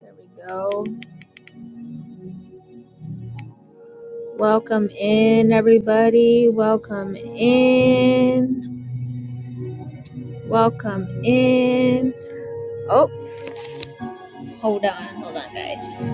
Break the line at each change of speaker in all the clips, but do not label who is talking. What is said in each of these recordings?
There we go. Welcome in, everybody. Welcome in. Welcome in. Oh, hold on. Hold on, guys.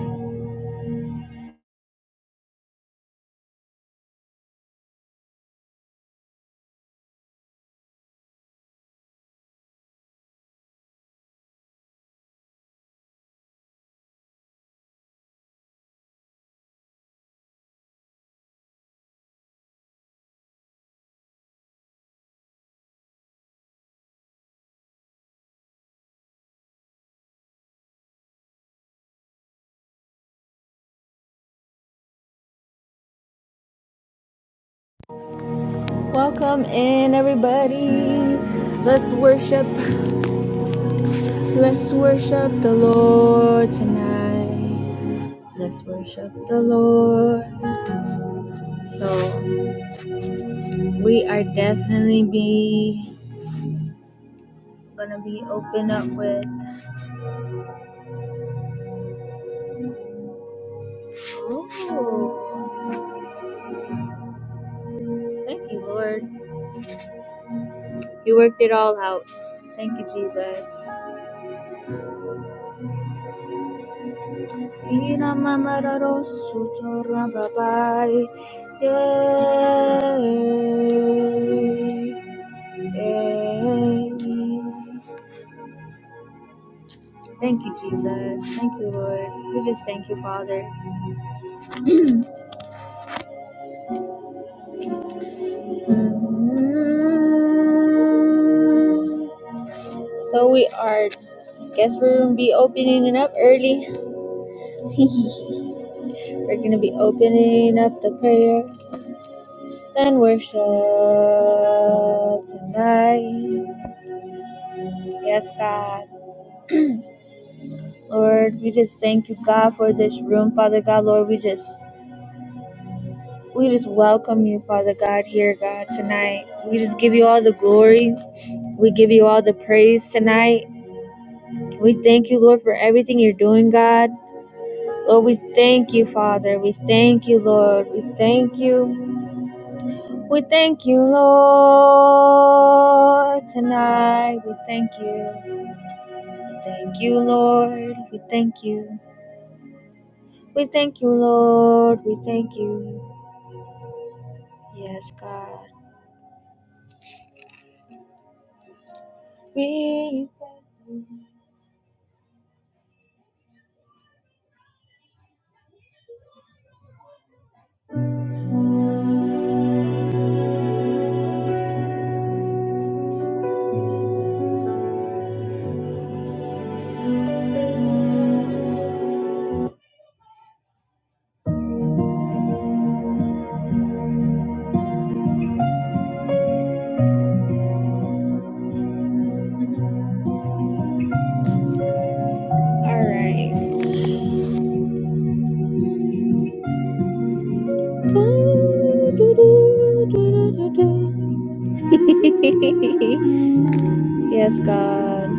Welcome in, everybody. Let's worship. Let's worship the Lord tonight. Let's worship the Lord. So, we are definitely be gonna be open up with. Oh, thank you, Lord. You worked it all out. Thank you, Jesus. Ina mama Thank you, Jesus. Thank you, Lord. We just thank you, Father. So we are. Guess we're gonna be opening it up early. we're gonna be opening up the prayer. and worship tonight. Yes, God. Lord, we just thank you, God, for this room, Father God. Lord, we just we just welcome you, Father God, here, God, tonight. We just give you all the glory. We give you all the praise tonight. We thank you, Lord, for everything you're doing, God. Lord, we thank you, Father. We thank you, Lord. We thank you. We thank you, Lord, tonight. We thank you. Thank you, Lord. We thank you. We thank you, Lord. We thank you. Yes, God. We thank you. All right. Do, do, do, do, do, do, do. yes, God.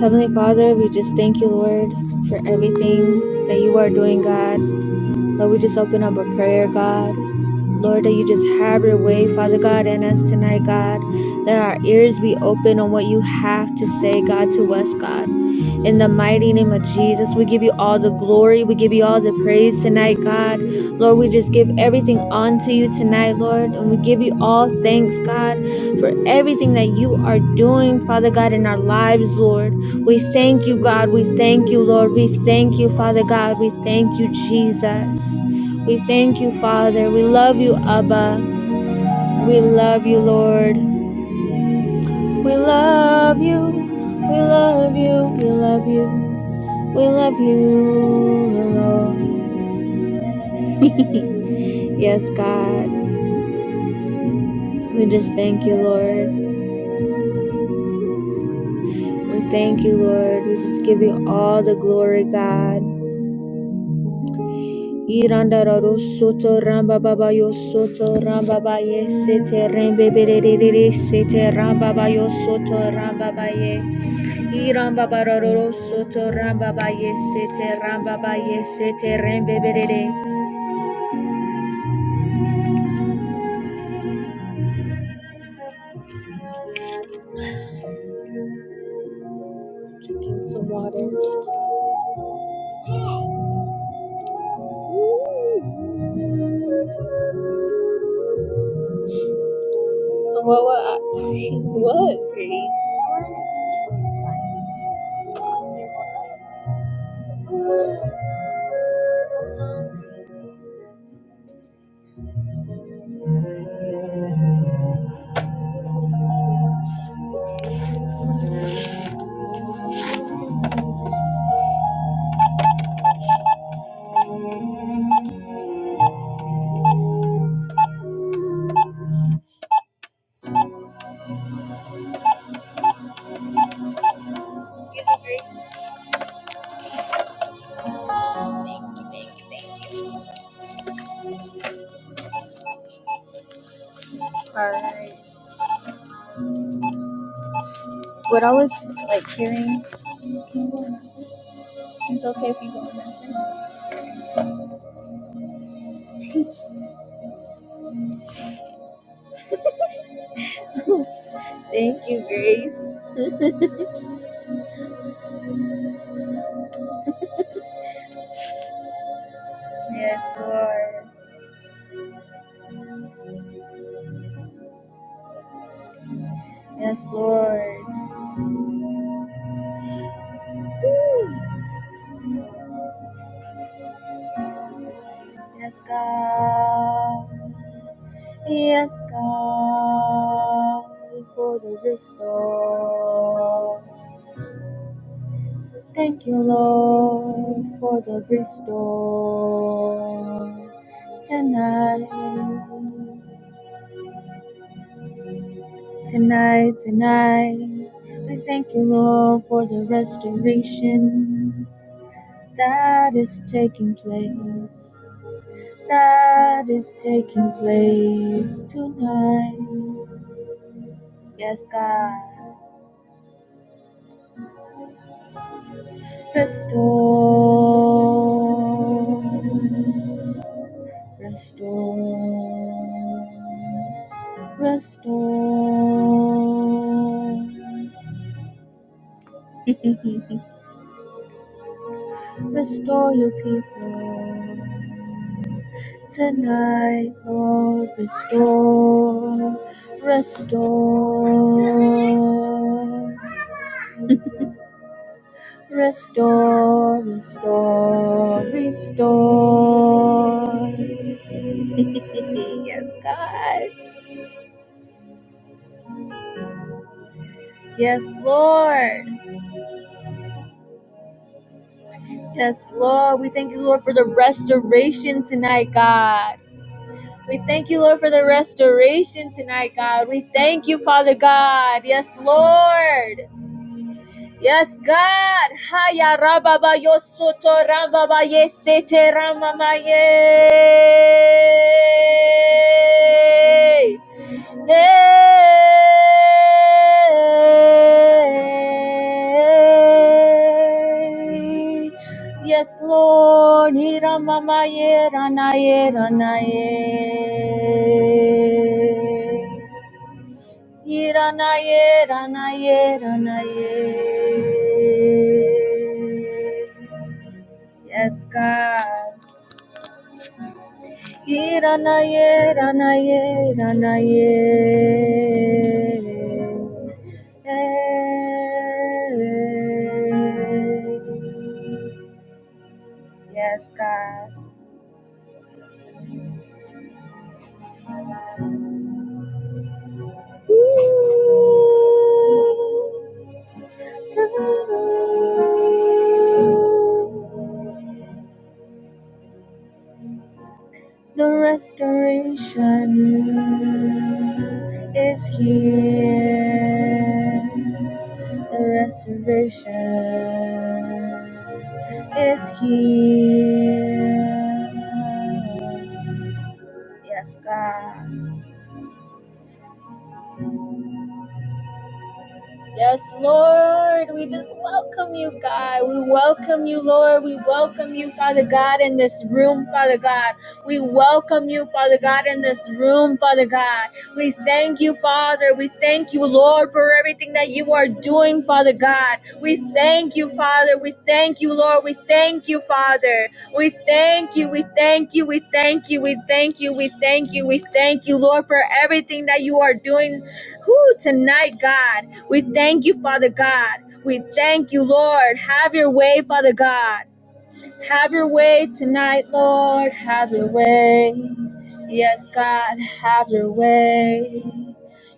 Heavenly Father, we just thank you, Lord, for everything that you are doing, God. Lord, we just open up a prayer, God. Lord, that you just have your way, Father God, in us tonight, God. Let our ears be open on what you have to say, God, to us, God. In the mighty name of Jesus, we give you all the glory. We give you all the praise tonight, God. Lord, we just give everything unto you tonight, Lord. And we give you all thanks, God, for everything that you are doing, Father God, in our lives, Lord. We thank you, God. We thank you, Lord. We thank you, Father God. We thank you, Jesus. We thank you, Father. We love you, Abba. We love you, Lord. We love you. We love you. We love you. We love you, Lord. Yes, God. We just thank you, Lord. We thank you, Lord. We just give you all the glory, God. Iranda raro soto ramba baba yo soto ramba ba ye sete rembe berere sete ramba ba yo soto ramba ba ye. Irambabaroro soto rambaba yesete rambaba yesete rembebere. Some water. What what? What? Great. All right. What I was like hearing. It's okay if you go missing. Thank you, Grace. Yes, Lord. Yes, Lord. Yes, God. Yes, God. For the restore. Thank you, Lord, for the restore tonight, tonight, tonight. I thank you, Lord, for the restoration that is taking place, that is taking place tonight. Yes, God, restore, restore. Restore, restore your people tonight, Lord. Restore, restore, restore, restore, restore. yes, God. Yes, Lord. Yes, Lord. We thank you, Lord, for the restoration tonight, God. We thank you, Lord, for the restoration tonight, God. We thank you, Father God. Yes, Lord. Yes, God. Haya rababa yosoto rababa yesete ramamaye. Hey. Yes, Lord. Hira mama ye ranaye ranaye. Hira ranaye ranaye. Yes, God. Iranaye, Ranaye, Ranaye. Yes, God. The restoration is here. The restoration. is here. Yes, God. Yes, Lord, we just welcome you, God. We welcome you, Lord. We welcome you, Father God, in this room, Father God. We welcome you, Father God, in this room, Father God. We thank you, Father. We thank you, Lord, for everything that you are doing, Father God. We thank you, Father. We thank you, Lord. We thank you, Father. We thank you. We thank you. We thank you. We thank you. We thank you. We thank you, Lord, for everything that you are doing who tonight, God. We thank you, Father God. We thank you, Lord. Have your way, Father God. Have your way tonight, Lord. Have your way. Yes, God, have your way.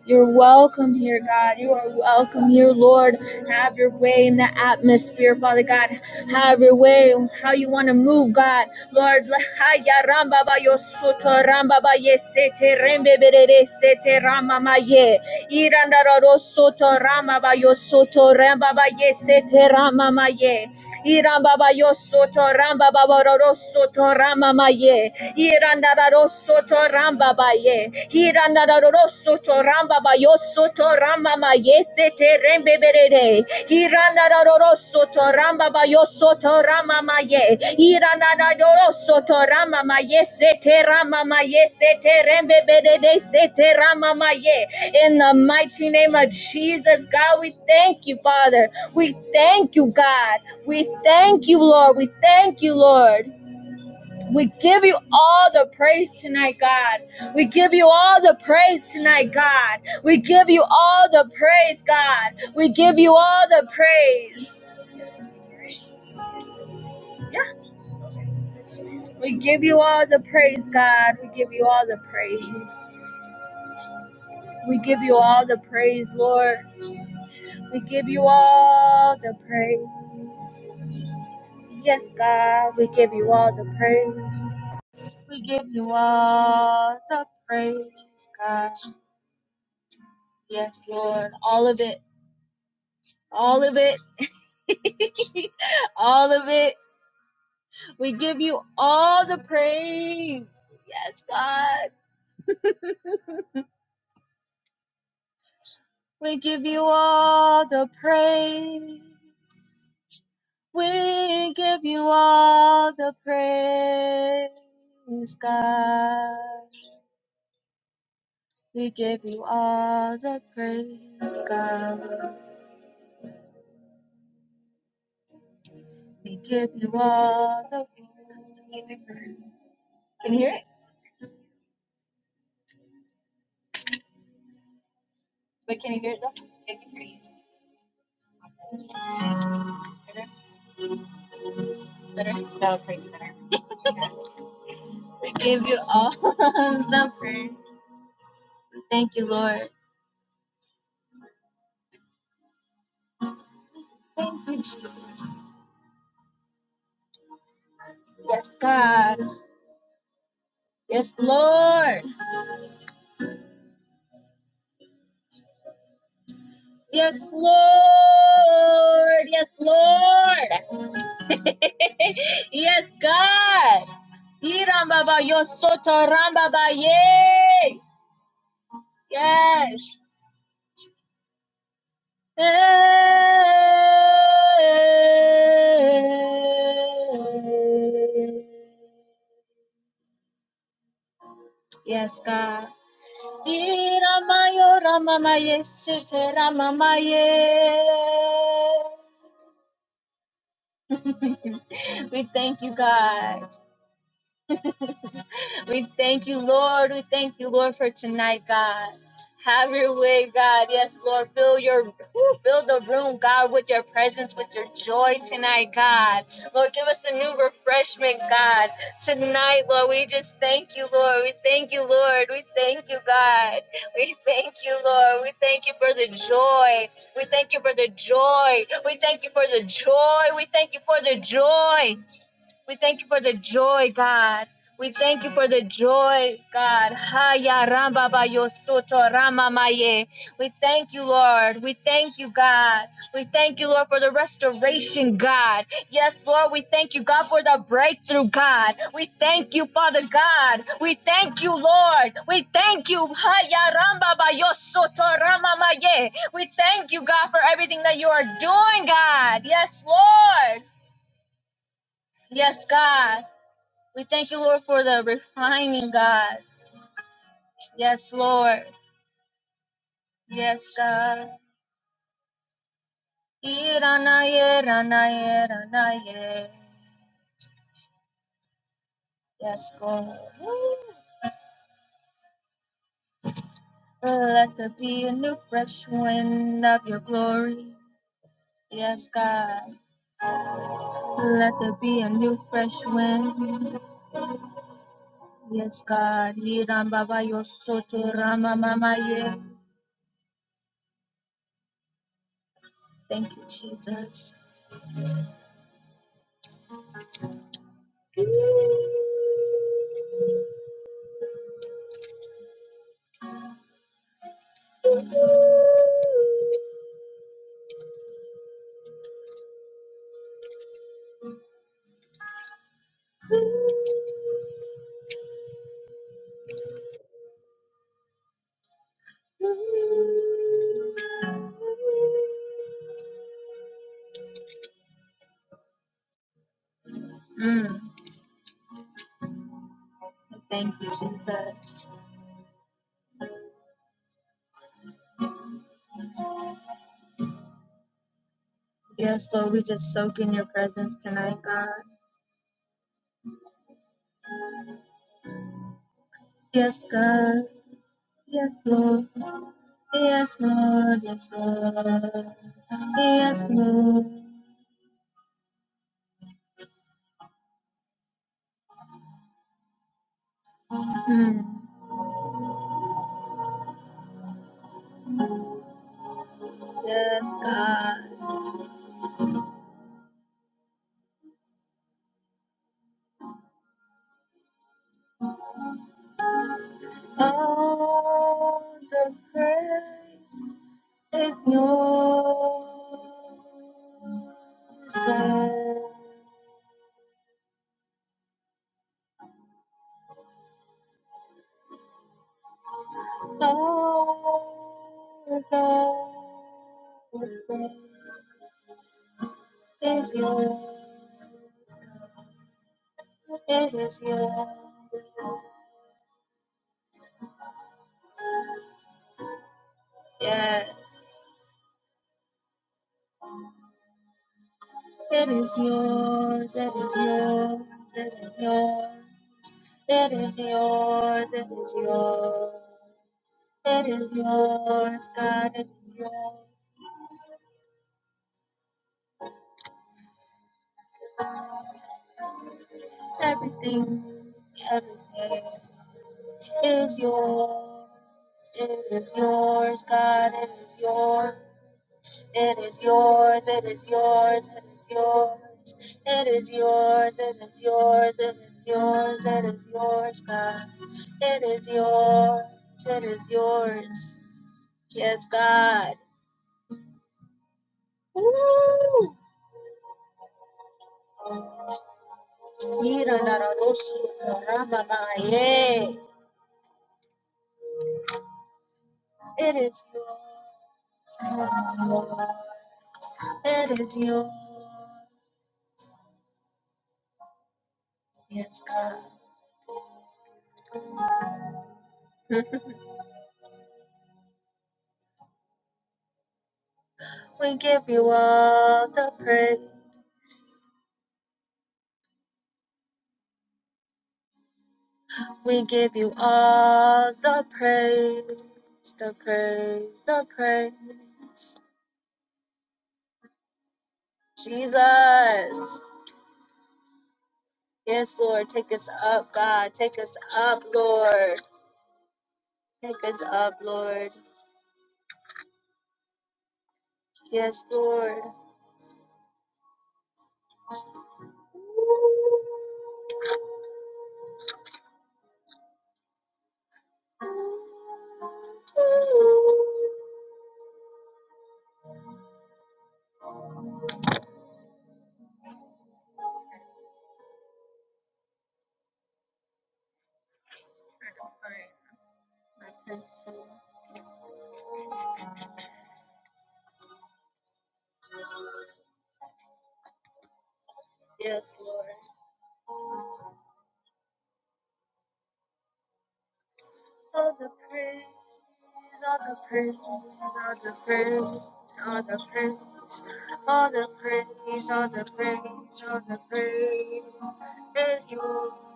You're welcome here, God. You are welcome here, Lord. Have your way in the atmosphere, Father God. Have your way, how you want to move, God. Lord, la- ha- ya ramba ba ba- yo soto ramba ba ba- ye sete rembe berere sete rama ma ma- ye. Iranda ra ro soto ramba ba ba- yo soto ramba ba ba- ye sete rama ma ma- ye. Iramba ba ba- yo soto ramba ba ba ba- ro ro soto rama ma ma- ye soto ramba ba ye. Hiranda da roro soto ramba ba yo soto ramba ma ye sete rembe berere. Hiranda da roro soto ramba ba yo soto ramba ma ye. Hiranda da roro soto ramba ma ye sete ramba ma ye sete rembe berere sete ramba ma ye. In the mighty name of Jesus, God, we thank you, Father. We thank you, God. We thank you, Lord. We thank you, Lord. We give you all the praise tonight, God. We give you all the praise tonight, God. We give you all the praise, God. We give you all the praise. Yeah, we give you all the praise, God. We give you all the praise. We give you all the praise, Lord. We give you all the praise. Yes, God, we give you all the praise. We give you all the praise, God. Yes, Lord, all of it. all of it. all of it. We give you all the praise. Yes, God. We give you all the praise. We give you all the praise, God. We give you all the praise, God. We give you all the praise. Can you hear it? Wait, can you hear it though? We give you all the praise. Thank you, Lord. Thank you, Jesus. Yes, God. Yes, Lord. Yes, Lord. Yes, Lord. Yes, God. Irambaba yosoto rambaba ye. Yes. Yes, God. Ye Ramayo Ramamaye Sete Ramamaye. We thank you, God. We thank you, Lord. We thank you, Lord, for tonight, God. Have your way, God. Yes, Lord. Fill your whew, fill the room, God, with your presence, with your joy tonight, God. Lord, give us a new refreshment, God. Tonight, Lord, we just thank you, Lord. We thank you, Lord. We thank you, God. We thank you, Lord. We thank you for the joy. We thank you for the joy. We thank you for the joy. We thank you for the joy. We thank you for the joy, God. We thank you for the joy, God. Haya ramba ba yo soto rama maye. We thank you, Lord. We thank you, God. We thank you, Lord, for the restoration, God. Yes, Lord, we thank you, God, for the breakthrough, God. We thank you, Father God. We thank you, Lord. We thank you. Haya ramba ba yo soto rama maye. We thank you, God, for everything that you are doing, God. Yes, Lord. Yes, God. We thank you, Lord, for the refining, God. Yes, Lord. Yes, God. Iranaye, ranaye, ranaye. Yes, God. Let there be a new fresh wind of your glory. Yes, God. Let there be a new fresh wind. Yes, God. Iran Baba Yosoto Rama Mama Ye. Thank you, Jesus. Mm. Thank you, Jesus. Yes, Lord, we just soak in your presence tonight, God. Yes, God. Yes, Lord. Yes, Lord. Yes, Lord. Yes, Lord. Mm. Yes, God. All the praise is yours, God. All the praise is yours, God. It is yours. Yes. It is yours. It is yours. It is yours. It is yours. It is yours. It is yours, God. It is yours. Everything, everything is yours. It is yours, God. It is yours. It is yours, it is yours, it is yours. It is yours, it is yours, it is yours, it is yours, God. It is yours, it is yours. Yes, God. Woo! Mira na ra It is yours, it is yours. It is yours. Yes, God. we give you all the praise. We give you all the praise, the praise, the praise. Jesus. Yes, Lord, take us up, God. Take us up, Lord. Take us up, Lord. Yes, Lord. Yes, Lord. All the praise, all the praise, all the praise, all the praise, all the praise, all the praise, all the praise is yours.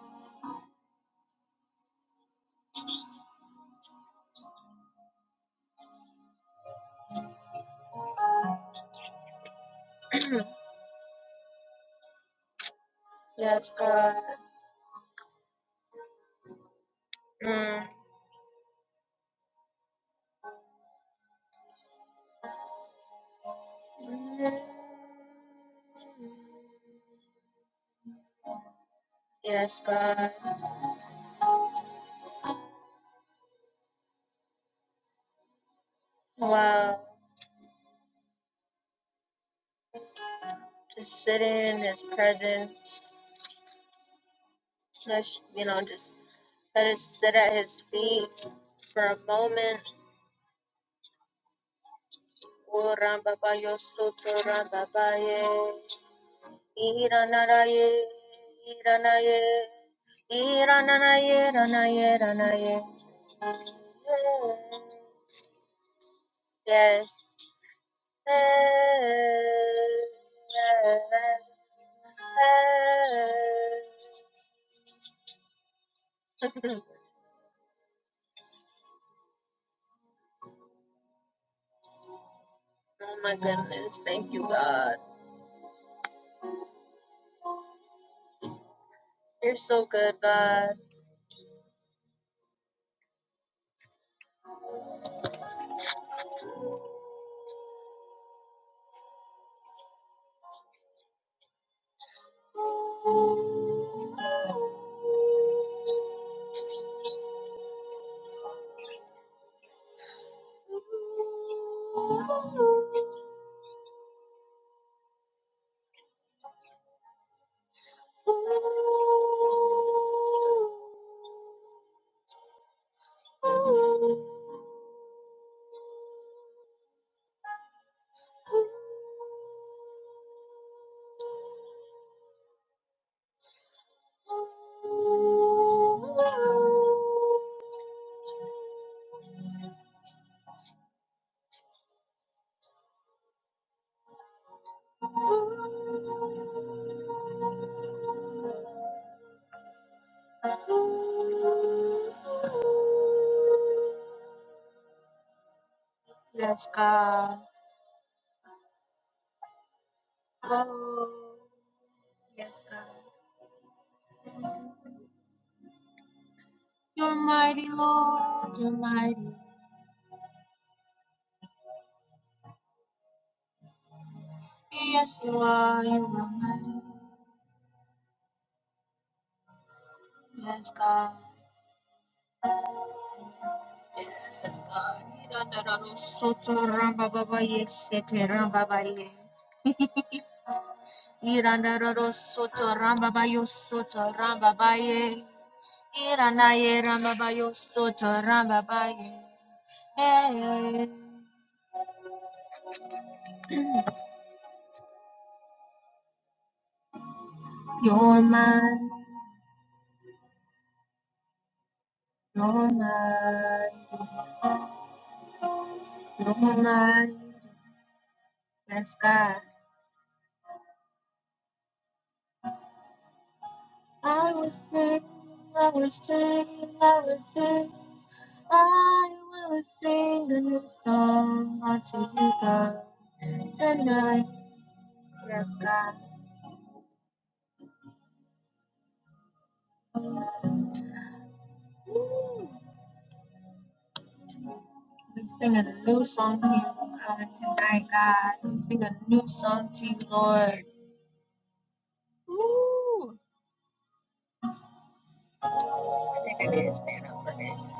yes, God. Mm. Yes, God. Wow. Just sitting in His presence, such you know, just let us sit at His feet for a moment. O Rambabayo Soto Rambabaye, Iranaraye, Iranaye, Irananaye, Ranaye, Ranaye. Yes. Oh my goodness, thank you, God. You're so good, God. Yes, God. Oh, yes, God. You're mighty, Lord, you're mighty. Yes, you are, you are mighty. Yes, God. Yes, God. Irandararo soto rambababa yesete rambabariye. Irandararo soto rambabayo soto rambabaye. Iranaye rambabayo soto rambabaye. Hey, you're mine, you're mine, you're mine. Yes, God. I will sing, I will sing, I will sing, I will sing a new song unto you, God, tonight. Yes, God. Woo. We sing a new song to you, God, tonight, God. We sing a new song to you, Lord. Ooh. I think I need to stand up for this.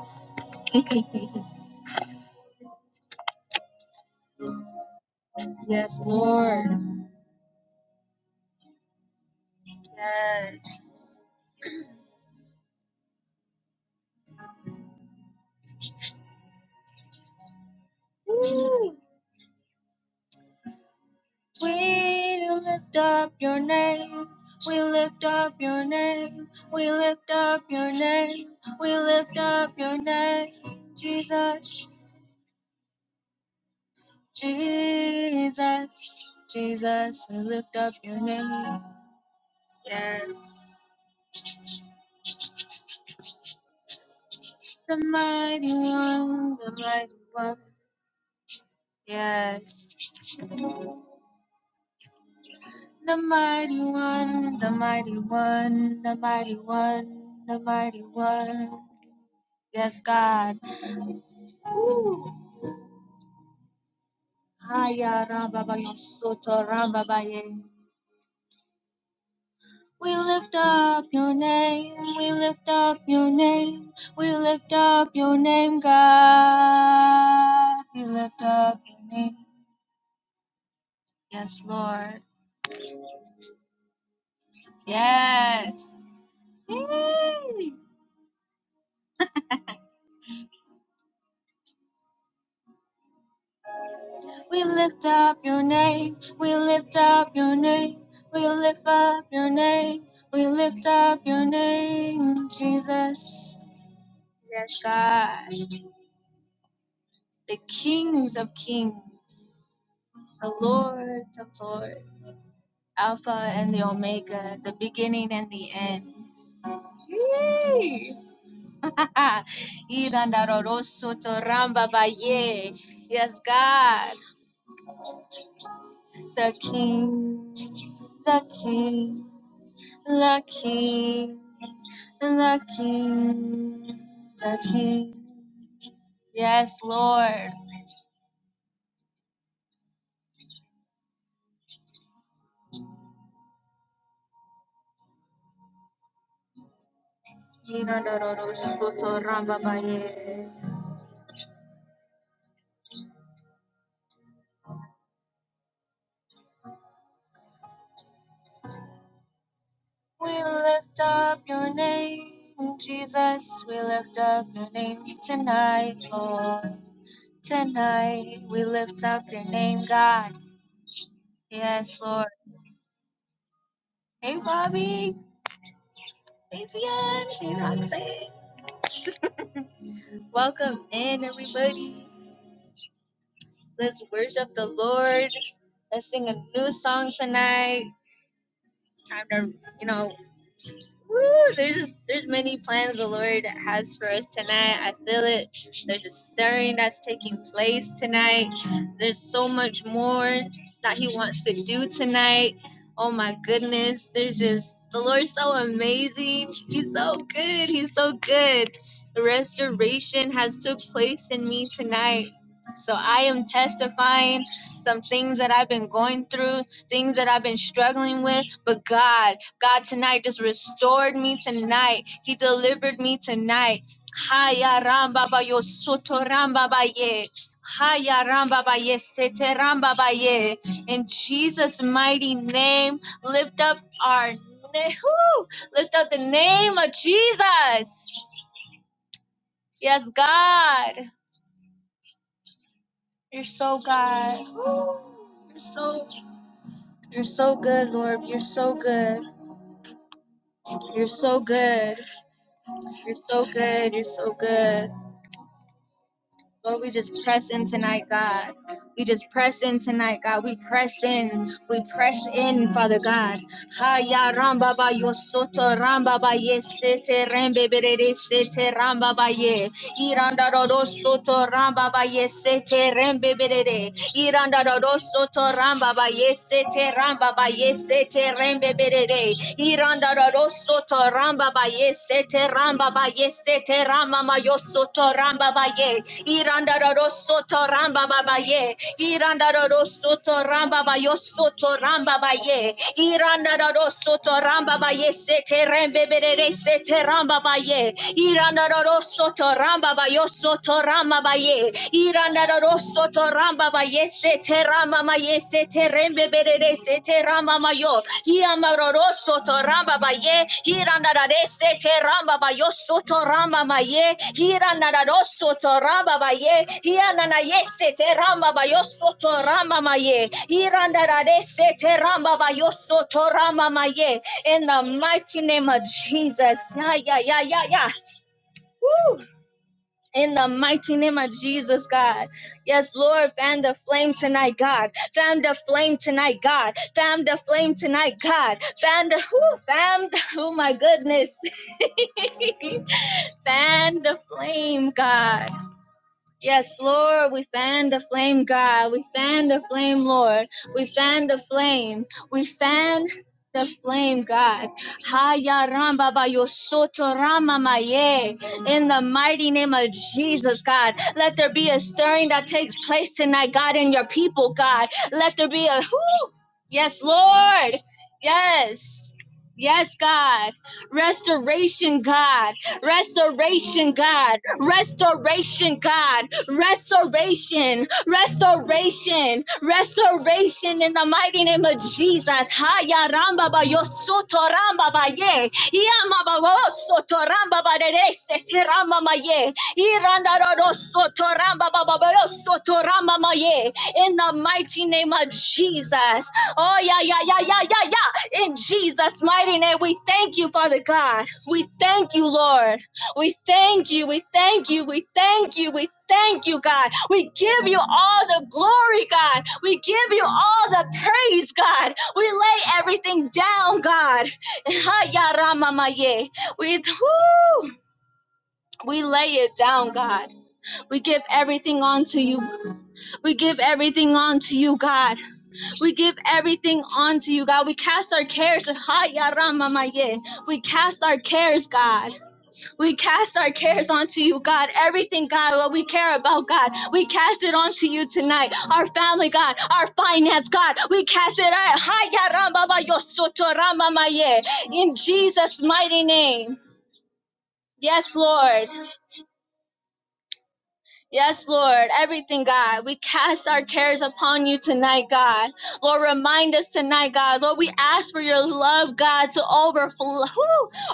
yes, Lord. Yes. Ooh. We lift up your name. We lift up your name. We lift up your name. We lift up your name. Jesus, Jesus, Jesus, we lift up your name. Yes. The mighty one, the mighty one. Yes. The mighty one, the mighty one, the mighty one, the mighty one. Yes, God. Ooh. Aya Rababayo Soto Rababaye. We lift up your name, we lift up your name, we lift up your name, God. We lift up your name, yes, Lord. Yes. We lift up your name, we lift up your name, we lift up your name, we lift up your name, Jesus. Yes, God, the King of Kings the Lord of Lords, Alpha and the Omega, the beginning and the end. Yay! Yes, God, the King, the King, the King, the King, the King. Yes, Lord. We lift up your name, Jesus. We lift up your name tonight, Lord. Tonight, we lift up your name, God. Yes, Lord. Hey, Bobby. Hey, Zion. Hey, Roxanne. Welcome in, everybody. Let's worship the Lord. Let's sing a new song tonight. It's time to, you know, Woo, there's there's many plans the Lord has for us tonight. I feel it. There's a stirring that's taking place tonight. There's so much more that He wants to do tonight. Oh my goodness, there's just the Lord's so amazing. He's so good. He's so good. Restoration has took place in me tonight. So I am testifying some things that I've been going through, things that I've been struggling with, but God. God tonight just restored me tonight. He delivered me tonight. Haya ramba ba yo soto ramba ba ye. Haya ramba ba ye sete ramba ba ye. In Jesus' mighty name, lift up our na- whoo! lift up the name of Jesus. Yes, God, you're so God. You're so you're so good, Lord. You're so good. You're so good. You're so good. You're so good. Lord, we just press in tonight, God. We just press in tonight, God. We press in. We press in, Father God. Ha ya ramba ba yo soto ramba ba ye sete rembe berede sete ramba ba ye. Iranda do soto ramba ba ye sete rembe berede. Iranda do soto ramba ba ye sete ramba ba ye sete rembe berede. Iranda do soto ramba ba ye sete ramba ba ye sete rama ma yo ramba ba ye iranda ro ro ramba ba ba ye iranda ro ro soto ramba ba yo soto ramba ba ye iranda ro ro ramba ba ye sete rembe berere sete ramba ba ye iranda ro ro ramba ba yo ramba ba ye iranda ro ro ramba ba ye sete Mama yese terembe berere se terama mayo. Hiama roroso ramba baye. Hiranda rese teramba bayo soto ramba maye. Hiranda roso ramba baye. Hiana yese teramba bayo soto ramba maye. Hiranda rese teramba bayo soto ramba maye. In the mighty name of Jesus. Yeah, yeah, yeah, yeah, yeah. Woo. In the mighty name of Jesus, God. Yes, Lord, fan the flame tonight, God. Fan the flame tonight, God. Fan the flame tonight, God. Fan the, whoo, fan the, oh my goodness. Fan the flame, God. Yes, Lord, we fan the flame, God. We fan the flame, Lord. We fan the flame. We fan the flame, God. Haya ramba ba yo soto rama maye. In the mighty name of Jesus, God. Let there be a stirring that takes place tonight, God, in your people, God. Let there be a whoo. Yes, Lord. Yes. Yes, God. Restoration, God. Restoration, God. Restoration, God. Restoration. Restoration. Restoration in the mighty name of Jesus. Haya ramba ba yo soto ramba ba ye. Yama ba wo soto ramba ba de de se ramba ma ye. Iranda ro soto ramba ba ba yo soto ramba ma ye. In the mighty name of Jesus. Oh, yeah, yeah, yeah, yeah, yeah, yeah. In Jesus' mighty name, we thank you, Father God. We thank you, Lord. We thank you, we thank you, we thank you, we thank you, God. We give you all the glory, God. We give you all the praise, God. We lay everything down, God. Ha, ya, ra, We, whoo, we lay it down, God. We give everything onto you. We give everything onto you, God. We give everything onto you, God. We cast our cares. We cast our cares, God. We cast our cares onto you, God. Everything, God, what we care about, God, we cast it onto you tonight. Our family, God, our finance, God, we cast it out. so, In Jesus' mighty name. Yes, Lord. Yes, Lord, everything, God. We cast our cares upon you tonight, God. Lord, remind us tonight, God. Lord, we ask for your love, God, to overflow,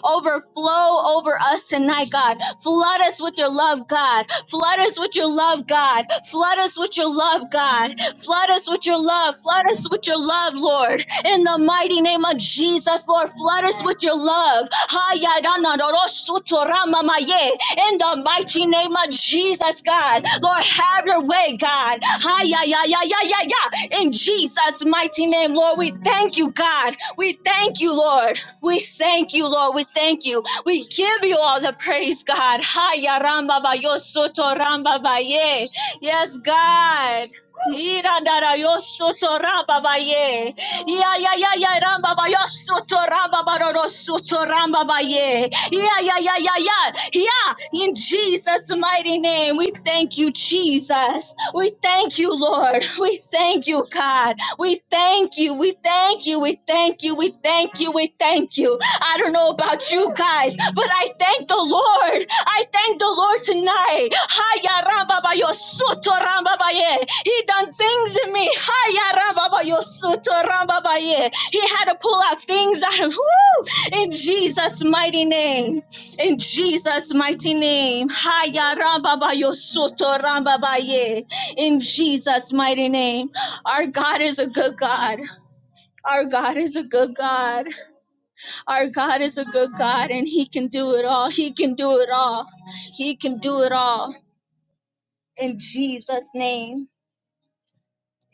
overflow over us tonight, God. Flood us with your love, God. Flood us with your love, God. Flood us with your love, God. Flood us with your love. Flood us with your love, Lord. In the mighty name of Jesus, Lord, flood us with your love. Ha, ya, da, na, do, ro, su, to, ra, ma, ma, ye in the mighty name of Jesus, God. Lord, have your way, God. Hi, yeah, yeah, yeah, yeah, yeah, yeah. In Jesus' mighty name, Lord, we thank you, God. We thank you, Lord. We thank you, Lord. We thank you. We give you all the praise, God. Hi, yeah, ramba ba yo soto ramba ba ye. Yes, God. Irandara yo soto ramba baye. Ya ya ya ya ramba ba yo soto ramba ba ro ro soto ramba baye. Ya ya ya ya ya. Yeah, in Jesus' mighty name, we thank you, Jesus. We thank you, Lord. We thank you, God. We thank you. We thank you. We thank you. We thank you. We thank you. I don't know about you guys, but I thank the Lord. I thank the Lord tonight. Haya ramba ba yo suto ramba ba ye. He done things in me. Haya ramba ba yo suto ramba ba ye. He had to pull out things out of woo, in Jesus' mighty name. In Jesus' mighty name. Haya ramba ba yo suto ramba ba ye. In Jesus' mighty name. Our God is a good God. Our God is a good God. Our God is a good God and He can do it all. He can do it all. He can do it all. In Jesus' name.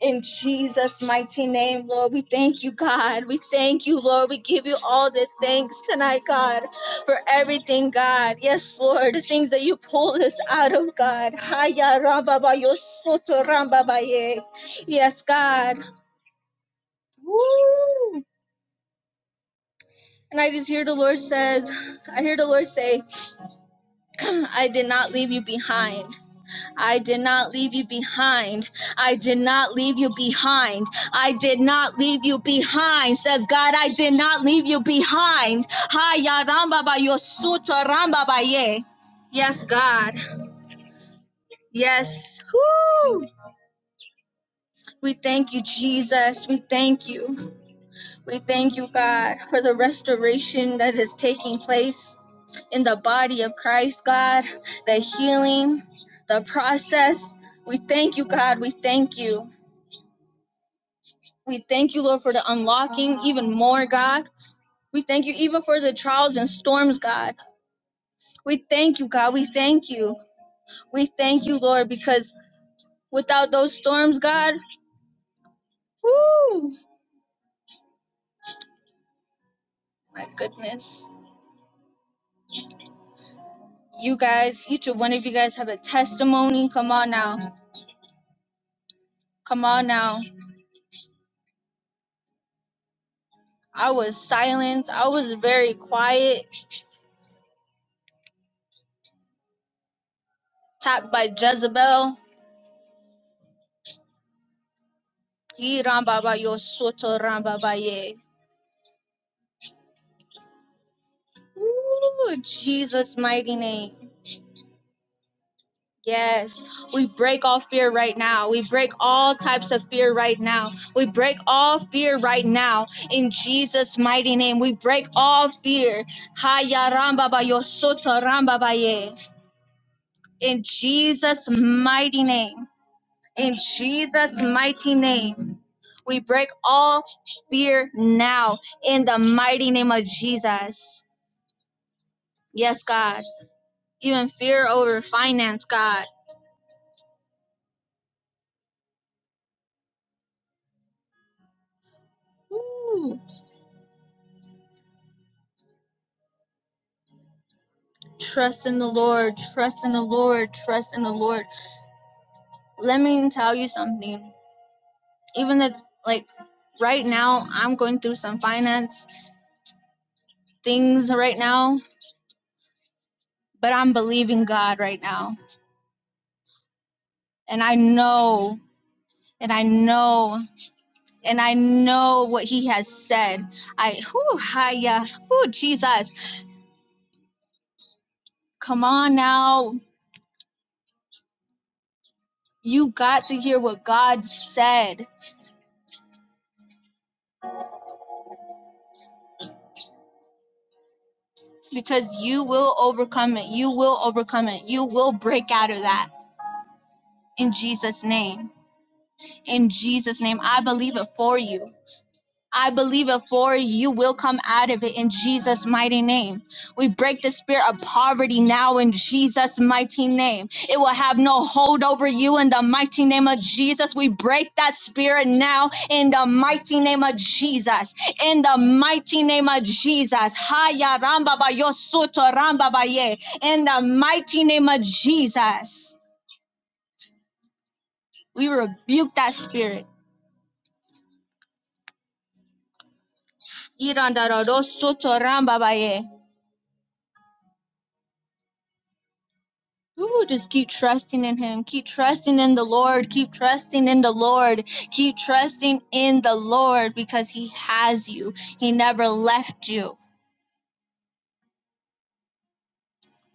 In Jesus' mighty name, Lord, we thank you, God. We thank you, Lord. We give you all the thanks tonight, God, for everything, God. Yes, Lord, the things that you pulled us out of, God. Yes, God. Woo! And I just hear the Lord says, I hear the Lord say, I did not leave you behind. I did not leave you behind. I did not leave you behind. I did not leave you behind. Says God, I did not leave you behind. Ha ya ba yo ramba ba ye. Yes, God. Yes. Woo! We thank you, Jesus. We thank you. We thank you, God, for the restoration that is taking place in the body of Christ, God, the healing, the process. We thank you, God. We thank you. We thank you, Lord, for the unlocking even more, God. We thank you even for the trials and storms, God. We thank you, God. We thank you. We thank you, Lord, because without those storms, God, whoo, my goodness. You guys, each one of you guys have a testimony. Come on now. Come on now. I was silent. I was very quiet. Attacked by Jezebel. Yee, ramba ba yo soto ramba ye. Ooh, Jesus' mighty name. Yes, we break all fear right now. We break all types of fear right now. We break all fear right now in Jesus' mighty name. We break all fear. Haya ramba ba yo soto ramba ba ye. In Jesus' mighty name. In Jesus' mighty name. We break all fear now in the mighty name of Jesus. Yes, God. Even fear over finance, God. Woo. Trust in the Lord. Trust in the Lord. Trust in the Lord. Let me tell you something. Even that, like, right now, I'm going through some finance things right now, but I'm believing God right now. And I know, and I know, and I know what He has said. I, whoo, hiya, whoo, Jesus. Come on now. You got to hear what God said because you will overcome it. You will overcome it. You will break out of that in Jesus' name. In Jesus' name, I believe it for you. I believe it for you. will come out of it in Jesus' mighty name. We break the spirit of poverty now in Jesus' mighty name. It will have no hold over you in the mighty name of Jesus. We break that spirit now in the mighty name of Jesus. In the mighty name of Jesus. Haya ramba ba yo soto ramba ba ye. In the mighty name of Jesus. We rebuke that spirit Ooh, just keep trusting in him. Keep trusting in the Lord. Keep trusting in the Lord. Keep trusting in the Lord because he has you. He never left you.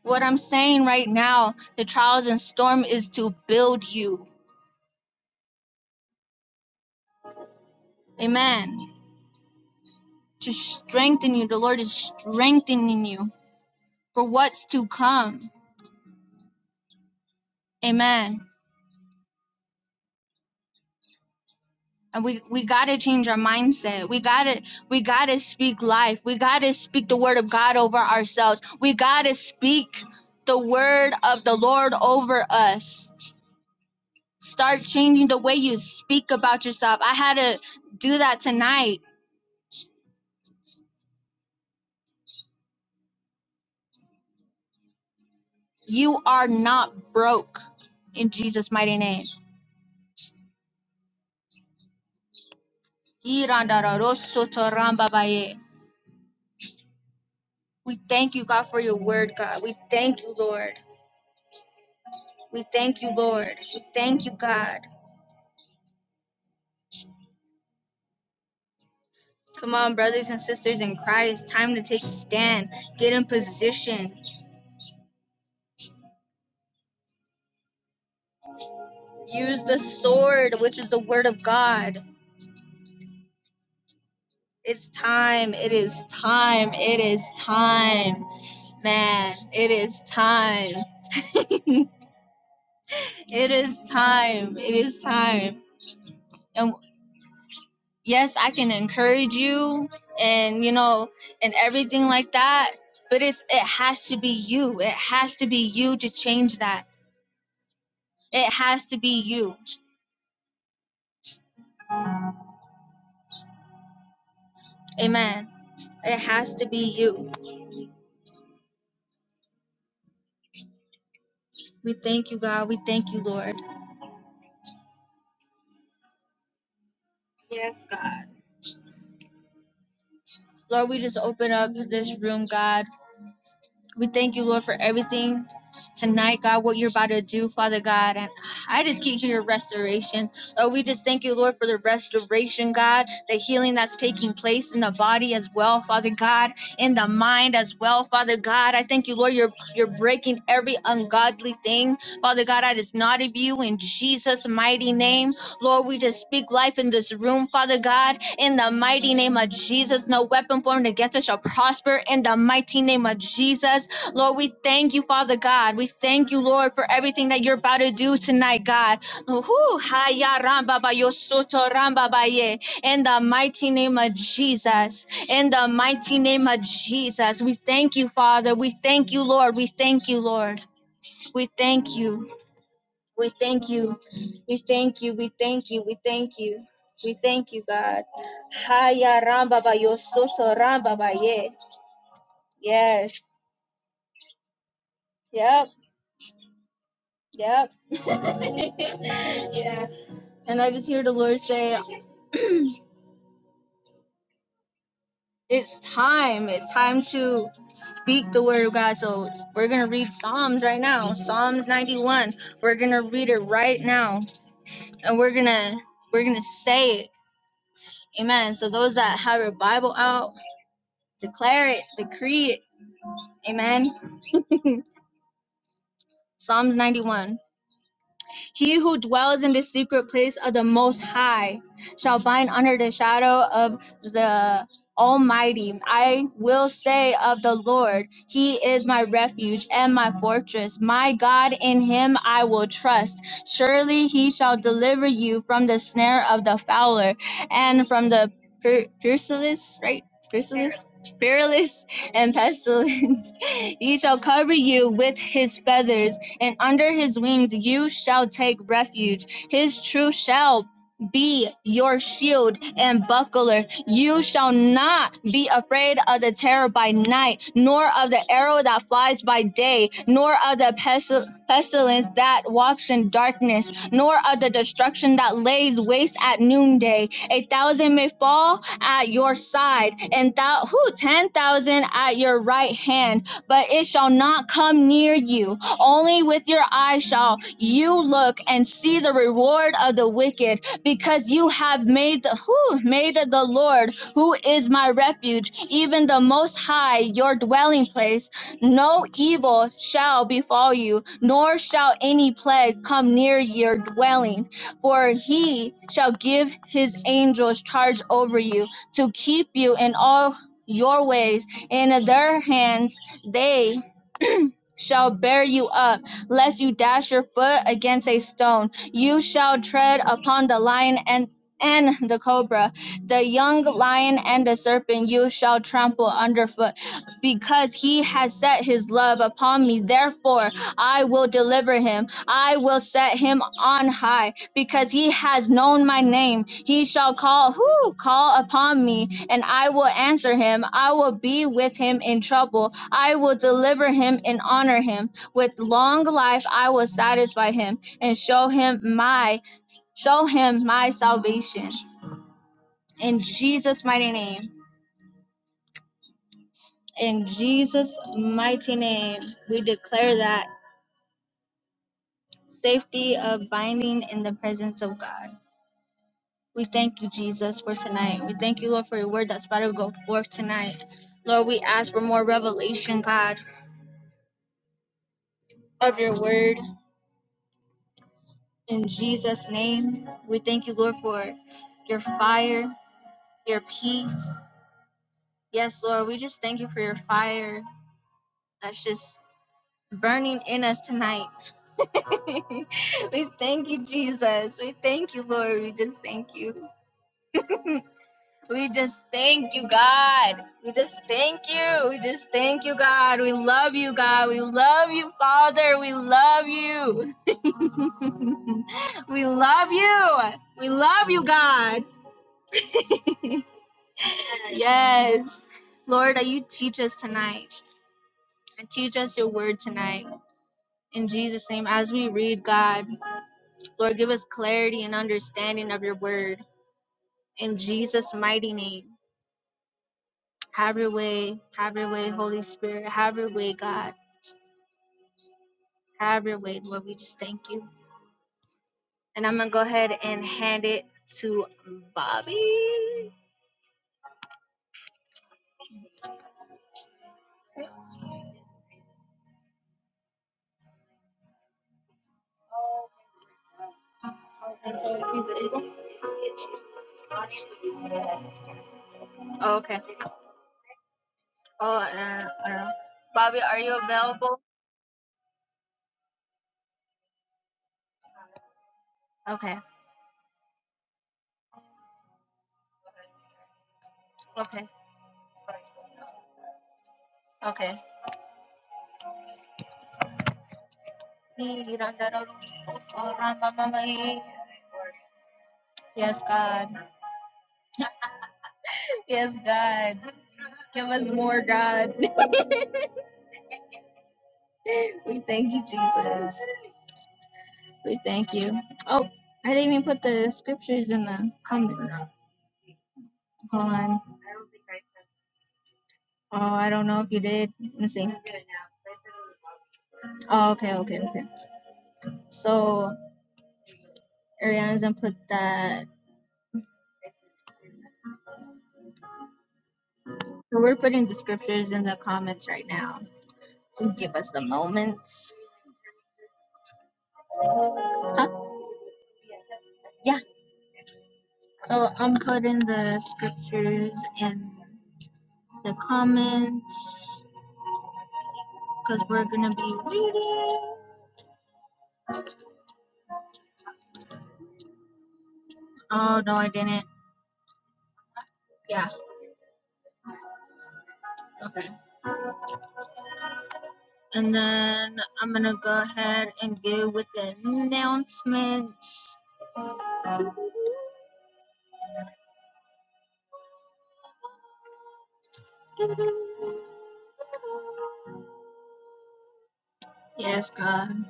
What I'm saying right now, the trials and storm is to build you. Amen. To strengthen you. The Lord is strengthening you for what's to come. Amen. and we we gotta change our mindset we gotta we gotta speak life we gotta speak the word of god over ourselves we gotta speak the word of the lord over us start changing the way you speak about yourself i had to do that tonight you are not broke in jesus mighty name we thank you god for your word god we thank you lord we thank you lord we thank you god Come on, brothers and sisters in Christ, time to take a stand, get in position, use the sword, which is the word of God. It's time, it is time, it is time, man, it is time, it is time, it is time. And yes, I can encourage you and, you know, and everything like that, but it's, it has to be you. It has to be you to change that. It has to be you. Amen. It has to be you. We thank you, God. We thank you, Lord. Yes. Lord, we just open up this room, God. We thank you, Lord, for everything tonight, God, what you're about to do, Father God. And I just keep hearing restoration. Lord, we just thank you, Lord, for the restoration, God, the healing that's taking place in the body as well, Father God, in the mind as well, Father God. I thank you, Lord, you're you're breaking every ungodly thing, Father God, that is not of you in Jesus' mighty name. Lord, we just speak life in this room, Father God, in the mighty name of Jesus. No weapon formed against us shall prosper in the mighty name of Jesus. Lord, we thank you, Father God. We thank you, Lord, for everything that you're about to do tonight, God. Whew, haya ramba ba yo soto ramba ba ye. In the mighty name of Jesus. In the mighty name of Jesus. We thank you, Father. We thank you, Lord. We thank you, Lord. We thank you. We thank you. We thank you. We thank you. We thank you. We thank you, God. Haya ramba ba yo soto ramba ba ye. Yes. Yep. Yep. Yeah. And I just hear the Lord say, it's time. It's time to speak the word of God. So we're going to read Psalms right now. Psalms 91. We're going to read it right now. And we're going to we're going to say it. Amen. So those that have your Bible out, declare it, decree it. Amen. Psalms 91. He who dwells in the secret place of the Most High shall bind under the shadow of the Almighty. I will say of the Lord, He is my refuge and my fortress. My God, in Him I will trust. Surely He shall deliver you from the snare of the fowler and from the per- peerless, right? Peerless, peerless, and pestilence. He shall cover you with His feathers and under his wings you shall take refuge. His truth shall be your shield and buckler. You shall not be afraid of the terror by night, nor of the arrow that flies by day, nor of the pestil- pestilence that walks in darkness, nor of the destruction that lays waste at noonday. A thousand may fall at your side, and thou who ten thousand at your right hand, but it shall not come near you. Only with your eyes shall you look and see the reward of the wicked, because you have made the who made the Lord, who is my refuge, even the Most High, your dwelling place. No evil shall befall you, nor shall any plague come near your dwelling. For he shall give his angels charge over you to keep you in all your ways. In their hands they shall bear you up, lest you dash your foot against a stone. You shall tread upon the lion and and the cobra, the young lion and the serpent, you shall trample underfoot, because he has set his love upon me. Therefore, I will deliver him. I will set him on high because he has known my name. He shall call, who call upon me, and I will answer him. I will be with him in trouble. I will deliver him and honor him. With long life I will satisfy him and show him my show him my salvation. In Jesus' mighty name. In Jesus' mighty name, we declare that safety of binding in the presence of God. We thank you, Jesus, for tonight. We thank you, Lord, for your word that's about to go forth tonight. Lord, we ask for more revelation, God, of your word in Jesus' name. We thank you, Lord, for your fire, your peace. Yes, Lord, we just thank you for your fire that's just burning in us tonight. we thank you, Jesus. We thank you, Lord. We just thank you. We just thank you, God. We just thank you. We just thank you, God. We love you, God. We love you, Father. We love you. we love you. We love you, God. Yes. Lord, that you teach us tonight and teach us your word tonight. In Jesus' name, as we read, God, Lord, give us clarity and understanding of your word. In Jesus' mighty name, have your way. Have your way, Holy Spirit. Have your way, God. However your way, Lord, we just thank you. And I'm gonna go ahead and hand it to Bobby. Oh, okay. Oh, uh, uh, Bobby, are you available? Okay. Okay. Okay. Yes, God. Yes, God. Give us more, God. We thank you, Jesus. We thank you. Oh, I didn't even put the scriptures in the comments. on. Oh, I don't know if you did. Let me see. Oh, okay, okay, okay. So Ariana's gonna put that. So we're putting the scriptures in the comments right now. So give us a moment. Huh? Yeah. So I'm putting the scriptures in the comments because we're gonna be. read- Oh no, I didn't. Yeah. Okay. And then I'm gonna go ahead and go with the announcements. Yes, God.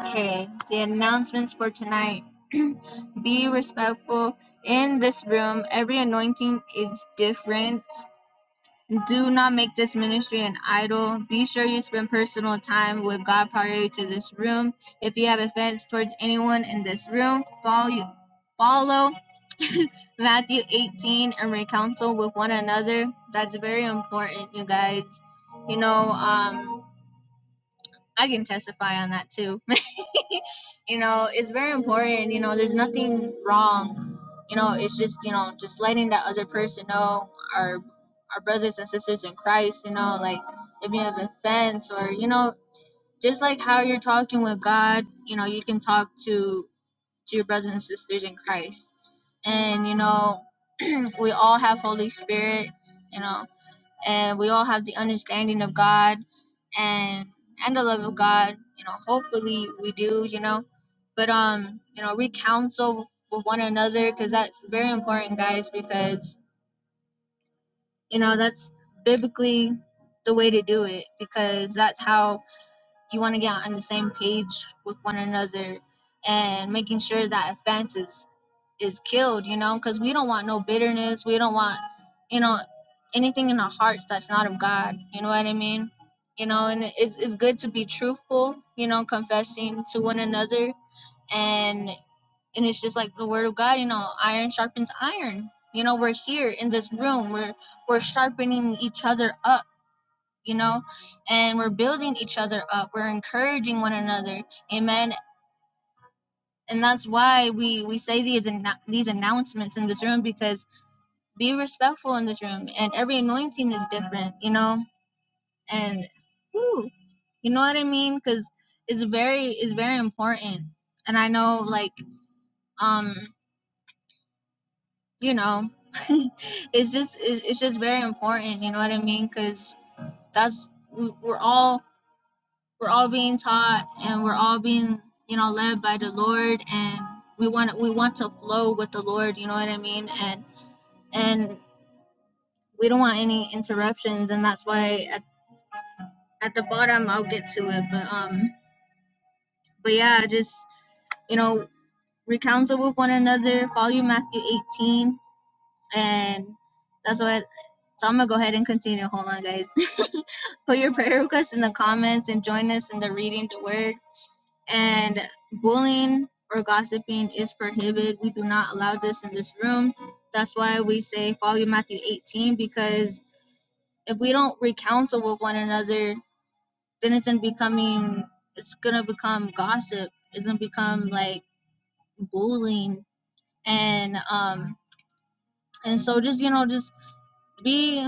Okay, the announcements for tonight. Be respectful. In this room, every anointing is different. Do not make this ministry an idol. Be sure you spend personal time with God prior to this room. If you have offense towards anyone in this room, follow you. Follow Matthew 18 and reconcile with one another. That's very important, you guys. You know, um, I can testify on that too you know it's very important you know there's nothing wrong you know it's just you know just letting that other person know our our brothers and sisters in christ you know like if you have offense or you know just like how you're talking with god you know you can talk to to your brothers and sisters in christ and you know we all have holy spirit you know and we all have the understanding of God and and the love of God. You know, hopefully we do. You know, but um, you know, we counsel with one another because that's very important, guys. Because you know that's biblically the way to do it because that's how you want to get on the same page with one another and making sure that offense is is killed you know because we don't want no bitterness we don't want you know anything in our hearts that's not of god you know what i mean you know and it's, it's good to be truthful you know confessing to one another and and it's just like the word of god you know iron sharpens iron you know we're here in this room we're we're sharpening each other up you know, and we're building each other up. We're encouraging one another. Amen. And that's why we, we say these these announcements in this room because be respectful in this room and every anointing is different, you know, and whew, you know what I mean? Because it's very it's very important. And I know like um you know it's just it's it's just very important. You know what I mean? Because that's we- we're all we're all being taught and we're all being you know led by the lord and we want we want to flow with the lord you know what i mean and and we don't want any interruptions and that's why at, at the bottom i'll get to it but um but yeah just you know recounsel with one another follow matthew 18 and that's what so i'm gonna go ahead and continue hold on guys put your prayer requests in the comments and join us in the reading the word and bullying or gossiping is prohibited. We do not allow this in this room. That's why we say follow Matthew 18 because if we don't recounsel with one another, then it's gonna becoming it's gonna become gossip. It's gonna become like bullying and um and so just you know just be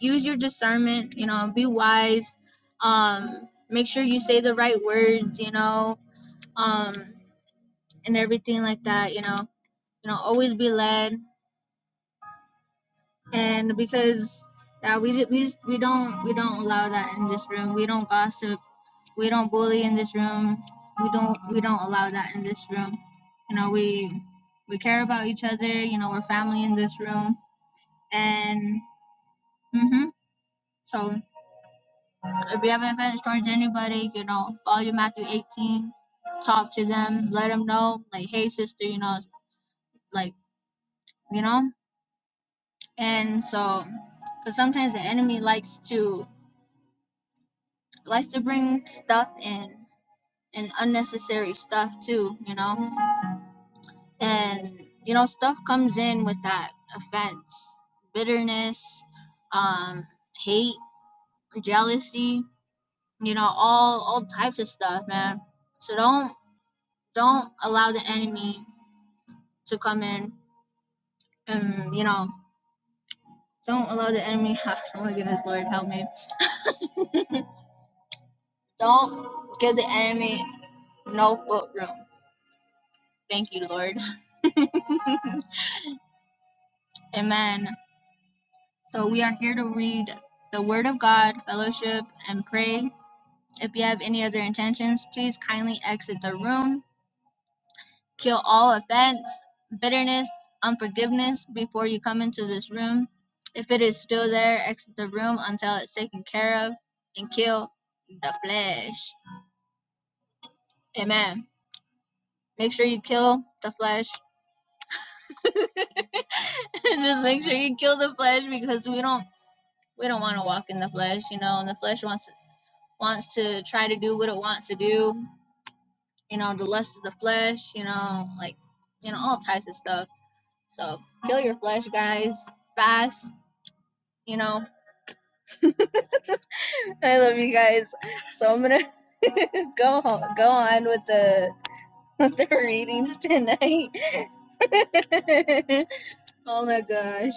use your discernment. You know be wise. Um, make sure you say the right words. You know um and everything like that. You know, you know, always be led, and because yeah, we we just, we don't we don't allow that in this room. We don't gossip. We don't bully in this room. We don't we don't allow that in this room. You know, we we care about each other. You know, we're family in this room, and hmm so if you have an advantage towards anybody, you know, follow Matthew 18, talk to them, let them know, like, hey, sister, you know, like, you know. and so because sometimes the enemy likes to likes to bring stuff in and unnecessary stuff too you know and you know stuff comes in with that offense bitterness um hate jealousy you know all all types of stuff man so don't don't allow the enemy to come in and you know don't allow the enemy oh my goodness lord help me don't give the enemy no foot room. Thank you, Lord. Amen. So we are here to read the Word of God, fellowship, and pray. If you have any other intentions, please kindly exit the room. Kill all offense, bitterness, unforgiveness before you come into this room. If it is still there, exit the room until it's taken care of and kill the flesh. Amen. Make sure you kill the flesh. Just make sure you kill the flesh because we don't we don't want to walk in the flesh, you know, and the flesh wants wants to try to do what it wants to do, you know, the lust of the flesh, you know, like you know, all types of stuff. So kill your flesh, guys. Fast, you know. I love you guys. So I'm gonna go ho- go on with the with the readings tonight. oh my gosh.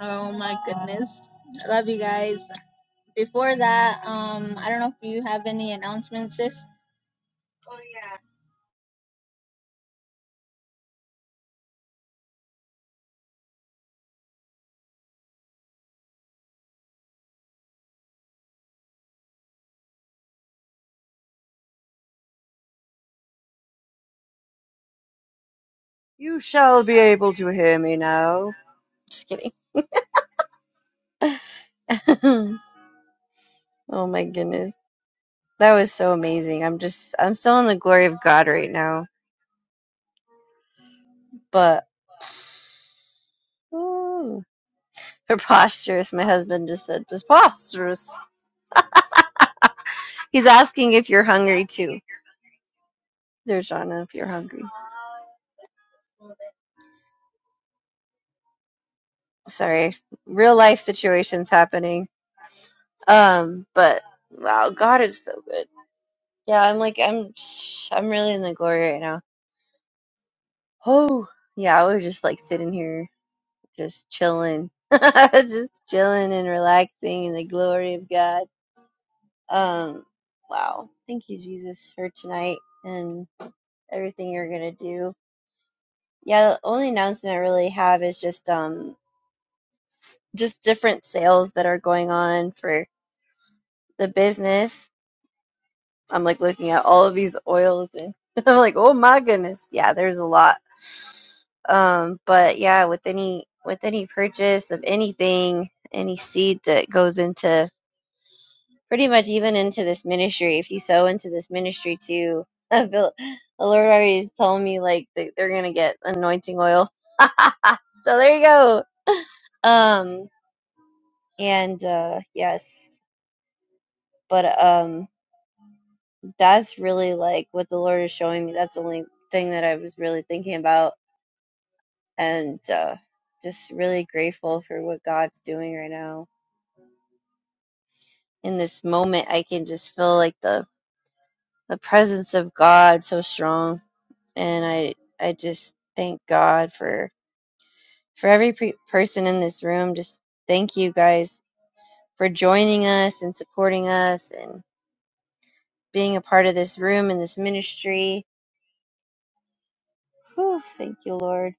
Oh my goodness. I love you guys. Before that, um, I don't know if you have any announcements, sis.
You shall be able to hear me now. Just kidding. oh my goodness. That was so amazing. I'm just, I'm still in the glory of God right now. But, ooh, preposterous. My husband just said preposterous. He's asking if you're hungry too. Derjana, if you're hungry. Sorry. Real life situations happening. Um, but wow, God is so good. Yeah, I'm like, I'm, I'm really in the glory right now. Oh, yeah, I was just like sitting here just chilling, just chilling and relaxing in the glory of God. Um, wow. Thank you, Jesus, for tonight and everything you're gonna do. Yeah, the only announcement I really have is just um just different sales that are going on for the business. I'm like looking at all of these oils and I'm like, oh my goodness, yeah, there's a lot. Um, but yeah, with any with any purchase of anything, any seed that goes into pretty much even into this ministry. If you sow into this ministry too, the Lord already has told me like that they're gonna get anointing oil. so there you go. Um and uh yes. But um that's really like what the Lord is showing me. That's the only thing that I was really thinking about and uh just really grateful for what God's doing right now. In this moment I can just feel like the the presence of God so strong and I I just thank God for for every pre- person in this room. Just thank you guys for joining us and supporting us and being a part of this room and this ministry. Whew, thank you, Lord.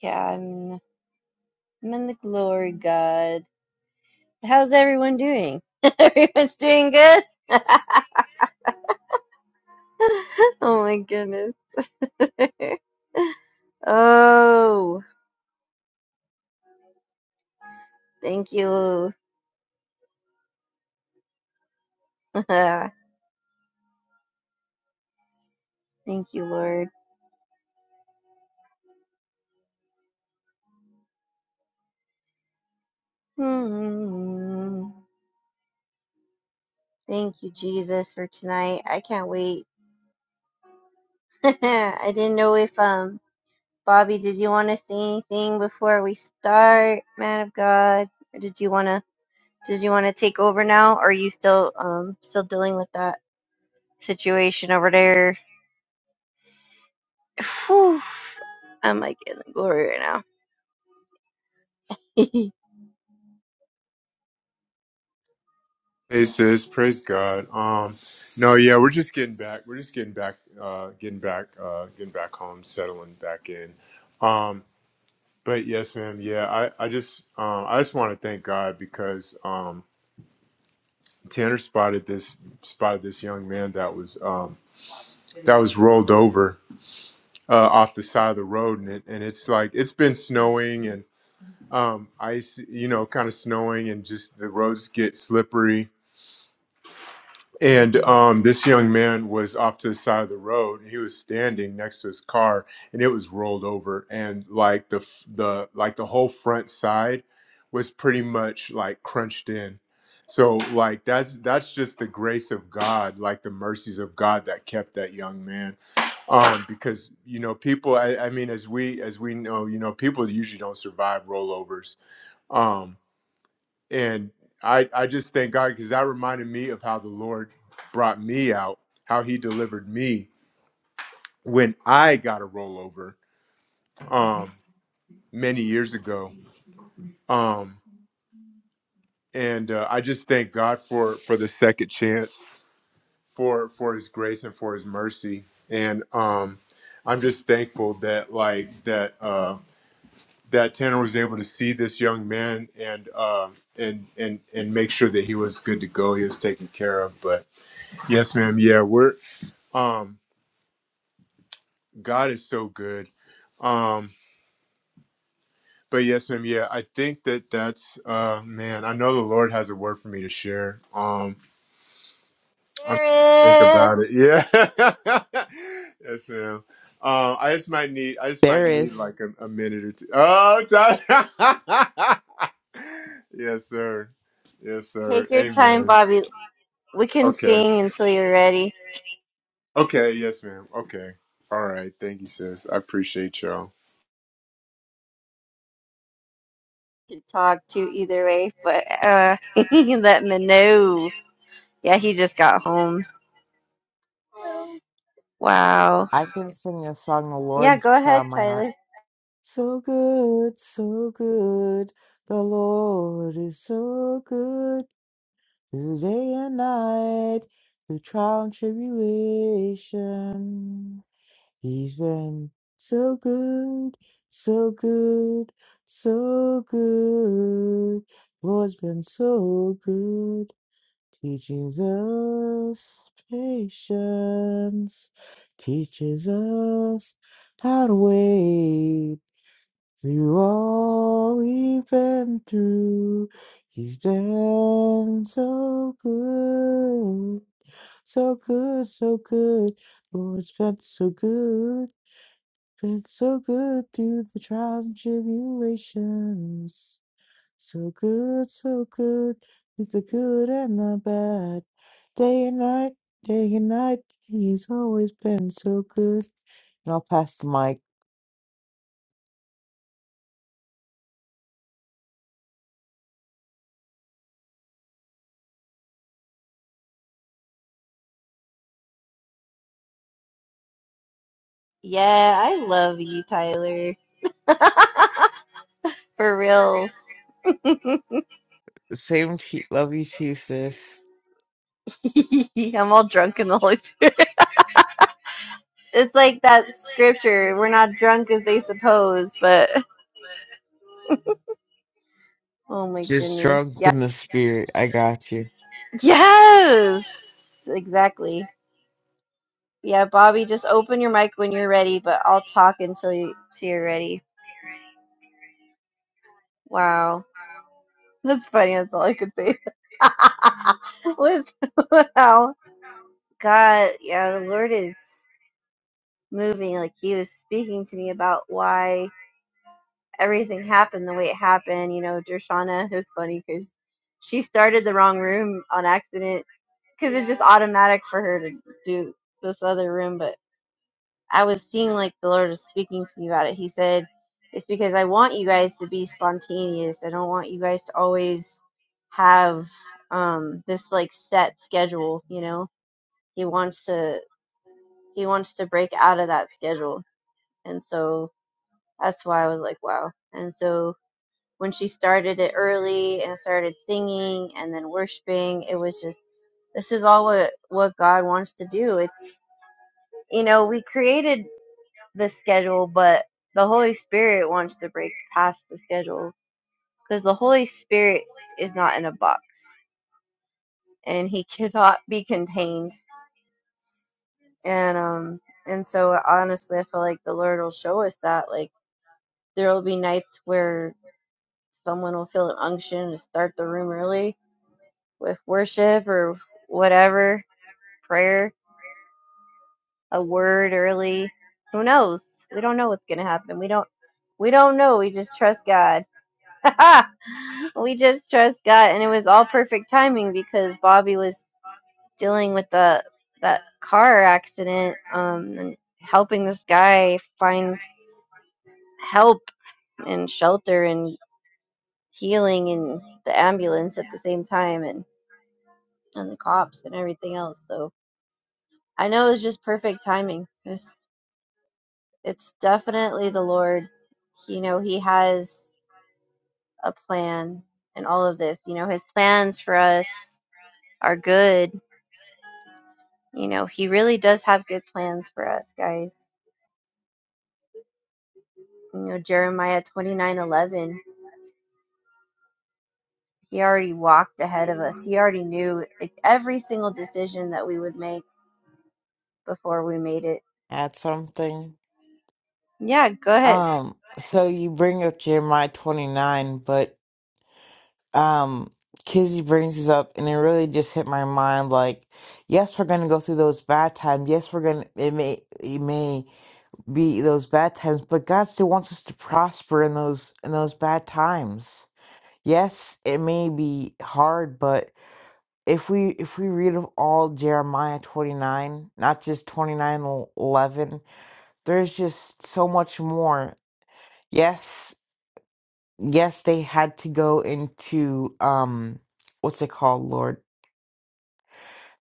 Yeah, I'm I'm in the glory, God. How's everyone doing? Everyone's doing good. oh my goodness. oh, thank you. thank you, Lord. Hmm. Thank you, Jesus, for tonight. I can't wait. I didn't know if um Bobby, did you want to say anything before we start, man of God? Or did you wanna did you wanna take over now? Or are you still um still dealing with that situation over there? Whew, I'm like in the glory right now.
Hey sis, praise God. Um, no, yeah, we're just getting back. We're just getting back, uh, getting back, uh, getting back home, settling back in. Um, but yes, ma'am. Yeah, I, I just, um, I just want to thank God because um, Tanner spotted this, spotted this young man that was, um, that was rolled over uh, off the side of the road, and it, and it's like it's been snowing and um, ice, you know, kind of snowing, and just the roads get slippery And um, this young man was off to the side of the road. He was standing next to his car, and it was rolled over. And like the f- the like the whole front side was pretty much like crunched in. So like that's that's just the grace of God, like the mercies of God that kept that young man. Um, because you know people, I, I mean, as we as we know, you know, people usually don't survive rollovers. Um, and I I just thank God because that reminded me of how the Lord brought me out, how He delivered me when I got a rollover um, many years ago, um, and uh, I just thank God for for the second chance, for for His grace and for His mercy, and um, I'm just thankful that like that. Uh, that Tanner was able to see this young man and uh, and and and make sure that he was good to go, he was taken care of. But Yes, ma'am. Yeah, we're um God is so good. Um but yes, ma'am. Yeah, I think that that's uh man, I know the Lord has a word for me to share. Um I'm think
Spirit,
about it. Yeah. yes, ma'am. Um I just might need I just might
There
need
is.
like a, a minute or two. Oh, time. yes, sir. Yes, sir.
take your time,
Amen.
Bobby. We can
Okay.
sing until you're ready.
Okay, yes, ma'am. Okay. All right. Thank you, sis. I appreciate y'all.
You can talk to either way, but uh let me know. Yeah, he just got home. Wow.
I can sing a song the
Yeah,
Lord's
go
put
ahead,
on my heart.
Tyler.
So good, so good. The Lord is so good. through The day and night, through trial and tribulation. He's been so good, so good, so good. Lord's been so good. teaches us patience, teaches us how to wait through all we've been through. He's been so good, so good, so good. Lord's been so good, been so good through the trials and tribulations. So good, so good, with the good and the bad. Day and night, day and night, he's always been so good. And I'll pass the mic.
Yeah, I love you, Tyler. For real. I'm
Same to you, love you too, sis.
all drunk in the Holy Spirit. It's like that scripture. We're not drunk as they suppose, but oh my
Just
goodness.
drunk
Yeah.
in the spirit. I got you.
Yes. Exactly. Yeah, Bobby, just open your mic when you're ready, but I'll talk until you till you're ready. Wow. That's funny, that's all I could say. What's wow. God, yeah, the Lord is moving. Like He was speaking to me about why everything happened the way it happened. You know, Dershana, it was funny because she started the wrong room on accident because it's just automatic for her to do this other room. But I was seeing like the Lord was speaking to me about it. He said, It's because I want you guys to be spontaneous. I don't want you guys to always have um this like set schedule, you know? He wants to. he wants to break out of that schedule. And so that's why I was like, wow. And so when she started it early and started singing and then worshiping, it was just this is all what what God wants to do. It's you know, we created the schedule, but the Holy Spirit wants to break past the schedule because the Holy Spirit is not in a box and he cannot be contained. And um and so honestly, I feel like the Lord will show us that like There will be nights where someone will feel an unction to start the room early with worship or whatever, prayer, a word early. Who knows? We don't know what's going to happen. We don't we don't know. We just trust God. we just trust God and it was all perfect timing because Bobby was dealing with the that car accident um and helping this guy find help and shelter and. healing and the ambulance at the same time and and the cops and everything else so i know it was just perfect timing it's it's definitely the lord you know he has a plan in all of this you know his plans for us are good you know he really does have good plans for us guys you know jeremiah twenty nine eleven. he already walked ahead of us he already knew like, every single decision that we would make before we made it
Add something.
yeah go ahead
Um, so you bring up Jeremiah 29, but um, Kizzy brings this up, and it really just hit my mind. Like, yes, we're gonna go through those bad times. Yes, we're gonna. It may. It may. be those bad times, but God still wants us to prosper in those in those bad times. Yes, it may be hard, but if we if we read of all Jeremiah 29, not just 29 el- 11, there's just so much more. Yes, yes, they had to go into um what's it called, Lord?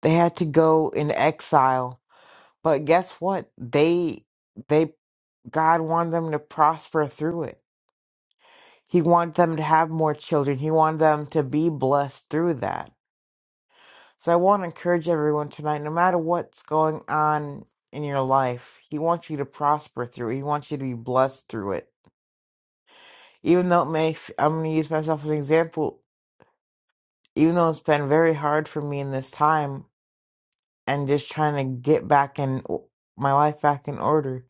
They had to go in exile. But guess what? They they God wanted them to prosper through it He wanted them to have more children. He wanted them to be blessed through that. So I want to encourage everyone tonight, no matter what's going on in your life, he wants you to prosper through it. He wants you to be blessed through it. Even though it may, f- I'm going to use myself as an example, even though it's been very hard for me in this time and just trying to get back in my life back in order,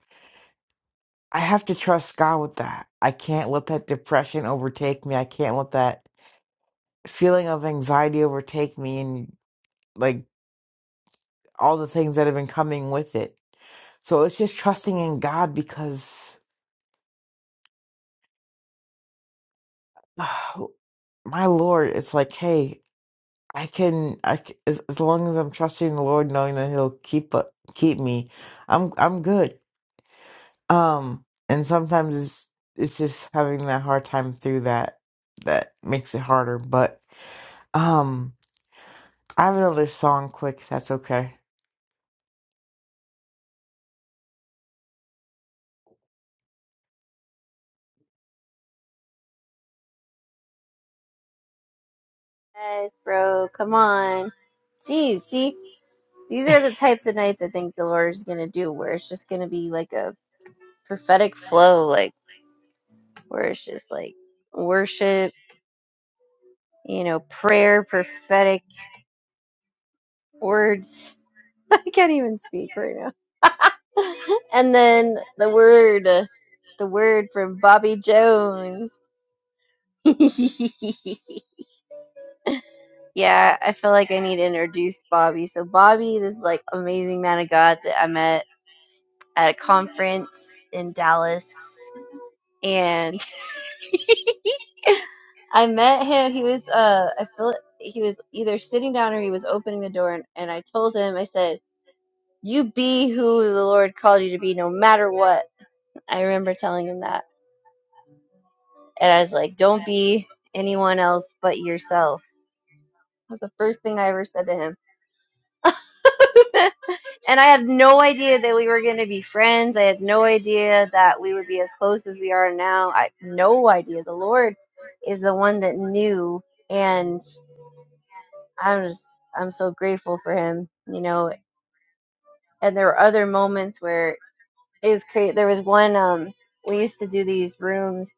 I have to trust God with that. I can't let that depression overtake me. I can't let that feeling of anxiety overtake me and like all the things that have been coming with it. So it's just trusting in God because my Lord, it's like, hey, I can, I c as, as long as I'm trusting the Lord, knowing that He'll keep u- keep me, I'm I'm good. Um, and sometimes it's it's just having that hard time through that that makes it harder. But um, I have another song, quick. if That's okay.
Yes, bro. Come on. Jeez, see, these are the types of nights I think the Lord is gonna do, where it's just gonna be like a prophetic flow, like where it's just like worship, you know, prayer, prophetic words. I can't even speak right now. and then the word, uh, the word from Bobby Jones. yeah, I feel like I need to introduce Bobby. So Bobby, this like amazing man of God that I met at a conference in Dallas, and I met him. He was uh, I feel he was either sitting down or he was opening the door, and, and I told him, I said, "You be who the Lord called you to be, no matter what." I remember telling him that, and I was like, "Don't be anyone else but yourself." That was the first thing I ever said to him. and I had no idea that we were going to be friends. I had no idea that we would be as close as we are now. I no idea. The Lord is the one that knew, and I'm just I'm so grateful for Him. You know, and there were other moments where is create. There was one um we used to do these rooms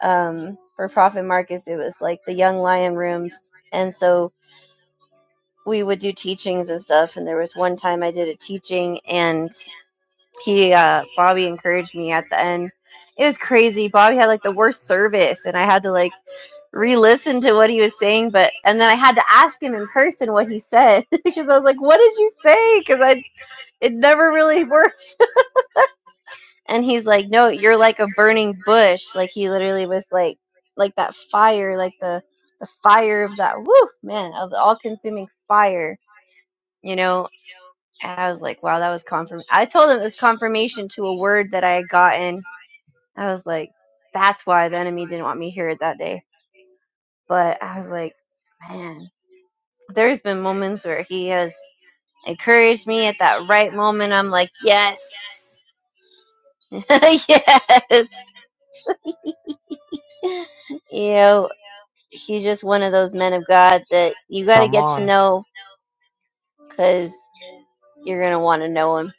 um for Prophet Marcus. It was like the Young Lion rooms, and so we would do teachings and stuff. And there was one time I did a teaching and he uh Bobby encouraged me at the end. It was crazy. Bobby had like the worst service and I had to like re-listen to what he was saying but and then I had to ask him in person what he said because I was like what did you say cuz I it never really worked and he's like no you're like a burning bush like he literally was like like that fire like the the fire of that woo man of the all consuming fire you know and I was like wow that was confirm I told him it was confirmation to a word that I had gotten I was like, that's why the enemy didn't want me here that day. But I was like, man, there's been moments where he has encouraged me at that right moment. I'm like, yes, yes. You know, he's just one of those men of God that you got to
Come
get to
on.
know because you're going to want to know him.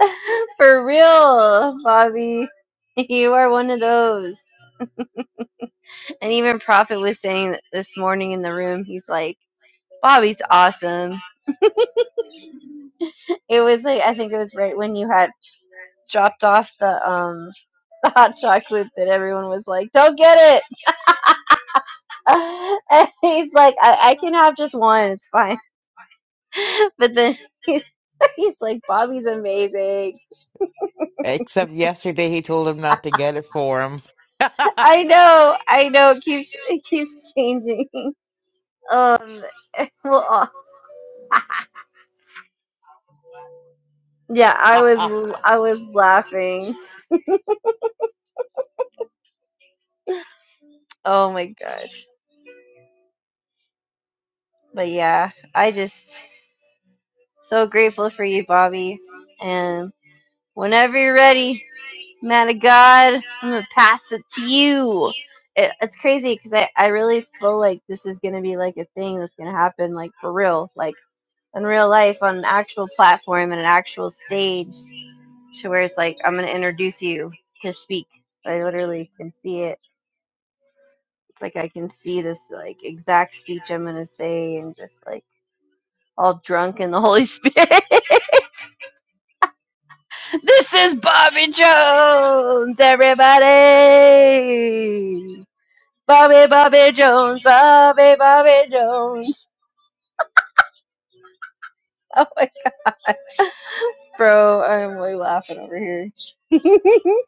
For real, Bobby. You are one of those. And even Prophet was saying that this morning in the room, he's like, Bobby's awesome It was like I think it was right when you had dropped off the um the hot chocolate that everyone was like, "Don't get it," Uh, and he's like, "I, I can have just one, it's fine." But then he's, he's like, "Bobby's amazing."
Except yesterday, he told him not to get it for him.
I know, I know. It keeps it keeps changing. Um, well, uh, yeah, I was l- I was laughing. Oh my gosh. But yeah, I just so grateful for you, Bobby. And whenever you're ready. Man of God, I'm gonna pass it to you. It, it's crazy because I, I really feel like this is gonna be like a thing that's gonna happen like for real, like in real life on an actual platform and an actual stage to where it's like I'm gonna introduce you to speak. I literally can see it. It's like I can see this like exact speech I'm gonna say and just like all drunk in the Holy Spirit. this is Bobby Jones, everybody. Bobby, Bobby Jones, Bobby, Bobby Jones. Oh my, bro, I'm way laughing over here. but I'm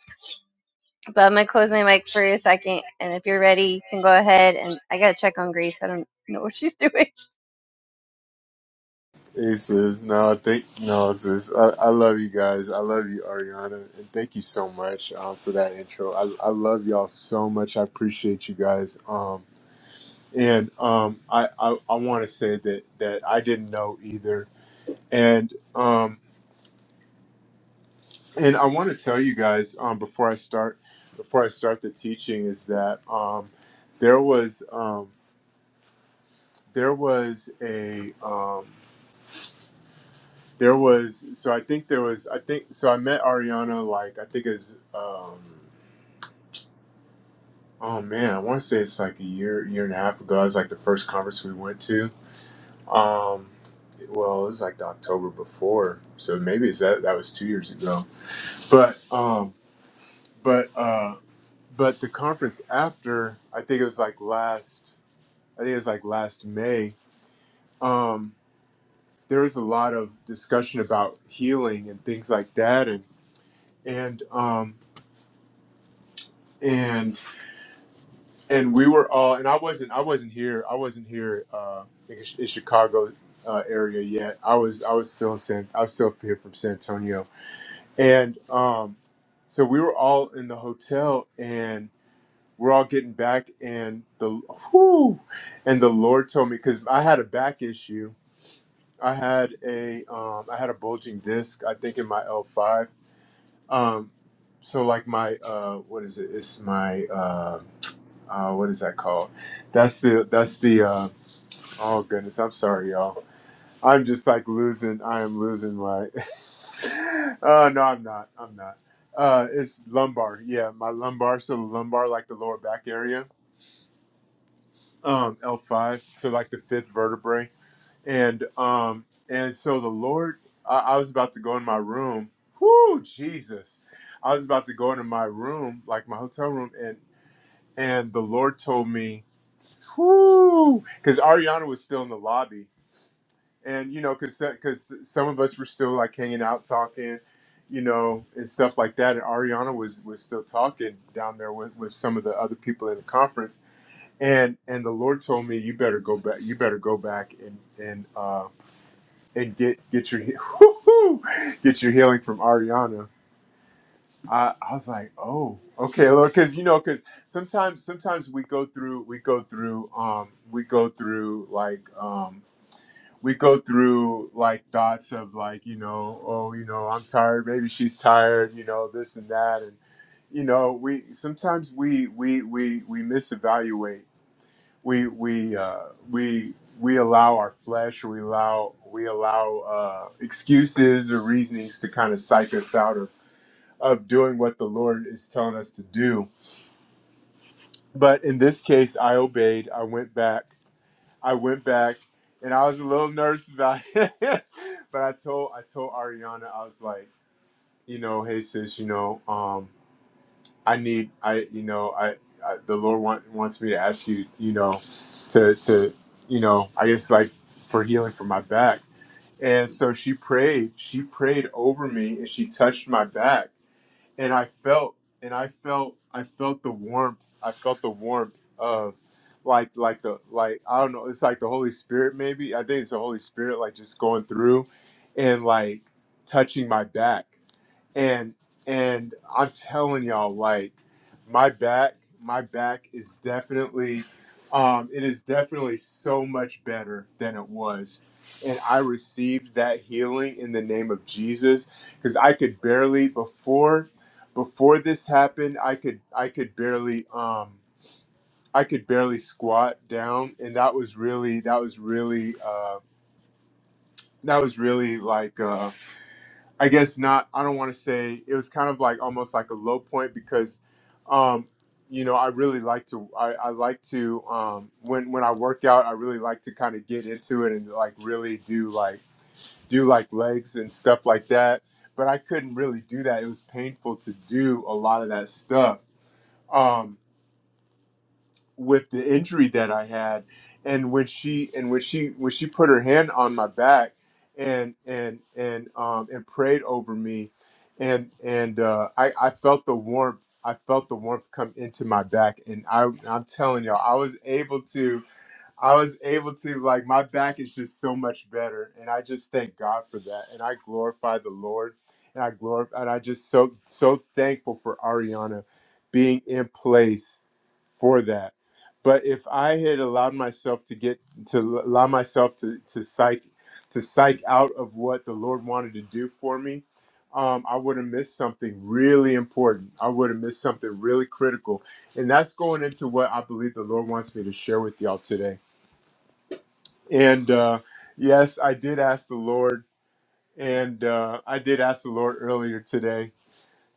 gonna close my mic for a second, and if you're ready, you can go ahead. And I gotta check on Grace. I don't know what she's doing.
Hey sis, no, thank no sis. I, I love you guys. I love you, Ariana, and thank you so much um, for that intro. I, I love y'all so much. I appreciate you guys. Um, and um, I I, I want to say that that I didn't know either. And um, and I want to tell you guys um, before I start before I start the teaching is that um, there was um, there was a um, There was so I think there was I think so I met Ariana like I think it's um oh man I want to say it's like a year year and a half ago. It was like the first conference we went to. Um, well it was like the October before, so maybe it's that that was two years ago. But um but uh but the conference after I think it was like last I think it was like last May. Um, there was a lot of discussion about healing and things like that and and um and and we were all and i wasn't i wasn't here i wasn't here uh in, Chi- in chicago uh, area yet i was i was still in san i was still here from san antonio and um so we were all in the hotel and we're all getting back and the whoo and the lord told me because i had a back issue i had a um i had a bulging disc i think in my l5 um so like my uh what is it it's my um uh, what is that called? That's the that's the uh, oh goodness, I'm sorry, y'all. I'm just like losing. I am losing my. uh, no, I'm not. I'm not. Uh, it's lumbar. Yeah, my lumbar. So the lumbar, like the lower back area, um, L5, so like the fifth vertebrae, and um, and so the Lord, I, I was about to go in my room. Whoo, Jesus! I was about to go into my room, like my hotel room, and and the Lord told me Whoo! Because Ariana was still in the lobby, and you know, because because some of us were still like hanging out, talking, you know, and stuff like that. And Ariana was was still talking down there with, with some of the other people in the conference. And and the Lord told me, you better go back. You better go back and and uh, and get get your whoo, get your healing from Ariana I, I was like, oh, okay, Lord, because you know, because sometimes sometimes we go through we go through um we go through like um we go through like thoughts of like you know oh you know I'm tired maybe she's tired you know this and that and you know we sometimes we we we we misevaluate we we uh we we allow our flesh we allow we allow uh excuses or reasonings to kind of psych us out of of doing what the Lord is telling us to do. But in this case, I obeyed. I went back. I went back, and I was a little nervous about it. but I told I told Ariana, I was like, you know, hey sis, you know, um, I need I you know I, I the Lord want, wants me to ask you, you know, to to you know, I guess like for healing for my back. And so she prayed. She prayed over me, and she touched my back and I felt and I felt I felt the warmth. I felt the warmth of like like the like I don't know, it's like the Holy Spirit maybe. I think it's the Holy Spirit like just going through and like touching my back and and I'm telling y'all, like my back, my back is definitely, um, it is definitely so much better than it was, and I received that healing in the name of Jesus, because I could barely before, before this happened, I could I could barely um I could barely squat down, and that was really that was really uh that was really like Uh, I guess not. I don't want to say it was kind of like almost like a low point because, um, you know, I really like to. I, I like to um, when when I work out. I really like to kind of get into it and like really do like do like legs and stuff like that. But I couldn't really do that. It was painful to do a lot of that stuff. Um, with the injury that I had, and when she and when she when she put her hand on my back and and and um and prayed over me, and and uh, I I felt the warmth I felt the warmth come into my back, and I I'm telling y'all I was able to I was able to like my back is just so much better, and I just thank God for that, and I glorify the Lord, and I glorify, and I just so so thankful for Ariana being in place for that. But if I had allowed myself to get to allow myself to to psych to psych out of what the Lord wanted to do for me, um, I would have missed something really important. I would have missed something really critical, and that's going into what I believe the Lord wants me to share with y'all today and uh, yes, I did ask the Lord, and uh, I did ask the Lord earlier today,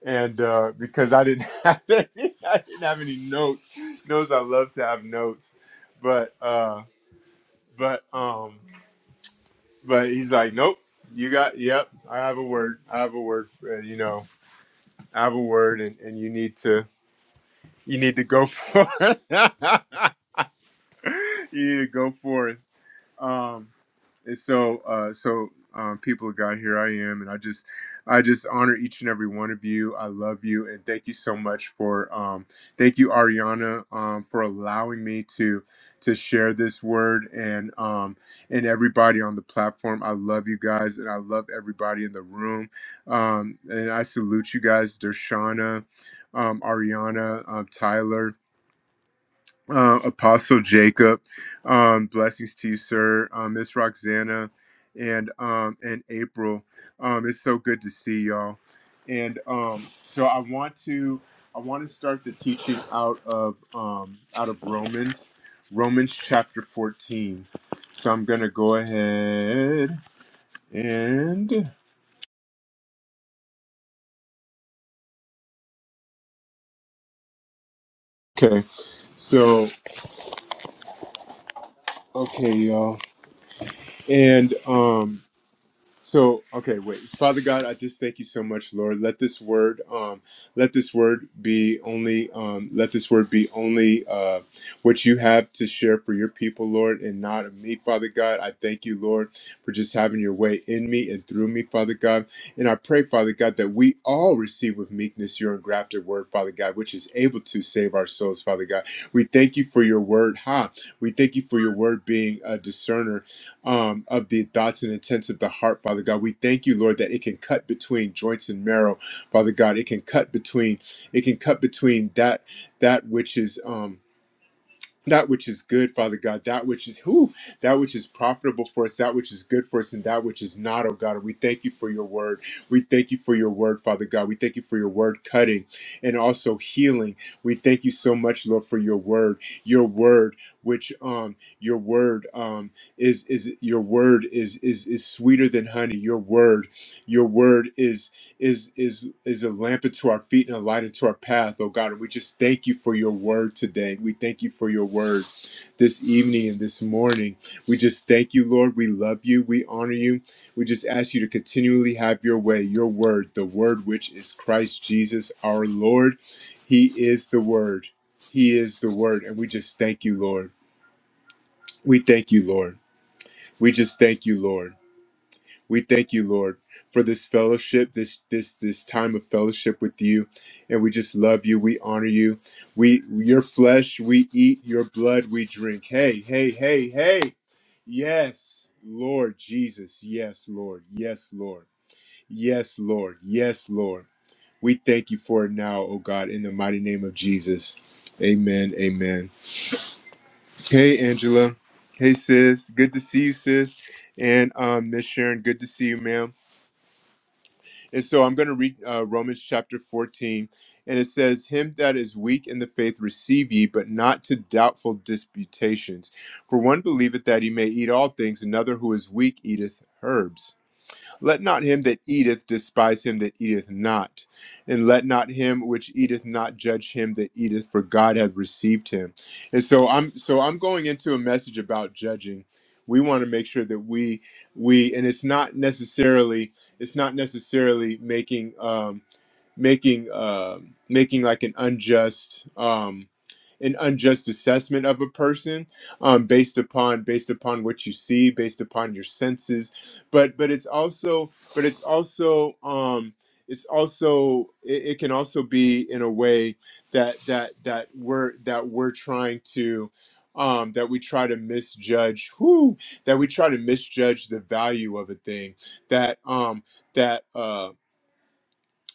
and uh, because I didn't have any, I didn't have any notes. Knows I love to have notes, but uh, but um, but he's like, nope. You got yep. I have a word. I have a word. For, you know, I have a word, and, and you need to you need to go for it. you need to go forth. Um, and so, uh, so um, people of God, here I am, and I just, I just honor each and every one of you. I love you, and thank you so much for, um, thank you, Ariana, um, for allowing me to, to share this word, and um, and everybody on the platform. I love you guys, and I love everybody in the room, um, and I salute you guys, Dershana, um, Ariana, um, Tyler uh, Apostle Jacob. Um, blessings to you, sir. Um, Miss Roxana and um, and April. Um, it's so good to see y'all. And um, so I want to I want to start the teaching out of um, out of Romans Romans chapter fourteen. So I'm gonna go ahead and okay. So okay, y'all. And um, So, okay, wait. Father God, I just thank you so much, Lord. Let this word, um, let this word be only, um, let this word be only uh, what you have to share for your people, Lord, and not of me, Father God. I thank you, Lord, for just having your way in me and through me, Father God. And I pray, Father God, that we all receive with meekness your engrafted word, Father God, which is able to save our souls, Father God. We thank you for your word, ha. We thank you for your word being a discerner um, of the thoughts and intents of the heart, Father God. We thank you, Lord, that it can cut between joints and marrow, Father God. It can cut between, it can cut between that that which is. Um, that which is good, Father God, that which is who, that which is profitable for us, that which is good for us, and that which is not, oh God. We thank you for your word. We thank you for your word, Father God. We thank you for your word cutting and also healing. We thank you so much, Lord, for your word. Your word, which um your word um is is your word is is is sweeter than honey. Your word, your word is is is is a lamp unto our feet and a light unto our path, oh God. And we just thank you for your word today. We thank you for your word this evening and this morning. We just thank you, Lord. We love you. We honor you. We just ask you to continually have your way, your word, the word which is Christ Jesus our Lord. He is the word. He is the word. And we just thank you, Lord. We thank you, Lord. We just thank you, Lord. We thank you, Lord, for this fellowship, this this this time of fellowship with you, and we just love you. We honor you. We your flesh we eat, your blood we drink. Hey, hey, hey, hey. Yes, Lord Jesus. Yes, Lord. Yes, Lord. Yes, Lord. Yes, Lord. We thank you for it now, oh God, in the mighty name of Jesus. Amen. Amen. Hey, Angela. Hey, sis. Good to see you, sis. And um, Miss Sharon, good to see you, ma'am And so I'm going to read uh, Romans chapter 14, and it says, Him that is weak in the faith receive ye, but not to doubtful disputations. For one believeth that he may eat all things, another who is weak eateth herbs. Let not him that eateth despise him that eateth not, and let not him which eateth not judge him that eateth, for God hath received him. And so I'm so I'm going into a message about judging. We want to make sure that we we and it's not necessarily it's not necessarily making um making uh, making like an unjust um, an unjust assessment of a person um, based upon based upon what you see, based upon your senses. But but it's also but it's also um, it's also it, it can also be in a way that that that we're that we're trying to um, that we try to misjudge who that we try to misjudge the value of a thing that um that uh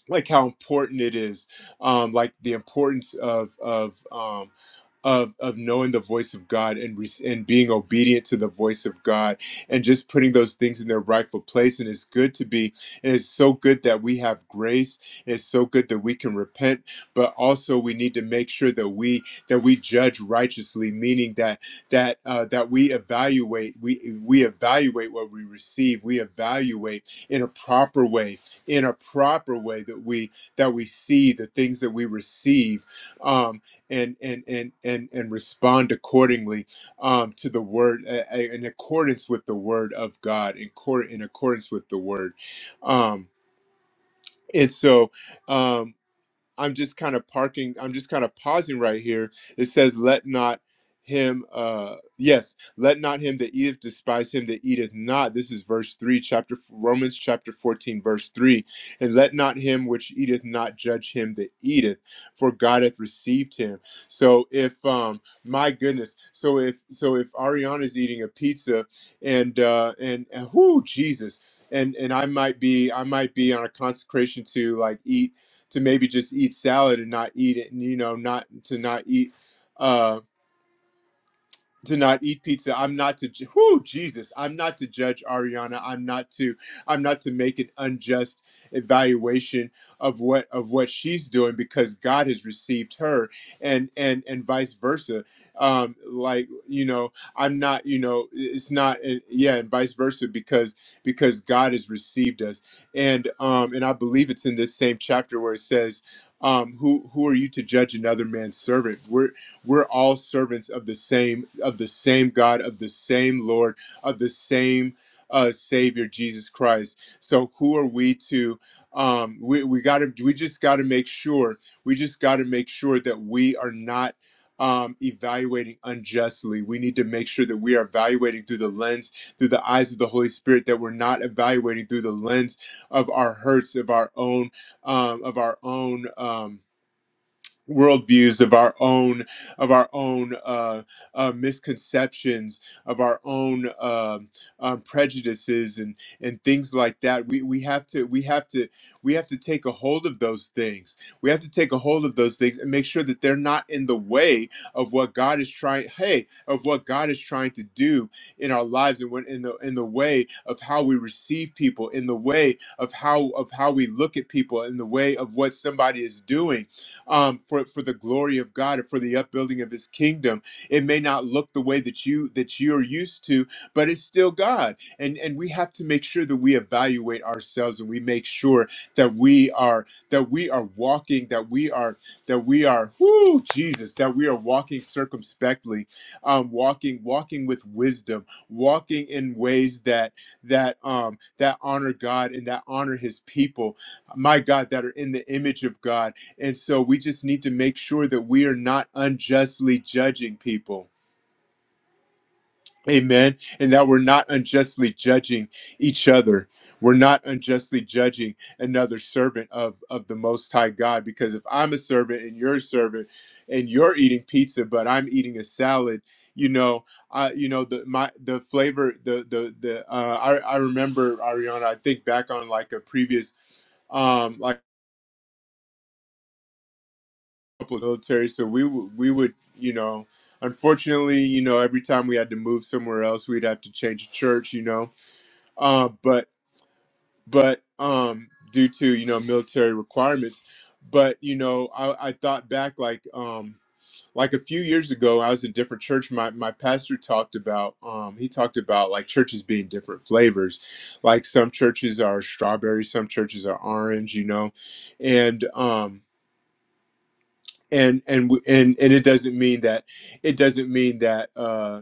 like how important it is um like the importance of of um of of knowing the voice of God and re- and being obedient to the voice of God and just putting those things in their rightful place. And it's good to be. And it's so good that we have grace. It's so good that we can repent, but also we need to make sure that we that we judge righteously, meaning that that uh, that we evaluate we we evaluate what we receive. We evaluate in a proper way, in a proper way that we that we see the things that we receive. Um, and and and and, and respond accordingly um, to the word uh, uh, in accordance with the word of God in court in accordance with the word um, and so um, I'm just kind of parking, I'm just kind of pausing right here. It says, Let not him, uh, yes, let not him that eateth despise him that eateth not. This is verse 3, chapter Romans chapter 14, verse 3. And let not him which eateth not judge him that eateth, for God hath received him. So if, um, my goodness, so if, so if Ariana's eating a pizza and, uh, and, and whoo, Jesus. And, and I might be I might be on a consecration to like eat to maybe just eat salad and not eat it, and you know, not to not eat. uh, to not eat pizza. I'm not to ju- whoo Jesus. I'm not to judge Ariana. I'm not to I'm not to make an unjust evaluation of what of what she's doing because God has received her and and and vice versa. Um like you know, I'm not, you know, it's not and yeah, and vice versa because because God has received us. And um and I believe it's in this same chapter where it says um, who who are you to judge another man's servant? We're all servants of the same of the same God, of the same Lord, of the same uh, Savior Jesus Christ. So who are we to? Um, we we got to we just got to make sure we just got to make sure that we are not. Um, evaluating unjustly. We need to make sure that we are evaluating through the lens, through the eyes of the Holy Spirit, that we're not evaluating through the lens of our hurts, of our own, um, of our own. Um, worldviews of our own of our own uh, uh, misconceptions of our own um, um, prejudices and and things like that we we have to we have to we have to take a hold of those things we have to take a hold of those things and make sure that they're not in the way of what God is trying hey of what God is trying to do in our lives and when in the in the way of how we receive people in the way of how of how we look at people in the way of what somebody is doing um, for for the glory of God and for the upbuilding of His kingdom. It may not look the way that you that you're used to, but it's still God. And and we have to make sure that we evaluate ourselves and we make sure that we are that we are walking that we are that we are whoo Jesus that we are walking circumspectly, um, walking walking with wisdom, walking in ways that that um that honor God and that honor His people. My God, that are in the image of God and so we just need to make sure that we are not unjustly judging people. Amen. And that we're not unjustly judging each other. We're not unjustly judging another servant of, of the Most High God. Because if I'm a servant and you're a servant and you're eating pizza, but I'm eating a salad, you know, I, you know, the, my, the flavor, the, the, the, uh, I, I remember Ariana, I think back on like a previous um, like. couple military, so we w- we would you know, unfortunately, you know, every time we had to move somewhere else, we'd have to change a church, you know, uh, but but um, due to you know military requirements, but you know, I, I thought back like um like a few years ago, I was in a different church. My my pastor talked about um he talked about like churches being different flavors, like some churches are strawberry, some churches are orange, you know, and um and and w- and and it doesn't mean that it doesn't mean that uh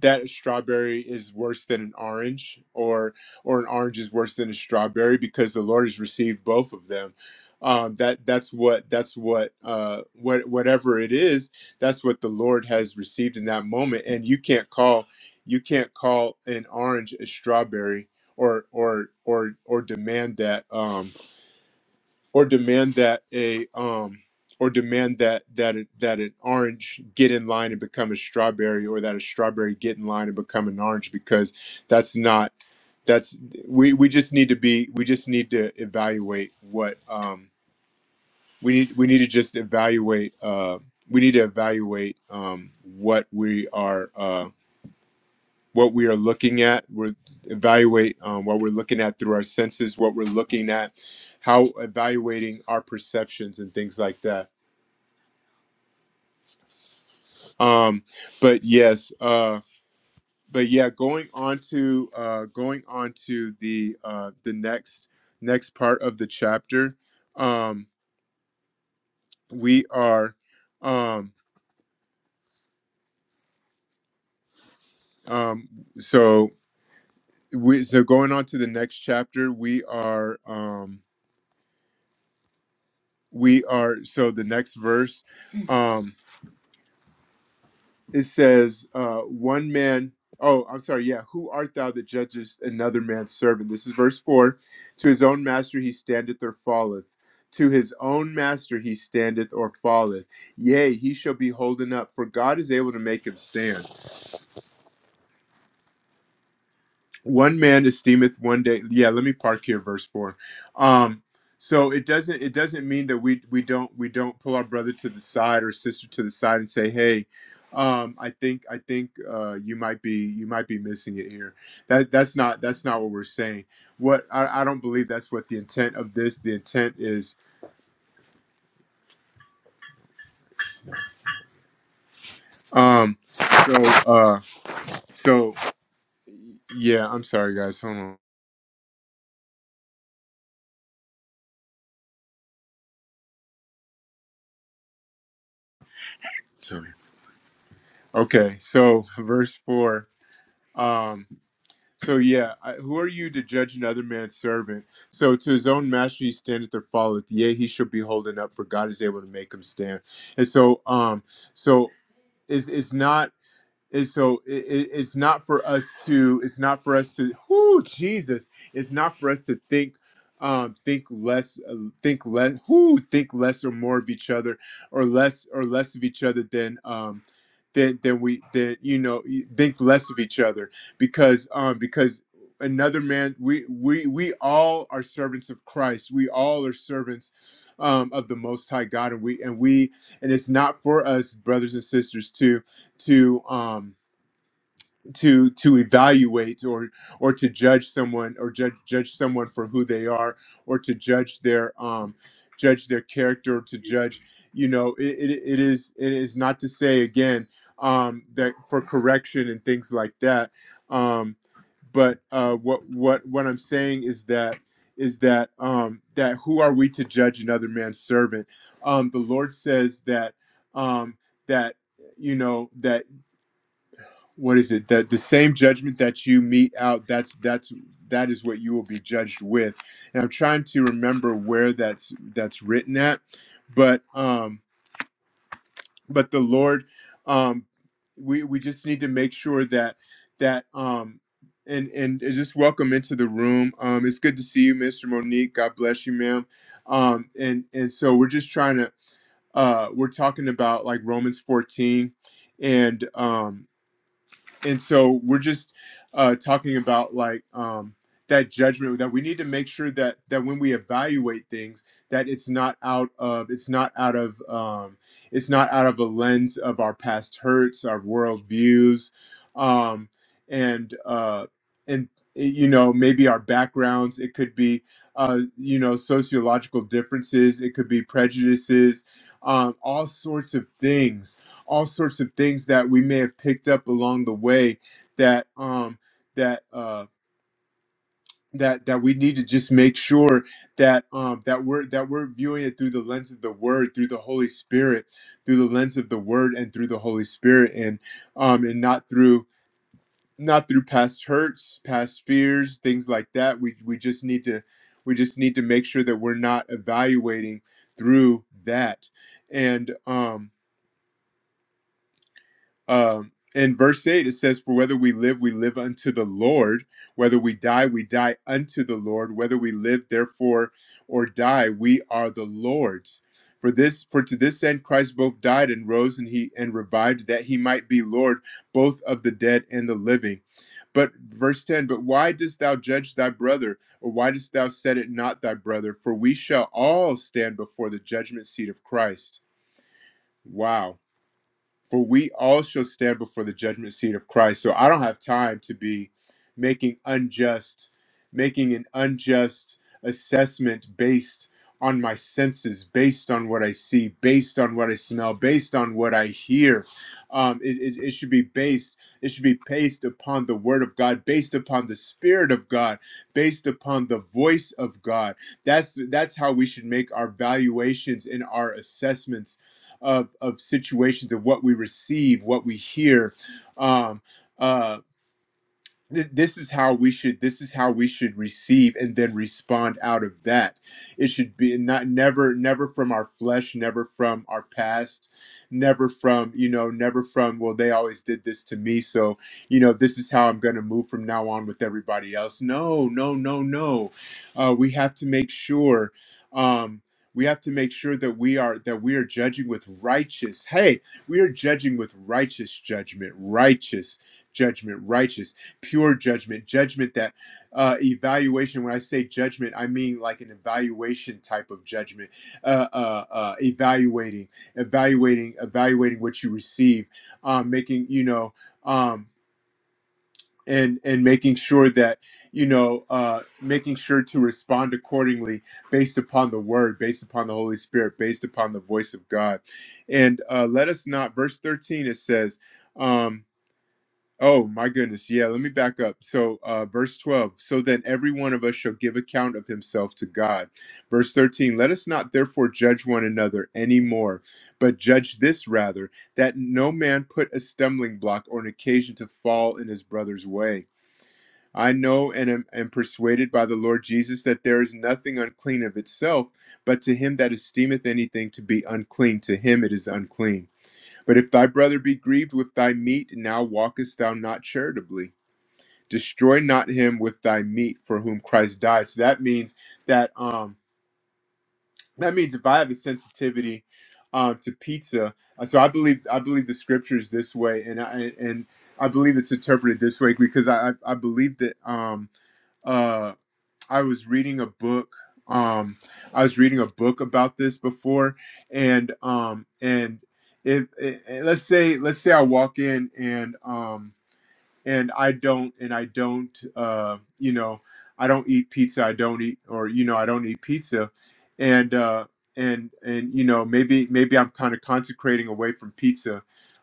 that strawberry is worse than an orange or or an orange is worse than a strawberry because the lord has received both of them um that that's what that's what uh what whatever it is that's what the lord has received in that moment and you can't call you can't call an orange a strawberry or or or or demand that um, or demand that a um or demand that that it, that an orange get in line and become a strawberry or that a strawberry get in line and become an orange because that's not that's we we just need to be we just need to evaluate what um we need we need to just evaluate uh we need to evaluate um what we are uh, what we are looking at. We evaluate um, what we're looking at through our senses, what we're looking at, how evaluating our perceptions and things like that. Um, but yes, uh, but yeah, going on to uh, going on to the uh, the next next part of the chapter, um, we are um, um, so we so going on to the next chapter, we are um, we are so the next verse. Um, it says, uh, one man, oh, I'm sorry, yeah, who art thou that judgest another man's servant? This is verse 4. To his own master he standeth or falleth. To his own master he standeth or falleth. Yea, he shall be holden up, for God is able to make him stand. one man esteemeth one day yeah let me park here verse 4 um so it doesn't it doesn't mean that we we don't we don't pull our brother to the side or sister to the side and say hey um i think i think uh you might be you might be missing it here that that's not that's not what we're saying what i, I don't believe that's what the intent of this the intent is um so uh so yeah i'm sorry guys hold on Sorry. okay so verse 4 Um. So yeah, I, who are you to judge another man's servant? So to his own master he standeth or falleth. Yea, he shall be holding up, for God is able to make him stand. And so, um, so is it's it's not and so it, it, it's not for us to it's not for us to whoo jesus it's not for us to think um think less uh, think less whoo think less or more of each other or less or less of each other than um than than we than you know y- think less of each other because um because another man we we we all are servants of christ we all are servants um of the most high god and we and we and it's not for us brothers and sisters to to um to to evaluate or or to judge someone or judge judge someone for who they are or to judge their um judge their character to judge you know it, it, it is it is not to say again um that for correction and things like that um but uh what what what i'm saying is that is that um that who are we to judge another man's servant um the lord says that um that you know that what is it that the same judgment that you mete out that's that's that is what you will be judged with and i'm trying to remember where that's that's written at but um but the lord um we we just need to make sure that that um and and just welcome into the room um it's good to see you mr monique god bless you ma'am um and and so we're just trying to uh we're talking about like romans 14 and um and so we're just uh, talking about like um, that judgment that we need to make sure that that when we evaluate things that it's not out of it's not out of um, it's not out of a lens of our past hurts our worldviews, um, and uh, and you know maybe our backgrounds it could be uh, you know sociological differences it could be prejudices um, all sorts of things all sorts of things that we may have picked up along the way that um that uh that that we need to just make sure that um that we're that we're viewing it through the lens of the word through the holy spirit through the lens of the word and through the holy spirit and um and not through not through past hurts past fears things like that we we just need to we just need to make sure that we're not evaluating through that and um um, in verse 8 it says for whether we live we live unto the lord whether we die we die unto the lord whether we live therefore or die we are the lord's for this for to this end christ both died and rose and he and revived that he might be lord both of the dead and the living but verse 10 but why dost thou judge thy brother or why dost thou set it not thy brother for we shall all stand before the judgment seat of christ wow for we all shall stand before the judgment seat of Christ. So I don't have time to be making unjust, making an unjust assessment based on my senses, based on what I see, based on what I smell, based on what I hear. Um, it, it, it should be based. It should be based upon the word of God, based upon the spirit of God, based upon the voice of God. That's that's how we should make our valuations and our assessments of of situations of what we receive, what we hear. Um, uh, this, this is how we should this is how we should receive and then respond out of that it should be not never never from our flesh never from our past never from you know never from well they always did this to me so you know this is how i'm going to move from now on with everybody else no no no no uh, we have to make sure um we have to make sure that we are that we are judging with righteous hey we are judging with righteous judgment righteous judgment righteous pure judgment, judgment that uh, evaluation. When I say judgment, I mean like an evaluation type of judgment, uh, uh, uh, evaluating, evaluating, evaluating what you receive, um, making you know, um, and and making sure that you know, uh, making sure to respond accordingly based upon the word, based upon the Holy Spirit, based upon the voice of God, and uh, let us not. Verse thirteen it says. Um, Oh my goodness. Yeah, let me back up. So, uh, verse 12. So then every one of us shall give account of himself to God. Verse 13. Let us not therefore judge one another anymore, but judge this rather, that no man put a stumbling block or an occasion to fall in his brother's way. I know and am, am persuaded by the Lord Jesus that there is nothing unclean of itself, but to him that esteemeth anything to be unclean, to him it is unclean. But if thy brother be grieved with thy meat, now walkest thou not charitably. Destroy not him with thy meat for whom Christ died. So that means that um that means if I have a sensitivity um to pizza, uh, so I believe I believe the scripture is this way, and I and I believe it's interpreted this way because I I I believe that um uh, I was reading a book. Um, I was reading a book about this before, and um, and if, eh, let's say let's say I walk in and um, and I don't and I don't uh, you know I don't eat pizza. I don't eat or you know I don't eat pizza, and uh, and and you know maybe maybe I'm kind of consecrating away from pizza.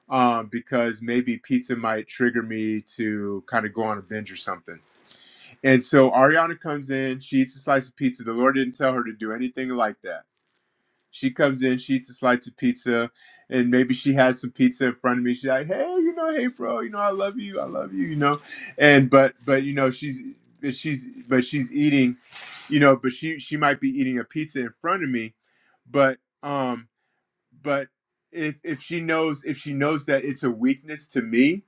Um, because maybe pizza might trigger me to kind of go on a binge or something and so Ariana comes in, she eats a slice of pizza. The Lord didn't tell her to do anything like that. She comes in, she eats a slice of pizza, and maybe she has some pizza in front of me. She's like, "Hey, you know, hey, bro, you know, I love you, I love you, you know." And but but you know, she's she's but she's eating, you know, but she she might be eating a pizza in front of me, but um but if if she knows if she knows that it's a weakness to me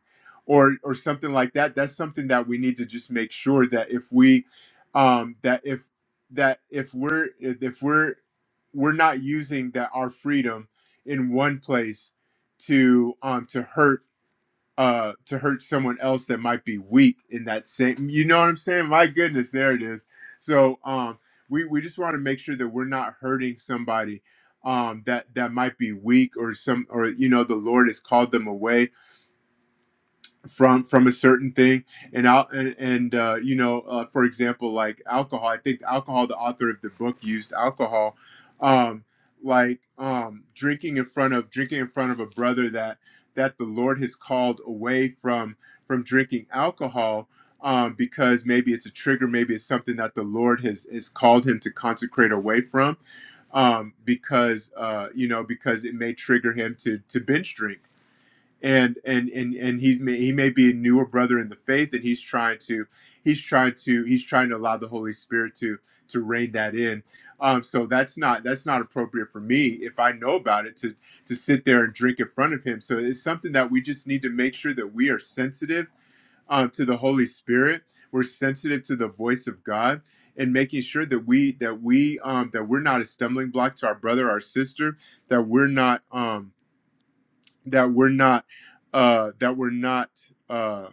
or or something like that that's something that we need to just make sure that if we um that if that if we're if we're we're not using that our freedom in one place to um to hurt uh to hurt someone else that might be weak in that same you know what i'm saying my goodness there it is so um we we just want to make sure that we're not hurting somebody um that that might be weak or some or you know the lord has called them away from from a certain thing and out and, and uh, you know uh, for example like alcohol i think alcohol the author of the book used alcohol um like um drinking in front of drinking in front of a brother that that the lord has called away from from drinking alcohol um because maybe it's a trigger maybe it's something that the lord has has called him to consecrate away from um because uh you know because it may trigger him to to binge drink and and and and he's he may be a newer brother in the faith and he's trying to he's trying to he's trying to allow the holy spirit to to rein that in um so that's not that's not appropriate for me if i know about it to to sit there and drink in front of him so it's something that we just need to make sure that we are sensitive um, to the Holy Spirit. We're sensitive to the voice of God and making sure that we that we um, that we're not a stumbling block to our brother, our sister, that we're not. Um, that we're not uh that we're not uh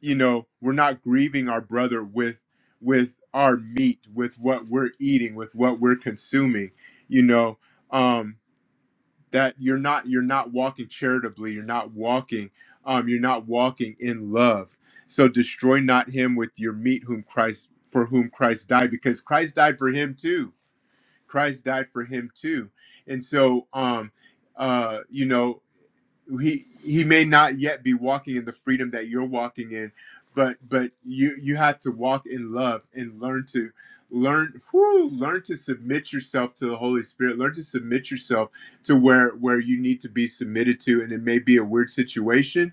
you know we're not grieving our brother with with our meat with what we're eating with what we're consuming you know um that you're not you're not walking charitably you're not walking um you're not walking in love so destroy not him with your meat whom Christ for whom Christ died because Christ died for him too Christ died for him too and so um uh you know he he may not yet be walking in the freedom that you're walking in but but you you have to walk in love and learn to learn whoo, learn to submit yourself to the holy spirit learn to submit yourself to where where you need to be submitted to and it may be a weird situation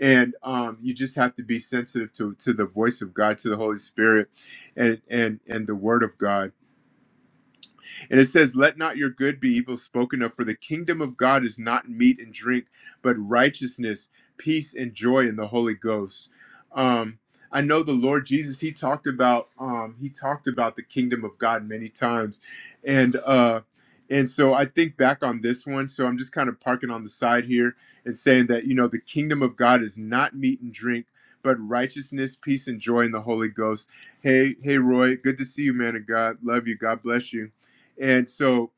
and um you just have to be sensitive to to the voice of god to the holy spirit and and and the word of god and it says, Let not your good be evil spoken of, for the kingdom of God is not meat and drink, but righteousness, peace, and joy in the Holy Ghost. Um, I know the Lord Jesus, he talked about um, he talked about the kingdom of God many times. And uh and so I think back on this one. So I'm just kind of parking on the side here and saying that, you know, the kingdom of God is not meat and drink, but righteousness, peace, and joy in the Holy Ghost. Hey, hey, Roy, good to see you, man of God. Love you. God bless you. And so,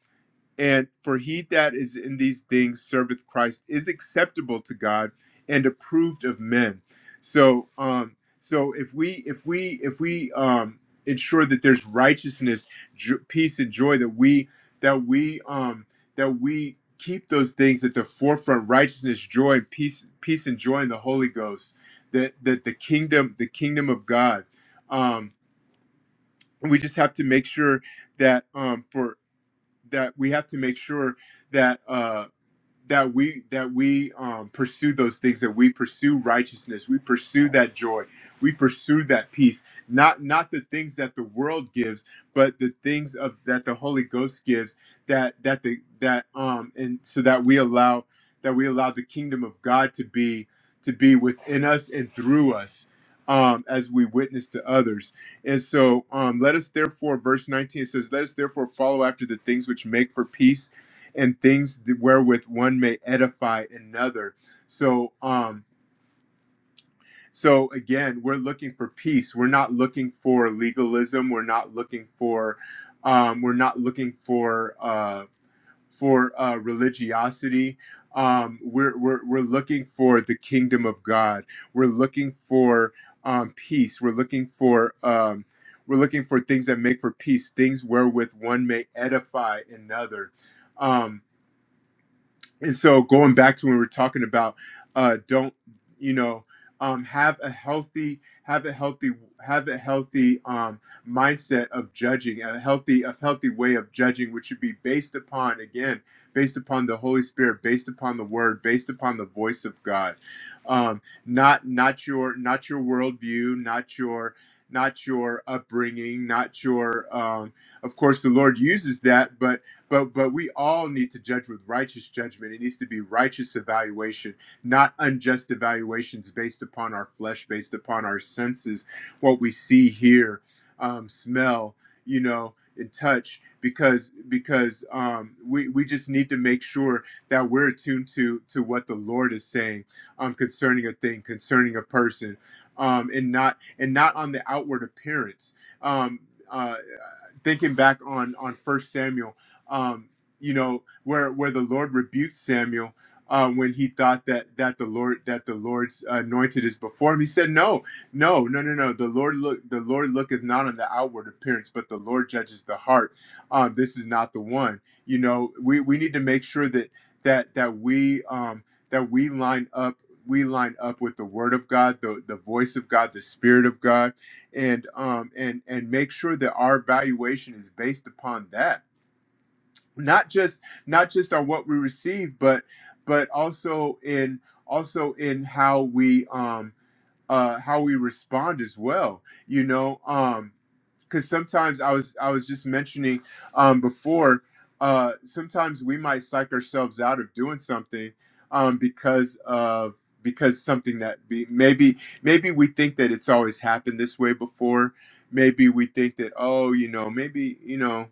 and for he that is in these things serveth Christ is acceptable to God and approved of men. So, um, so if we, if we, if we, um, ensure that there's righteousness, jo- peace, and joy, that we, that we, um, that we keep those things at the forefront righteousness joy and peace peace and joy in the holy ghost that that the kingdom the kingdom of god um we just have to make sure that um, for that we have to make sure that uh, that we that we um, pursue those things that we pursue righteousness we pursue that joy we pursue that peace not not the things that the world gives but the things of that the holy ghost gives that that the that um and so that we allow that we allow the kingdom of god to be to be within us and through us um as we witness to others and so um let us therefore verse 19 says let us therefore follow after the things which make for peace and things wherewith one may edify another. So, um, so again, we're looking for peace. We're not looking for legalism. We're not looking for, um, we're not looking for uh, for uh, religiosity. Um, we're, we're we're looking for the kingdom of God. We're looking for um, peace. We're looking for um, we're looking for things that make for peace. Things wherewith one may edify another. Um, and so going back to when we were talking about uh don't you know um have a healthy have a healthy have a healthy um mindset of judging a healthy a healthy way of judging which should be based upon again based upon the holy spirit based upon the word based upon the voice of god um not not your not your worldview not your not your upbringing not your um of course the lord uses that but but but we all need to judge with righteous judgment. It needs to be righteous evaluation, not unjust evaluations based upon our flesh, based upon our senses, what we see, hear, um, smell, you know, and touch. Because because um, we we just need to make sure that we're attuned to to what the Lord is saying um, concerning a thing, concerning a person, um, and not and not on the outward appearance. Um, uh, thinking back on on First Samuel, um, you know, where where the Lord rebuked Samuel uh, when he thought that that the Lord that the Lord's anointed is before him. He said, "No, no, no, no, no. The Lord look the Lord looketh not on the outward appearance, but the Lord judges the heart. Um, this is not the one. You know, we we need to make sure that that that we um, that we line up." We line up with the Word of God, the, the voice of God, the Spirit of God, and um and and make sure that our valuation is based upon that not just not just on what we receive but but also in also in how we um uh how we respond as well you know um because sometimes I was I was just mentioning um, before. Uh, sometimes we might psych ourselves out of doing something um, because of because something that be maybe maybe we think that it's always happened this way before. Maybe we think that oh you know maybe you know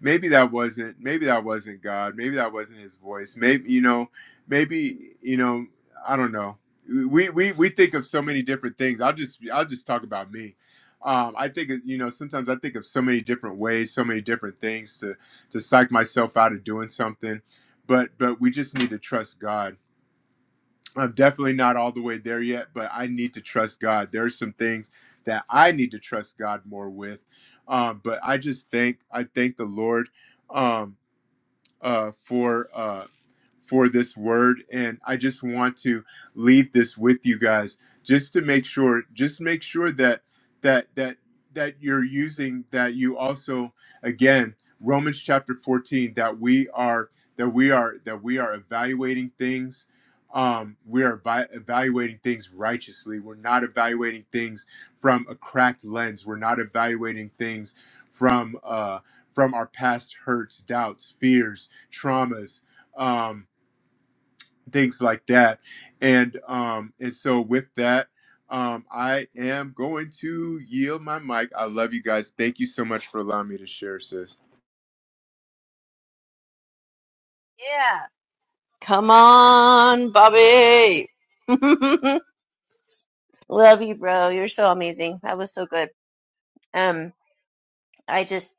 maybe that wasn't maybe that wasn't God. Maybe that wasn't his voice. Maybe you know, maybe you know, I don't know. We we we think of so many different things. I'll just I'll just talk about me. Um, I think you know sometimes I think of so many different ways, so many different things to to psych myself out of doing something. But but we just need to trust God I'm definitely not all the way there yet, but I need to trust God. There are some things that I need to trust God more with. Um, but I just thank I thank the Lord um, uh, for. uh, for this word. And I just want to leave this with you guys just to make sure, just make sure that that that that you're using that you also again Romans chapter 14 that we are that we are that we are evaluating things um we are vi- evaluating things righteously we're not evaluating things from a cracked lens we're not evaluating things from uh from our past hurts doubts fears traumas Um, things like that. And um, and so with that, um, I am going to yield my mic. I love you guys. Thank you so much for allowing me to share, sis.
Yeah, come on, Bobby. love you, bro. You're so amazing. That was so good. Um, I just,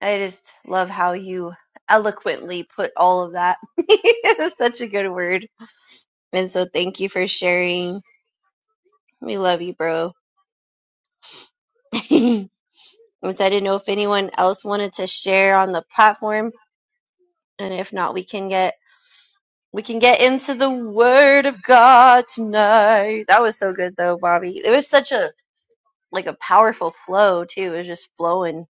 I just love how you eloquently put all of that. It is Such a good word. And so, thank you for sharing. We love you, bro. and so I didn't know if anyone else wanted to share on the platform, and if not, we can get we can get into the Word of God tonight. That was so good, though, Bobby. It was such a like a powerful flow too. It was just flowing.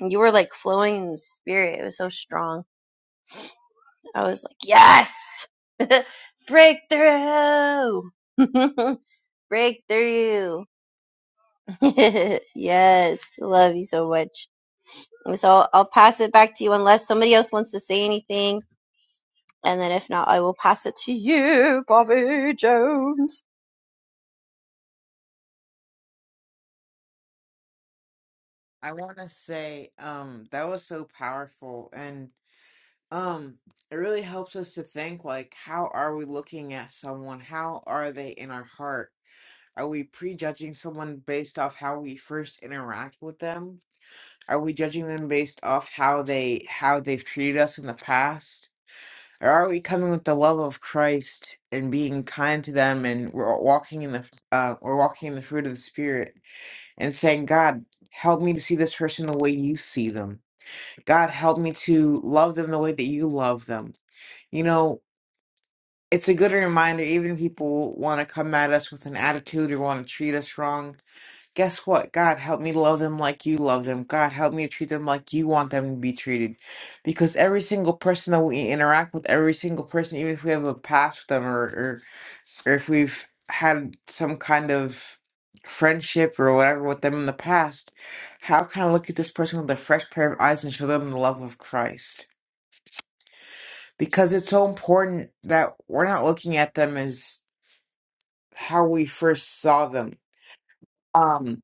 You were like flowing in the spirit. It was so strong. I was like, yes, breakthrough, breakthrough. yes, love you so much. And so I'll pass it back to you unless somebody else wants to say anything. And then if not, I will pass it to you, Bobby Jones.
I want to say um that was so powerful and um it really helps us to think like how are we looking at someone? How are they in our heart? Are we prejudging someone based off how we first interact with them? Are we judging them based off how they how they've treated us in the past? Or are we coming with the love of Christ and being kind to them and we're walking in the uh we're walking in the fruit of the spirit and saying, God, help me to see this person the way you see them God, help me to love them the way that you love them. You know, it's a good reminder, even if people want to come at us with an attitude or want to treat us wrong. Guess what? God, help me love them like you love them. God, help me to treat them like you want them to be treated. Because every single person that we interact with, every single person, even if we have a past with them or, or, or if we've had some kind of friendship or whatever with them in the past, how can I look at this person with a fresh pair of eyes and show them the love of Christ? because it's so important that we're not looking at them as how we first saw them. Um,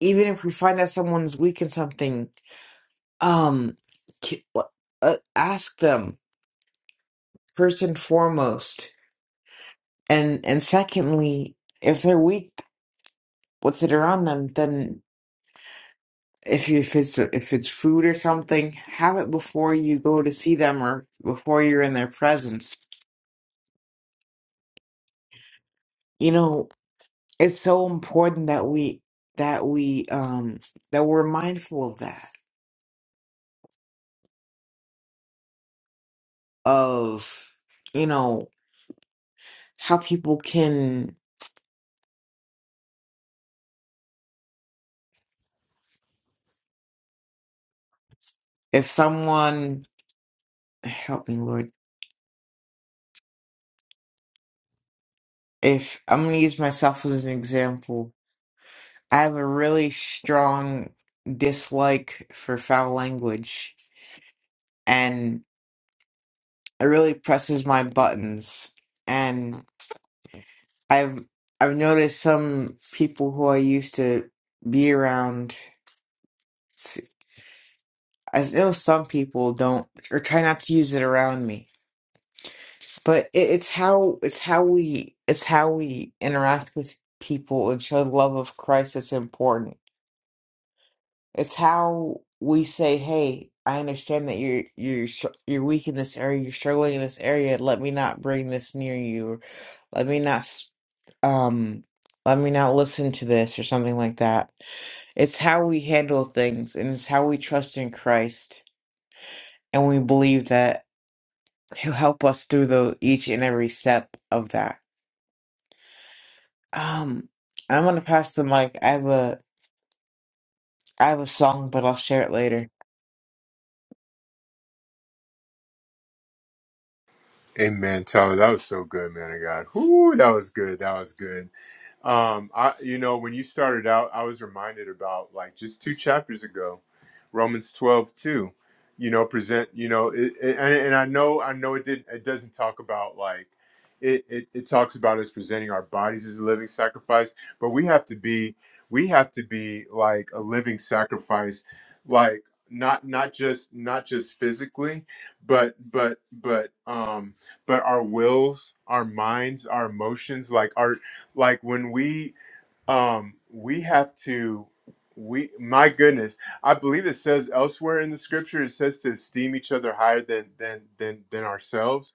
even if we find out someone's weak in something, um, ki- uh, uh, ask them first and foremost, and and secondly, if they're weak with it around them, then if you, if it's if it's food or something, have it before you go to see them or before you're in their presence. You know, it's so important that we that we um that we're mindful of that of you know how people can if someone help me lord if i'm going to use myself as an example i have a really strong dislike for foul language and it really presses my buttons and i've i've noticed some people who i used to be around I know some people don't or try not to use it around me, but it, it's how it's how we it's how we interact with people and show the love of Christ that's important. It's how we say, "Hey, I understand that you're you're sh- you're weak in this area, you're struggling in this area. Let me not bring this near you. Or let me not s- um." Let me not listen to this or something like that. It's how we handle things and it's how we trust in Christ and we believe that He'll help us through the each and every step of that. Um, I'm gonna pass the mic. I have a I have a song, but I'll share it later.
Amen, Tyler. That was so good, man of God. Whoo, that was good. That was good. Um, I, you know, when you started out, I was reminded about like just two chapters ago, Romans 12 2, you know, present, you know, it, it- and, and I know, I know it did, it doesn't talk about like, it, it, it talks about us presenting our bodies as a living sacrifice, but we have to be, we have to be like a living sacrifice, like not, not just, not just physically, but, but, but, um, but our wills, our minds, our emotions, like our like when we um we have to we my goodness i believe it says elsewhere in the scripture it says to esteem each other higher than than than than ourselves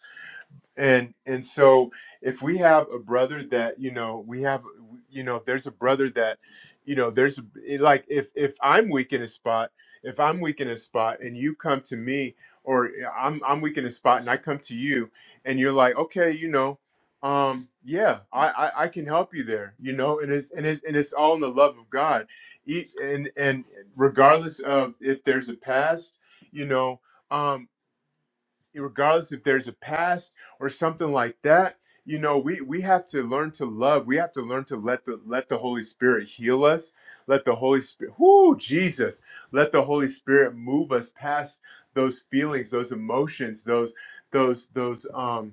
and and so if we have a brother that you know we have you know if there's a brother that you know there's a, eh, like if if i'm weak in a spot if i'm weak in a spot and you come to me or eh, i'm i'm weak in a spot and i come to you and you're like okay you know um yeah i i, I can help you there you know and it's and it's and it's all in the love of god E- and and regardless of if there's a past you know um, regardless if there's a past or something like that you know we we have to learn to love we have to learn to let the let the holy spirit heal us let the holy spirit whoo jesus let the holy spirit move us past those feelings those emotions those those those um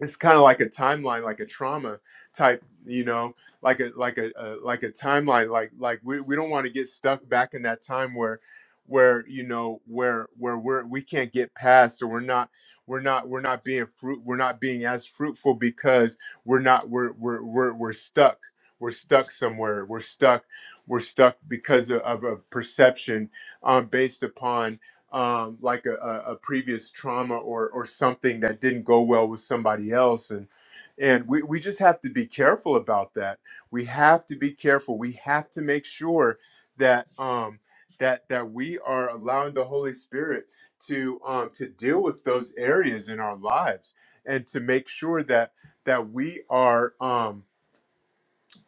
it's kind of like a timeline like a trauma type you know like a like a, a like a timeline like like we, we don't want to get stuck back in that time where where you know where where we're we can't get past or we're not we're not we're not being fruit we're not being as fruitful because we're not we're we're we're, we're stuck we're stuck somewhere we're stuck we're stuck because of, of, of perception um, based upon um, like a, a, a previous trauma or or something that didn't go well with somebody else and and we, we just have to be careful about that we have to be careful we have to make sure that um that that we are allowing the holy spirit to um to deal with those areas in our lives and to make sure that that we are um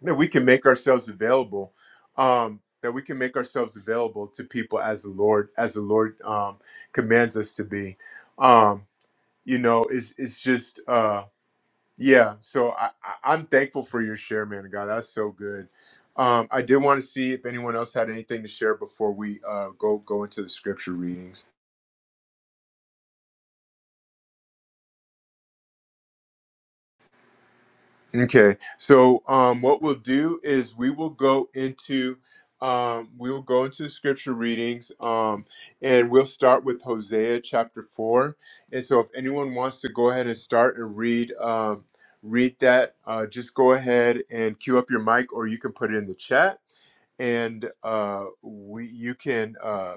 that we can make ourselves available um that we can make ourselves available to people as the lord as the lord um commands us to be um you know it's it's just uh yeah so i, I i'm thankful for your share man of god that's so good um i did want to see if anyone else had anything to share before we uh go go into the scripture readings Okay. So um, what we'll do is we will go into um, we will go into scripture readings um, and we'll start with Hosea chapter four. And so if anyone wants to go ahead and start and read um, read that, uh, just go ahead and cue up your mic or you can put it in the chat and uh, we you can. Uh,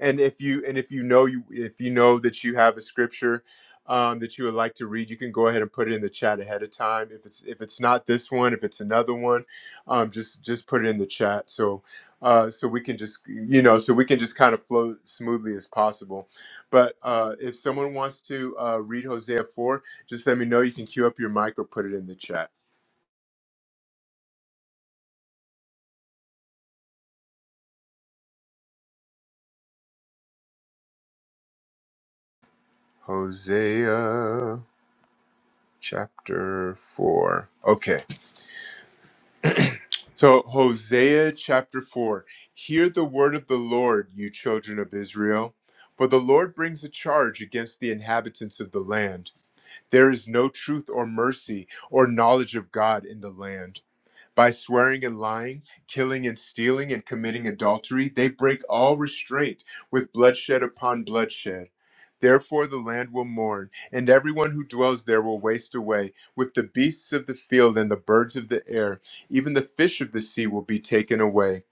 and if you and if you know you if you know that you have a scripture um, that you would like to read you can go ahead and put it in the chat ahead of time if it's if it's not this one if it's another one um, just just put it in the chat so uh, so we can just you know so we can just kind of flow smoothly as possible but uh, if someone wants to uh, read hosea 4 just let me know you can queue up your mic or put it in the chat hosea chapter 4 okay So, Hosea chapter 4 Hear the word of the Lord, you children of Israel. For the Lord brings a charge against the inhabitants of the land. There is no truth or mercy or knowledge of God in the land. By swearing and lying, killing and stealing, and committing adultery, they break all restraint with bloodshed upon bloodshed. Therefore, the land will mourn, and everyone who dwells there will waste away, with the beasts of the field and the birds of the air. Even the fish of the sea will be taken away.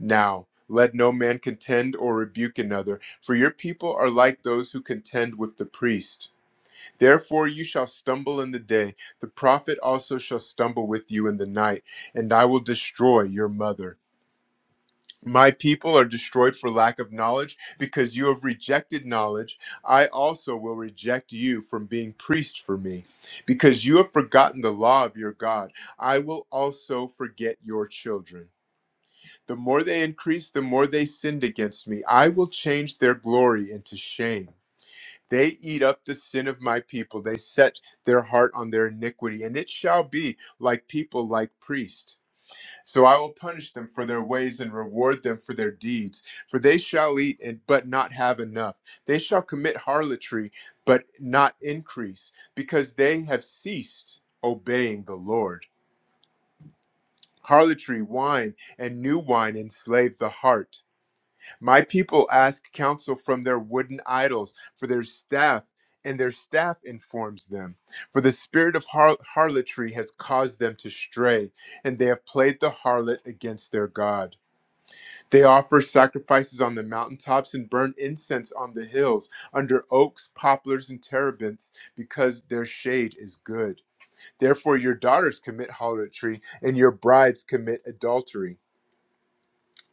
Now, let no man contend or rebuke another, for your people are like those who contend with the priest. Therefore you shall stumble in the day, the prophet also shall stumble with you in the night, and I will destroy your mother. My people are destroyed for lack of knowledge, because you have rejected knowledge. I also will reject you from being priest for me. Because you have forgotten the law of your God, I will also forget your children. The more they increase, the more they sinned against me. I will change their glory into shame. They eat up the sin of my people. They set their heart on their iniquity, and it shall be like people like priests. So I will punish them for their ways and reward them for their deeds. For they shall eat and but not have enough. They shall commit harlotry, but not increase, because they have ceased obeying the Lord. Harlotry, wine, and new wine enslave the heart my people ask counsel from their wooden idols, for their staff, and their staff informs them. For the spirit of har- harlotry has caused them to stray, and they have played the harlot against their God. They offer sacrifices on the mountaintops and burn incense on the hills, under oaks, poplars, and terebinths, because their shade is good. Therefore, your daughters commit harlotry, and your brides commit adultery.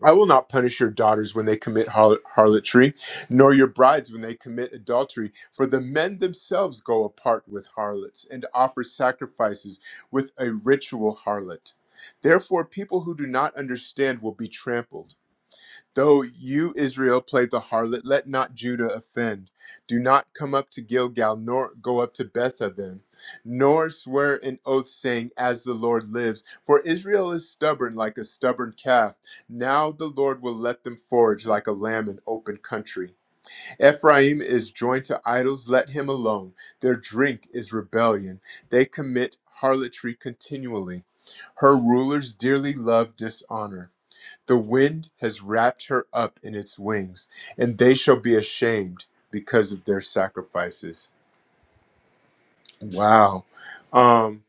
I will not punish your daughters when they commit har- harlotry, nor your brides when they commit adultery, for the men themselves go apart with harlots and offer sacrifices with a ritual harlot. Therefore, people who do not understand will be trampled Though you, Israel, play the harlot, let not Judah offend. Do not come up to Gilgal, nor go up to Bethaven, nor swear an oath, saying, As the Lord lives. For Israel is stubborn like a stubborn calf. Now the Lord will let them forage like a lamb in open country. Ephraim is joined to idols, let him alone. Their drink is rebellion. They commit harlotry continually. Her rulers dearly love dishonor. The wind has wrapped her up in its wings, and they shall be ashamed because of their sacrifices. Wow. Um,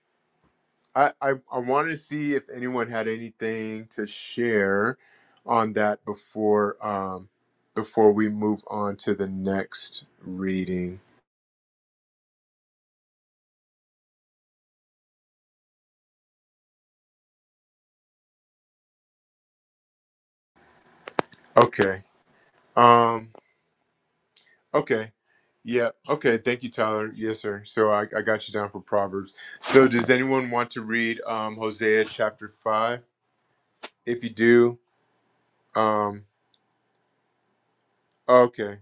I, I, I want to see if anyone had anything to share on that before um, before we move on to the next reading. Okay. Um, okay. Yeah. Okay. Thank you, Tyler. Yes, sir. So I, I got you down for Proverbs. So does anyone want to read um, Hosea chapter five? If you do, Um. Okay.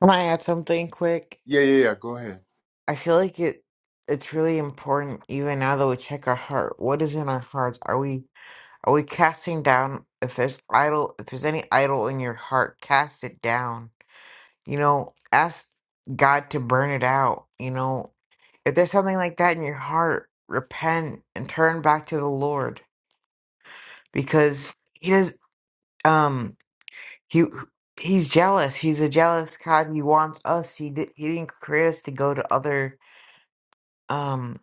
Can I add something quick?
Yeah. Yeah. Yeah. Go ahead.
I feel like it it's really important even now that we check our heart. What is in our hearts? Are we are we casting down if there's idol if there's any idol in your heart, cast it down. You know, ask God to burn it out, you know. If there's something like that in your heart, repent and turn back to the Lord because he does um he he's jealous he's a jealous god he wants us he did he didn't create us to go to other um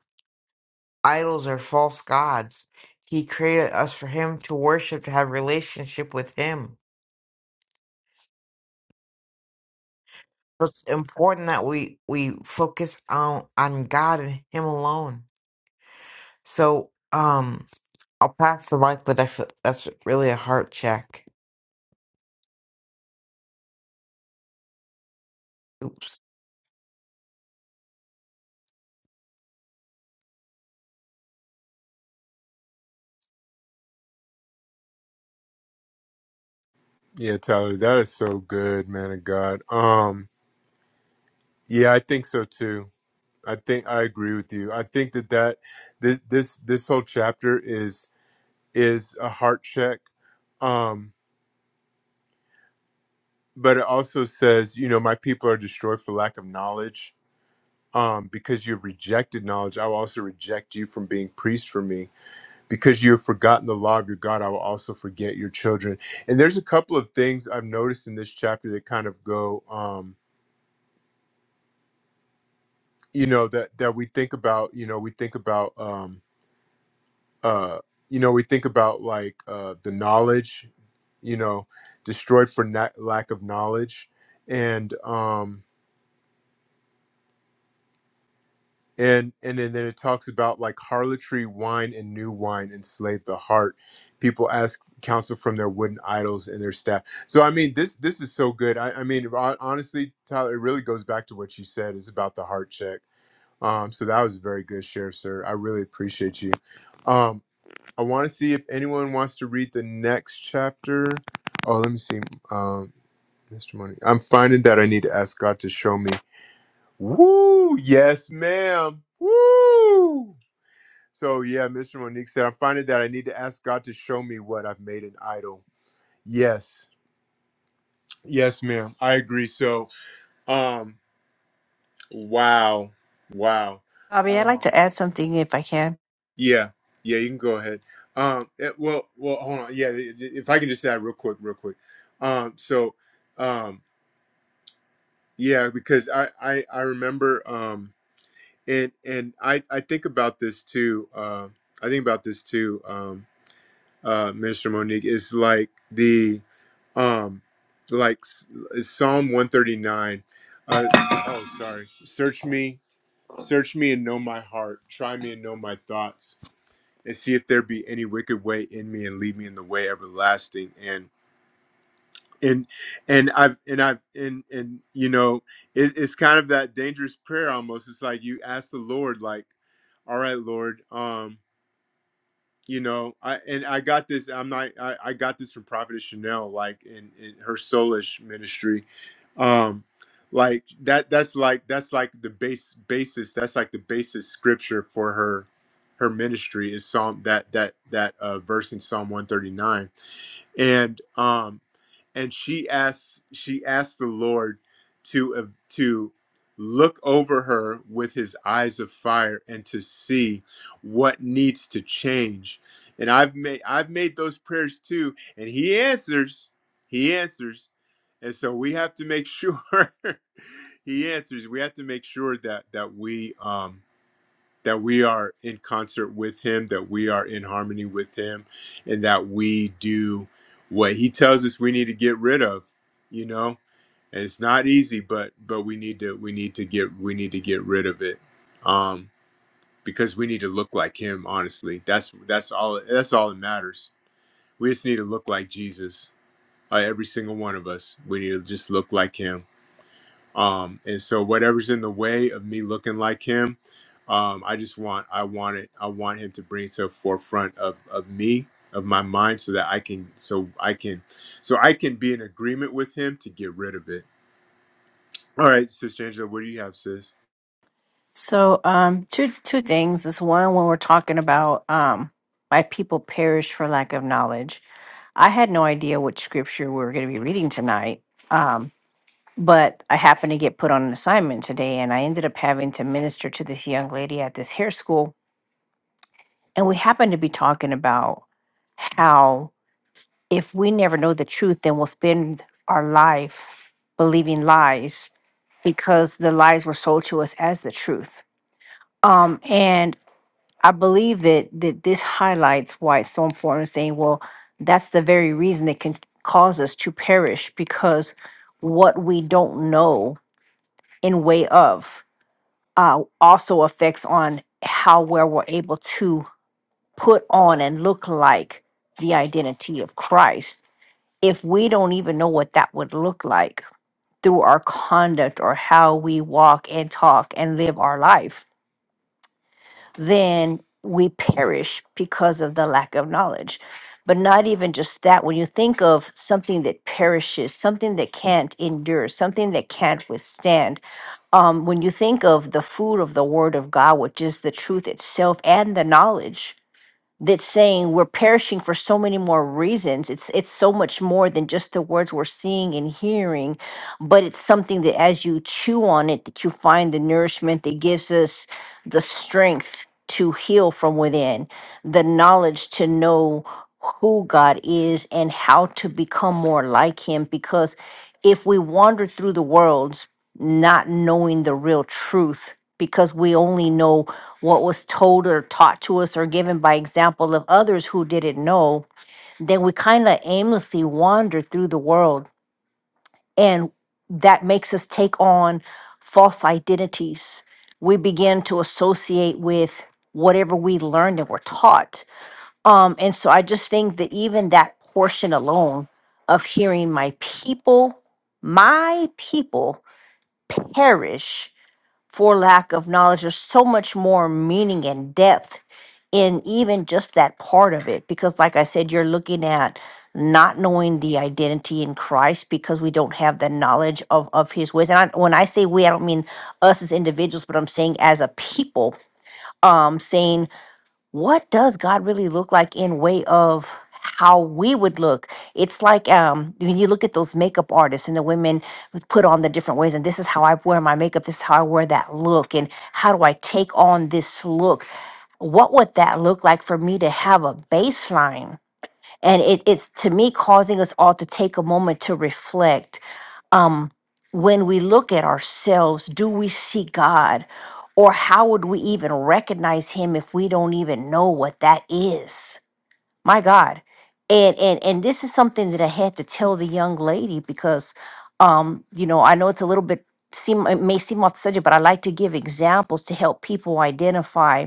idols or false gods he created us for him to worship to have relationship with him so it's important that we we focus on on god and him alone so um i'll pass the mic but I feel that's really a heart check oops
Yeah, Tyler, that is so good, man of God. Um. Yeah, I think so too. I think I agree with you. I think that that this this this whole chapter is is a heart check. Um. But it also says, you know, my people are destroyed for lack of knowledge. Um, because you've rejected knowledge, I will also reject you from being priest for me. because you've forgotten the law of your God, I will also forget your children. And there's a couple of things I've noticed in this chapter that kind of go, um, you know, that that we think about. You know, we think about, um, uh, you know, we think about like uh, the knowledge, you know, destroyed for na- lack of knowledge, and um, and and then, then it talks about like harlotry wine and new wine enslave the heart people ask counsel from their wooden idols and their staff so i mean this this is so good i, I mean hon- honestly tyler it really goes back to what you said is about the heart check um so that was a very good share sir i really appreciate you um i want to see if anyone wants to read the next chapter oh let me see um Mr. Money. I'm finding that I need to ask God to show me Woo! Yes, ma'am. Woo! So yeah, Mr. Monique said, I'm finding that I need to ask God to show me what I've made an idol. Yes. Yes, ma'am. I agree. So um wow. Wow.
Bobby, I'd like
Um
to add something if I can.
yeah. Yeah, you can go ahead. Um it- well well hold on. Yeah, i- i- if I can just add real quick, real quick. Um so um yeah, because I I, I remember um and and I I think about this too. Uh, I think about this too, um, uh, Minister Monique. Is like the um, like s- Psalm one thirty nine. Uh, oh, sorry. Search me, search me, and know my heart. Try me and know my thoughts, and see if there be any wicked way in me, and lead me in the way everlasting and and i've and i've and and you know it, it's kind of that dangerous prayer almost it's like you ask the lord like all right lord um you know i and i got this i'm not i, I got this from prophetess chanel like in, in her soulish ministry um like that that's like that's like the base basis that's like the basis scripture for her her ministry is psalm that that that uh verse in psalm 139 and um and she asks she asks the lord to uh, to look over her with his eyes of fire and to see what needs to change and i've made i've made those prayers too and he answers he answers and so we have to make sure he answers we have to make sure that that we um that we are in concert with him, that we are in harmony with him, and that we do what he tells us we need to get rid of, you know? And it's not easy, but but we need to we need to get we need to get rid of it. Um because we need to look like him, honestly. That's that's all that's all that matters. We just need to look like Jesus. Uh, every single one of us. We need to just look like him um and so whatever's in the way of me looking like him um i just want i want it i want him to bring it to the forefront of of me of my mind so that i can so i can so i can be in agreement with him to get rid of it all right sister angela what do you have sis
So, um, two two things is one when we're talking about um, why people perish for lack of knowledge. I had no idea what scripture we were going to be reading tonight, um, but I happened to get put on an assignment today, and I ended up having to minister to this young lady at this hair school, and we happened to be talking about how if we never know the truth, then we'll spend our life believing lies because the lies were sold to us as the truth. Um, and I believe that that this highlights why it's so important saying, well, that's the very reason that can cause us to perish because what we don't know in way of uh, also affects on how well we're able to put on and look like the identity of Christ. If we don't even know what that would look like through our conduct or how we walk and talk and live our life, then we perish because of the lack of knowledge. But not even just that, when you think of something that perishes, something that can't endure, something that can't withstand, um, when you think of the food of the Word of God, which is the truth itself and the knowledge, that's saying we're perishing for so many more reasons. It's it's so much more than just the words we're seeing and hearing, but it's something that as you chew on it, that you find the nourishment that gives us the strength to heal from within, the knowledge to know who God is and how to become more like him because if we wander through the world not knowing the real truth because we only know what was told or taught to us or given by example of others who didn't know, then we kind of aimlessly wander through the world. And that makes us take on false identities. We begin to associate with whatever we learned and were taught. Um, and so I just think that even that portion alone of hearing my people, my people perish for lack of knowledge. There's so much more meaning and depth in even just that part of it. Because, like I said, you're looking at not knowing the identity in Christ because we don't have the knowledge of, of his ways. And I, when I say we, I don't mean us as individuals, but I'm saying as a people, um, saying what does God really look like in way of how we would look? It's like um, when you look at those makeup artists and the women would put on the different ways, and this is how I wear my makeup, this is how I wear that look, and how do I take on this look? What would that look like for me to have a baseline? And it, it's to me causing us all to take a moment to reflect um, when we look at ourselves, do we see God? Or how would we even recognize him if we don't even know what that is? My God. And and and this is something that I had to tell the young lady because um, you know, I know it's a little bit seem it may seem off the subject, but I like to give examples to help people identify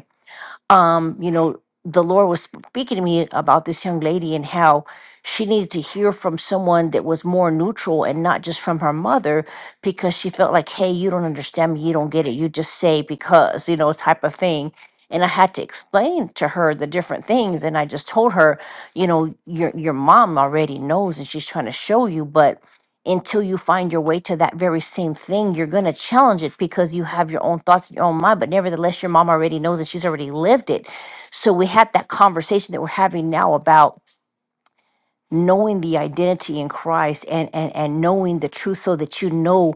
um, you know, the Lord was speaking to me about this young lady and how she needed to hear from someone that was more neutral and not just from her mother because she felt like, hey, you don't understand me, you don't get it, you just say because, you know, type of thing. And I had to explain to her the different things. And I just told her, you know, your your mom already knows and she's trying to show you, but until you find your way to that very same thing, you're going to challenge it because you have your own thoughts in your own mind. But nevertheless, your mom already knows and she's already lived it. So we had that conversation that we're having now about knowing the identity in Christ and and and knowing the truth so that you know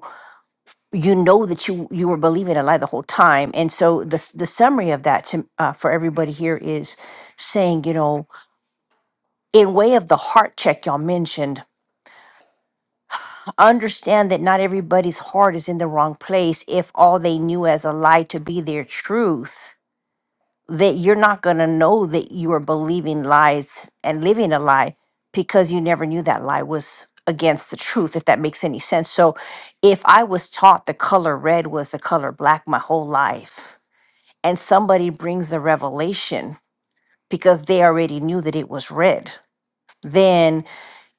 you know that you you were believing a lie the whole time and so the s- the summary of that to uh, for everybody here is saying you know in way of the heart check y'all mentioned understand that not everybody's heart is in the wrong place if all they knew as a lie to be their truth that you're not going to know that you are believing lies and living a lie because you never knew that lie was against the truth if that makes any sense so if i was taught the color red was the color black my whole life and somebody brings the revelation because they already knew that it was red then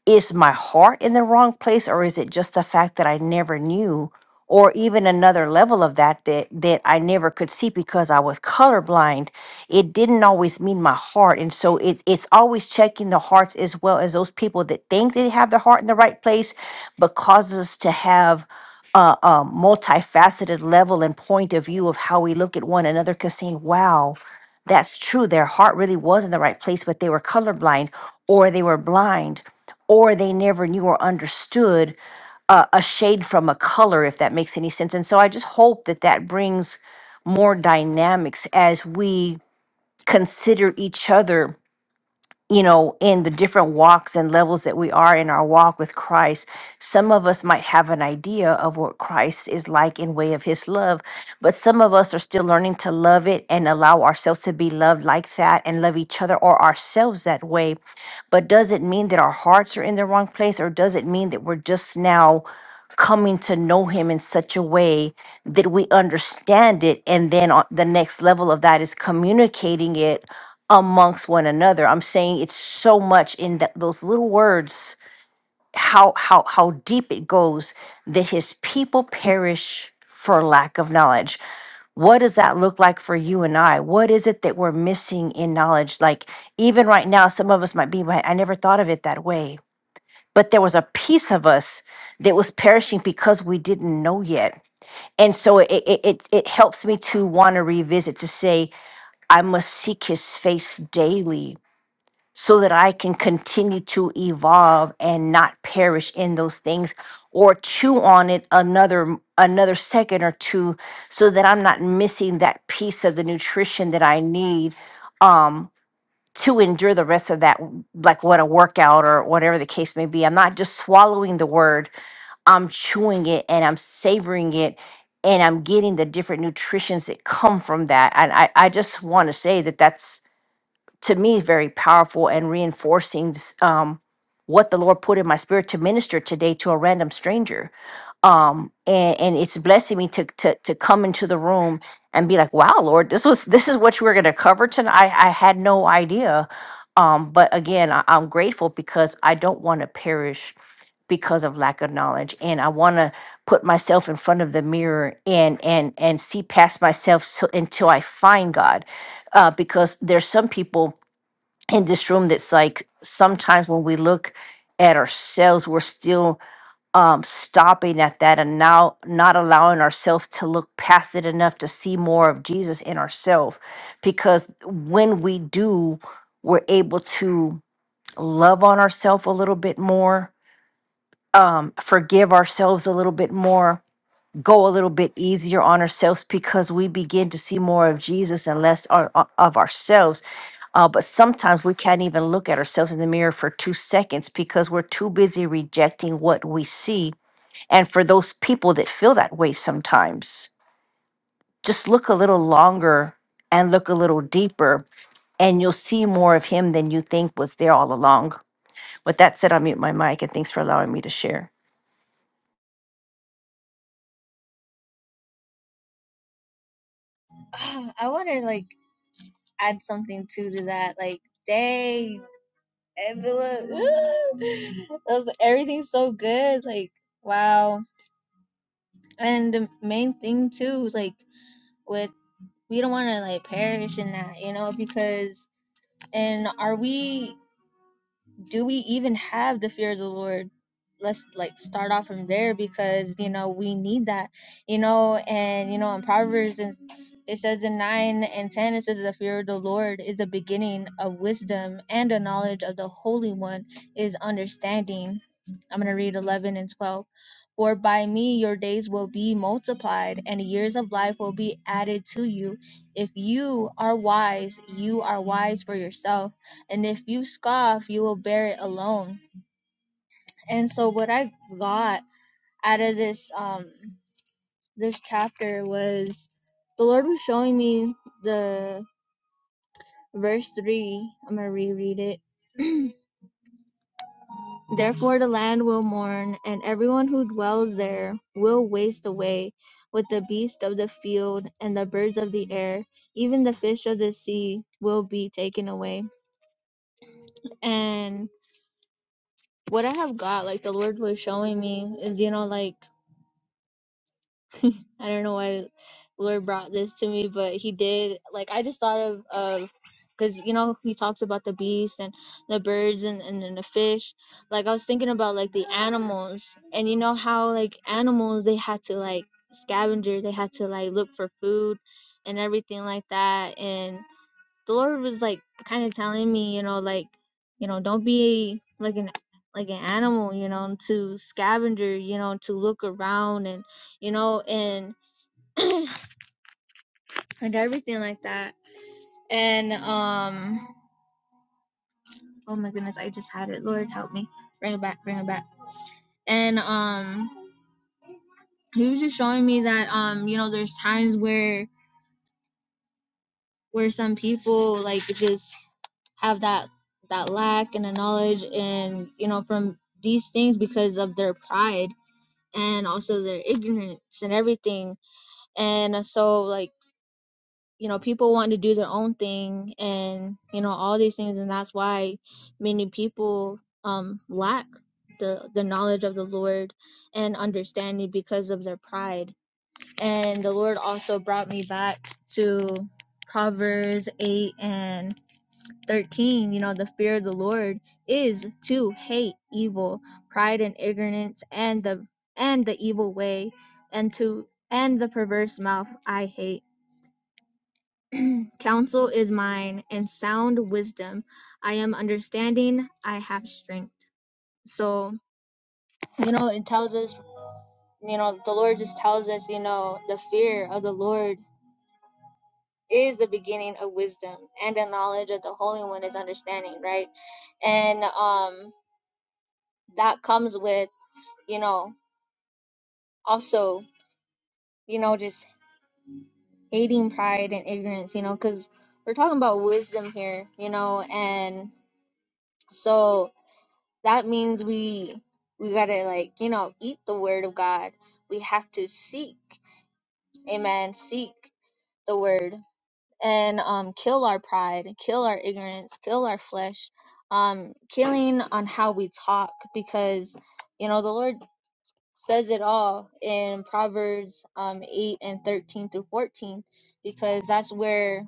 is my heart in the wrong place or is it just the fact that i never knew or even another level of that that that I never could see because I was colorblind, it didn't always mean my heart. And so it's it's always checking the hearts as well as those people that think they have their heart in the right place, but causes us to have a, a multifaceted level and point of view of how we look at one another. Because saying, "Wow, that's true," their heart really was in the right place, but they were colorblind, or they were blind, or they never knew or understood a, a shade from a color, if that makes any sense. And so I just hope that that brings more dynamics as we consider each other you know, in the different walks and levels that we are in our walk with Christ, some of us might have an idea of what Christ is like in way of his love, but some of us are still learning to love it and allow ourselves to be loved like that and love each other or ourselves that way. But does it mean that our hearts are in the wrong place or does it mean that we're just now coming to know him in such a way that we understand it and then on the next level of that is communicating it amongst one another. I'm saying it's so much in that those little words, how how how deep it goes that his people perish for lack of knowledge. What does that look like for you and I? What is it that we're missing in knowledge? Like even right now, some of us might be, "Well, I never thought of it that way. But there was a piece of us that was perishing because we didn't know yet. And so it it it, it helps me to want to revisit to say, I must seek his face daily so that I can continue to evolve and not perish in those things or chew on it another another second or two so that I'm not missing that piece of the nutrition that I need um to endure the rest of that w- like what a workout or whatever the case may be. I'm not just swallowing the word, I'm chewing it and I'm savoring it and I'm getting the different nutritions that come from that. And I I just want to say that that's to me very powerful and reinforcing um, what the Lord put in my spirit to minister today to a random stranger. Um, and, and it's blessing me to, to to come into the room and be like, wow, Lord, this was this is what you were gonna cover tonight. I, I had no idea. Um, but again, I, I'm grateful because I don't want to perish because of lack of knowledge. And I want to put myself in front of the mirror and and and see past myself so, until I find God. Uh, because there's some people in this room that's like sometimes when we look at ourselves we're still um stopping at that and now not allowing ourselves to look past it enough to see more of jesus in ourselves because when we do we're able to love on ourselves a little bit more um forgive ourselves a little bit more go a little bit easier on ourselves because we begin to see more of jesus and less our, of ourselves uh, but sometimes we can't even look at ourselves in the mirror for two seconds because we're too busy rejecting what we see. And for those people that feel that way sometimes, just look a little longer and look a little deeper, and you'll see more of him than you think was there all along. With that said, I'll mute my mic and thanks for allowing me to share.
oh, I want to like add something too to that. Like, dang, Angela, that was everything's so good. Like, wow. And the main thing too, like, with we don't want to like perish in that, you know, because and are we? do we even have the fear of the Lord? Let's like start off from there because you know we need that, you know, and you know in Proverbs and it says in nine and ten it says the fear of the Lord is the beginning of wisdom and the knowledge of the Holy One is understanding. I'm gonna read eleven and twelve. For by me your days will be multiplied and years of life will be added to you. If you are wise, you are wise for yourself and if you scoff, you will bear it alone. And so what I got out of this um this chapter was the Lord was showing me the verse three. I'm gonna reread it. Therefore the land will mourn, and everyone who dwells there will waste away with the beasts of the field and the birds of the air, even the fish of the sea will be taken away. And what I have got, like the Lord was showing me, is you know, like I don't know why Lord brought this to me, but he did. Like I just thought of of because you know he talks about the beasts and the birds and and then the fish. Like I was thinking about like the animals and you know how like animals they had to like scavenger, they had to like look for food and everything like that. And the Lord was like kind of telling me, you know, like you know, don't be like an like an animal, you know, to scavenger, you know, to look around and you know, and and everything like that. And um, oh my goodness, I just had it. Lord help me, bring it back, bring it back. And um, he was just showing me that um, you know, there's times where where some people like just have that that lack and the knowledge and you know from these things because of their pride and also their ignorance and everything. And so like you know people want to do their own thing and you know all these things and that's why many people um lack the the knowledge of the lord and understanding because of their pride and the lord also brought me back to proverbs 8 and 13 you know the fear of the lord is to hate evil pride and ignorance and the and the evil way and to and the perverse mouth i hate Counsel is mine, and sound wisdom. I am understanding. I have strength. So, you know, it tells us, you know, the Lord just tells us, you know, the fear of the Lord is the beginning of wisdom, and the knowledge of the Holy One is understanding, right? And um, that comes with, you know, also, you know, just hating pride and ignorance, you know, because we're talking about wisdom here, you know, and so that means we we got to like you know eat the word of god we have to seek amen seek the word and um kill our pride kill our ignorance kill our flesh um killing on how we talk because you know the lord says it all in proverbs um 8 and 13 through 14 because that's where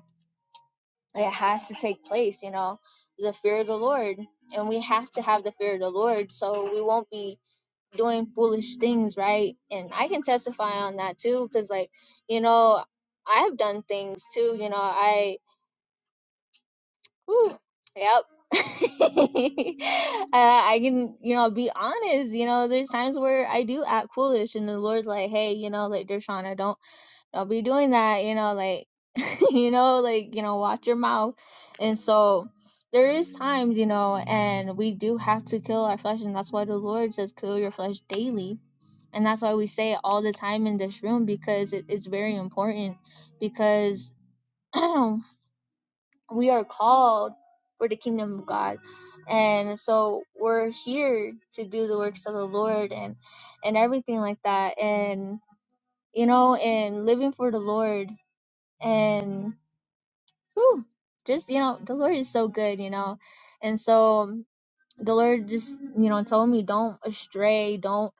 it has to take place you know the fear of the lord and we have to have the fear of the lord so we won't be doing foolish things, right? And I can testify on that too, because like, you know, I've done things too. You know, I, whew, yep. uh, I can, you know, be honest. You know, there's times where I do act foolish, and the Lord's like, "Hey, you know, like Dershana, don't, don't be doing that." You know, like, you know, like, you know, watch your mouth. And so, there is times, you know, and we do have to kill our flesh, and that's why the Lord says, "Kill your flesh daily." and that's why we say it all the time in this room because it, it's very important because we are called for the kingdom of god and so we're here to do the works of the lord and and everything like that and you know and living for the lord and whew, just you know the lord is so good you know and so the Lord just you know told me don't astray, don't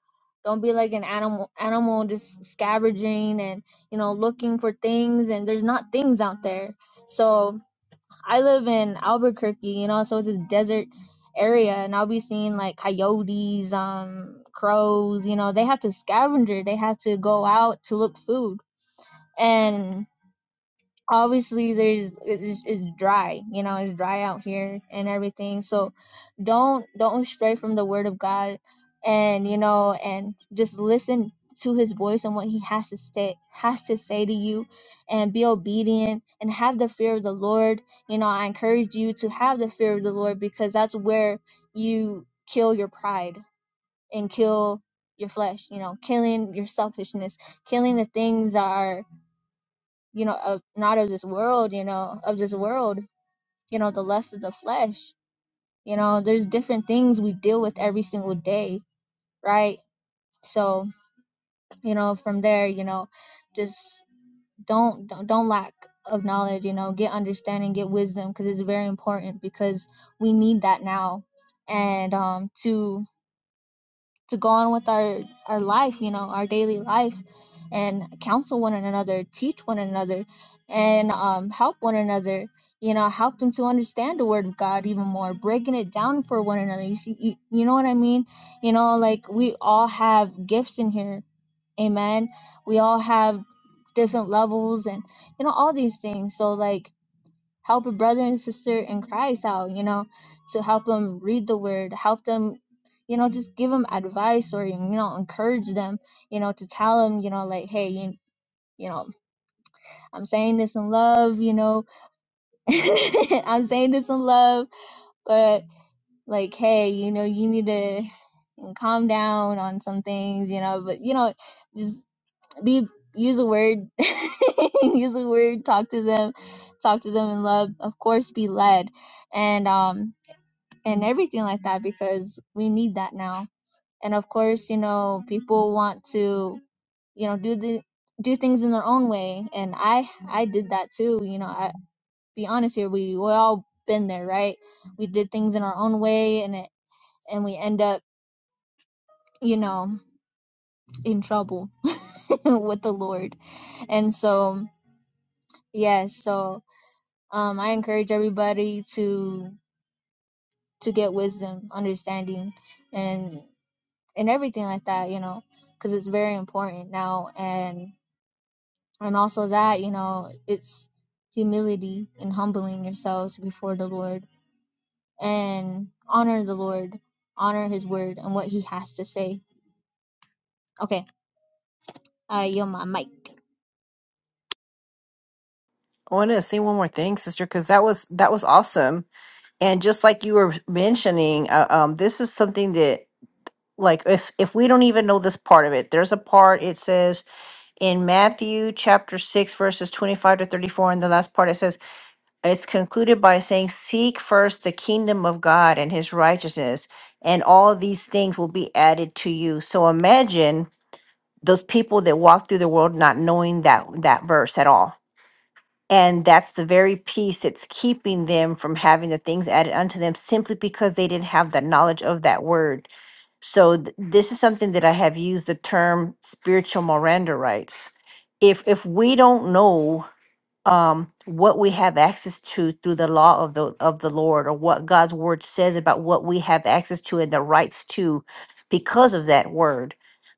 don't be like an animal animal just scavenging and you know looking for things and there's not things out there. So I live in Albuquerque, you know, so it's this desert area and I'll be seeing like coyotes, um, crows, you know, they have to scavenger, they have to go out to look food. And obviously there's it's, it's dry you know it's dry out here and everything so don't don't stray from the word of god and you know and just listen to his voice and what he has to say has to say to you and be obedient and have the fear of the lord you know i encourage you to have the fear of the lord because that's where you kill your pride and kill your flesh you know killing your selfishness killing the things that are you know, of not of this world, you know, of this world, you know, the lust of the flesh. You know, there's different things we deal with every single day, right? So, you know, from there, you know, just don't don't, don't lack of knowledge, you know, get understanding, get wisdom because it's very important because we need that now. And um to to go on with our our life you know our daily life and counsel one another teach one another and um, help one another you know help them to understand the word of god even more breaking it down for one another you see you, you know what i mean you know like we all have gifts in here amen we all have different levels and you know all these things so like help a brother and sister in Christ out, you know, to help them read the word, help them, you know, just give them advice or, you know, encourage them, you know, to tell them, you know, like, hey, you, you know, I'm saying this in love, you know, I'm saying this in love, but like, hey, you know, you need to calm down on some things, you know, but, you know, just be, use a word, use a word, talk to them, talk to them in love, of course, be led and um and everything like that because we need that now. And of course, you know, people want to, you know, do the do things in their own way and I I did that too, you know. I be honest here, we we all been there, right? We did things in our own way and it and we end up, you know, in trouble with the Lord. And so, yes, so um I encourage everybody to to get wisdom, understanding and. and everything like that, you know, because it's very important now. And and also that, you know, it's humility and humbling yourselves before the Lord and honor the Lord, honor His word and what He has to say. Okay, I yield my mic.
I want to say one more thing, sister, because that was that was awesome. And just like you were mentioning, uh, um, this is something that, like, if if we don't even know this part of it, there's a part it says in Matthew chapter 6, verses 25 to 34, in the last part, it says, it's concluded by saying, Seek first the kingdom of God and his righteousness, and all these things will be added to you. So imagine those people that walk through the world not knowing that that verse at all and that's the very piece that's keeping them from having the things added unto them simply because they didn't have the knowledge of that word. So th- this is something that I have used the term spiritual Miranda rights. If if we don't know um what we have access to through the law of the of the Lord or what God's word says about what we have access to and the rights to because of that word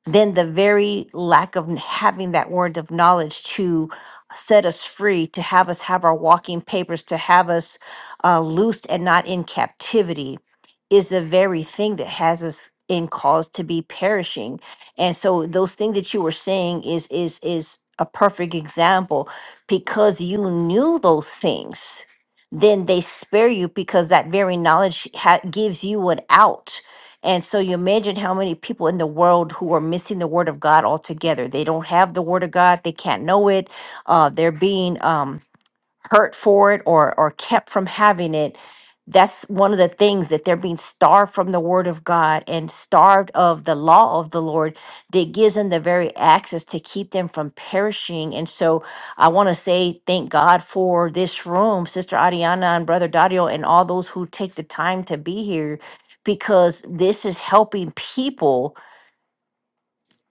then the very lack of n- having that word of knowledge to set us free to have us have our walking papers to have us uh, loosed and not in captivity is the very thing that has us in cause to be perishing and so those things that you were saying is is is a perfect example because you knew those things, then they spare you because that very knowledge ha- gives you an out. And so you imagine how many people in the world who are missing the word of God altogether. They don't have the word of God. They can't know it. Uh, they're being um, hurt for it or or kept from having it that's one of the things that they're being starved from the word of god and starved of the law of the lord that gives them the very access to keep them from perishing and so i want to say thank god for this room sister Ariana and brother dario and all those who take the time to be here because this is helping people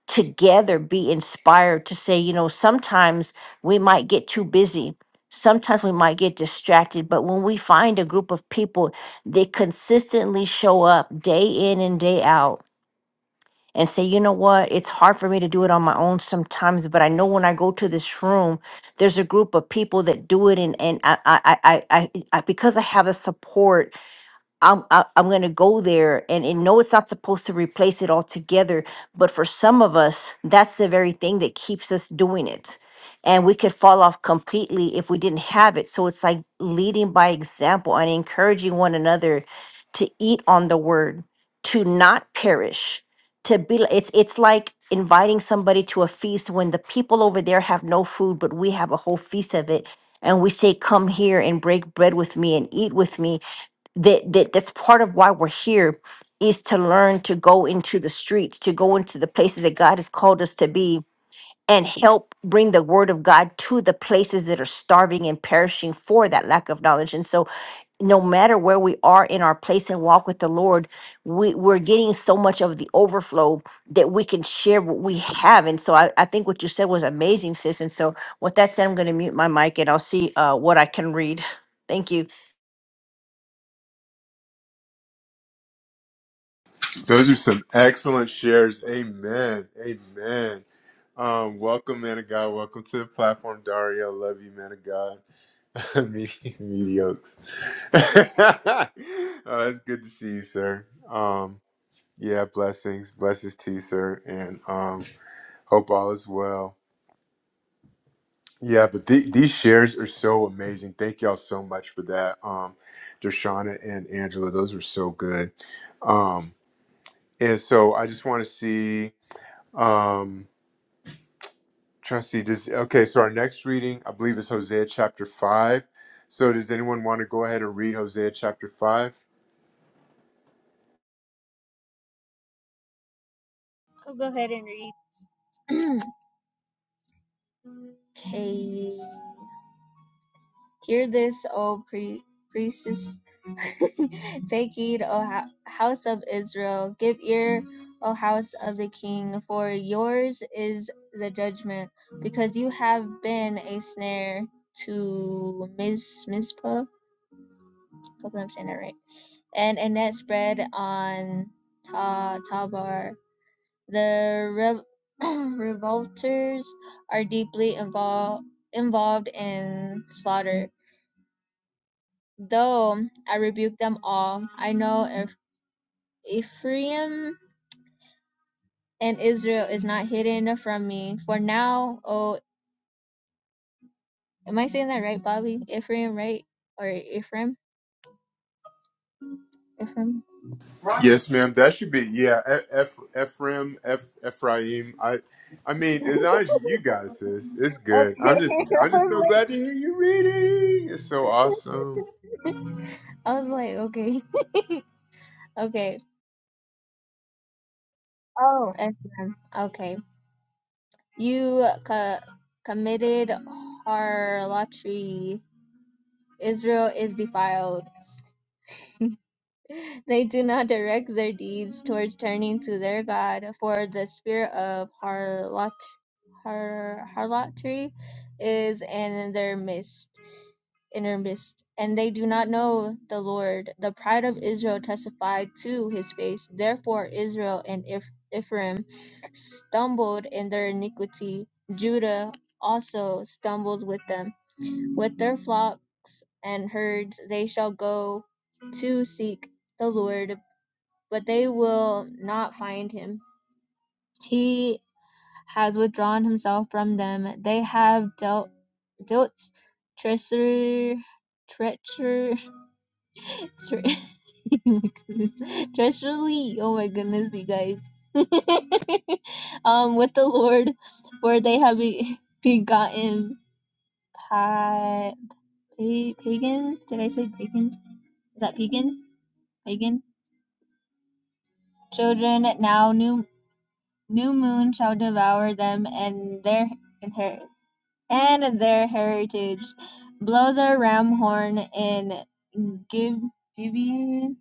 together be inspired to say, you know, sometimes we might get too busy. Sometimes we might get distracted, but when we find a group of people that consistently show up day in and day out and say, you know what, it's hard for me to do it on my own sometimes, but I know when I go to this room, there's a group of people that do it, and and I I I I, I I- because I have the support I'm I, I'm gonna go there and, and no, it's not supposed to replace it altogether. But for some of us, that's the very thing that keeps us doing it, and we could fall off completely if we didn't have it. So it's like leading by example and encouraging one another to eat on the word, to not perish, to be. li- It's it's like inviting somebody to a feast when the people over there have no food, but we have a whole feast of it. And we say, Come here and break bread with me and eat with me that, that that's part of why we're here is to learn to go into the streets to go into the places that god has called us to be and help bring the word of god to the places that are starving and perishing for that lack of knowledge and so no matter where we are in our place and walk with the lord we, we're getting so much of the overflow that we can share what we have and so i, I think what you said was amazing sis and so with that said i'm going to mute my mic and i'll see uh, what i can read thank you
those are some excellent shares amen amen um welcome man of god welcome to the platform dario love you man of god Medi- Mediocres. oh, it's good to see you, sir. Um, yeah, blessings, blessings to you, sir, and um, hope all is well. Yeah, but the these shares are so amazing. Thank y'all so much for that, um, Dershana and Angela. Those were so good. Um, and so I just want to see, um, trying to see this. Okay, so our next reading, I believe, is Hosea chapter five. So does anyone want to go ahead and read Hosea chapter five?
I'll go ahead and read. okay. Hear this, O pre- priests. Take heed, O hou- house of Israel. Give ear, O house of the king, for yours is the judgment, because you have been a snare to Miz Mizpah. Hope I'm saying that right. And a net spread on Ta Tabar. The rev- revolters are deeply involved involved in slaughter Though I rebuked them all, I know Eph- Ephraim and Israel is not hidden from me. For now, oh, am I saying that right, Bobby? Ephraim, right? Or Ephraim? Ephraim?
Yes, ma'am. That should be yeah. F, F, Ephraim, F, Ephraim. I, I mean, as long as you got it, sis, it's good. I'm
Okay.
just, I'm
I
just
was
so glad to hear you reading. It's so awesome.
like, I was like, okay, okay. Oh, Ephraim. Okay. You co- committed harlotry. Israel is defiled. They do not direct their deeds towards turning to their God, for the spirit of harlot, har, harlotry is in their midst inner mist, and they do not know the Lord. The pride of Israel testified to his face. Therefore, Israel and Eph- Ephraim stumbled in their iniquity. Judah also stumbled with them. With their flocks and herds they shall go to seek the Lord, but they will not find him. He has withdrawn himself from them. They have dealt, dealt treachery, treacher, treacherously. Oh my goodness, you guys. um, with the Lord, for they have be- begotten pa- pagans. Did I say pagans? is that pagan? Pagan children now new new moon shall devour them and their inher- and their heritage. Blow the ram horn and give Gibeon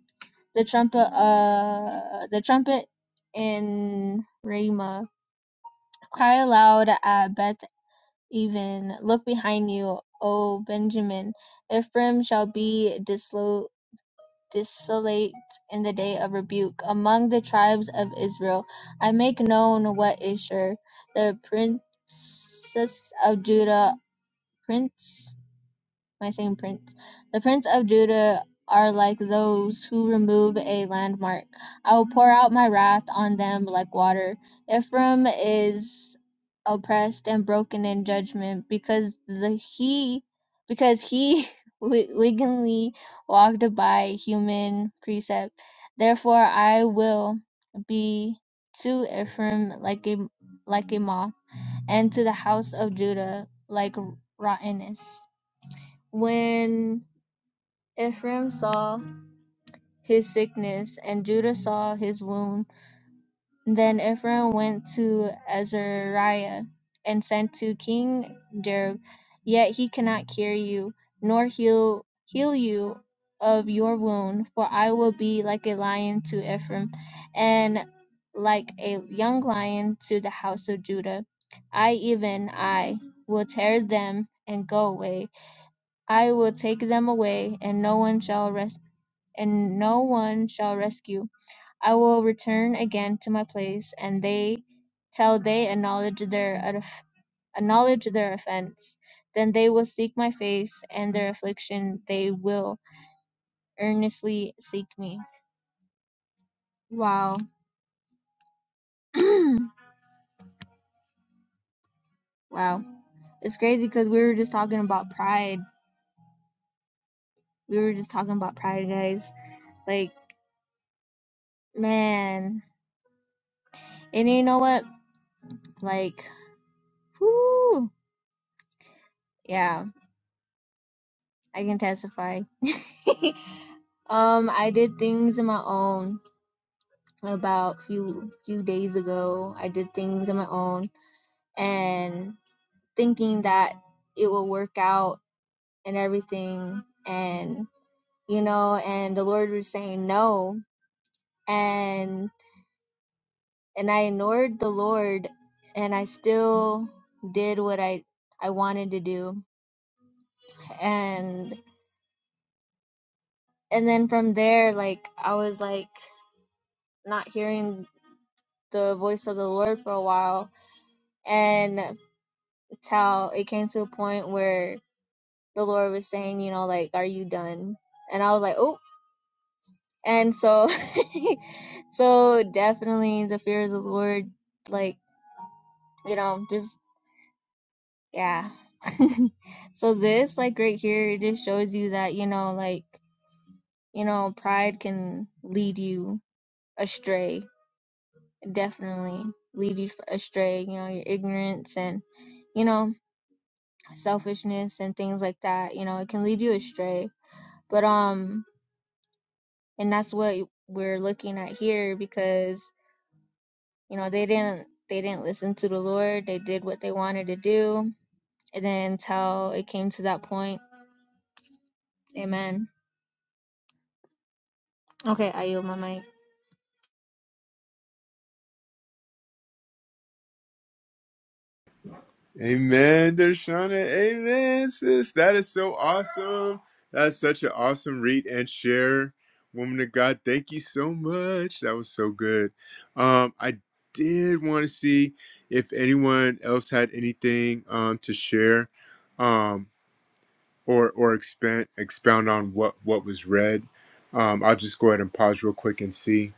the trumpet uh the trumpet in Ramah. Cry aloud at Beth even. Look behind you, O Benjamin. Ephraim shall be dislo- desolate in the day of rebuke among the tribes of Israel. I make known what is sure. The princes of Judah, prince my same prince. The prince of Judah are like those who remove a landmark. I will pour out my wrath on them like water. Ephraim is oppressed and broken in judgment because the he because he wi- wickedly walked by human precept. Therefore I will be to Ephraim like a like a moth, and to the house of Judah like rottenness. When Ephraim saw his sickness and Judah saw his wound, then Ephraim went to Azariah and sent to King Jerob, Yet he cannot cure you, nor heal, heal you of your wound, for I will be like a lion to Ephraim, and like a young lion to the house of Judah. I, even I, will tear them and go away I will take them away, and no one shall res- and no one shall rescue. I will return again to my place, and they till they acknowledge their off- acknowledge their offense. Then they will seek my face, and their affliction they will earnestly seek me. Wow, wow, it's crazy because we were just talking about pride. We were just talking about pride, guys. Like, man, and you know what? Like, whoo, yeah I can testify. um, I did things on my own about few few days ago. I did things on my own and thinking that it will work out and everything and you know and the Lord was saying no and and I ignored the Lord and I still did what I I wanted to do and and then from there like I was like not hearing the voice of the Lord for a while and till it came to a point where the Lord was saying, you know, like, are you done? And I was like, oh. And so, so definitely the fear of the Lord, like, you know, just, yeah. so this, like, right here, it just shows you that, you know, like, you know, pride can lead you astray, definitely lead you astray, you know, your ignorance and, you know, selfishness and things like that you know it can lead you astray but um and that's what we're looking at here because you know they didn't they didn't listen to the lord they did what they wanted to do and then until it came to that point amen okay i yield my mic
Amen, Dershana. Amen, sis. That is so awesome. That's such an awesome read and share, woman of God. Thank you so much. That was so good. Um, I did want to see if anyone else had anything um to share. Um, or or expand expound on what what was read. Um, I'll just go ahead and pause real quick and see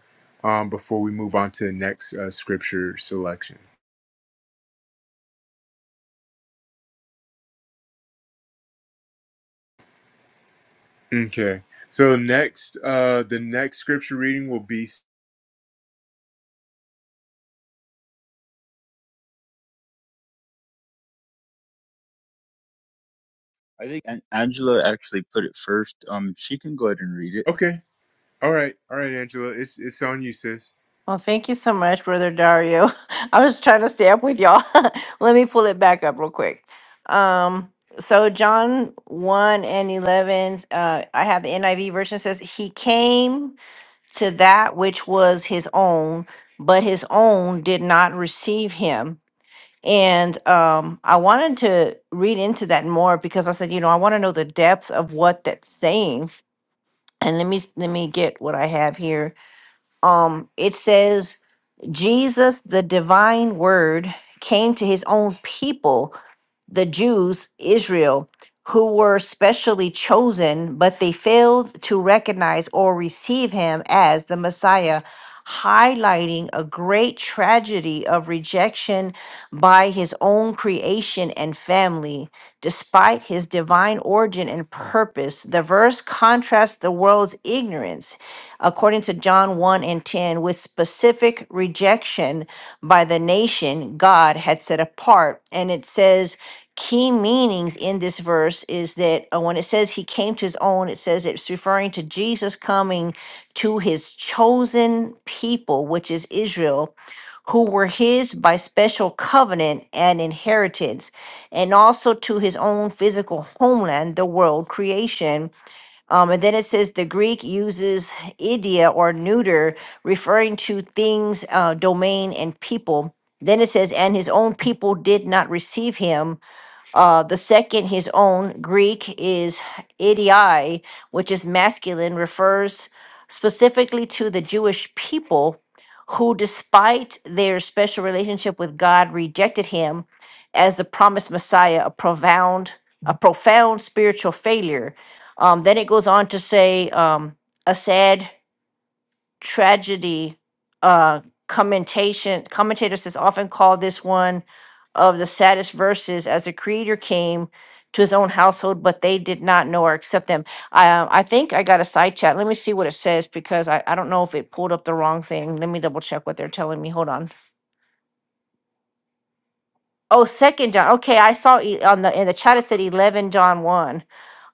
um, before we move on to the next uh, scripture selection. Okay, so next uh, the next scripture reading will be
I think An- Angela actually put it first. Um, she can go ahead and read it.
okay. All right, all right, Angela, it's it's on you, sis.
Well, thank you so much, Brother Dario. I was trying to stay up with y'all. Let me pull it back up real quick. Um, so John 1 and 11, uh, I have the NIV version says, He came to that which was his own, but his own did not receive him. And um, I wanted to read into that more because I said, you know, I want to know the depths of what that's saying. And let me let me get what I have here. Um, it says Jesus, the divine word, came to his own people, the Jews, Israel, who were specially chosen, but they failed to recognize or receive him as the Messiah, highlighting a great tragedy of rejection by his own creation and family. Despite his divine origin and purpose, the verse contrasts the world's ignorance, according to John 1 and 10, with specific rejection by the nation God had set apart. And it says, key meanings in this verse is that uh, when it says he came to his own, it says it's referring to Jesus coming to his chosen people, which is Israel, who were his by special covenant and inheritance, and also to his own physical homeland, the world, creation. Um, and then it says the Greek uses idia or neuter, referring to things, uh, domain, and people. Then it says, and his own people did not receive him uh, the second, his own Greek, is idiai, which is masculine, refers specifically to the Jewish people who, despite their special relationship with God, rejected him as the promised Messiah, a profound, a profound spiritual failure. Um, then it goes on to say um, a sad tragedy uh commentation commentators has often called this one of the saddest verses as the creator came to his own household but they did not know or accept them i uh, i think i got a side chat let me see what it says because i, I don't know if it pulled up the wrong thing let me double check what they're telling me hold on oh second john okay i saw e- on the in the chat it said 11 john 1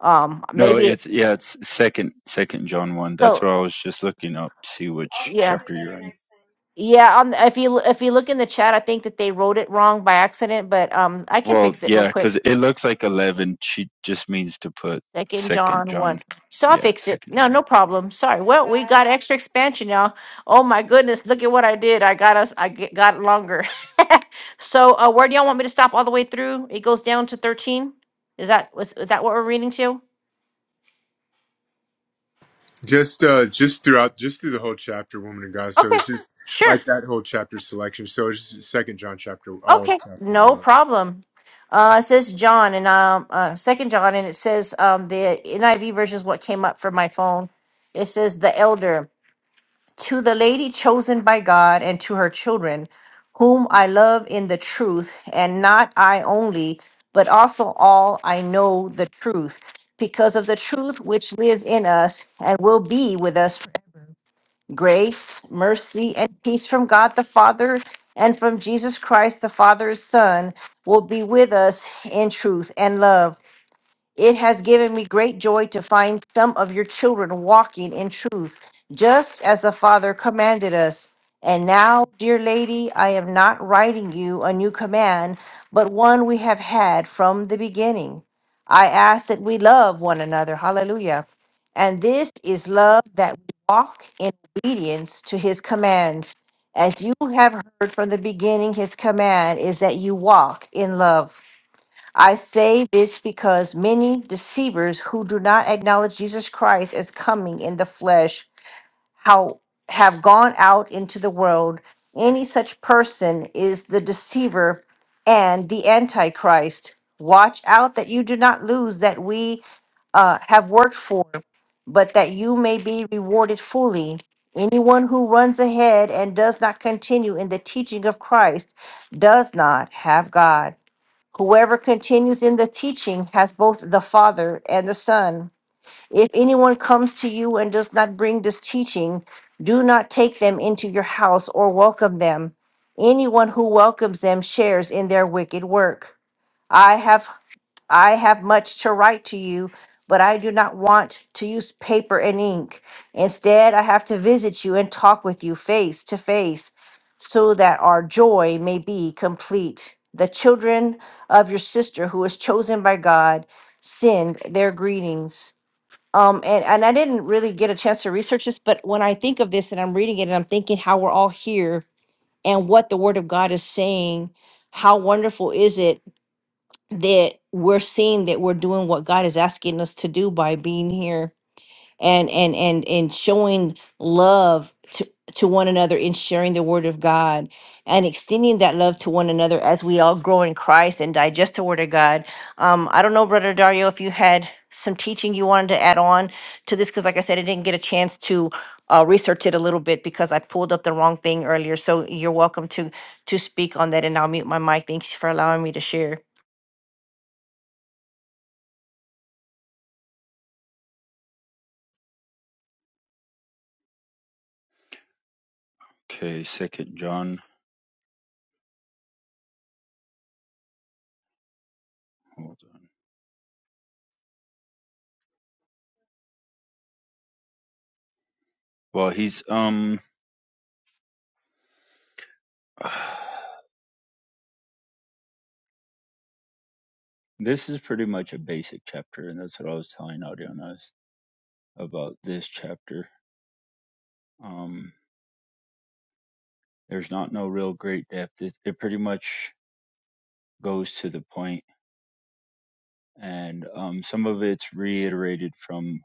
um
No,
maybe it-
it's yeah, it's second second John one. That's
so
what I was just looking up see which I'll tell
yeah
you chapter you're better in. next time.
Yeah, on if you if you look in the chat, I think that they wrote it wrong by accident, but um, I can
Well,
fix it real
yeah,
quick.
because it looks like eleven. She just means to put
Second
second
John one,
John.
so I'll
Yeah,
fix it.
second
No,
John
no
one.
problem. Sorry. Well, we got extra expansion, y'all. Oh my goodness, look at what I did. I got us. I get, got longer. so, uh, where do y'all want me to stop all the way through? It goes down to thirteen. Is that was is that what we're reading to?
Just uh, just throughout, just through the whole chapter, woman of God. So
Okay,
it's just
sure.
like that whole chapter selection. So it's just Second John chapter, all of
Okay,
chapter
no
one.
problem. Uh, it says John and um, uh, Second John, and it says um, the NIV version is what came up for my phone. It says the elder to the lady chosen by God and to her children, whom I love in the truth, and not I only, but also all I know the truth, because of the truth which lives in us and will be with us Grace, mercy, and peace from God the Father and from Jesus Christ, the Father's Son, will be with us in truth and love. It has given me great joy to find some of your children walking in truth, just as the Father commanded us. And now, dear lady, I am not writing you a new command, but one we have had from the beginning. I ask that we love one another. Hallelujah. And this is love that we walk in obedience to his commands. As you have heard from the beginning, his command is that you walk in love. I say this because many deceivers who do not acknowledge Jesus Christ as coming in the flesh how have gone out into the world. Any such person is the deceiver and the antichrist. Watch out that you do not lose that we uh, have worked for, but that you may be rewarded fully. Anyone who runs ahead and does not continue in the teaching of Christ does not have God. Whoever continues in the teaching has both the Father and the Son. If anyone comes to you and does not bring this teaching, do not take them into your house or welcome them. Anyone who welcomes them shares in their wicked work. I have I have much to write to you, but I do not want to use paper and ink. Instead, I have to visit you and talk with you face to face so that our joy may be complete. The children of your sister, who is chosen by God, send their greetings. Um, and, and I didn't really get a chance to research this, but when I think of this and I'm reading it and I'm thinking how we're all here and what the Word of God is saying, how wonderful is it that we're seeing that we're doing what God is asking us to do by being here and and and and showing love to to one another and sharing the word of God and extending that love to one another as we all grow in Christ and digest the word of God. Um, I don't know, Brother Dario, if you had some teaching you wanted to add on to this, because like I said, I didn't get a chance to uh, research it a little bit because I pulled up the wrong thing earlier. So you're welcome to to speak on that, and I'll mute my mic. Thanks for allowing me to share.
Okay, second John. Hold on. Well, he's um. This is pretty much a basic chapter, and that's what I was telling Audianas about this chapter. Um, there's not no real great depth. It, it pretty much goes to the point, and um, some of it's reiterated from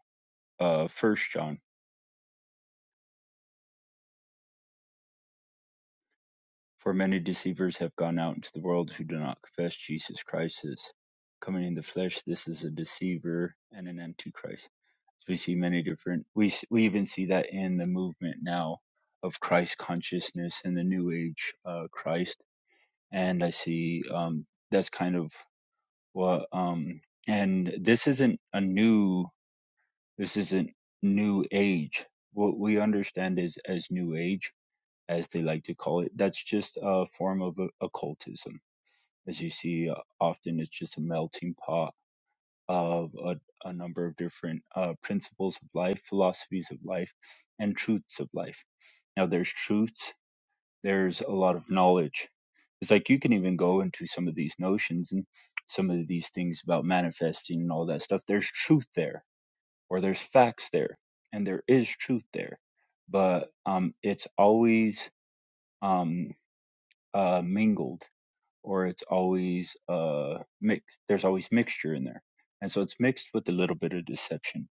uh, First John. For many deceivers have gone out into the world who do not confess Jesus Christ as coming in the flesh. This is a deceiver and an antichrist. So we see many different. We s- we even see that in the movement now of Christ consciousness and the New Age uh, Christ, and I see um, that's kind of Well, um, and this isn't a new, this isn't new age. What we understand is as new age, as they like to call it, that's just a form of o- occultism. As you see, uh, often it's just a melting pot of a, a number of different uh, principles of life, philosophies of life, and truths of life. Now, there's truths there's a lot of knowledge. It's like you can even go into some of these notions and some of these things about manifesting and all that stuff. There's truth there, or there's facts there, and there is truth there, but um, it's always um, uh, mingled, or it's always uh, mixed. There's always mixture in there, and so it's mixed with a little bit of deception.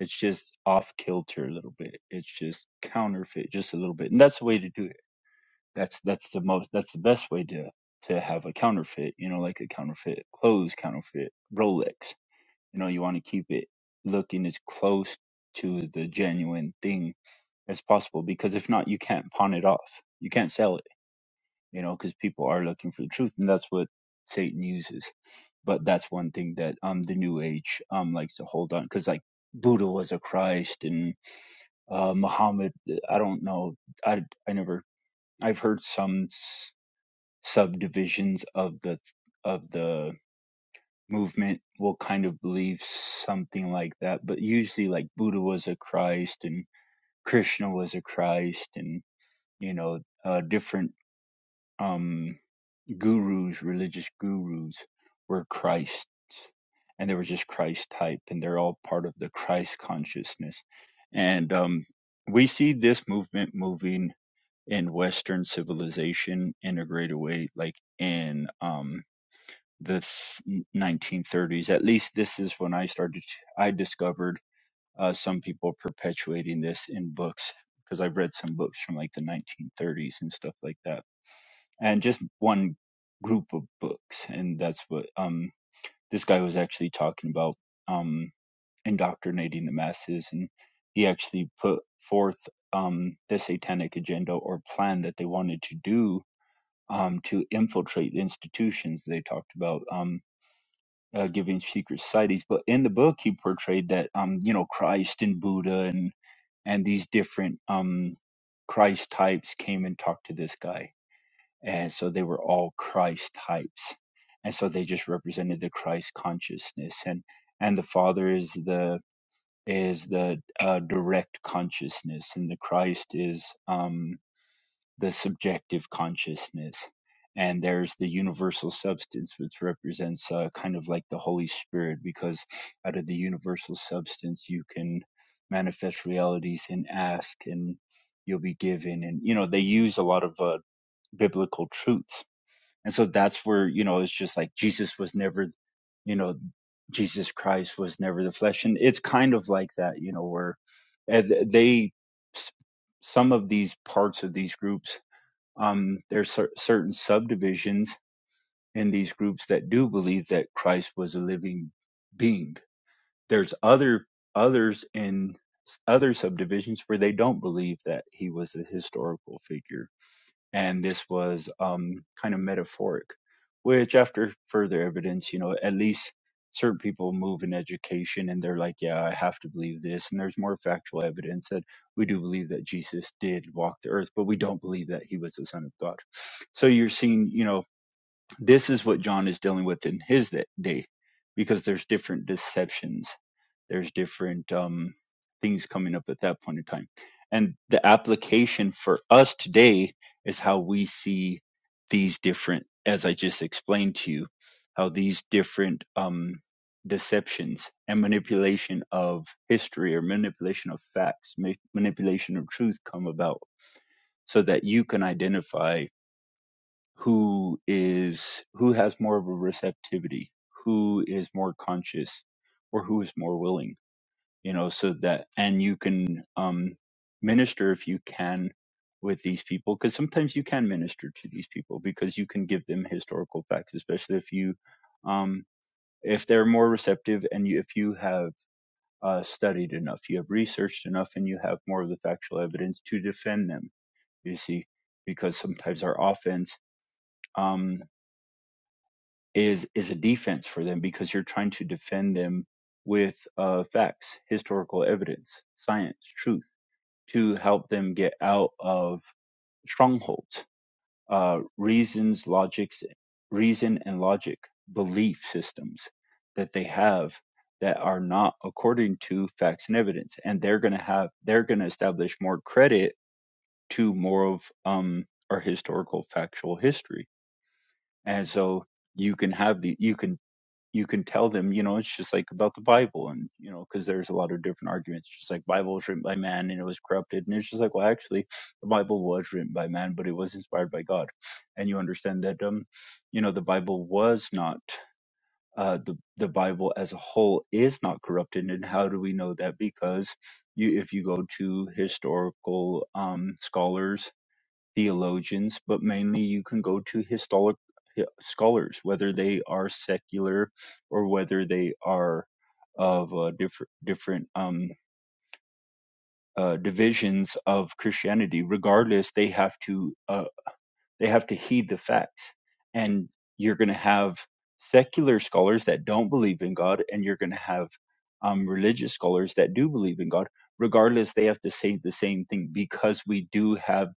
It's just off kilter a little bit. It's just counterfeit, just a little bit, and that's the way to do it that's that's the most that's the best way to to have a counterfeit, you know, like a counterfeit clothes, counterfeit Rolex. You know, you want to keep it looking as close to the genuine thing as possible because if not you can't pawn it off. You can't sell it, you know, because people are looking for the truth and that's what Satan uses. But that's one thing that um the new age um likes to hold on cuz like Buddha was a Christ and uh Muhammad I don't know I I never I've heard some subdivisions of the of the movement will kind of believe something like that but usually like buddha was a christ and krishna was a christ and you know uh, different um gurus religious gurus were Christ, and they were just christ type and they're all part of the christ consciousness and um we see this movement moving in western civilization in a greater way like in um the 1930s. At least this is when I started. I discovered uh, some people perpetuating this in books because I've read some books from like the 1930s and stuff like that, and just one group of books, and that's what um this guy was actually talking about um indoctrinating the masses, and he actually put forth um the satanic agenda or plan that they wanted to do um to infiltrate the institutions they talked about um, uh, giving secret societies. But in the book, he portrayed that um, you know Christ and Buddha and and these different um, Christ types came and talked to this guy, and so they were all Christ types, and so they just represented the Christ consciousness, and and the Father is the is the uh, direct consciousness, and the Christ is um, the subjective consciousness. And there's the universal substance, which represents uh, kind of like the Holy Spirit, because out of the universal substance, you can manifest realities and ask, and you'll be given. And, you know, they use a lot of uh, biblical truths. And so that's where, you know, it's just like Jesus was never, you know, Jesus Christ was never the flesh. And it's kind of like that, you know, where and they, some of these parts of these groups um, there's cer- certain subdivisions in these groups that do believe that Christ was a living being. There's other others in other subdivisions where they don't believe that he was a historical figure and this was um, kind of metaphoric, which, after further evidence, you know, at least certain people move in education and they're like, yeah, I have to believe this. And there's more factual evidence that we do believe that Jesus did walk the earth, but we don't believe that he was the Son of God. So you're seeing, you know, this is what John is dealing with in his day because there's different deceptions, there's different um, things coming up at that point in time. And the application for us today is how we see these different, as I just explained to you, how these different um, deceptions and manipulation of history or manipulation of facts, ma- manipulation of truth come about so that you can identify who is who has more of a receptivity who is more conscious or who is more willing you know so that and you can um minister if you can with these people because sometimes you can minister to these people because you can give them historical facts especially if you um if they're more receptive and you, if you have uh, studied enough you have researched enough and you have more of the factual evidence to defend them you see because sometimes our offense um is is a defense for them because you're trying to defend them with uh, facts, historical evidence, science, truth to help them get out of strongholds, uh, reasons, logics, reason and logic, belief systems that they have that are not according to facts and evidence, and they're going to have they're going to establish more credit to more of um, our historical factual history, and so you can have the you can you can tell them, you know, it's just like about the Bible, and you know, because there's a lot of different arguments. Just like Bible was written by man and it was corrupted, and it's just like, well, actually, the Bible was written by man, but it was inspired by God, and you understand that, um, you know, the Bible was not. Uh, the the Bible as a whole is not corrupted, and how do we know that? Because you, if you go to historical um, scholars theologians, but mainly you can go to historic scholars, whether they are secular or whether they are of uh, different different um, uh, divisions of Christianity. Regardless, they have to uh, they have to heed the facts, and you're going to have secular scholars that don't believe in God, and you're going to have um, religious scholars that do believe in God. Regardless, they have to say the same thing because we do have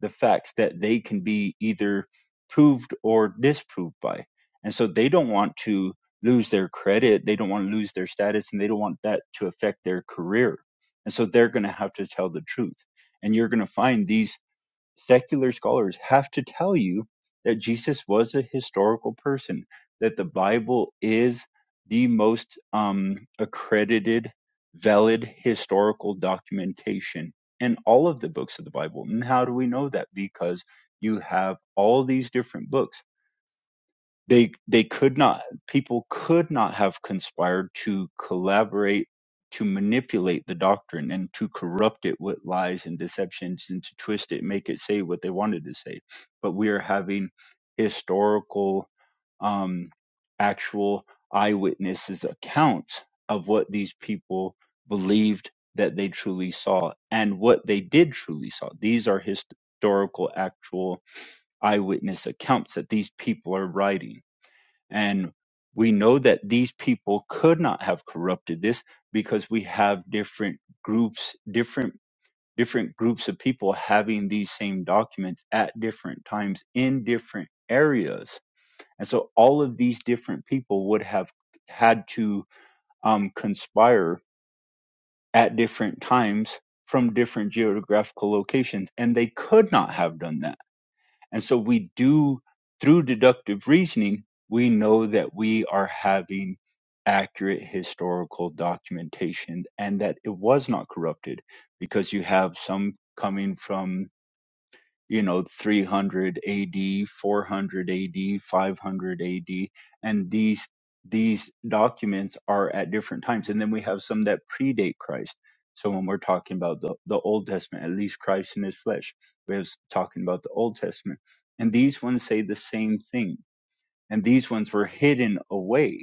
the facts that they can be either proved or disproved by. And so they don't want to lose their credit, they don't want to lose their status, and they don't want that to affect their career. And so they're going to have to tell the truth. And you're going to find these secular scholars have to tell you that Jesus was a historical person, that the Bible is the most um, accredited, valid historical documentation in all of the books of the Bible. And how do we know that? Because you have all these different books. They they could not people could not have conspired to collaborate to manipulate the doctrine and to corrupt it with lies and deceptions and to twist it, make it say what they wanted to say. But we are having historical um, actual eyewitnesses accounts of what these people believed that they truly saw and what they did truly saw. These are historical, actual eyewitness accounts that these people are writing. And we know that these people could not have corrupted this because we have different groups, different different groups of people having these same documents at different times in different areas. And so all of these different people would have had to um, conspire at different times from different geographical locations, and they could not have done that and so we do, through deductive reasoning, we know that we are having accurate historical documentation and that it was not corrupted because you have some coming from you know 300 AD 400 AD 500 AD and these these documents are at different times and then we have some that predate Christ so when we're talking about the, the Old Testament at least Christ in his flesh we're talking about the Old Testament and these ones say the same thing and these ones were hidden away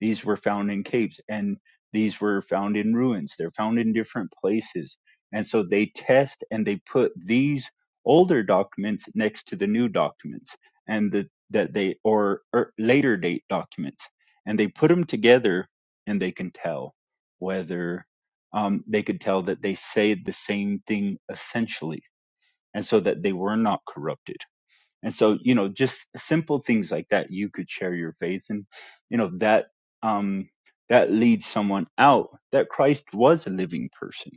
these were found in caves and these were found in ruins. They're found in different places. And so they test and they put these older documents next to the new documents and the, that they, or, or later date documents. And they put them together and they can tell whether um, they could tell that they say the same thing essentially. And so that they were not corrupted and so you know just simple things like that you could share your faith and you know that um that leads someone out that christ was a living person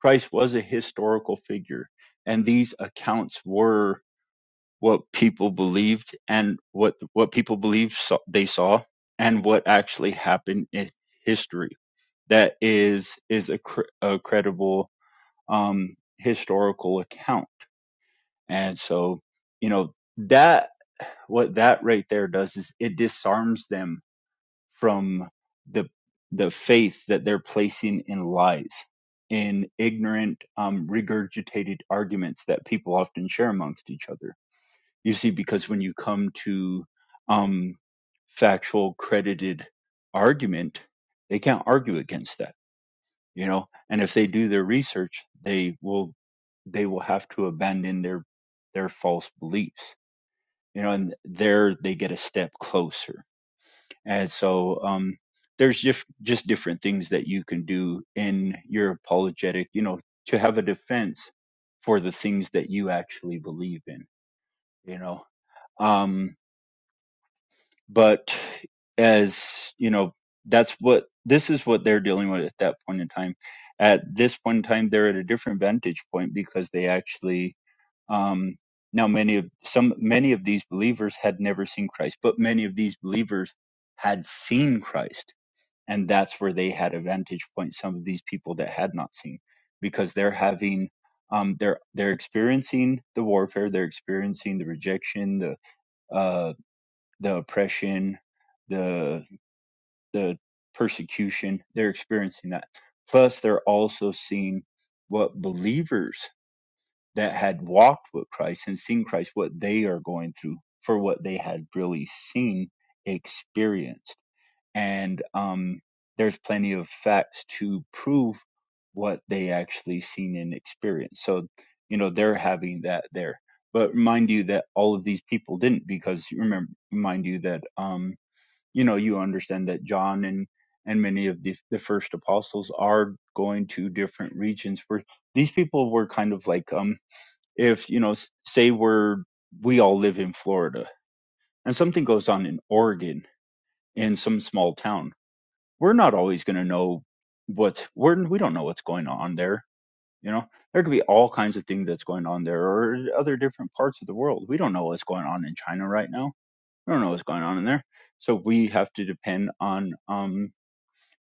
christ was a historical figure and these accounts were what people believed and what what people believed saw, they saw and what actually happened in history that is is a, cr- a credible um historical account and so you know that what that right there does is it disarms them from the the faith that they're placing in lies in ignorant um, regurgitated arguments that people often share amongst each other you see because when you come to um, factual credited argument they can't argue against that you know and if they do their research they will they will have to abandon their their false beliefs you know, and there they get a step closer. And so um, there's just just different things that you can do in your apologetic, you know, to have a defense for the things that you actually believe in, you know. Um, but as you know, that's what this is what they're dealing with at that point in time. At this point in time, they're at a different vantage point because they actually Um, now, many of some many of these believers had never seen Christ, but many of these believers had seen Christ, and that's where they had a vantage point. Some of these people that had not seen, because they're having, um, they're they're experiencing the warfare, they're experiencing the rejection, the uh, the oppression, the the persecution. They're experiencing that. Plus, they're also seeing what believers that had walked with Christ and seen Christ, what they are going through for what they had really seen, experienced. And um, there's plenty of facts to prove what they actually seen and experienced. So, you know, they're having that there. But mind you that all of these people didn't because remember, mind you that, um, you know, you understand that John and and many of the, the first apostles are going to different regions where these people were kind of like um, if you know say we're we all live in Florida and something goes on in Oregon in some small town we're not always going to know what's we're we don't know what's going on there you know there could be all kinds of things that's going on there or other different parts of the world we don't know what's going on in China right now we don't know what's going on in there so we have to depend on um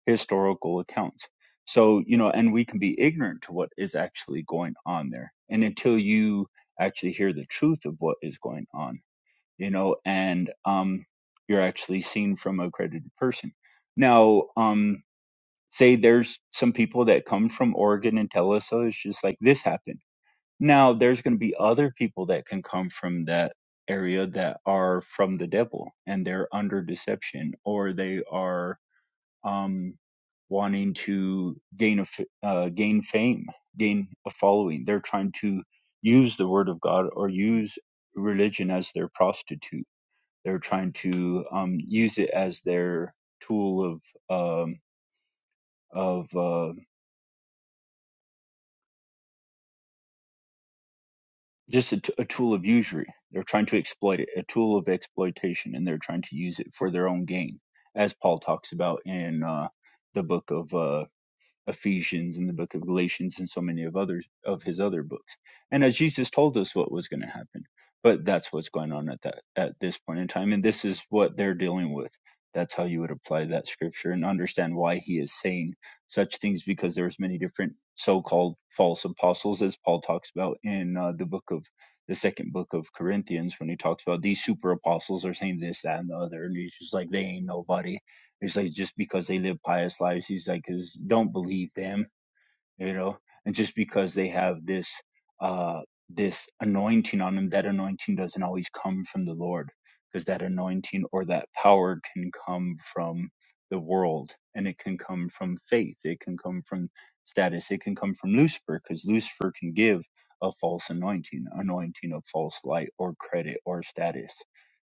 historical accounts. So, you know, and we can be ignorant to what is actually going on there. And until you actually hear the truth of what is going on, you know, and um, you're actually seen from a credited person. Now, um, say there's some people that come from Oregon and tell us, oh, it's just like this happened. Now, there's going to be other people that can come from that area that are from the devil and they're under deception or they are um, wanting to gain a uh, gain fame, gain a following. They're trying to use the word of God or use religion as their prostitute. They're trying to um, use it as their tool of um, of uh, just a, t- a tool of usury. They're trying to exploit it, a tool of exploitation, and they're trying to use it for their own gain, as Paul talks about in uh, the book of uh, Ephesians and the book of Galatians and so many of others of his other books. And as Jesus told us what was going to happen. But that's what's going on at that at this point in time. And this is what they're dealing with. That's how you would apply that scripture and understand why he is saying such things because there's many different so-called false apostles as Paul talks about in uh, the book of the second book of Corinthians when he talks about these super apostles are saying this, that, and the other, and he's just like they ain't nobody it's like just because they live pious lives, he's like, 'Cause don't believe them you know and just because they have this uh this anointing on them that anointing doesn't always come from the lord because that anointing or that power can come from the world and it can come from faith it can come from status it can come from lucifer because lucifer can give a false anointing anointing of false light or credit or status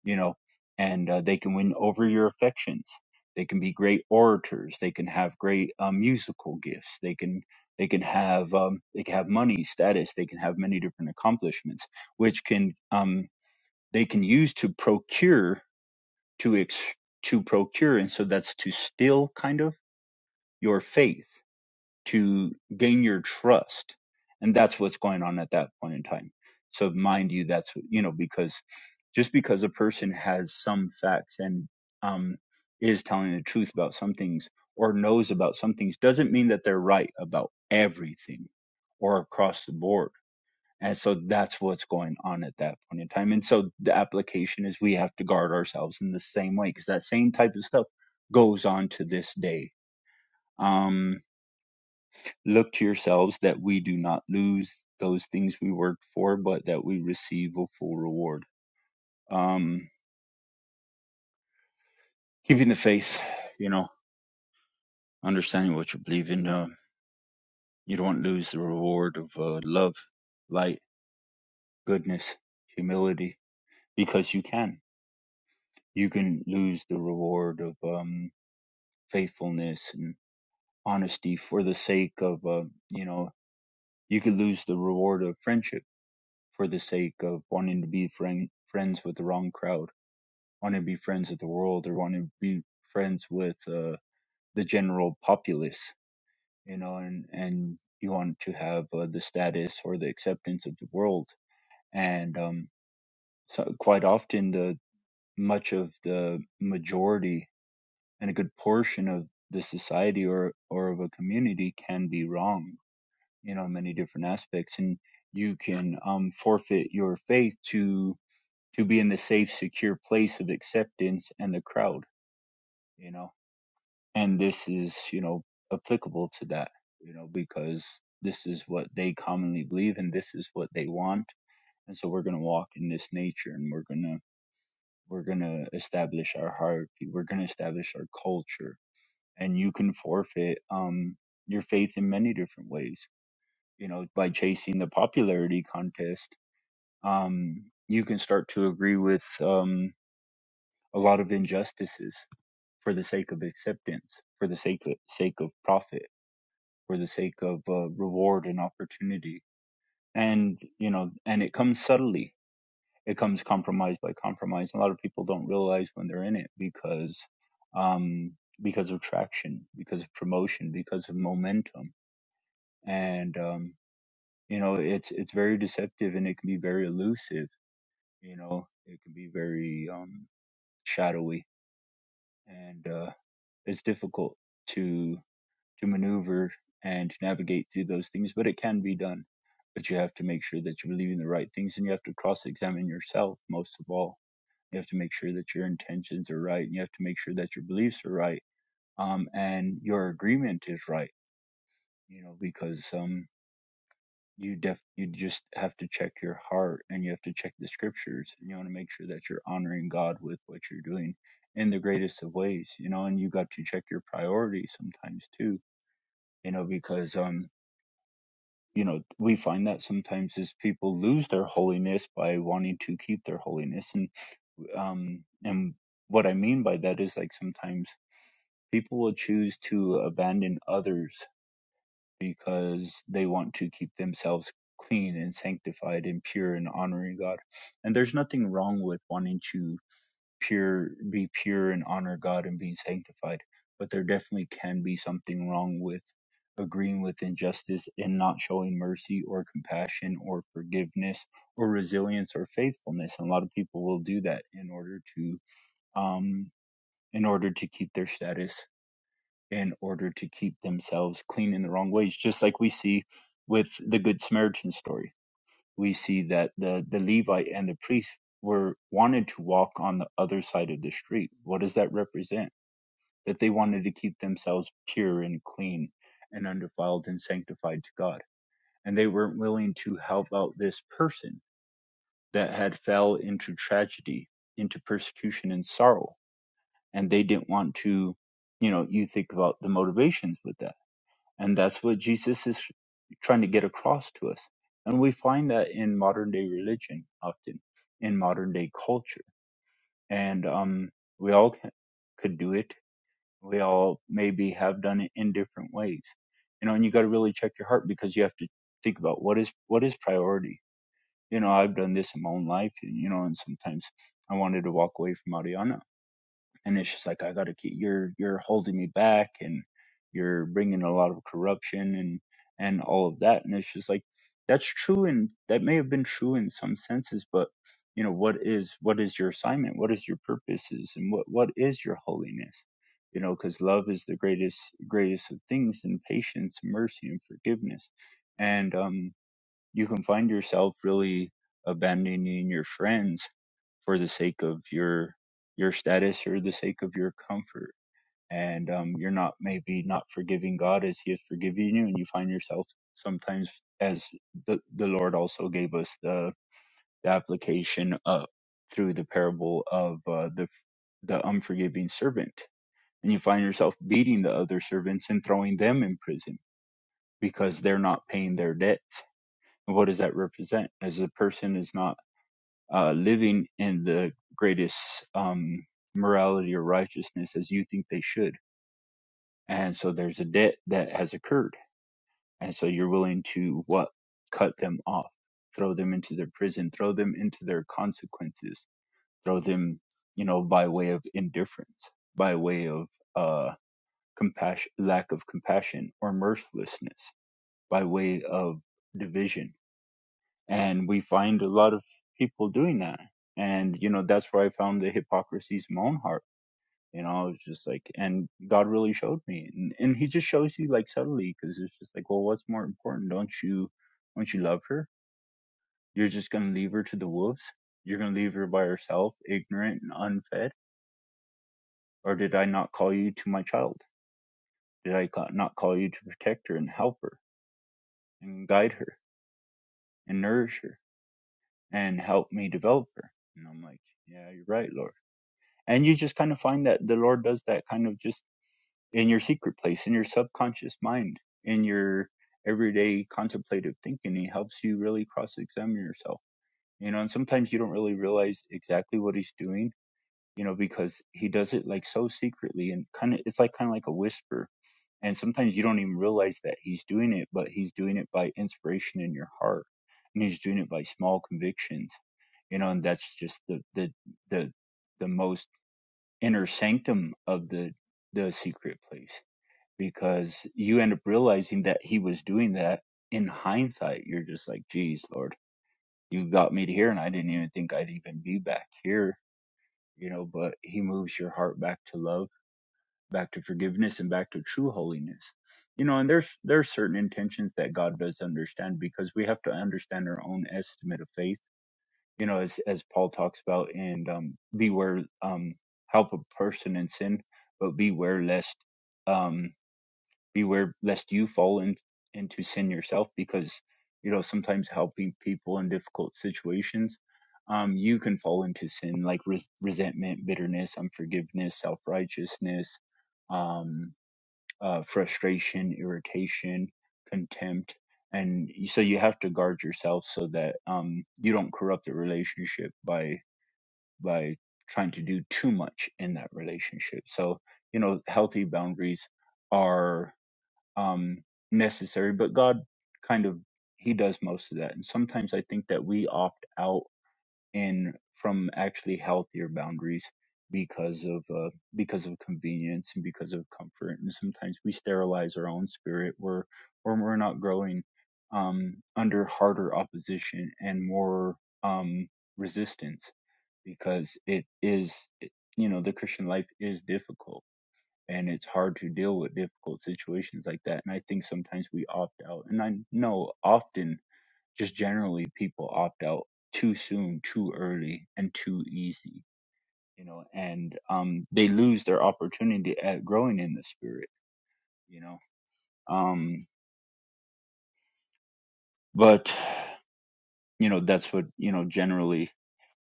you know and uh, they can win over your affections they can be great orators they can have great uh, musical gifts they can they can have um, they can have money, status. They can have many different accomplishments, which can um, they can use to procure to ex- to procure, and so that's to steal kind of your faith to gain your trust. And that's what's going on at that point in time. So mind you, that's, you know, because just because a person has some facts and um, is telling the truth about some things or knows about some things doesn't mean that they're right about everything or across the board. And so that's what's going on at that point in time. And so the application is we have to guard ourselves in the same way because that same type of stuff goes on to this day. Um, look to yourselves that we do not lose those things we worked for, but that we receive a full reward. Um, keeping the faith, you know, understanding what you believe in. Uh, you don't lose the reward of uh, love, light, goodness, humility, because you can. You can lose the reward of um, faithfulness and honesty for the sake of, uh, you know, you could lose the reward of friendship for the sake of wanting to be friend, friends with the wrong crowd want to be friends with the world or want to be friends with uh, the general populace you know and and you want to have uh, the status or the acceptance of the world and um so quite often the much of the majority and a good portion of the society or or of a community can be wrong you know in many different aspects and you can um forfeit your faith to to be in the safe secure place of acceptance and the crowd you know and this is you know applicable to that you know because this is what they commonly believe and this is what they want and so we're going to walk in this nature and we're going to we're going to establish our hierarchy we're going to establish our culture and you can forfeit um your faith in many different ways you know by chasing the popularity contest um you can start to agree with um a lot of injustices for the sake of acceptance for the sake of, sake of profit for the sake of uh, reward and opportunity. And, you know, and it comes subtly. It comes compromise by compromise. A lot of people don't realize when they're in it because, um, because of traction, because of promotion, because of momentum. And, um, you know, it's, it's very deceptive and it can be very elusive. You know, it can be very, um, shadowy and, uh, it's difficult to. to maneuver and to navigate through those things, but it can be done. But you have to make sure that you believe in the right things and you have to cross examine yourself most of all. You have to make sure that your intentions are right and you have to make sure that your beliefs are right. Um, and your agreement is right, you know, because, um, you def you just have to check your heart and you have to check the scriptures and you want to make sure that you're honoring God with what you're doing in the greatest of ways, you know, and you got to check your priorities sometimes too, you know, because, um, you know we find that sometimes is people lose their holiness by wanting to keep their holiness and um and what i mean by that is like sometimes people will choose to abandon others because they want to keep themselves clean and sanctified and pure and honoring god and there's nothing wrong with wanting to pure be pure and honor God and being sanctified. But there definitely can be something wrong with agreeing with injustice and not showing mercy or compassion or forgiveness or resilience or faithfulness. And a lot of people will do that in order to um in order to keep their status, in order to keep themselves clean in the wrong ways, just like we see with the Good Samaritan story we see that the, the Levite and the priest were wanted to walk on the other side of the street. What does that represent? That they wanted to keep themselves pure and clean and undefiled and sanctified to God. And they weren't willing to help out this person that had fell into tragedy, into persecution and sorrow. And they didn't want to, you know, you think about the motivations with that and that's what Jesus is trying to get across to us. And we find that in modern day religion often, in modern day culture. And um, we all can, could do it. We all maybe have done it in different ways. You know, and you got to really check your heart because you have to think about what is what is priority. You know, I've done this in my own life, and you know, and sometimes I wanted to walk away from Ariana, and it's just like I gotta keep you're you're holding me back and you're bringing a lot of corruption and and all of that and it's just like that's true and that may have been true in some senses but you know what is what is your assignment what is your purposes and what what is your holiness you know because love is the greatest greatest of things and patience mercy and forgiveness and um you can find yourself really abandoning your friends for the sake of your your status or the sake of your comfort and um, you're not maybe not forgiving god as he is forgiving you and you find yourself sometimes as the, the lord also gave us the, the application uh, through the parable of uh, the the unforgiving servant and you find yourself beating the other servants and throwing them in prison because they're not paying their debts what does that represent as the person is not uh, living in the greatest um, morality or righteousness as you think they should and so there's a debt that has occurred and so you're willing to what cut them off throw them into their prison throw them into their consequences throw them you know by way of indifference by way of uh compassion lack of compassion or mercilessness by way of division and we find a lot of people doing that and you know that's where i found the hypocrisies in my own heart you know i was just like and god really showed me and, and he just shows you like subtly because it's just like well what's more important don't you don't you love her you're just gonna leave her to the wolves you're gonna leave her by herself ignorant and unfed or did i not call you to my child did i ca- not call you to protect her and help her and guide her and nourish her and help me develop her and i'm like yeah you're right lord and you just kind of find that the lord does that kind of just in your secret place in your subconscious mind in your everyday contemplative thinking he helps you really cross examine yourself you know and sometimes you don't really realize exactly what he's doing you know because he does it like so secretly and kind of it's like kind of like a whisper and sometimes you don't even realize that he's doing it but he's doing it by inspiration in your heart and he's doing it by small convictions you know and that's just the the the the most inner sanctum of the the secret place because you end up realizing that he was doing that in hindsight you're just like geez lord you got me to here and i didn't even think i'd even be back here you know but he moves your heart back to love back to forgiveness and back to true holiness you know and there's there's certain intentions that god does understand because we have to understand our own estimate of faith you know, as as Paul talks about, and um, beware, um, help a person in sin, but beware lest, um, beware lest you fall in, into sin yourself, because you know sometimes helping people in difficult situations, um, you can fall into sin like res- resentment, bitterness, unforgiveness, self righteousness, uh, frustration, irritation, contempt, and so you have to guard yourself so that um, you don't corrupt the relationship by by trying to do too much in that relationship. So you know, healthy boundaries are um, necessary, but God kind of He does most of that, and sometimes I think that we opt out and from actually healthier boundaries because of uh, because of convenience and because of comfort and sometimes we sterilize our own spirit we're or we're not growing um, under harder opposition and more um, resistance because it is it- you know the Christian life is difficult and it's hard to deal with difficult situations like that and I think sometimes we opt out and I know often just generally people opt out too soon, too early, and too easy, you know, and um, they lose their opportunity at growing in the spirit, you know. Um, but, you know, that's what, you know, generally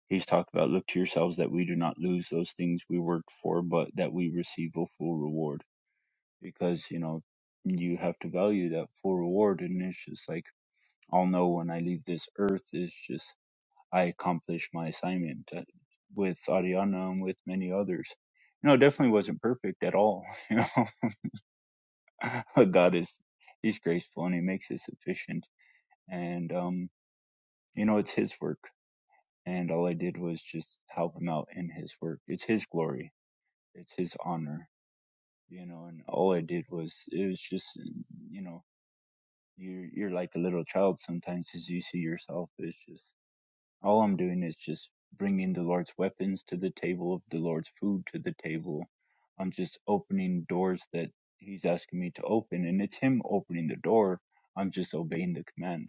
he's talked about look to yourselves that we do not lose those things we worked for, but that we receive a full reward because, you know, you have to value that full reward. And it's just like, I'll know when I leave this earth, It's just I accomplished my assignment uh, with Ariana and with many others. You know, it definitely wasn't perfect at all. You know, but God is He's graceful and He makes it sufficient. And um, you know, it's His work, and all I did was just help Him out in His work. It's His glory, it's His honor. You know, and all I did was it was just you know you're you're like a little child sometimes as you see yourself. It's just All I'm doing is just bringing the Lord's weapons to the table, the Lord's food to the table. I'm just opening doors that He's asking me to open, and it's Him opening the door. I'm just obeying the command.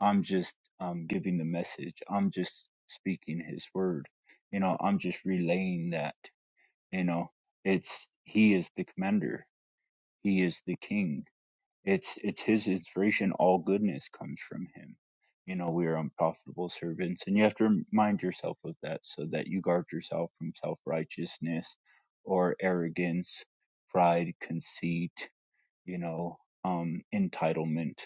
I'm just um, giving the message. I'm just speaking His word. You know, I'm just relaying that. You know, it's He is the commander. He is the king it's it's his inspiration all goodness comes from him you know we are unprofitable servants and you have to remind yourself of that so that you guard yourself from self-righteousness or arrogance pride conceit you know um entitlement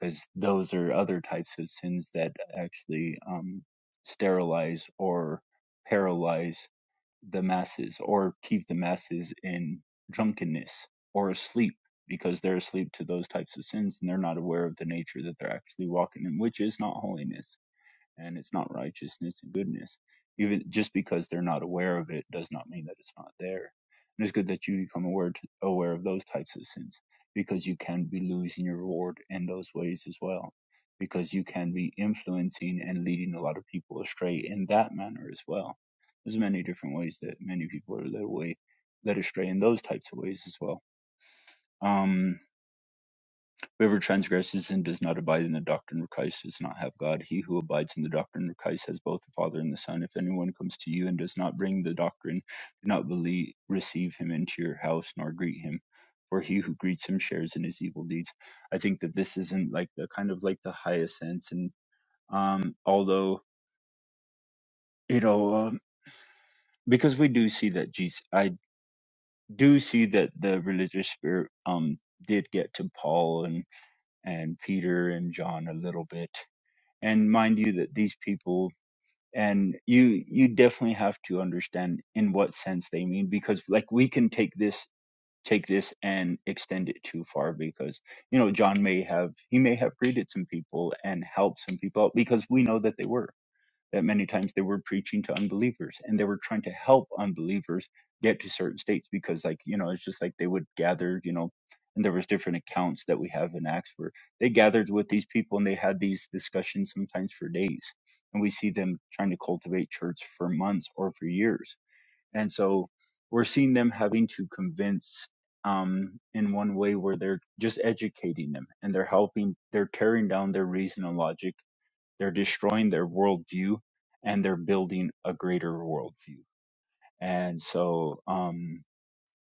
because those are other types of sins that actually um sterilize or paralyze the masses or keep the masses in drunkenness or asleep because they're asleep to those types of sins and they're not aware of the nature that they're actually walking in, which is not holiness and it's not righteousness and goodness. Even just because they're not aware of it does not mean that it's not there. And it's good that you become aware to, aware of those types of sins because you can be losing your reward in those ways as well. Because you can be influencing and leading a lot of people astray in that manner as well. There's many different ways that many people are led away, led astray in those types of ways as well. Um, Whoever transgresses and does not abide in the doctrine of Christ does not have God. He who abides in the doctrine of Christ has both the Father and the Son. If anyone comes to you and does not bring the doctrine, do not believe, receive him into your house nor greet him. For he who greets him shares in his evil deeds. I think that this isn't like the kind of like the highest sense, and um, although you know, um, because we do see that Jesus, I do see that the religious spirit um did get to Paul and and Peter and John a little bit and mind you that these people and you you definitely have to understand in what sense they mean because like we can take this take this and extend it too far because you know john may have he may have created some people and helped some people out because we know that they were that many times they were preaching to unbelievers and they were trying to help unbelievers get to certain states because like you know it's just like they would gather you know and there was different accounts that we have in acts where they gathered with these people and they had these discussions sometimes for days and we see them trying to cultivate church for months or for years and so we're seeing them having to convince um, in one way where they're just educating them and they're helping they're tearing down their reason and logic they're destroying their worldview and they're building a greater worldview. And so, um,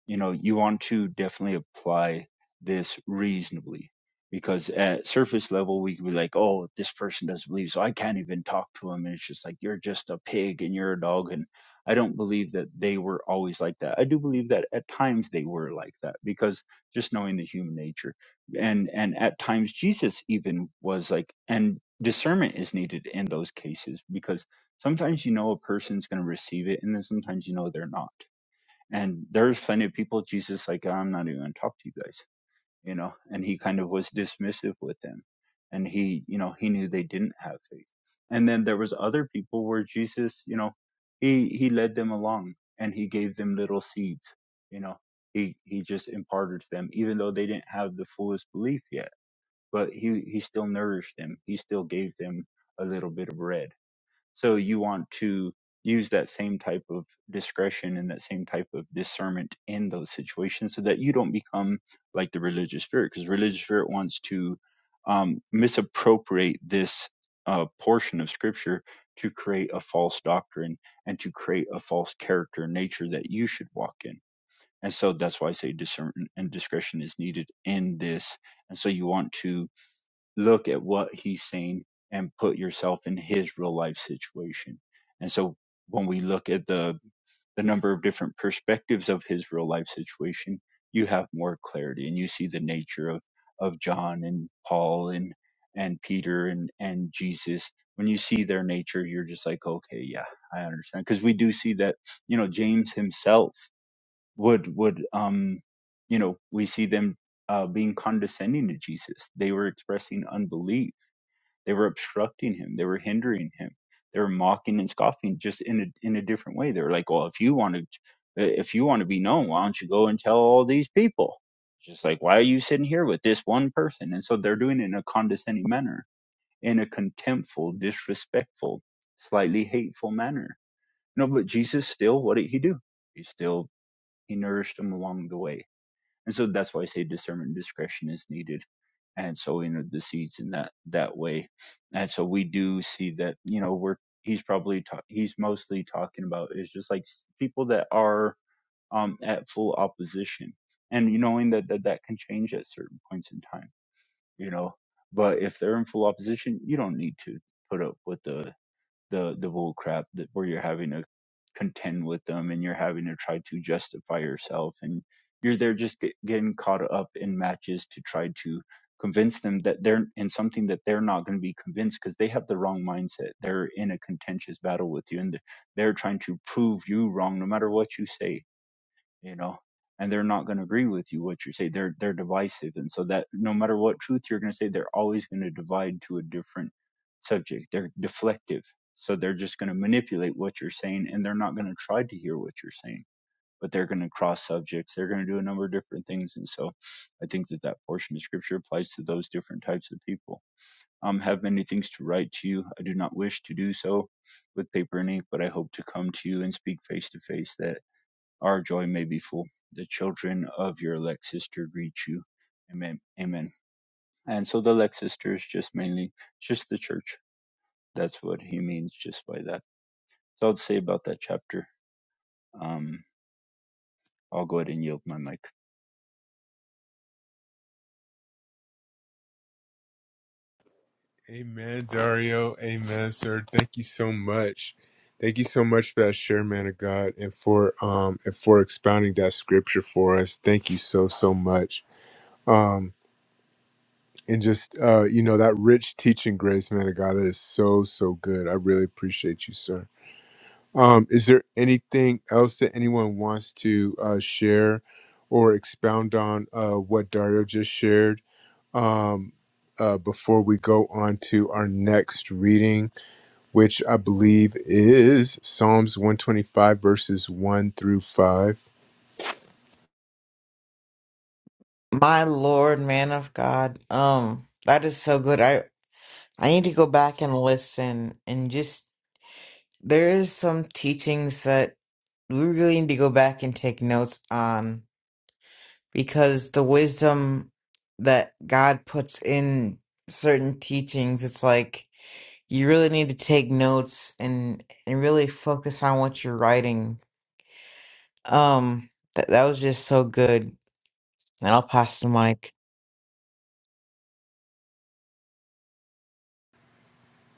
you know you want to definitely apply this reasonably because at surface level we could be like oh this person doesn't believe so i can't even talk to him and it's just like you're just a pig and you're a dog and i don't believe that they were always like that i do believe that at times they were like that because just knowing the human nature and and at times jesus even was like and discernment is needed in those cases because sometimes you know a person's going to receive it and then sometimes you know they're not and there's plenty of people Jesus like I'm not even gonna talk to you guys, you know. And he kind of was dismissive with them, and he, you know, he knew they didn't have faith. And then there was other people where Jesus, you know, he he led them along and he gave them little seeds, you know. He he just imparted to them, even though they didn't have the fullest belief yet. But he he still nourished them. He still gave them a little bit of bread so you want to use that same type of discretion and that same type of discernment in those situations so that you don't become like the religious spirit because religious spirit wants to um, misappropriate this uh, portion of scripture to create a false doctrine and to create a false character and nature that you should walk in. And so that's why I say discernment and discretion is needed in this. And so you want to look at what he's saying and put yourself in his real life situation. And so when we look at the the number of different perspectives of his real life situation, you have more clarity and you see the nature of of John and Paul and and Peter and and Jesus. When you see their nature, you're just like, okay, yeah, I understand. Because we do see that, you know, James himself would would um, you know, we see them uh, being condescending to Jesus. They were expressing unbelief they were obstructing him. They were hindering him. They were mocking and scoffing just in a, in a different way. They were like, well, if you want to, if you want to be known, why don't you go and tell all these people? Just like, why are you sitting here with this one person? And so they're doing it in a condescending manner, in a contemptful, disrespectful, slightly hateful manner. No, but Jesus still, what did he do? He still, he nourished them along the way and so that's why I say discernment and discretion is needed. And so in the seeds in that that way. And so we do see that, you know, we're he's probably ta- he's mostly talking about is just like s- people that are um at full opposition and you knowing that, that that can change at certain points in time, you know. But if they're in full opposition, you don't need to put up with the the the bull crap that where you're having to contend with them and you're having to try to justify yourself and you're there just get, getting caught up in matches to try to convince them that they're in something that they're not going to be convinced because they have the wrong mindset they're in a contentious battle with you and they're they're trying to prove you wrong no matter what you say you know and they're not going to agree with you what you say they're they're divisive and so that no matter what truth you're going to say they're always going to divide to a different subject they're deflective so they're just going to manipulate what you're saying and they're not going to try to hear what you're saying but they're going to cross subjects they're going to do a number of different things and so i think that that portion of scripture applies to those different types of people um have many things to write to you i do not wish to do so with paper and ink but i hope to come to you and speak face to face That. Our joy may be full. The children of your elect sister greet you. Amen. Amen. And so the elect sister is just mainly just the church. That's what he means just by that. So I'll say about that chapter. Um, I'll go ahead and yield my mic.
Amen, Dario. Amen, sir. Thank you so much. Thank you so much for that share, man of God, and for um and for expounding that scripture for us. Thank you so so much. Um and just uh you know that rich teaching grace, man of God, that is so so good. I really appreciate you, sir. Um, is there anything else that anyone wants to uh, share or expound on uh, what Dario just shared um, uh, before we go on to our next reading? which I believe is Psalms 125, verses 1 through 5.
my lord man of god um that is so good I. I need to go back and listen and just there is some teachings that we really need to go back and take notes on because the wisdom that God puts in certain teachings, it's like you really need to take notes and and really focus on what you're writing. Um, that that was just so good. And I'll pass the mic.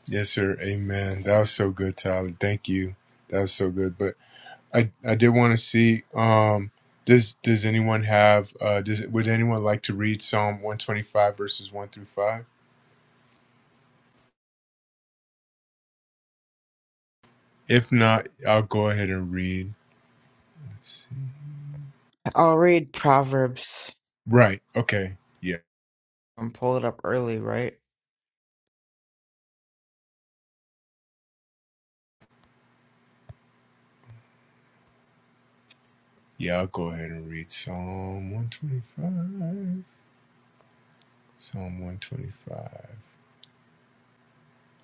Yes, sir. Amen. That was so good, Tyler. Thank you. That was so good. But I, I did want to see um does does anyone have uh does would anyone like to read Psalm 125 verses 1 through 5? If not, I'll go ahead and read. Let's see.
I'll read Proverbs
Right. Okay. Yeah.
and pull it up early, right?
Yeah, I'll go ahead and read Psalm 125. Psalm 125.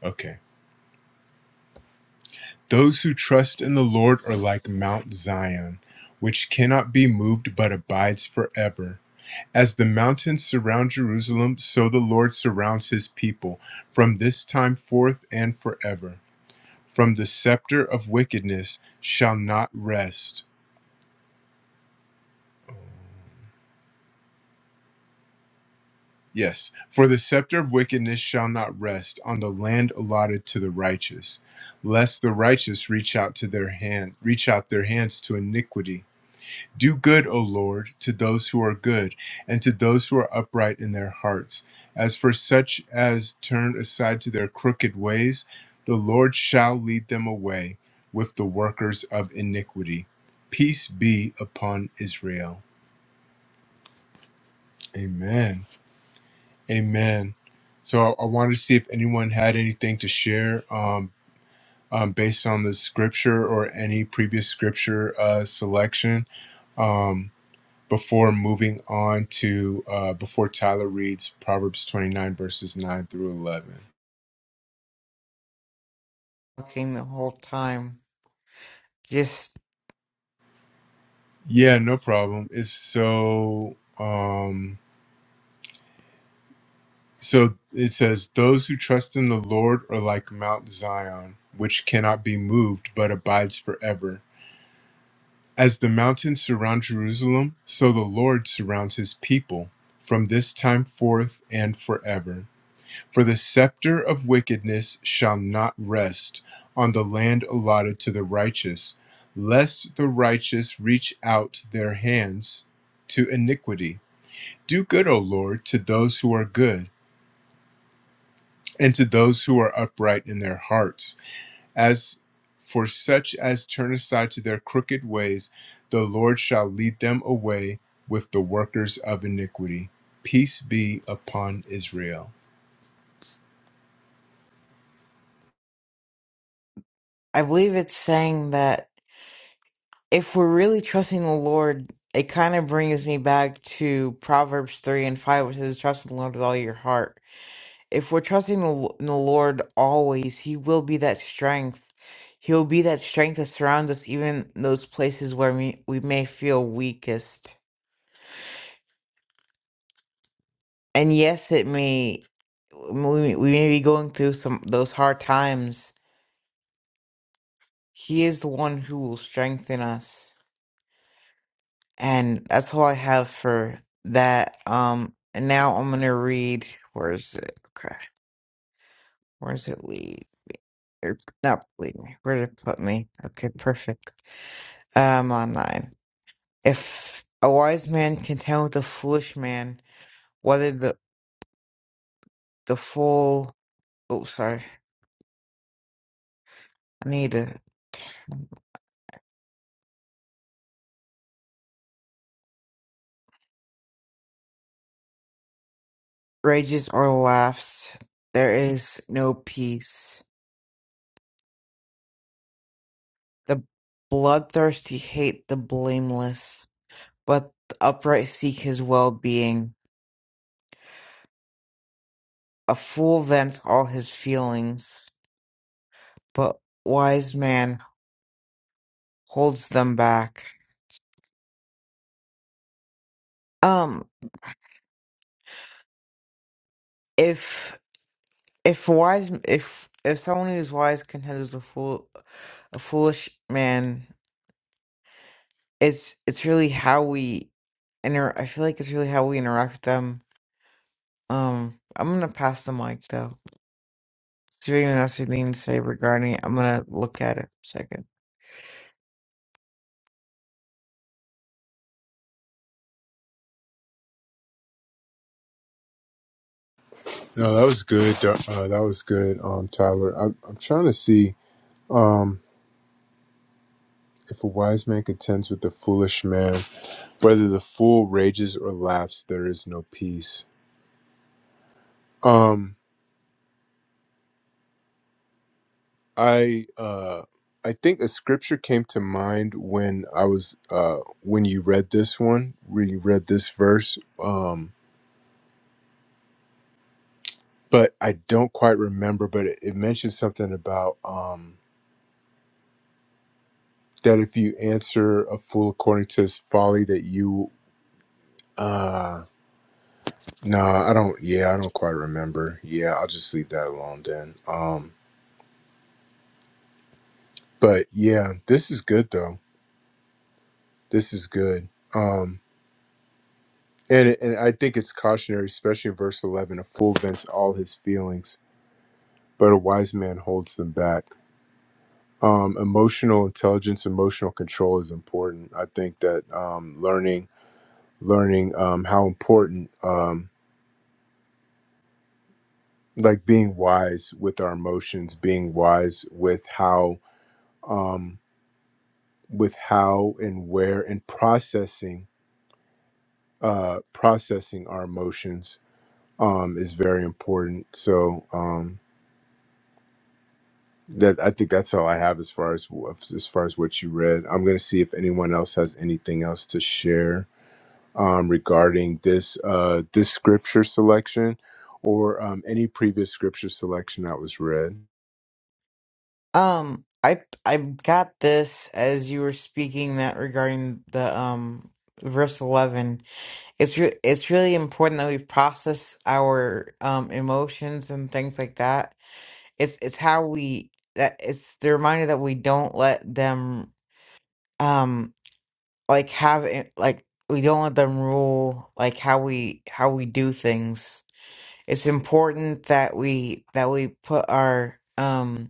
Okay. Those who trust in the Lord are like Mount Zion, which cannot be moved but abides forever. As the mountains surround Jerusalem, so the Lord surrounds his people from this time forth and forever. From the scepter of wickedness shall not rest. Yes, for the scepter of wickedness shall not rest on the land allotted to the righteous, lest the righteous reach out to their hand, reach out their hands to iniquity. Do good, O Lord, to those who are good, and to those who are upright in their hearts. As for such as turn aside to their crooked ways, the Lord shall lead them away with the workers of iniquity. Peace be upon Israel. Amen. Amen. So I I wanted to see if anyone had anything to share um, um, based on the scripture or any previous scripture uh, selection. Um, before moving on to uh, before Tyler reads Proverbs 29 verses 9 through 11.
Talking the whole time. Just
Yeah, no problem. It's so um so it says those who trust in the Lord are like Mount Zion, which cannot be moved but abides forever. As the mountains surround Jerusalem, so the Lord surrounds his people from this time forth and forever. For the scepter of wickedness shall not rest on the land allotted to the righteous, lest the righteous reach out their hands to iniquity. Do good, O Lord, to those who are good, and to those who are upright in their hearts. As for such as turn aside to their crooked ways, the Lord shall lead them away with the workers of iniquity. Peace be upon Israel.
I believe it's saying that if we're really trusting the Lord, it kind of brings me back to Proverbs 3 and 5, which says, Trust in the Lord with all your heart. If we're trusting the, L- in the Lord always, He will be that strength. He'll be that strength that surrounds us, even in those places where we, we may feel weakest. And yes, it may, we, we may be going through some those hard times. He is the one who will strengthen us. And that's all I have for that. Um, and now I'm gonna read. Where is it? Okay, where does it lead? Er, Not lead me. Where did it put me? Okay, perfect. Um, on nine. If a wise man contend with a foolish man, whether the the fool, oh sorry, I need to rages or laughs, there is no peace. The bloodthirsty hate the blameless, but the upright seek his well being. A fool vents all his feelings, but wise man holds them back. Um, if if wise if if someone who's wise considers a fool a foolish man, it's it's really how we inter. I feel like it's really how we interact with them. Um, I'm gonna pass the mic though. If anyone has anything to say regarding it, I'm gonna look at it a second.
No, that was good. Uh, uh, that was good, um, Tyler. I'm, I'm trying to see um, if a wise man contends with a foolish man, whether the fool rages or laughs, there is no peace. Um, I uh, I think a scripture came to mind when I was uh, when you read this one, when you read this verse, um, but I don't quite remember. But it, it mentioned something about um, that if you answer a fool according to his folly, that you. Uh, No, I don't. Yeah, I don't quite remember. Yeah, I'll just leave that alone then. Um, but yeah, this is good though. This is good. Um, and and I think it's cautionary, especially in verse eleven. A fool vents all his feelings, but a wise man holds them back. Um, emotional intelligence, emotional control is important. I think that um, learning, learning um, how important, um, like being wise with our emotions, being wise with how. Um, with how and where and processing uh processing our emotions um is very important so um that i think that's all i have as far as as far as what you read i'm going to see if anyone else has anything else to share um regarding this uh this scripture selection or um any previous scripture selection that was read
Um, I I got this as you were speaking that regarding the um verse eleven. It's re- it's really important that we process our um emotions and things like that. It's it's how we that it's the reminder that we don't let them um like have it like we don't let them rule like how we how we do things. It's important that we that we put our um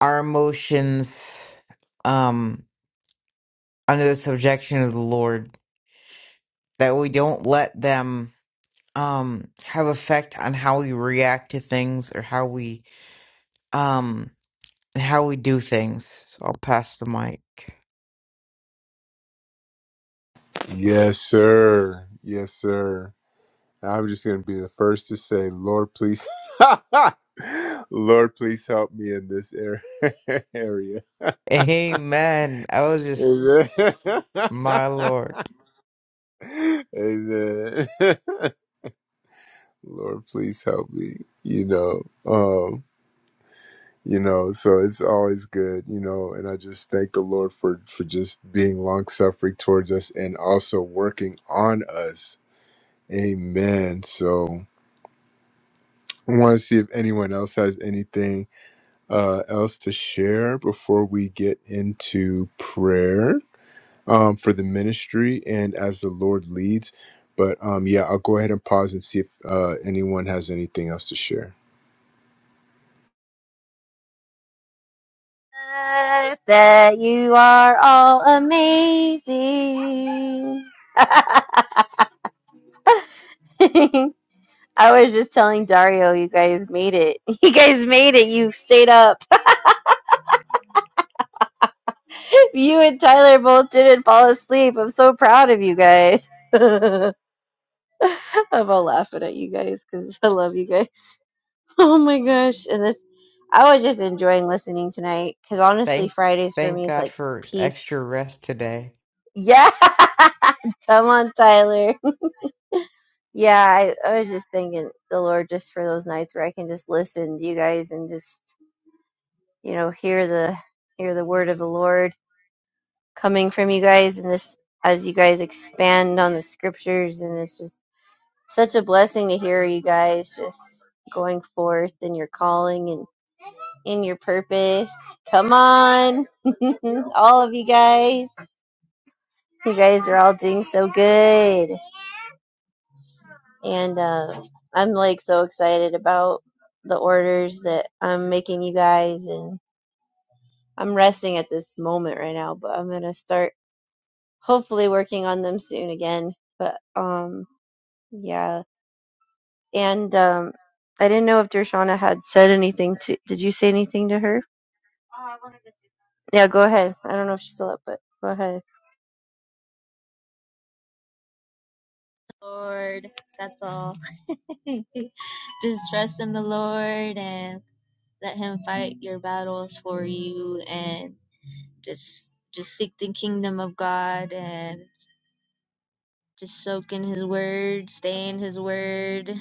our emotions um under the subjection of the Lord that we don't let them um have effect on how we react to things or how we um how we do things. So I'll pass the mic.
yes sir yes sir I'm just going to be the first to say, Lord, please, Lord, please help me in this ar- area.
Amen. I was just
Amen.
my Lord.
Amen. Lord, please help me. You know, um, you know, so it's always good, you know, and I just thank the Lord for for just being long suffering towards us and also working on us. Amen. So I want to see if anyone else has anything uh, else to share before we get into prayer um, for the ministry and as the Lord leads. But um, yeah, I'll go ahead and pause and see if uh, anyone has anything else to share.
Uh, That you are all amazing. I was just telling Dario, you guys made it. You guys made it. You stayed up. You and Tyler both didn't fall asleep. I'm so proud of you guys. I'm all laughing at you guys because I love you guys. Oh my gosh. And this, I was just enjoying listening tonight because honestly,
Thank
Fridays for
thank
me is
God
like
for
peace.
extra rest today.
Yeah. Come on, Tyler. Yeah. I, I was just thanking the Lord just for those nights where I can just listen to you guys and just, you know, hear the, hear the word of the Lord coming from you guys and this, as you guys expand on the scriptures. And it's just such a blessing to hear you guys just going forth in your calling in your purpose. Come on, all of you guys. You guys are all doing so good. And uh, I'm like so excited about the orders that I'm making you guys. And I'm resting at this moment right now, but I'm going to start hopefully working on them soon again. But um, yeah. And um, I didn't know if Dershana had said anything to. Did you say anything to her? Yeah, go ahead. I don't know if she's still up, but go ahead.
lord that's all just trust in the lord and let him fight your battles for you and just just seek the kingdom of god and. Just soak in his word, stay in his word,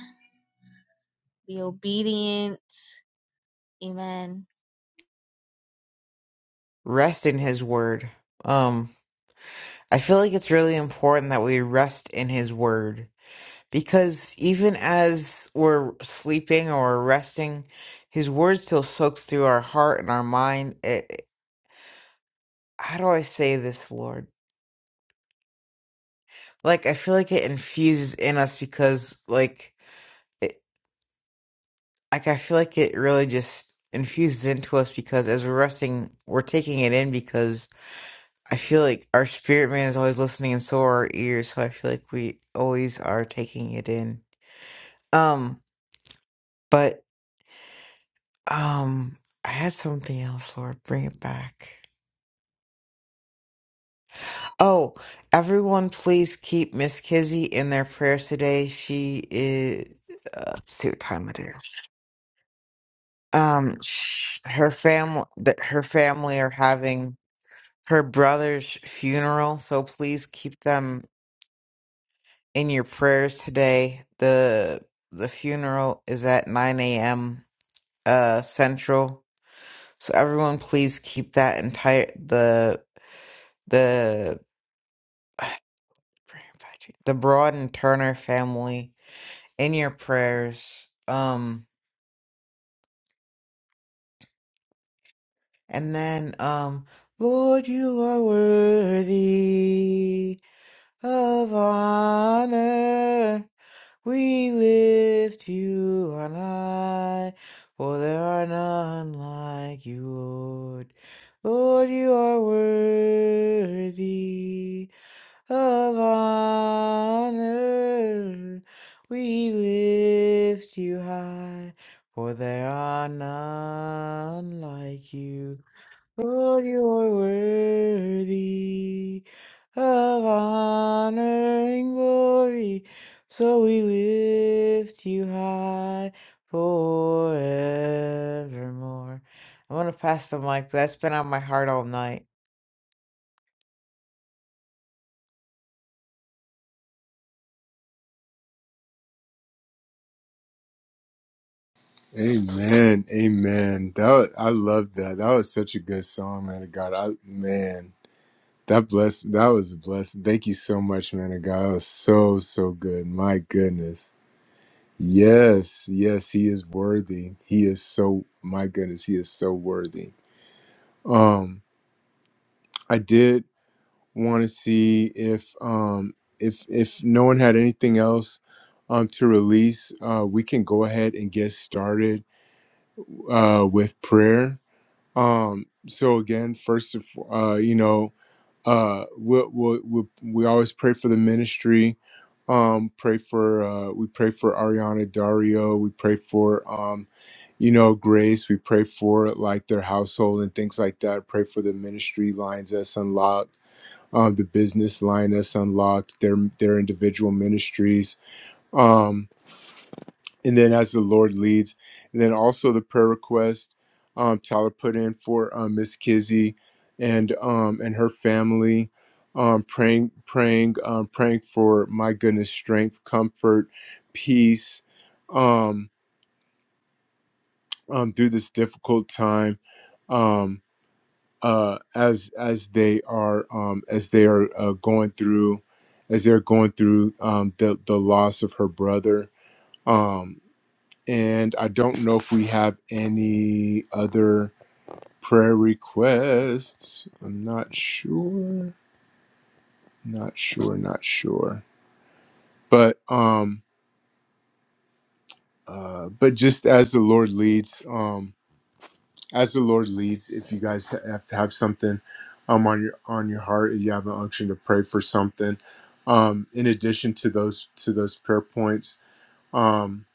be obedient. Amen.
Rest in his word. Um I feel like it's really important that we rest in his word Because even as we're sleeping or resting, his word still soaks through our heart and our mind. It, how do I say this, Lord? Like, I feel like it infuses in us because, like, it, like I feel like it really just infuses into us because as we're resting, we're taking it in because I feel like our spirit man is always listening and so are our ears. So I feel like we always are taking it in. Um, but. Um, I had something else, Lord. Bring it back. Oh, everyone, please keep Miss Kizzy in their prayers today. She is. Uh, let's see what time it is. Um, sh- her family, her family are having her brother's funeral, so please keep them in your prayers today. the The funeral is at nine a.m. uh Central, so everyone, please keep that entire the the. Pray and Patrick. The Broad and Turner family in your prayers. Um, and then, um, Lord, you are worthy of honor. We lift you on high, for there are none like you, Lord. Lord, you are worthy. of honor. We lift you high, for there are none like you. Lord, you're worthy of honor and glory. So we lift you high forevermore. I'm going to pass the mic. That's been on my heart all night.
Amen, amen. That wa- I love that. That was such a good song, man of God. I man, that blessed. That was a blessing. Thank you so much, man of God. That was so so good. My goodness. Yes, yes, he is worthy. He is so. My goodness, he is so worthy. Um, I did want to see if um, if if no one had anything else um, to release, uh, we can go ahead and get started uh, with prayer. Um, so again, first, of- uh, you know, uh, we we we we always pray for the ministry. Um, pray for uh, we pray for Ariana Dario. We pray for um, you know, grace. We pray for like their household and things like that. Pray for the ministry lines that's unlocked um, the business line that's unlocked, their their individual ministries, um, and then as the Lord leads, and then also the prayer request um, Tyler put in for um, Miss Kizzy and um, and her family, um, praying praying um, praying for my goodness strength, comfort, peace um, um, through this difficult time. Um, uh, as as they are um, as they are uh, going through as they're going through um, the the loss of her brother. Um, and I don't know if we have any other prayer requests. I'm not sure. Not sure. Not sure. But um, uh, but just as the Lord leads. Um, as the Lord leads. If you guys have, have something um, on your on your heart, if you have an unction to pray for something, um, in addition to those to those prayer points um,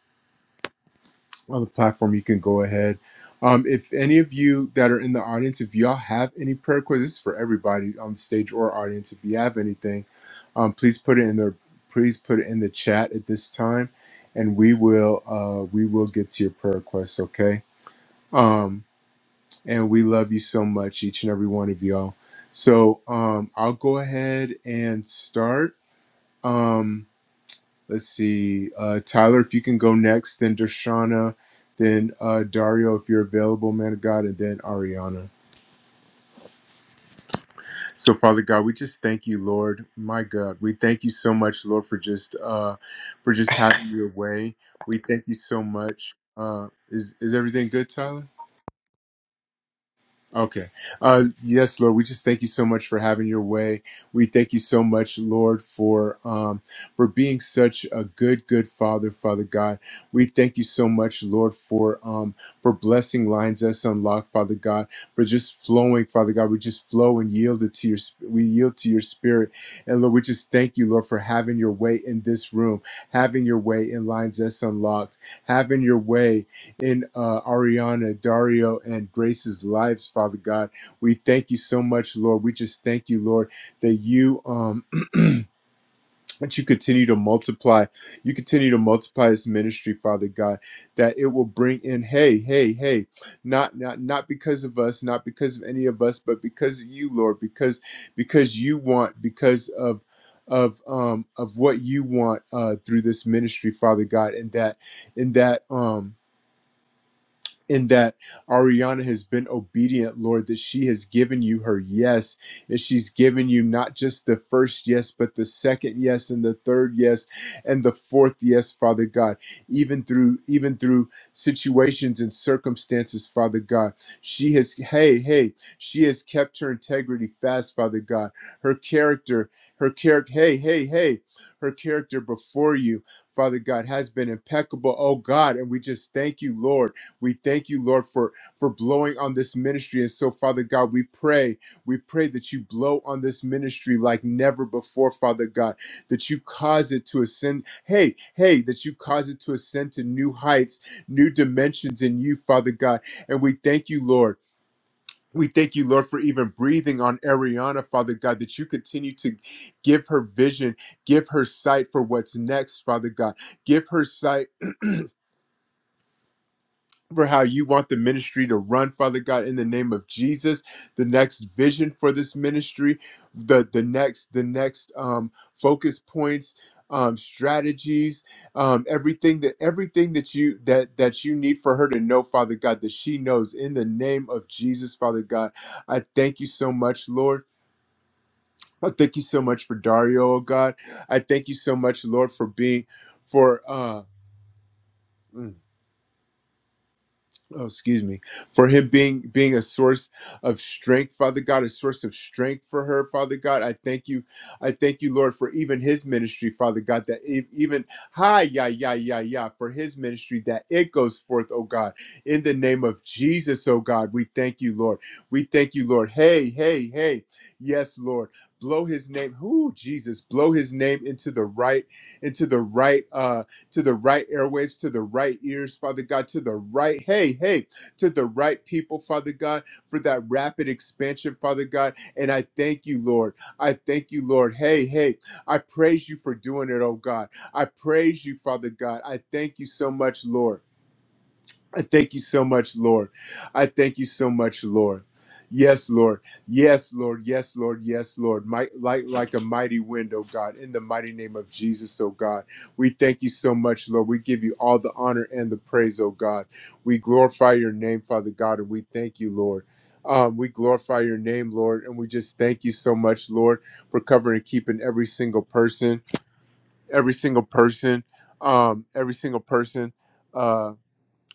on the platform, you can go ahead. Um, if any of you that are in the audience, if y'all have any prayer requests, this is for everybody on stage or audience. If you have anything, um, please put it in the please put it in the chat at this time, and we will uh, we will get to your prayer requests. Okay. Um, and we love you so much, each and every one of y'all. So um, I'll go ahead and start. Um, let's see, uh, Tyler, if you can go next, then Dershana, then uh, Dario, if you're available, man of God, and then Ariana. So Father God, we just thank you, Lord, my God, we thank you so much, Lord, for just uh, for just having your way. We thank you so much. Uh, is is everything good, Tyler? Okay. Uh, yes, Lord, we just thank you so much for having your way. We thank you so much, Lord, for um, for being such a good, good Father, Father God. We thank you so much, Lord, for um, for blessing lines us unlocked, Father God, for just flowing, Father God. We just flow and yield it to your. sp- We yield to your Spirit, and Lord, we just thank you, Lord, for having your way in this room, having your way in lines us unlocked, having your way in uh, Ariana, Dario, and Grace's lives, Father God. We thank you so much, Lord. We just thank you, Lord, that you um that you continue to multiply. You continue to multiply this ministry, Father God, that it will bring in, hey, hey, hey, not not not because of us, not because of any of us, but because of you, Lord, because because you want, because of of um of what you want uh through this ministry father god and that and that um in that Ariana has been obedient, Lord, that she has given you her yes, and she's given you not just the first yes, but the second yes, and the third yes, and the fourth yes, Father God. Even through even through situations and circumstances, Father God, she has hey hey she has kept her integrity fast, Father God. Her character, her character, hey hey hey, her character before you. Father God has been impeccable, oh God, and we just thank you, Lord. We thank you, Lord, for, for blowing on this ministry. And so, Father God, we pray, we pray that you blow on this ministry like never before, Father God, that you cause it to ascend. Hey, hey, that you cause it to ascend to new heights, new dimensions in you, Father God. And we thank you, Lord. We thank you, Lord, for even breathing on Ariana, Father God, that you continue to give her vision, give her sight for what's next, Father God. Give her sight for how you want the ministry to run, Father God, in the name of Jesus. The next vision for this ministry, the the next the next um, focus points, um, strategies, um, everything that everything that you that that you need for her to know, Father God, that she knows in the name of Jesus, Father God. I thank you so much, Lord. I thank you so much for Dario, oh God. I thank you so much, Lord, for being for. uh mm, oh, excuse me, for him being being a source of strength, Father God, a source of strength for her, Father God. I thank you, I thank you, Lord, for even his ministry, Father God, that e- even hi, yeah, yeah, yeah, yeah, for his ministry that it goes forth, oh God, in the name of Jesus, oh God. We thank you, Lord. We thank you, Lord. Hey, hey, hey, yes, Lord. Blow his name, who Jesus, blow his name into the right, into the right. Uh to the right airwaves, to the right ears, Father God, to the right, hey, hey, to the right people, Father God, for that rapid expansion, Father God. And I thank you, Lord. I thank you, Lord. Hey, hey, I praise you for doing it, oh God. I praise you, Father God. I thank you so much, Lord. I thank you so much, Lord. I thank you so much, Lord. Yes, Lord. Yes, Lord. Yes, Lord. Yes, Lord. Might, like, like a mighty wind, oh God, in the mighty name of Jesus, oh God. We thank you so much, Lord. We give you all the honor and the praise, oh God. We glorify your name, Father God, and we thank you, Lord. Um, we glorify your name, Lord, and we just thank you so much, Lord, for covering and keeping every single person, every single person, um, every single person. uh,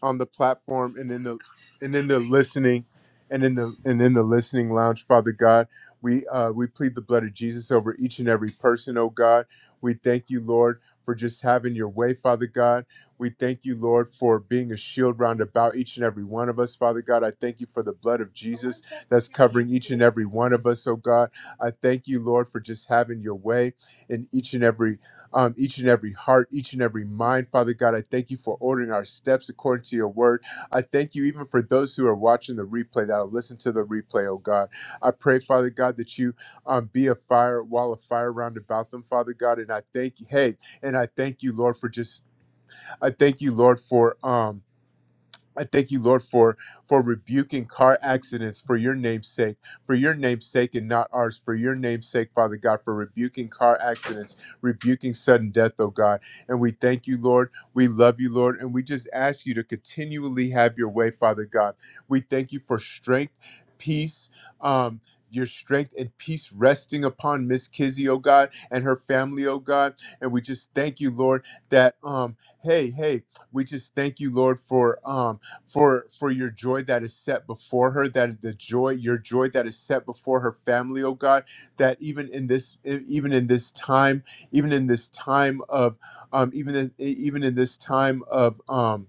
on the platform and in the and in the listening and in the and in the listening lounge, Father God. We uh we plead the blood of Jesus over each and every person, oh God. We thank you, Lord, for just having your way, Father God. We thank you, Lord, for being a shield round about each and every one of us, Father God. I thank you for the blood of Jesus that's covering each and every one of us, oh God. I thank you, Lord, for just having your way in each and every um, each and every heart, each and every mind. Father God, I thank you for ordering our steps according to your word. I thank you even for those who are watching the replay that'll listen to the replay, oh God. I pray, Father God, that you um, be a fire, wall of fire round about them, Father God. And I thank you, hey, and I thank you, Lord, for just, I thank you, Lord, for. Um, I thank you, Lord, for for rebuking car accidents for your name's sake, for your name's sake and not ours, for your name's sake, Father God, for rebuking car accidents, rebuking sudden death, oh God. And we thank you, Lord. We love you, Lord, and we just ask you to continually have your way, Father God. We thank you for strength, peace, um, your strength and peace resting upon Miss Kizzy, oh God, and her family, oh God. And we just thank you, Lord, that um, hey, hey, we just thank you, Lord, for um for for your joy that is set before her that the joy your joy that is set before her family oh god that even in this e, even in this time even in this time of um even in, e, even in this time of um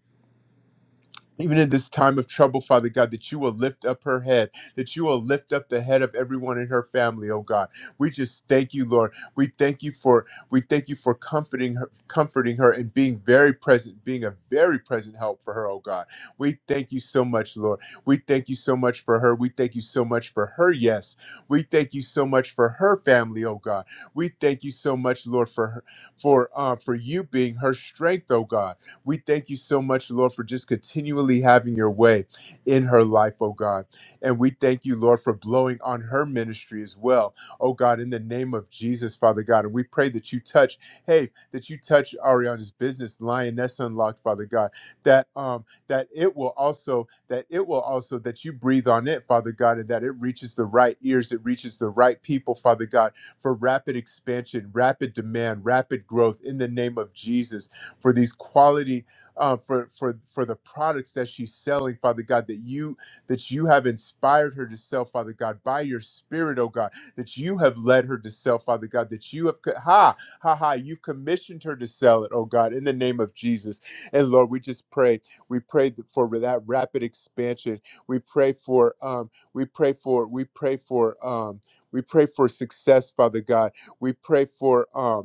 even in this time of trouble, Father God, that you will lift up her head, that you will lift up the head of everyone in her family, oh God. We just thank you, Lord. We thank you for we thank you for comforting her, comforting her and being very present, being a very present help for her, oh God. We thank you so much, Lord. We thank you so much for her. We thank you so much for her, yes. We thank you so much for her family, oh God. We thank you so much, Lord, for her, for uh, for you being her strength, oh God. We thank you so much, Lord, for just continually having your way in her life, oh God. And we thank you, Lord, for blowing on her ministry as well, oh God, in the name of Jesus, Father God. And we pray that you touch, hey, that you touch Ariana's business, Lioness Unlocked, Father God, that um that it will also, that it will also, that you breathe on it, Father God, and that it reaches the right ears, it reaches the right people, Father God, for rapid expansion, rapid demand, rapid growth in the name of Jesus for these quality uh, for for for the products that she's selling, Father God, that you that you have inspired her to sell, Father God, by your Spirit, oh God, that you have led her to sell, Father God, that you have co- ha ha ha, you've commissioned her to sell it, oh God, in the name of Jesus. And Lord, we just pray, we pray th- for that rapid expansion. We pray for um, we pray for we pray for um, we pray for success, Father God. We pray for um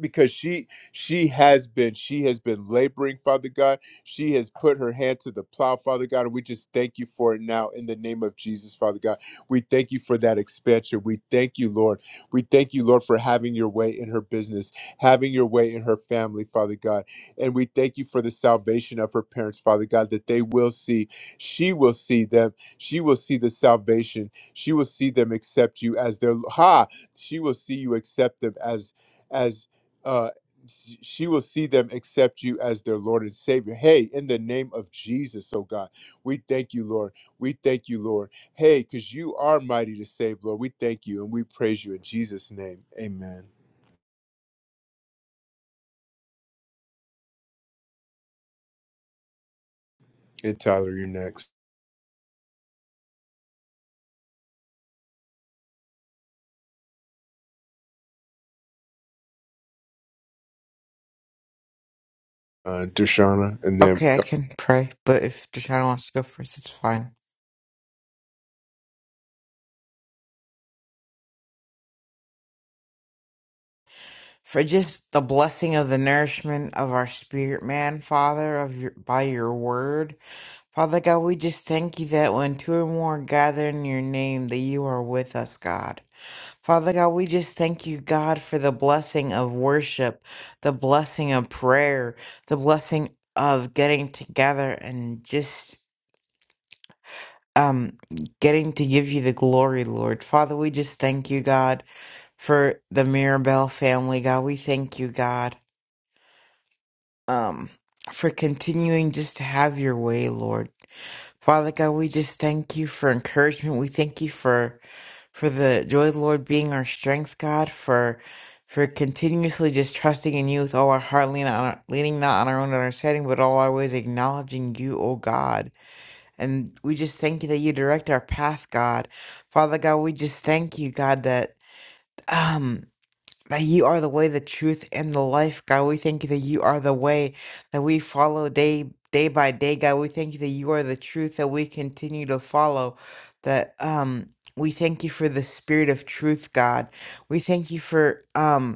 because she she has been she has been laboring father god she has put her hand to the plow father god and we just thank you for it now in the name of jesus father god we thank you for that expansion we thank you lord we thank you lord for having your way in her business having your way in her family father god and we thank you for the salvation of her parents father god that they will see she will see them she will see the salvation she will see them accept you as their ha she will see you accept them as as uh, she will see them accept you as their Lord and Savior. Hey, in the name of Jesus, oh God, we thank you, Lord. We thank you, Lord. Hey, because you are mighty to save, Lord. We thank you and we praise you in Jesus' name. Amen. And Tyler, you're next. Uh, Deshauna, and then
Okay, I can pray, but if Deshaun wants to go first, it's fine. For just the blessing of the nourishment of our spirit, man, Father, of your by your word, Father God, we just thank you that when two or more gather in your name, that you are with us, God. Father God, we just thank you, God, for the blessing of worship, the blessing of prayer, the blessing of getting together and just um getting to give you the glory, Lord. Father, we just thank you, God for the Mirabelle family, God. We thank you, God, um, for continuing just to have your way, Lord. Father God, we just thank you for encouragement. We thank you for for the joy of the Lord being our strength, God, for for continuously just trusting in you with all our heart, leaning, on our, leaning not on our own understanding, but all our ways acknowledging you, O God. And we just thank you that you direct our path, God. Father God, we just thank you, God, that um. that you are the way, the truth, and the life, God. We thank you that you are the way that we follow day day by day, God. We thank you that you are the truth that we continue to follow. That um we thank you for the spirit of truth, God. We thank you for um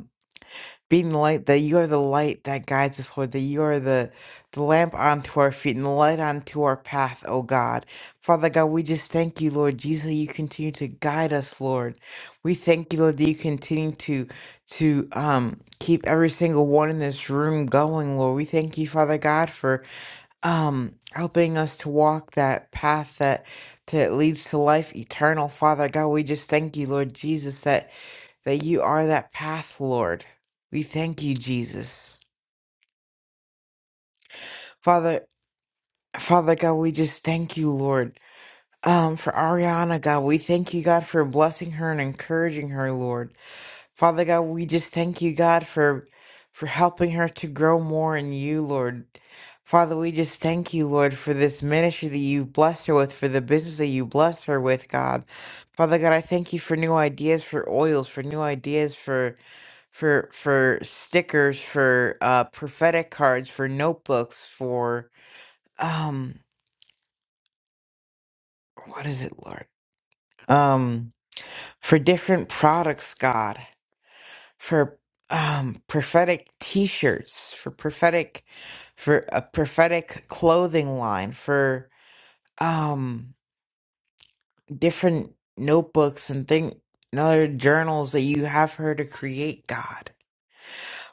being the light that you are the light that guides us lord that you are the the lamp unto our feet and the light unto our path O god father god we just thank you lord jesus that you continue to guide us lord we thank you lord that you continue to to um keep every single one in this room going lord we thank you father god for um helping us to walk that path that that leads to life eternal father god we just thank you lord jesus that that you are that path, Lord. We thank you, Jesus. Father, Father God, we just thank you, Lord. Um, for Ariana, God, we thank you, God, for blessing her and encouraging her, Lord. Father God, we just thank you, God, for for helping her to grow more in you, Lord. Father, we just thank you, Lord, for this ministry that you blessed her with, for the business that you blessed her with, God. Father God, I thank you for new ideas for oils, for new ideas for. for for stickers for uh prophetic cards for notebooks for um what is it lord um for different products god for um prophetic t-shirts for prophetic for a prophetic clothing line for um different notebooks and thing and other journals that you have her to create god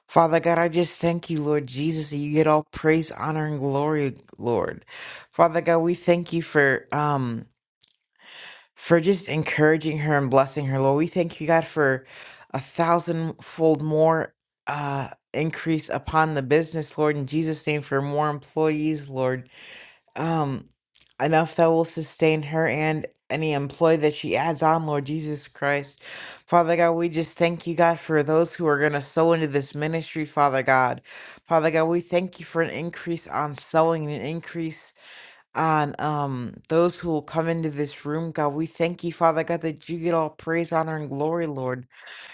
Father God, I just thank you, Lord Jesus, that you get all praise, honor, and glory, Lord. Father God, we thank you for um for just encouraging her and blessing her, Lord. We thank you, God, for a thousandfold more uh increase upon the business, Lord, in Jesus' name, for more employees, Lord um, enough that will sustain her and any employee that she adds on, Lord Jesus Christ. Father God, we just thank you, God, for those who are going to sow into this ministry, Father God. Father God, we thank you for an increase on sowing and an increase on um those who will come into this room, God. We thank you, Father God, that you get all praise, honor, and glory, Lord.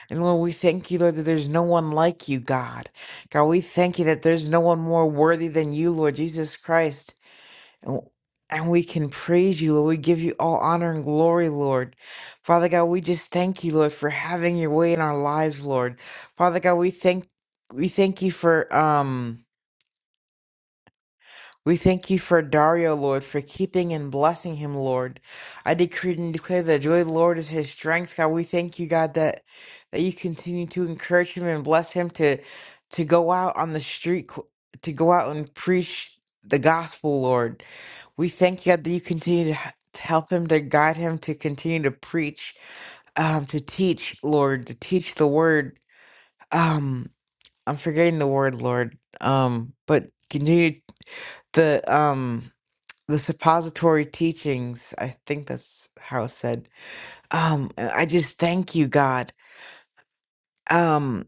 And Lord, we thank you, Lord, that there's no one like you, God. God, we thank you that there's no one more worthy than you, Lord Jesus Christ. And and we can praise you, Lord. We give you all honor and glory, Lord. Father God, we just thank you, Lord, for having your way in our lives, Lord. Father God, we thank we thank you for um we thank you for Dario, Lord, for keeping and blessing him, Lord. I decree and declare that joy, of the Lord, is his strength. God, we thank you, God, that that you continue to encourage him and bless him to to go out on the street, to go out and preach the gospel, Lord. We thank God that you continue to, h- to help him, to guide him, to continue to preach, um, to teach, Lord, to teach the word. Um, I'm forgetting the word, Lord. Um, but continue the um the suppository teachings. I think that's how it's said. Um, and I just thank you, God. Um,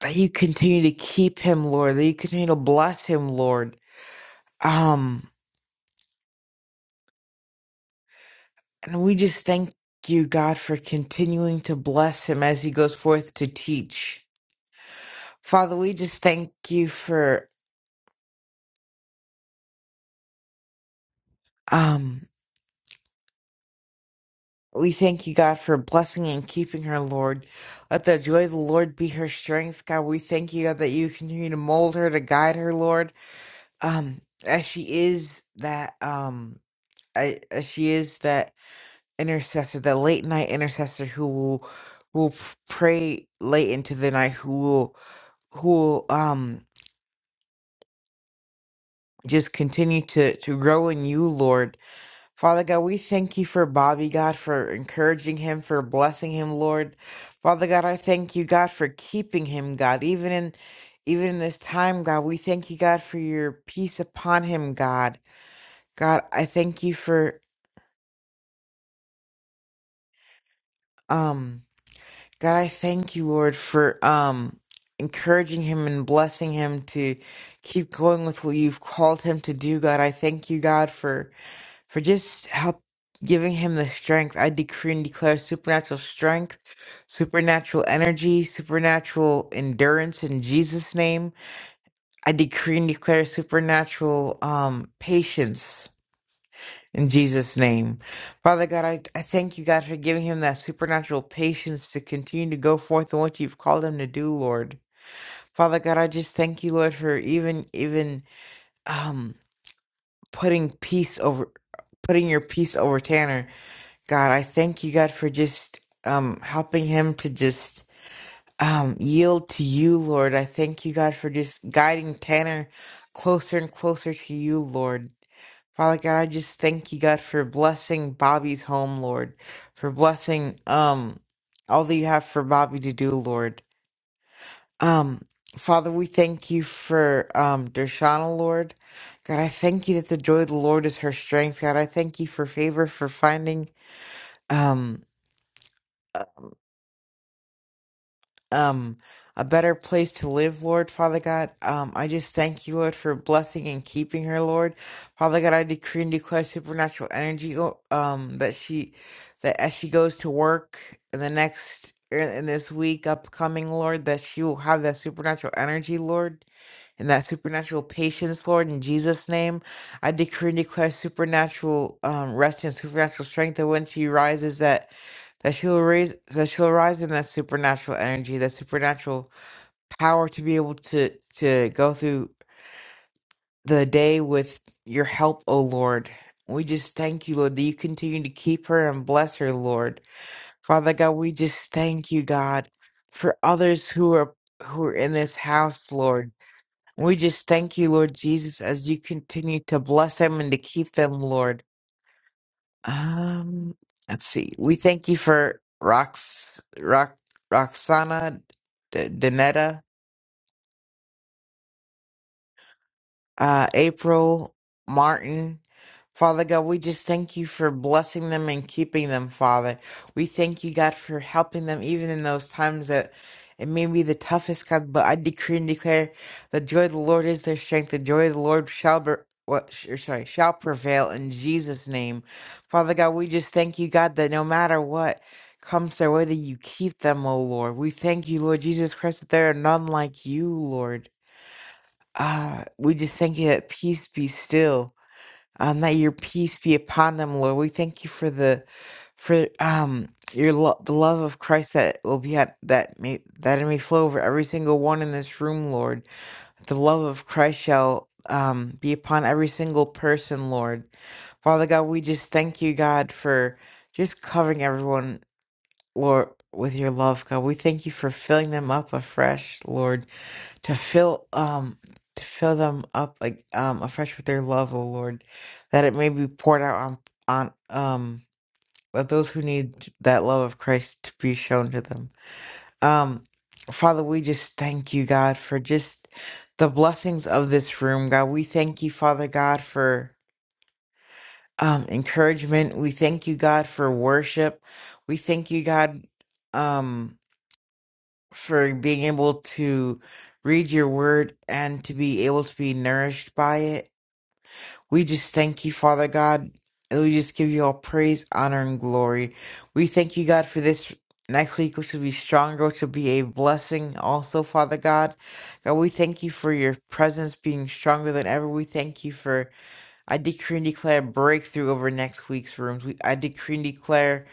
that you continue to keep him, Lord. That you continue to bless him, Lord. Um. And we just thank you, God, for continuing to bless him as he goes forth to teach. Father, we just thank you for um we thank you, God, for blessing and keeping her, Lord. Let the joy of the Lord be her strength, God. We thank you, God, that you continue to mold her, to guide her, Lord. Um, as she is that um I- as she is that intercessor, that late night intercessor who will will pray late into the night, who will who will, um just continue to to grow in you, Lord. Father God, we thank you for Bobby, God, for encouraging him, for blessing him, Lord. Father God, I thank you, God, for keeping him, God, even in even in this time, God. We thank you, God, for your peace upon him, God. God, I thank you for um God, I thank you, Lord, for um encouraging him and blessing him to keep going with what you've called him to do, God. I thank you, God, for for just help giving him the strength. I decree and declare supernatural strength, supernatural energy, supernatural endurance in Jesus' name. I decree and declare supernatural um patience in Jesus' name. Father God, I, I thank you, God, for giving him that supernatural patience to continue to go forth in what you've called him to do, Lord. Father God, I just thank you, Lord, for even even um putting peace over putting your peace over Tanner. God, I thank you, God, for just um helping him to just um yield to you, Lord. I thank you, God, for just guiding Tanner closer and closer to you, Lord. Father God, I just thank you, God, for blessing Bobby's home, Lord. For blessing um all that you have for Bobby to do, Lord. Um Father, we thank you for um Dershana, Lord. God, I thank you that the joy of the Lord is her strength. God, I thank you for favor for finding um um a better place to live, Lord Father God. Um, I just thank you, Lord, for blessing and keeping her, Lord Father God. I decree and declare supernatural energy, o- um, that she, that as she goes to work in the next in in this week upcoming, Lord, that she will have that supernatural energy, Lord, and that supernatural patience, Lord, in Jesus' name. I decree and declare supernatural um, rest and supernatural strength that when she rises, that that she will raise that she will rise in that supernatural energy, that supernatural power to be able to to go through the day with your help, O Lord. We just thank you, Lord, that you continue to keep her and bless her, Lord. Father God, we just thank you, God, for others who are who are in this house, Lord. We just thank you, Lord Jesus, as you continue to bless them and to keep them, Lord. Um, let's see. We thank you for Rox, Rox, Roxana D- Danetta. uh, April, Martin. Father God, we just thank you for blessing them and keeping them, Father. We thank you, God, for helping them even in those times that it may be the toughest, God. But I decree and declare the joy of the Lord is their strength. The joy of the Lord shall be. What, sh- sorry, shall prevail in Jesus' name. Father God, we just thank you, God, that no matter what comes their way, that you keep them, O Lord. We thank you, Lord Jesus Christ, that there are none like you, Lord. Uh, we just thank you that peace be still. Um, that your peace be upon them, Lord. We thank you for the, for um your lo- the love of Christ that will be at that may that it may flow over every single one in this room, Lord. The love of Christ shall um be upon every single person, Lord. Father God, we just thank you, God, for just covering everyone, Lord, with your love, God. We thank you for filling them up afresh, Lord to fill um to fill them up like um afresh with their love, O Lord, that it may be poured out on on um of those who need that love of Christ to be shown to them. Um Father, we just thank you, God, for just the blessings of this room, God. We thank you, Father God, for um encouragement. We thank you, God, for worship. We thank you, God. Um for being able to read your word and to be able to be nourished by it. We just thank you, Father God. And we just give you all praise, honor, and glory. We thank you, God, for this next week, which will be stronger, which will be a blessing also, Father God. God, we thank you for your presence being stronger than ever. We thank you for, I decree and declare breakthrough over next week's rooms. We, I decree and declare.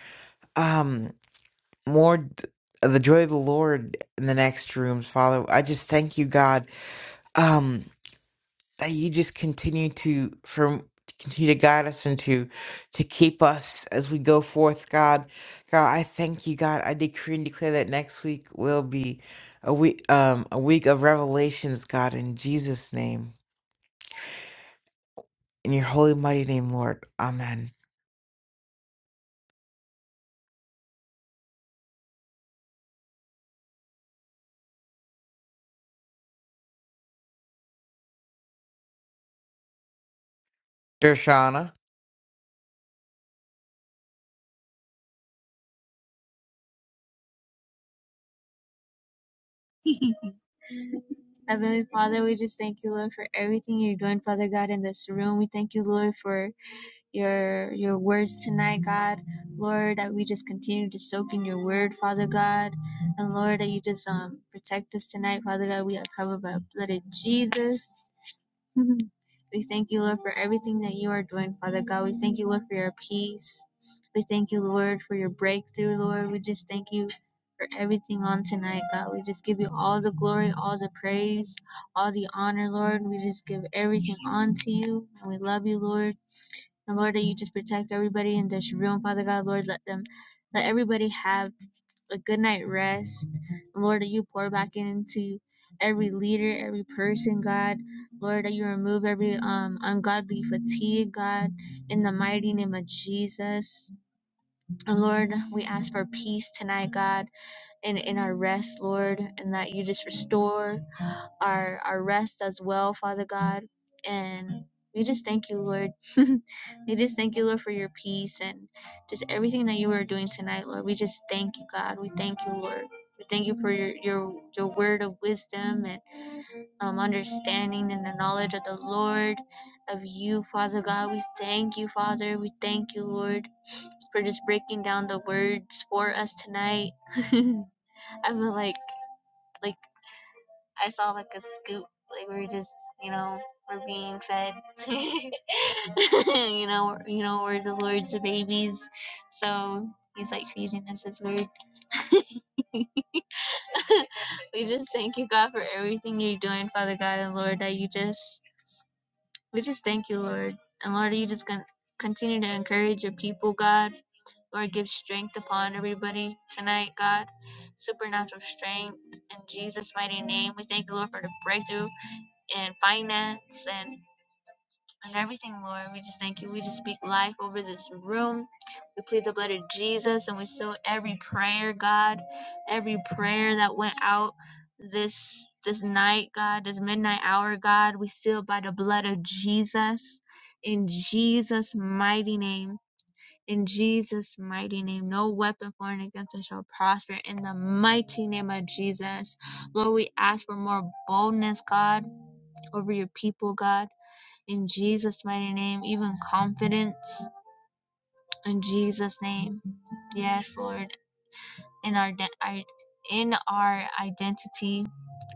um more d- the joy of the Lord in the next rooms, Father. I just thank you, God, um, that you just continue to from continue to guide us and to to keep us as we go forth, God. God, I thank you, God. I decree and declare that next week will be a week um a week of revelations, God, in Jesus' name. In your holy mighty name, Lord. Amen. Dershana.
Heavenly Father, we just thank you, Lord, for everything you're doing, Father God, in this room. We thank you, Lord, for your your words tonight, God. Lord, that we just continue to soak in your word, Father God. And Lord, that you just um protect us tonight, Father God. We are covered by the blood of Jesus. Mhm. We thank you, Lord, for everything that you are doing, Father God. We thank you, Lord, for your peace. We thank you, Lord, for your breakthrough, Lord. We just thank you for everything on tonight, God. We just give you all the glory, all the praise, all the honor, Lord. We just give everything on to you, and we love you, Lord. And Lord, that you just protect everybody in this room, Father God, Lord. Let them, let everybody have a good night rest. Lord, that you pour back into every leader, every person, God. Lord, that you remove every um, ungodly fatigue, God, in the mighty name of Jesus. And Lord, we ask for peace tonight, God, and in our rest, Lord, and that you just restore our our rest as well, Father God. And we just thank you, Lord. we just thank you, Lord, for your peace and just everything that you are doing tonight, Lord. We just thank you, God. We thank you, Lord. We thank you for your your your word of wisdom and um, understanding and the knowledge of the Lord, of you, Father God. We thank you, Father. We thank you, Lord, for just breaking down the words for us tonight. I feel like. like I saw like a scoop, like we were just, you know, we're being fed. you know, you know, we're the Lord's babies, so He's like feeding us His word. we just thank you, God, for everything you're doing, Father God and Lord. That you just, we just thank you, Lord, and Lord, you just gonna continue to encourage your people, God. Lord, give strength upon everybody tonight, God. Supernatural strength in Jesus' mighty name. We thank you, Lord, for the breakthrough. and finance and, and everything, Lord. We just thank you. We just speak life over this room. We plead the blood of Jesus and we seal every prayer, God, every prayer that went out this this night, God, this midnight hour, God. We seal by the blood of Jesus. In Jesus' mighty name. In Jesus' mighty name, no weapon formed against us shall prosper. In the mighty name of Jesus, Lord, we ask for more boldness, God, over your people, God. In Jesus' mighty name, even confidence. In Jesus' name. Yes, Lord. In our, in our identity.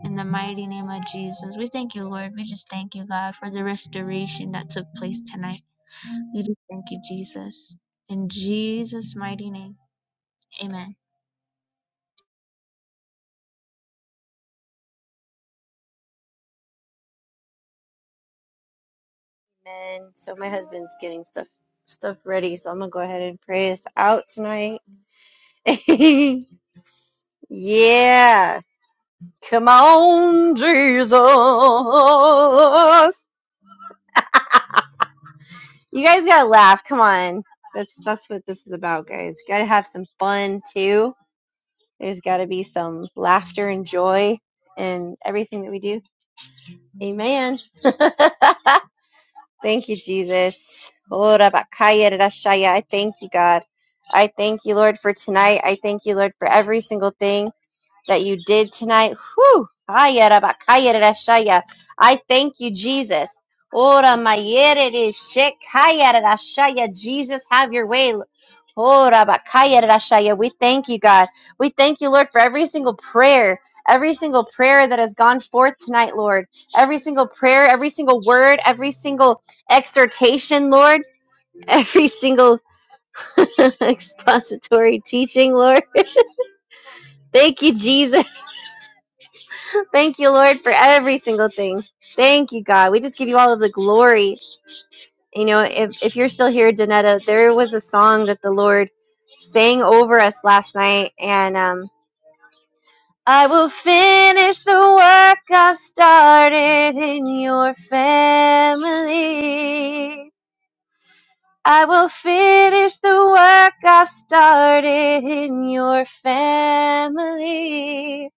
In the mighty name of Jesus. We thank you, Lord. We just thank you, God, for the restoration that took place tonight. We just thank you, Jesus. In Jesus' mighty name. Amen.
Amen. So my husband's getting stuff stuff ready, so I'm gonna go ahead and pray us out tonight. yeah. Come on, Jesus. You guys gotta laugh. Come on. That's that's what this is about, guys. You gotta have some fun too. There's gotta be some laughter and joy in everything that we do. Amen. Thank you, Jesus. Ora bakaya rashaya. I thank you, God. I thank you, Lord, for tonight. I thank you, Lord, for every single thing that you did tonight. Whew. Haya rabakaya rashaya. I thank you, Jesus. Ora mayere de shek. Haya Jesus, have your way. Ora bakaya rashaya. We thank you, God. We thank you, Lord, for every single prayer. Every single prayer that has gone forth tonight, Lord. Every single prayer, every single word, every single exhortation, Lord. Every single expository teaching, Lord. Thank you, Jesus. Thank you, Lord, for every single thing. Thank you, God. We just give you all of the glory. You know, if, if you're still here, Danetta, there was a song that the Lord sang over us last night, and um, I will finish the work I've started in your family. I will finish the work I've started in your family.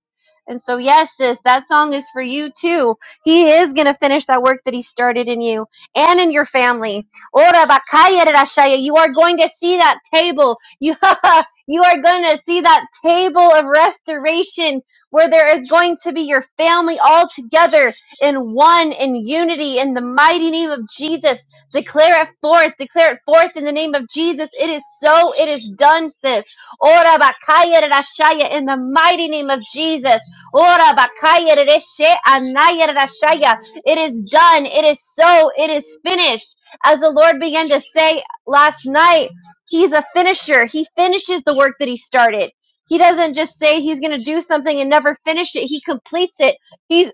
And so, yes, sis, that song is for you too. He is going to finish that work that he started in you and in your family. Ora bakaya rashaya. You are going to see that table. You, you are going to see that table of restoration where there is going to be your family all together in one, in unity, in the mighty name of Jesus. Declare it forth. Declare it forth in the name of Jesus. It is so. It is done, sis. Ora bakaya rashaya in the mighty name of Jesus. Ora bakaya rereshe anaya rerashaya. It is done. It is so. It is finished. As the Lord began to say last night, He's a finisher. He finishes the work that He started. He doesn't just say He's going to do something and never finish it. He completes it. He's.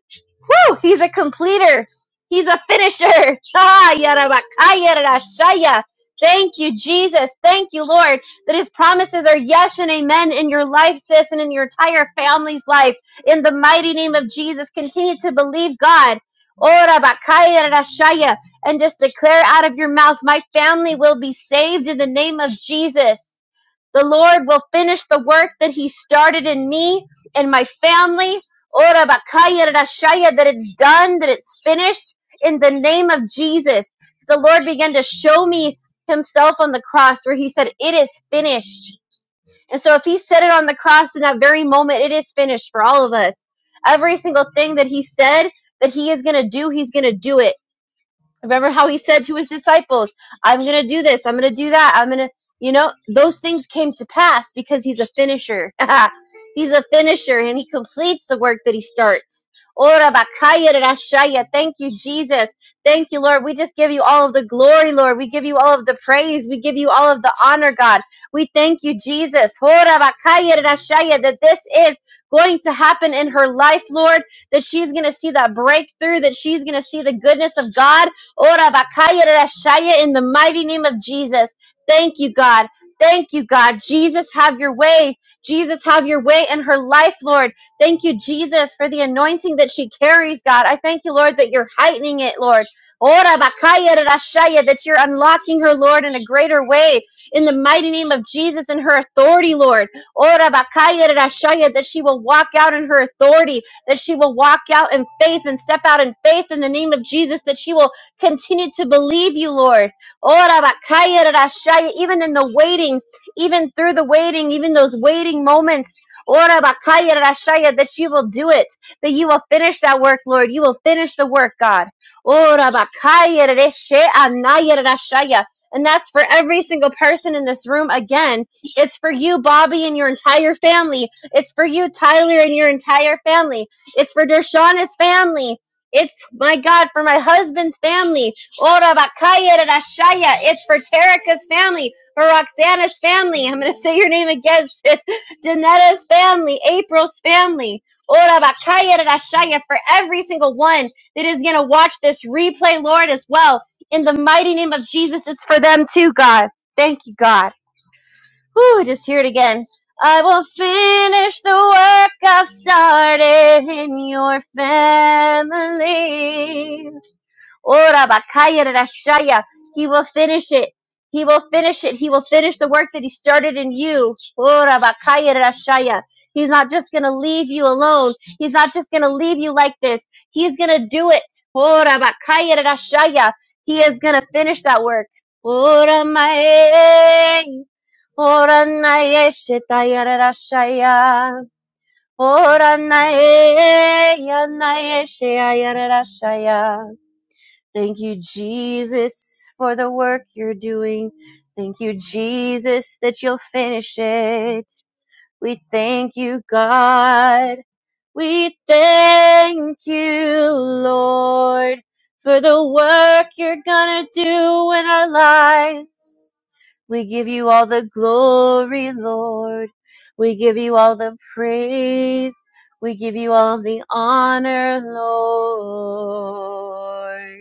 Whew, he's a completer. He's a finisher. Ah, yarabakaya rashaya. Thank you, Jesus. Thank you, Lord, that his promises are yes and amen in your life, sis, and in your entire family's life. In the mighty name of Jesus, continue to believe God. Ora bakaya rashaya. And just declare out of your mouth, my family will be saved in the name of Jesus. The Lord will finish the work that He started in me and my family. Ora bakaya rashaya, That it's done, that it's finished in the name of Jesus. The Lord began to show me Himself on the cross where He said, It is finished. And so if He said it on the cross in that very moment, it is finished for all of us. Every single thing that He said that He is going to do, He's going to do it. Remember how he said to his disciples, I'm going to do this, I'm going to do that, I'm going to, you know, those things came to pass because he's a finisher. he's a finisher and he completes the work that he starts. Ora bakaya de rashaya. Thank you, Jesus. Thank you, Lord. We just give you all of the glory, Lord. We give you all of the praise. We give you all of the honor, God. We thank you, Jesus. Ora bakaya de rashaya, That this is going to happen in her life, Lord. That she's going to see that breakthrough, that she's going to see the goodness of God Ora bakaya rashaya in the mighty name of Jesus. Thank you, God. Thank you, God. Jesus, have your way. Jesus, have your way in her life, Lord. Thank you, Jesus, for the anointing that she carries, God. I thank you, Lord, that you're heightening it, Lord. Ora bakaya rashaya, that you're unlocking her, Lord, in a greater way. In the mighty name of Jesus and her authority, Lord. Ora bakaya rashaya, that she will walk out in her authority that she will walk out in faith and step out in faith in the name of Jesus, that she will Continue to believe you, Lord. Ora bakaya rarashaya, Even in the waiting, even through the waiting, even those waiting moments. Ora bakaya rarashaya, That you will do it, that you will finish that work, Lord. You will finish the work, God. Ora bakaya rareshe anaya rarashaya. And that's for every single person in this room again. It's for you, Bobby, and your entire family. It's for you, Tyler, and your entire family. It's for Dershauna's family. It's my God for my husband's family. Ora bakaya rarashaya. It's for Terica's family, for Roxana's family. I'm gonna say your name again, sis. Danetta's family, April's family. Ora bakaya rarashaya for every single one that is gonna watch this replay, Lord, as well. In the mighty name of Jesus, it's for them too, God. Thank you, God. Whew, just hear it again. I will finish the work I've started in your family. Ora bakaya rashaya. He will finish it. He will finish it. He will finish the work that he started in you. Ora bakaya rashaya. He's not just going to leave you alone. He's not just going to leave you like this. He's going to do it. Ora bakaya rashaya. He is going to finish that work. Ora mae Oranaye shetayarashaya. Oranaye yanaye sheyayarashaya. Thank you, Jesus, for the work you're doing. Thank you, Jesus, that you'll finish it. We thank you, God. We thank you, Lord, for the work you're gonna do in our lives. We give you all the glory, Lord. We give you all the praise. We give you all the honor, Lord.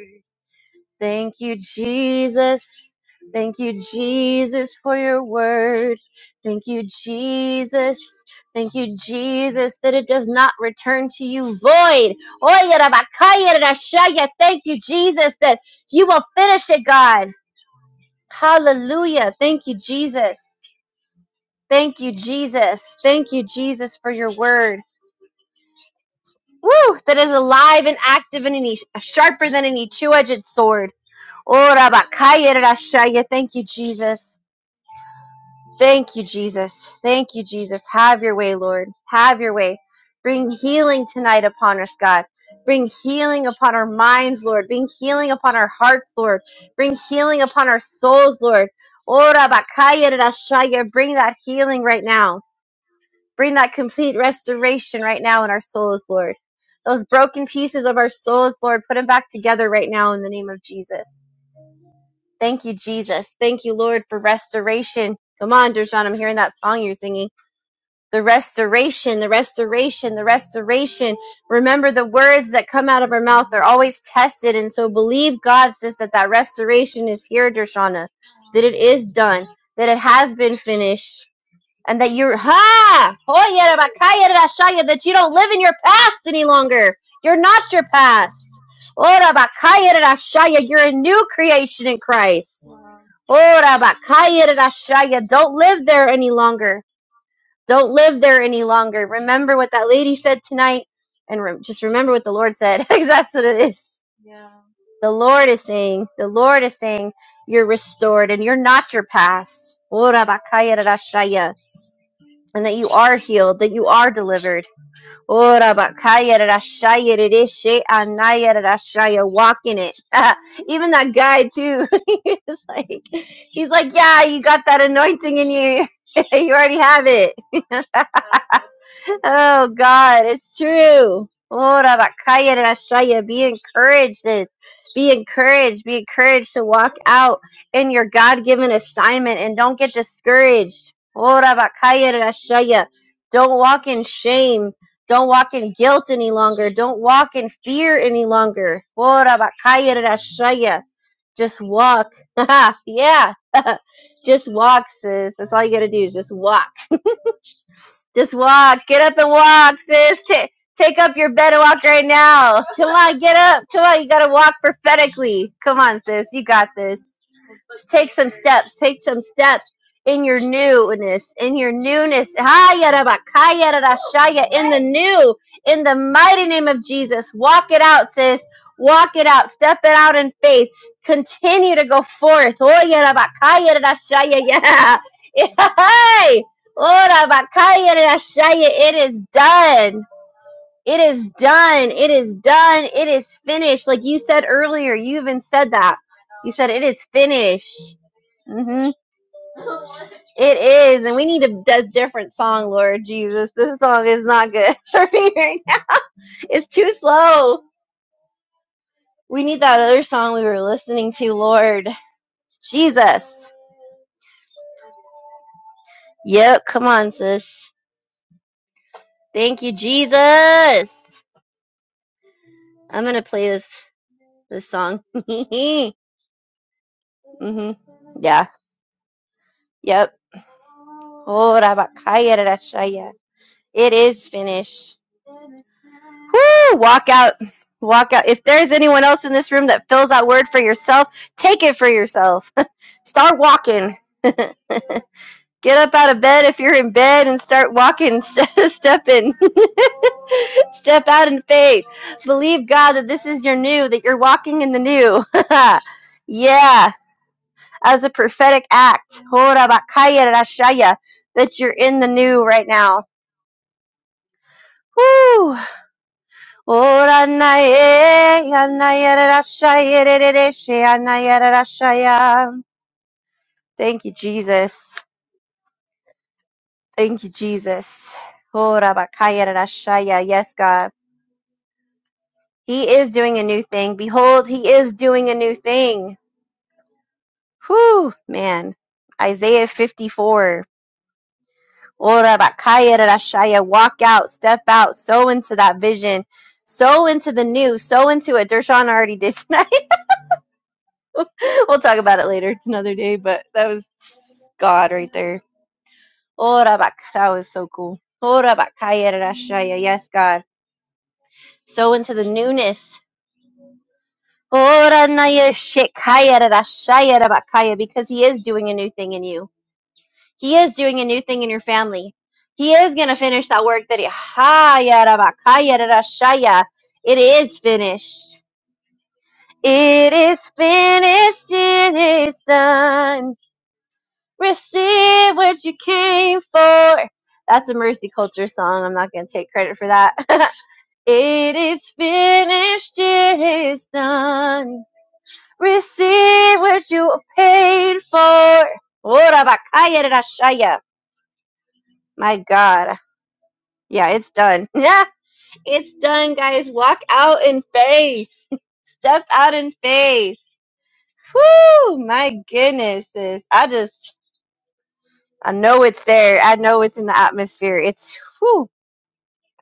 Thank you, Jesus. Thank you, Jesus, for your word. Thank you, Jesus. Thank you, Jesus, that it does not return to you void. Oye, Rabakaya, Rashaya. Thank you, Jesus, that you will finish it, God. Hallelujah. Thank you, Jesus. Thank you, Jesus. Thank you, Jesus, for your word. Woo! That is alive and active and any, sharper than any two edged sword. Ora bakaya rashaya. Thank you, Jesus. Thank you, Jesus. Thank you, Jesus. Have your way, Lord. Have your way. Bring healing tonight upon us, God. Bring healing upon our minds, Lord. Bring healing upon our hearts, Lord. Bring healing upon our souls, Lord. Ora bakaya rashaya. Bring that healing right now. Bring that complete restoration right now in our souls, Lord. Those broken pieces of our souls, Lord, put them back together right now in the name of Jesus. Thank you, Jesus. Thank you, Lord, for restoration. Come on, Dershawn, I'm hearing that song you're singing. The restoration, the restoration, the restoration. Remember the words that come out of our mouth, they're always tested. And so believe God, says that that restoration is here, Dershana, that it is done, that it has been finished and that you're ha Hoya that you don't live in your past any longer. You're not your past. Oh you're a new creation in Christ. Oh don't live there any longer. Don't live there any longer. Remember what that lady said tonight, and re- just remember what the Lord said, because that's what it is. The Lord is saying, the Lord is saying, you're restored and you're not your past. Oh and that you are healed, that you are delivered. Walk in it. Even that guy too. he's like, he's like, yeah, you got that anointing in you. you already have it. oh God, it's true. Ora bakaya rashaya. Be encouraged, sis. Be encouraged. Be encouraged to walk out in your God-given assignment and don't get discouraged. Ora bakaya rashaya. Don't walk in shame. Don't walk in guilt any longer. Don't walk in fear any longer. Ora bakaya rashaya. Just walk. yeah. just walk, sis. That's all you gotta do is just walk. Just walk. Get up and walk, sis. Ta take up your bed and walk right now. Come on, get up. Come on, you gotta walk prophetically. Come on, sis. You got this. Take some steps. Take some steps in your newness. In your newness. Hayarabakayarashaya, In the new. In the mighty name of Jesus. Walk it out, sis. Walk it out. Step it out in faith. Continue to go forth. Oyarabakayarashaya, Yeah. Hey. Oh, Orabakayarashaya, It is done. It is done. It is done. It is finished. Like you said earlier, you even said that. You said it is finished. hmm It is, and we need a d- different song, Lord Jesus. This song is not good for me right now. It's too slow. We need that other song we were listening to, Lord Jesus. Yep, come on, sis. Thank you, Jesus. I'm gonna play this this song. hmm Yeah. Yep. Oh, Rabakaya Rashaya. It is finished. Woo! Walk out. Walk out. If there's anyone else in this room that fills that word for yourself, take it for yourself. start walking. Get up out of bed if you're in bed and start walking. Step in. Step out in faith. Believe God that this is your new, that you're walking in the new. yeah, as a prophetic act. Ora bakaya rashaya, That you're in the new right now. Whew. Ora Oranaye, anayararashaya, rasha, anayararashaya. Thank you, Jesus. Thank you, Jesus. Ora Orabakayararashaya. Yes, God. He is doing a new thing. Behold, He is doing a new thing. Whew, man. Isaiah 54. Ora Orabakayararashaya. Walk out, step out, sow into that vision, sow into the new, sow into it. Dershawn already did. we'll talk about it later another day, but that was God right there. Ora bak. That was so cool. Ora bakaya rashaya. Yes, God. So into the newness. Ora naya shekaya rashaya rabakaya, Because He is doing a new thing in you. He is doing a new thing in your family. He is going to finish that work that He. Haya rabakaya rashaya. It is finished. It is finished. It is done. Receive what you came for. That's a Mercy Culture song. I'm not going to take credit for that. it is finished. It is done. Receive what you paid for. Orabakayarashaya. My God. Yeah, it's done. Yeah, it's done, guys. Walk out in faith. Step out in faith. Whoo, my goodness. sis. I just, I know it's there. I know it's in the atmosphere. It's, whoo.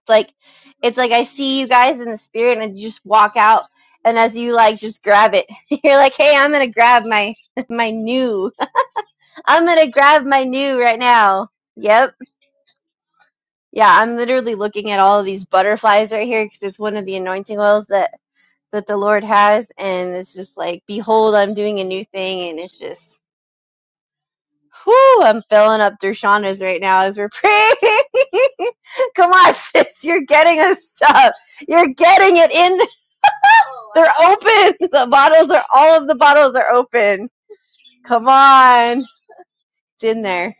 like it's like I see you guys in the spirit and you just walk out and as you like just grab it. You're like, "Hey, I'm going to grab my my new. I'm going to grab my new right now." Yep. Yeah, I'm literally looking at all of these butterflies right here cuz it's one of the anointing oils that that the Lord has and it's just like, "Behold, I'm doing a new thing." And it's just whoo, I'm filling up Dershana's right now as we're praying. Come on, sis, you're getting us up. You're getting it in. They're open. The bottles are all of the bottles are open. Come on. It's in there.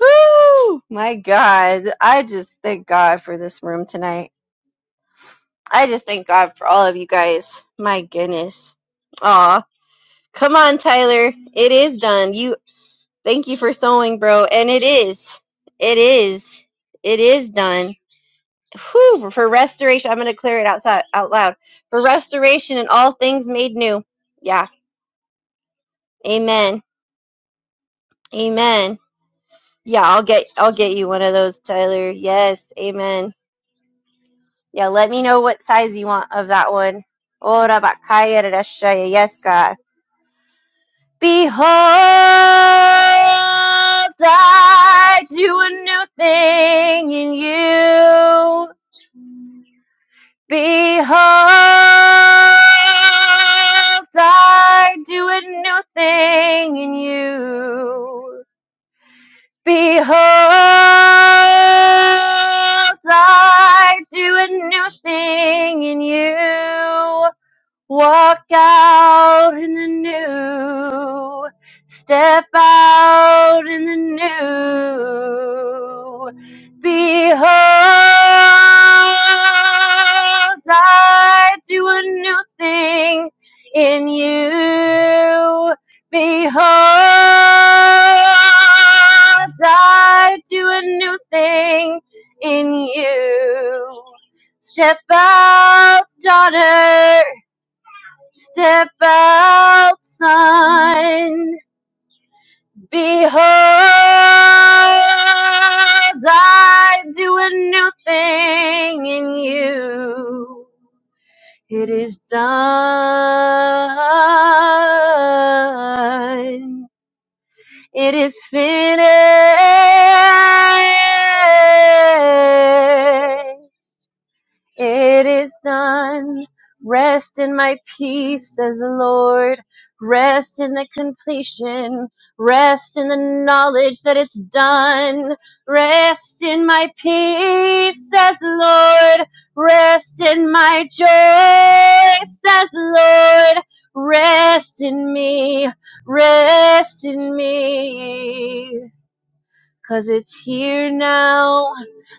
Woo! My God. I just thank God for this room tonight. I just thank God for all of you guys. My goodness. Aw. Come on, Tyler. It is done. You thank you for sewing, bro. And it is. It is. It is done. Whew, for restoration. I'm gonna clear it outside out loud. For restoration and all things made new. Yeah. Amen. Amen. Yeah, I'll get I'll get you one of those, Tyler. Yes, amen. Yeah, let me know what size you want of that one. Ora bakaya rarashaya. Yes, God. Behold, I do a new thing in you. Behold, I do a new thing in you. Behold, I do a new thing in you. Walk out in the new. Step out in the new. Behold, I do a new thing in you. Behold, I do a new thing in you. Step out, daughter. Step outside, behold, I do a new thing in you. It is done. It is finished. It is done. Rest in my peace, says the Lord. Rest in the completion. Rest in the knowledge that it's done. Rest in my peace, says the Lord. Rest in my joy, says the Lord. Rest in me. Rest in me. Cause it's here now.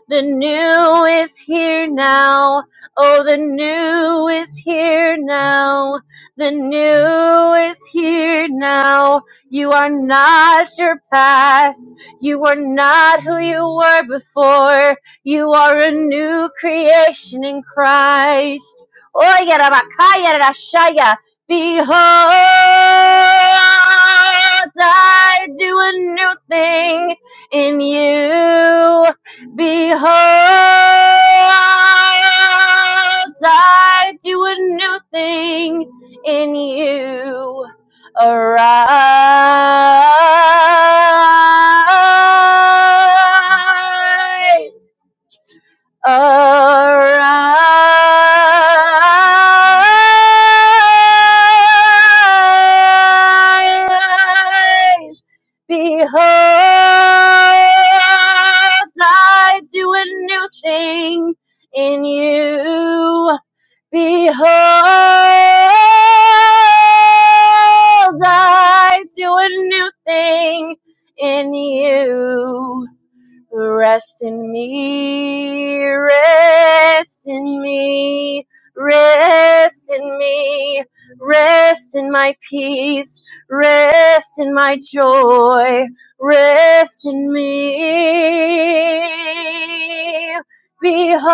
The new is here now. Oh, the new is here now. The new is here now. You are not your past. You are not who you were before. You are a new creation in Christ. Oye, rabakaya, rashaya. Behold, I do a new thing in you. Behold, I do a new thing in you. Arise Arise, behold, I do a new thing in you. Behold, I do a new thing in you. Rest in me, rest in me, rest in me, rest in my peace, rest in my joy, rest in me. Behold,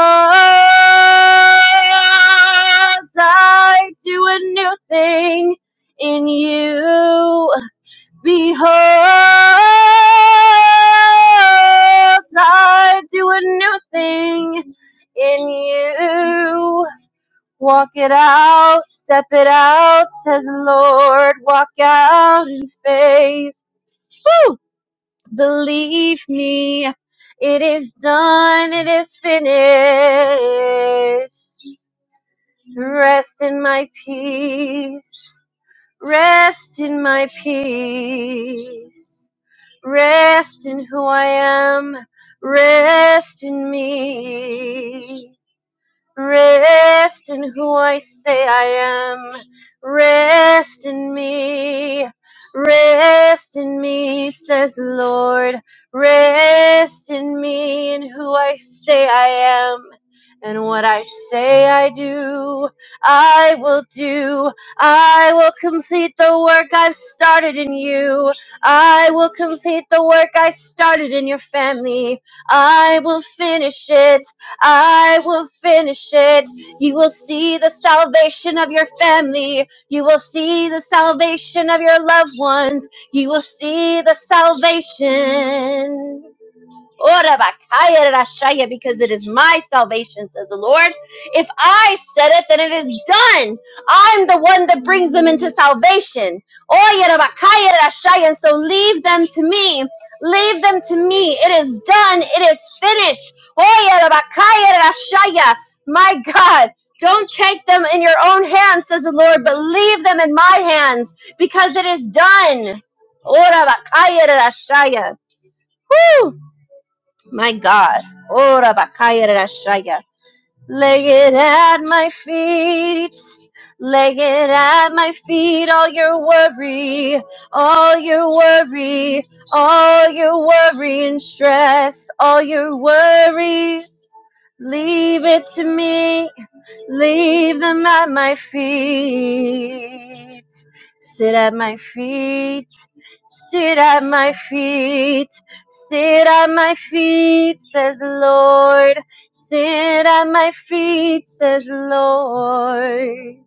I do a new thing in you. Behold, I do a new thing in you. Walk it out, step it out, says the Lord. Walk out in faith. Woo! Believe me, it is done, it is finished. Rest in my peace. Rest in my peace. Rest in who I am. Rest in me. Rest in who I say I am. Rest in me. Rest in me, says the Lord. Rest in me in who I say I am. And what I say I do, I will do. I will complete the work I've started in you. I will complete the work I started in your family. I will finish it. I will finish it. You will see the salvation of your family. You will see the salvation of your loved ones. You will see the salvation. Ora bakaya rashaya, Because it is my salvation, says the Lord. If I said it, then it is done. I'm the one that brings them into salvation. Oya rabakaya rashaya, And so leave them to me. Leave them to me. It is done. It is finished. Oya rabakaya rashaya. My God. Don't take them in your own hands, says the Lord, but leave them in my hands because it is done. Ora bakaya rashaya. Woo! My God. Ora bakaya rashaya. Lay it at my feet. Lay it at my feet. All your worry. All your worry. All your worry and stress. All your worries. Leave it to me. Leave them at my feet. Sit at my feet, sit at my feet, sit at my feet, says the Lord. Sit at my feet, says the Lord.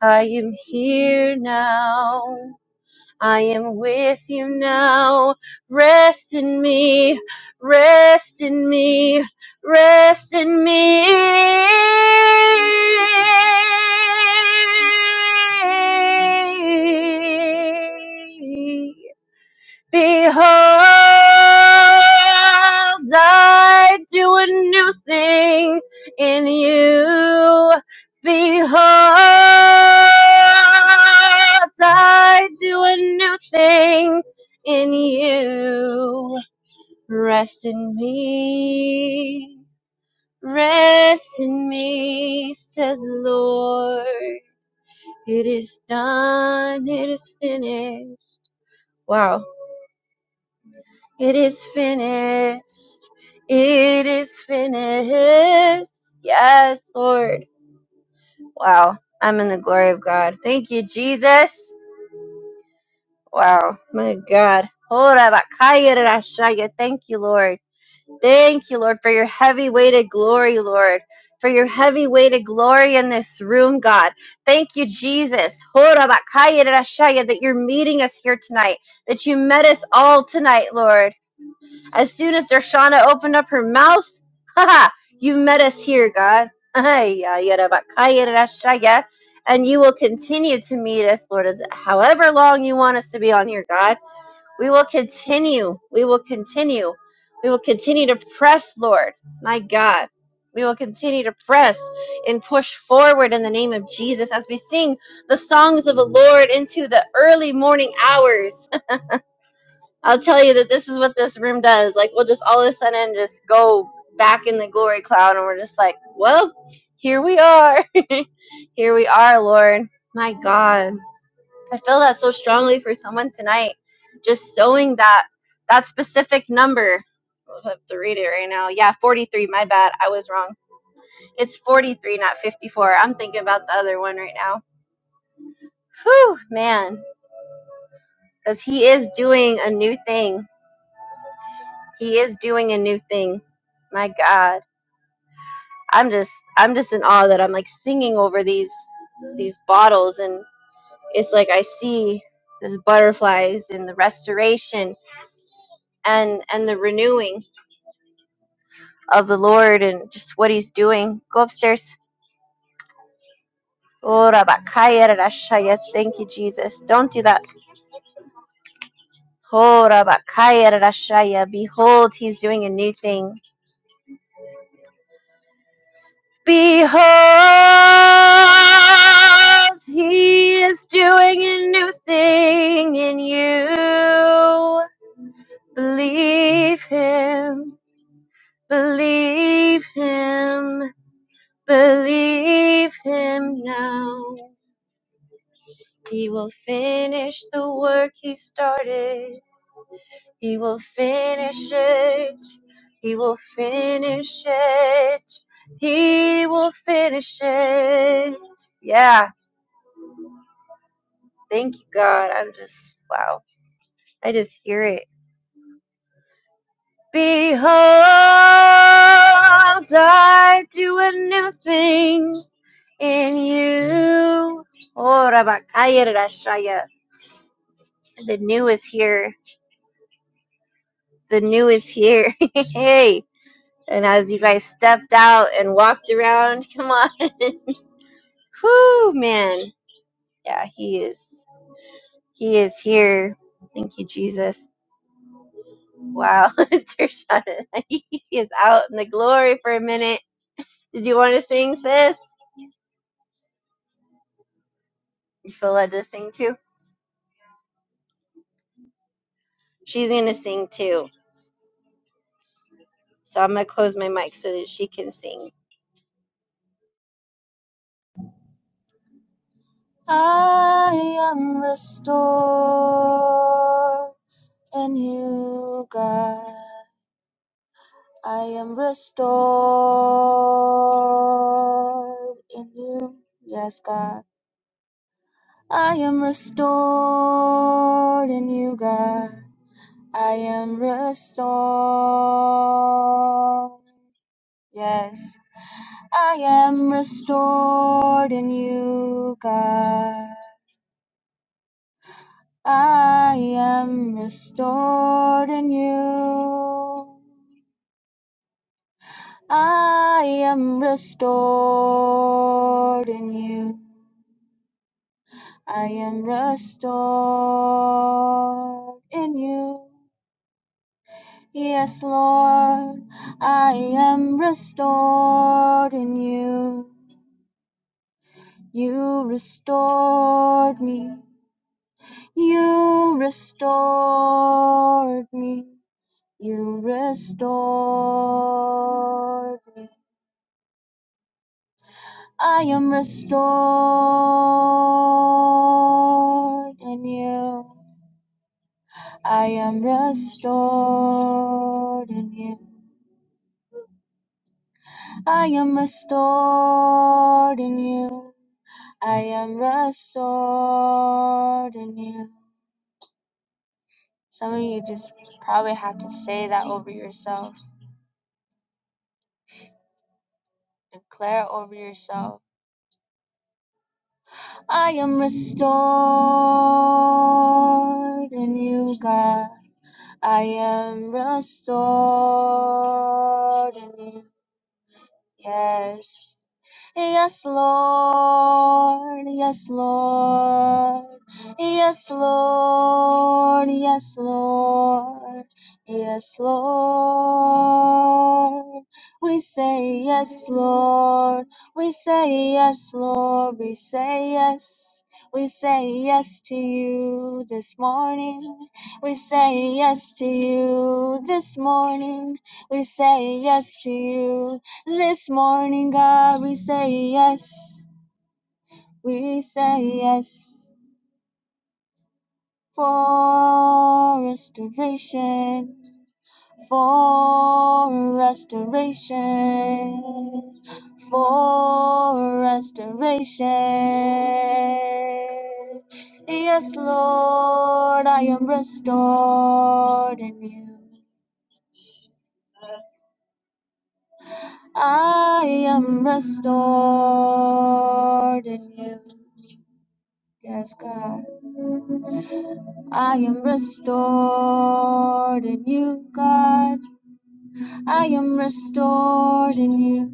I am here now. I am with you now. Rest in me, rest in me, rest in me. Behold, I do a new thing in you. Behold, I do a new thing in you. Rest in me, rest in me, says the Lord. It is done, it is finished. Wow It is finished. It is finished. Yes, Lord. Wow. I'm in the glory of God. Thank you, Jesus. Wow. My God. Ora bakaya rashaya. Thank you, Lord. Thank you, Lord, for your heavy weighted glory, Lord. For your heavy weighted glory in this room, God. Thank you, Jesus. Ora bakaya rashaya, That you're meeting us here tonight. That you met us all tonight, Lord. As soon as Darshana opened up her mouth, haha, you met us here, God. Ay, ya, ya, da, ba, ka, ya, da, da, sha, ya. And you will continue to meet us, Lord, as however long you want us to be on here, God. We will continue. We will continue. We will continue to press, Lord. My God. We will continue to press and push forward in the name of Jesus as we sing the songs of the Lord into the early morning hours. I'll tell you that this is what this room does. Like, we'll just all of a sudden just go back in the glory cloud, and we're just like, well, here we are. here we are, Lord. My God. I feel that so strongly for someone tonight. Just sowing that that specific number. I have to read it right now. Yeah, 43. My bad. I was wrong. It's 43, not 54. I'm thinking about the other one right now. Whew, man. Because he is doing a new thing. He is doing a new thing. My God. I'm just I'm just in awe that I'm like singing over these these bottles and it's like I see these butterflies and the restoration and and the renewing of the Lord and just what he's doing. Go upstairs. Oh, Rabakaya Rarashaya. Thank you, Jesus. Don't do that. Oh, Rabakaya Rarashaya. Behold, he's doing a new thing. Behold, he is doing a new thing in you. Believe him, believe him, believe him now. He will finish the work he started. He will finish it. He will finish it. He will finish it. Yeah. Thank you, God. I'm just, wow. I just hear it. Behold, I do a new thing in you. Oh, Rabakaya Rashaya. The new is here. The new is here. hey. And as you guys stepped out and walked around, come on. Whoo, man. Yeah, he is. He is here. Thank you, Jesus. Wow. Dershana, he is out in the glory for a minute Did you want to sing, sis? You feel led to sing too? She's going to sing too. So I'm going to close my mic so that she can sing.
I am restored in you, God. I am restored in you. Yes, God. I am restored in you, God. I am restored. Yes. I am restored in you, God. I am restored in you. I am restored in you. I am restored in you. Yes, Lord, I am restored in you. You restored me. You restored me. You restored me. I am restored in you. I am restored in you. I am restored in you. I am restored in you. Some of you just probably have to say that over yourself, declare it over yourself. I am restored in you, God. I am restored in you. Yes, yes, Lord, yes, Lord, yes, Lord, yes, Lord, yes, Lord. We say yes, Lord, we say yes, Lord, we say yes. We say yes to you this morning. We say yes to you this morning. We say yes to you this morning, God, we say yes, we say yes for restoration, for restoration, for restoration. Yes, Lord, I am restored in you. I am restored in you. Yes, God. I am restored in you, God. I am restored in you.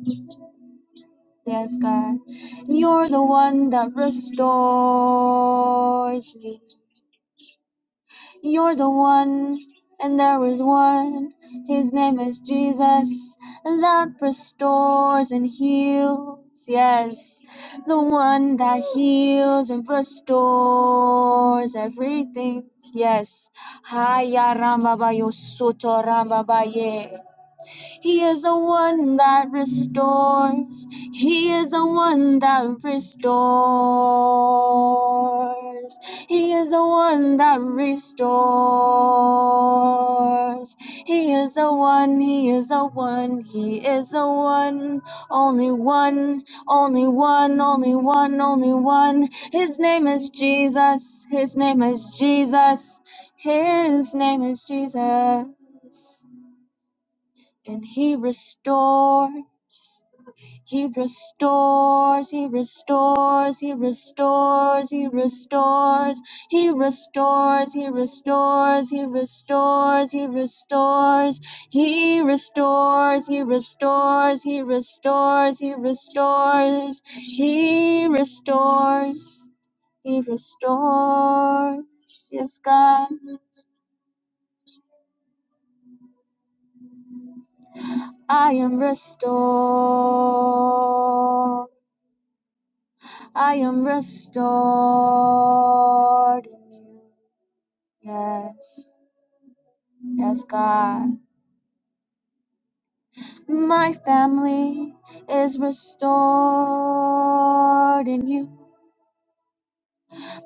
Yes, God. You're the one that restores me. You're the one, and there is one. His name is Jesus, that restores and heals. Yes, the one that heals and restores everything. Yes. Haya Ramba Bayo Soto Ramba Baye. He is the one that restores. He is the one that restores. He is the one that restores. He is the one, he is the one, he is the one. Only one, only one, only one, only one. His name is Jesus. His name is Jesus. His name is Jesus. And he restores, he restores, he restores, he restores, he restores, he restores, he restores, he restores, he restores, he restores, he restores, he restores, he restores, he restores, he restores. Yes, God, I am restored. I am restored in you. Yes, yes, God. My family is restored in you.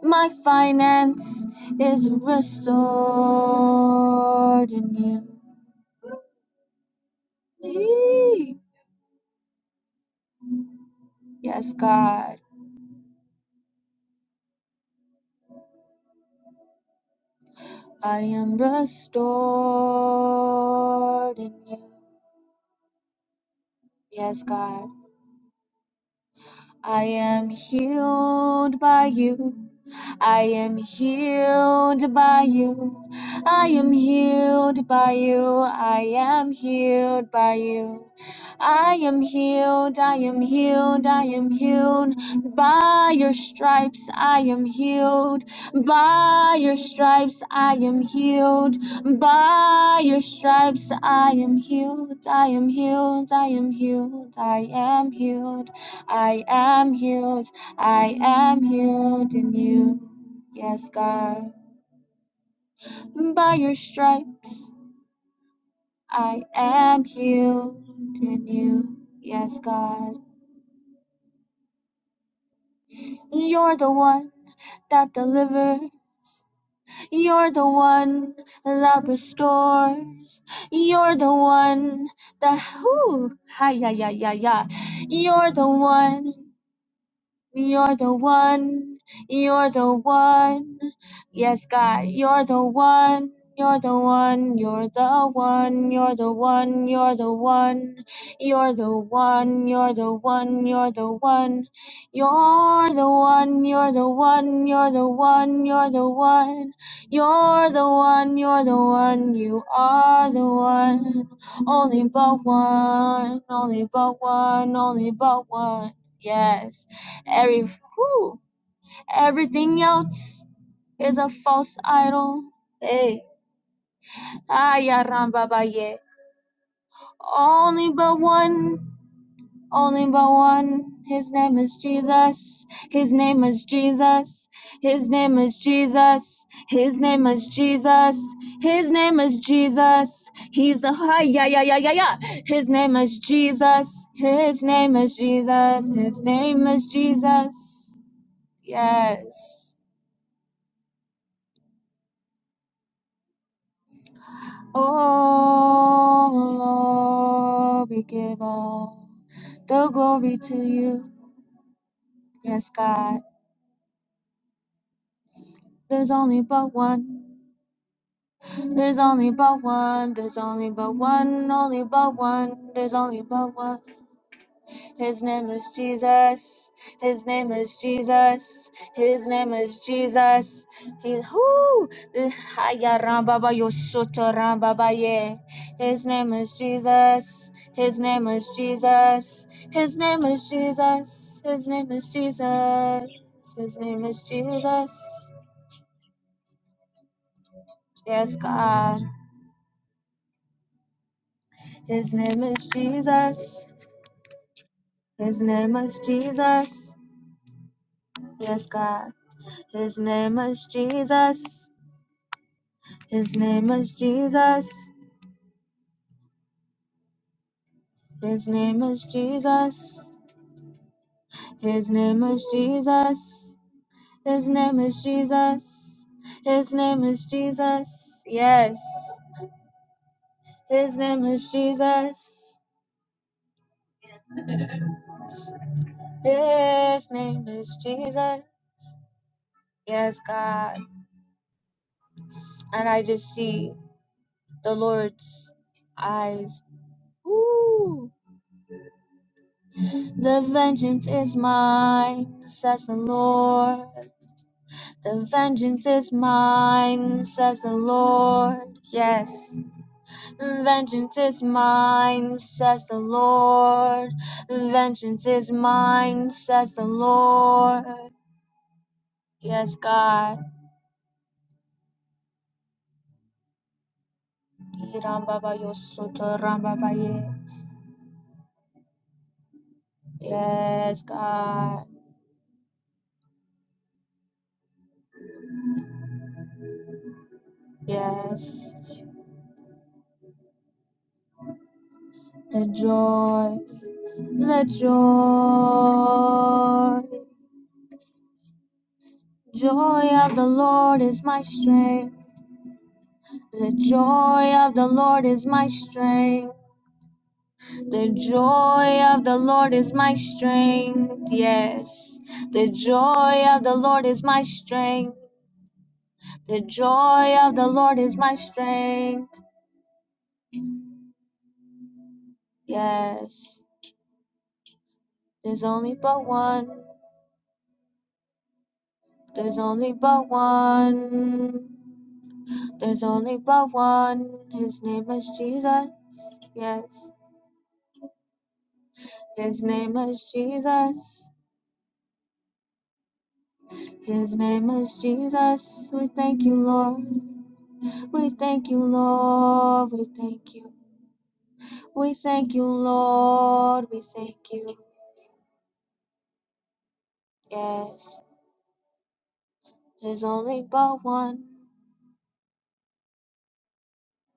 My finance is restored in you. Eee. Yes, God. I am restored in you. Yes, God. I am healed by you. I am healed by you. I am healed by you. I am healed by you. I am healed. I am healed. I am healed by your stripes. I am healed by your stripes. I am healed by your stripes. I am healed. I am healed. I am healed. I am healed. I am healed. I am healed in you. Yes, God. By your stripes, I am healed in you. Yes, God. You're the one that delivers. You're the one that restores. You're the one that whoo, hi ya ya ya ya. You're the one You're the one, you're the one. Yes, God, you're the one, you're the one, you're the one, you're the one, you're the one, you're the one, you're the one, you're the one, you're the one, you're the one, you're the one, you're the one, you're the one, you're the one, you are the one, only but one, only but one, only but one. Yes. Every, whew, everything else is a false idol. Hey, ayarambabaye. Only but one, only but one. His name is Jesus. His name is Jesus. His name is Jesus. His name is Jesus. His name is Jesus. He's a hi yeah yeah yeah yeah yeah. His name is Jesus. His name is Jesus. His name is Jesus. Yes. Oh Lord, we give all the glory to you. Yes, God. There's only but one. There's only but one. There's only but one. Only but one. There's only but one. His name is Jesus. His name is Jesus. His name is Jesus. He who Haya Rambaba Yoshoto Rambaba Ye. His name is Jesus. His name is Jesus. His name is Jesus. His name is Jesus. His name is Jesus. Yes, God. His name is Jesus. His name is Jesus. Yes, God. His name is Jesus. His name is Jesus. His name is Jesus. His name is Jesus. His name is Jesus. His name is Jesus. Yes. His name is Jesus. His name is Jesus. Yes, God. And I just see the Lord's eyes. The vengeance is mine, says the Lord. The vengeance is mine, says the Lord. Yes. Vengeance is mine, says the Lord. Vengeance is mine, says the Lord. Yes, God. Yes, God. Yes. The joy, the joy, joy of the Lord is my strength. The joy of the Lord is my strength. The joy of the Lord is my strength. Yes. The joy of the Lord is my strength. The joy of the Lord is my strength. Yes. There's only but one. There's only but one. There's only but one. His name is Jesus. Yes. His name is Jesus. His name is Jesus. We thank you, Lord. We thank you, Lord. We thank you. We thank you, Lord. We thank you. Yes. There's only but one.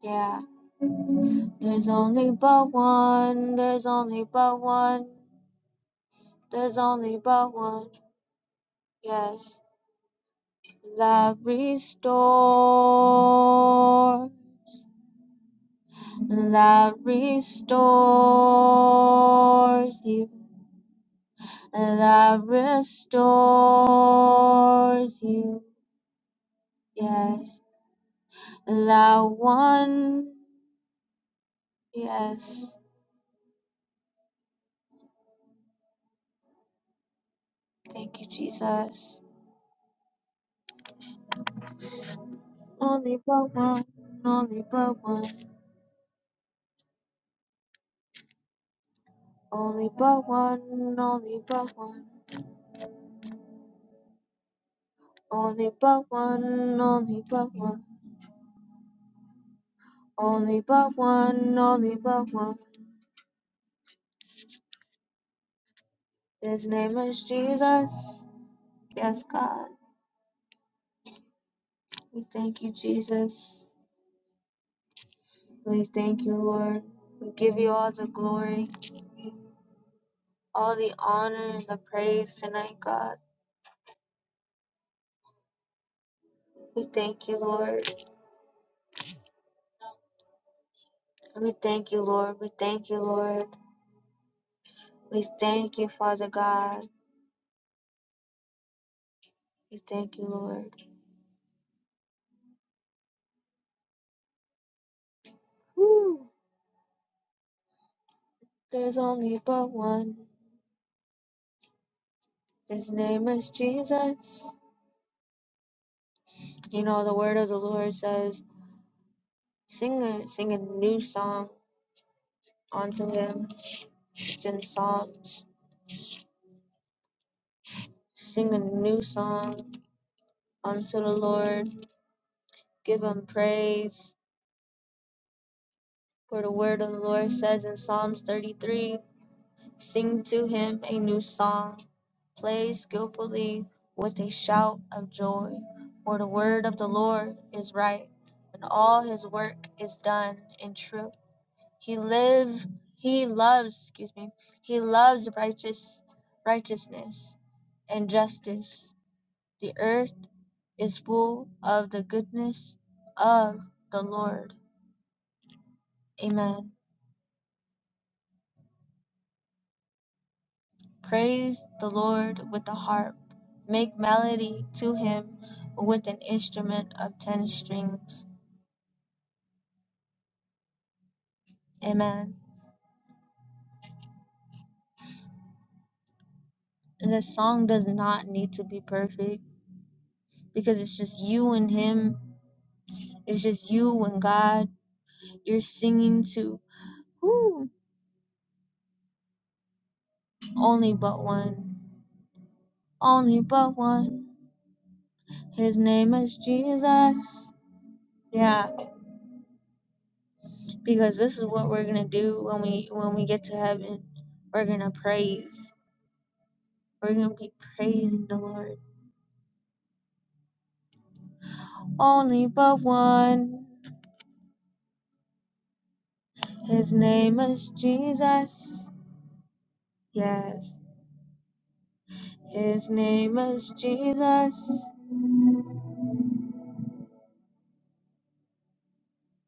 Yeah. There's only but one. There's only but one. There's only but one. Yes. That restores. That restores you. That restores you. Yes La one, yes. Thank you, Jesus. Only but one, only but one, only but one, only but one, only but one, only but one, only but one, only but one. His name is Jesus. Yes, God. We thank you, Jesus. We thank you, Lord. We give you all the glory, all the honor, and the praise tonight, God. We thank you, Lord. We thank you, Lord. We thank you, Lord. We thank you, Father God. We thank you, Lord. There's only but one. His name is Jesus. You know, the word of the Lord says, sing a, sing a new song unto him. It's in Psalms. Sing a new song unto the Lord. Give him praise. For the word of the Lord says in Psalms 33. Sing to him a new song. Play skillfully with a shout of joy. For the word of the Lord is right, and all his work is done in truth. He live he loves, excuse me, he loves righteous righteousness and justice. The earth is full of the goodness of the Lord. Amen. Praise the Lord with the harp. Make melody to him with an instrument of ten strings. Amen. And the song does not need to be perfect because it's just you and him. It's just you and God. You're singing to who? Only but one. Only but one. His name is Jesus. Yeah, because this is what we're gonna do when we when we get to heaven. We're gonna praise. We're gonna be praising the Lord only but one. His name is Jesus. Yes. His name is Jesus.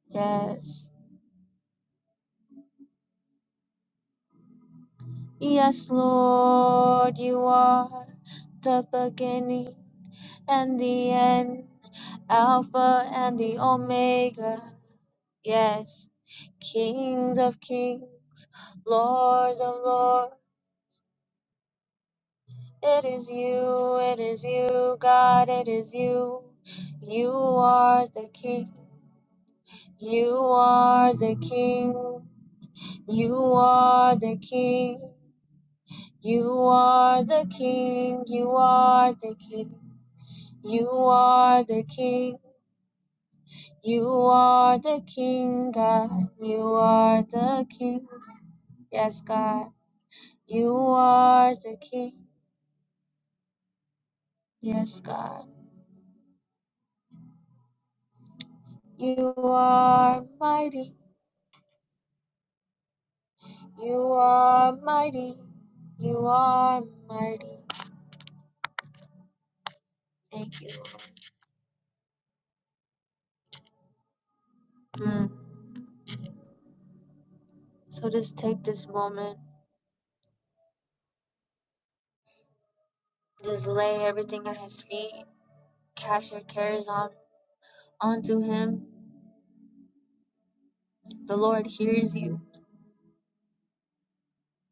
Yes. Yes, Lord, you are the beginning and the end, Alpha and the Omega. Yes, kings of kings, lords of lords. It is you, it is you, God, it is you. You are the King. You are the King. You are the King. You are the King. You are the King. You are the King. You are the King, God. You are the King. Yes, God. You are the King. Yes, God. You are mighty. You are mighty. You are mighty. Thank you. Mm. So just take this moment Just lay everything at his feet, cast your cares on onto him. The Lord hears you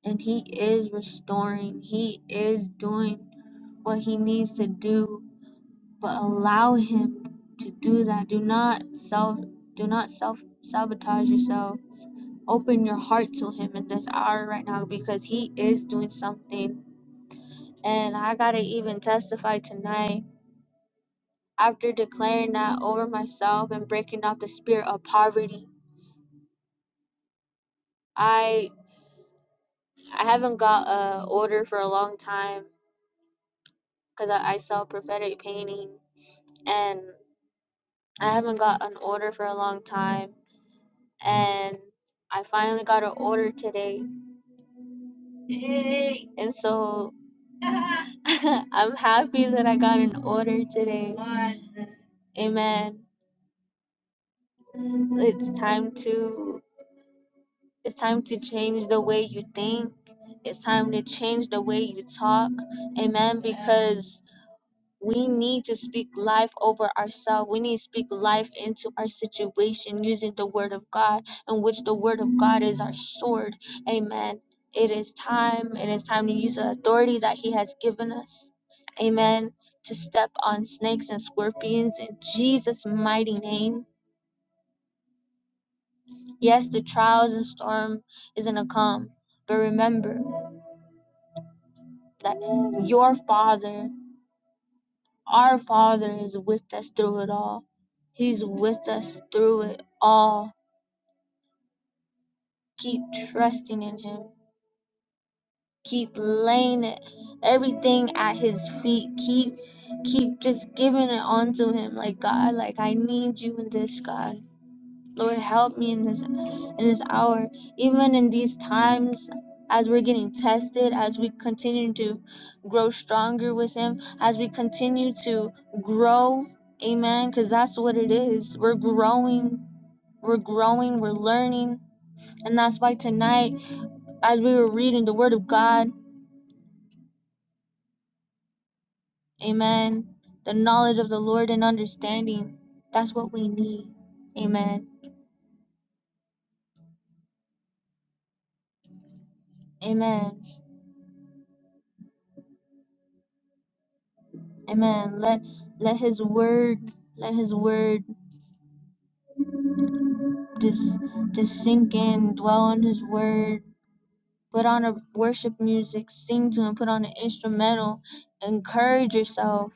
and he is restoring. He is doing what he needs to do, but allow him to do that. Do not self do not self sabotage yourself. Open your heart to him in this hour right now because he is doing something. And I gotta even testify tonight after declaring that over myself and breaking off the spirit of poverty. I. I haven't got a order for a long time because I, I sell prophetic painting and I haven't got an order for a long time and I finally got an order today and so I'm happy that I got an order today. Amen. It's time to it's time to change the way you think. It's time to change the way you talk. Amen. Because We need to speak life over ourselves. We need to speak life into our situation using the word of God, in which the word of God is our sword. Amen. It is time. It is time to use the authority that He has given us. Amen. To step on snakes and scorpions in Jesus' mighty name. Yes, the trials and storm is going to come. But remember that your Father Our Father is with us through it all. He's with us through it all. Keep trusting in Him. Keep laying it, everything at His feet. Keep, keep just giving it onto Him. Like God, like I need you in this, God. Lord, help me in this. in this hour, even in these times, as we're getting tested, as we continue to grow stronger with Him, as we continue to grow, amen, because that's what it is. We're growing, we're growing, we're learning. And that's why tonight, as we were reading the Word of God, amen, the knowledge of the Lord and understanding, that's what we need. Amen. Amen. Amen. Let let his word let his word just just sink in, dwell on his word, put on a worship music, sing to him, put on an instrumental, encourage yourself.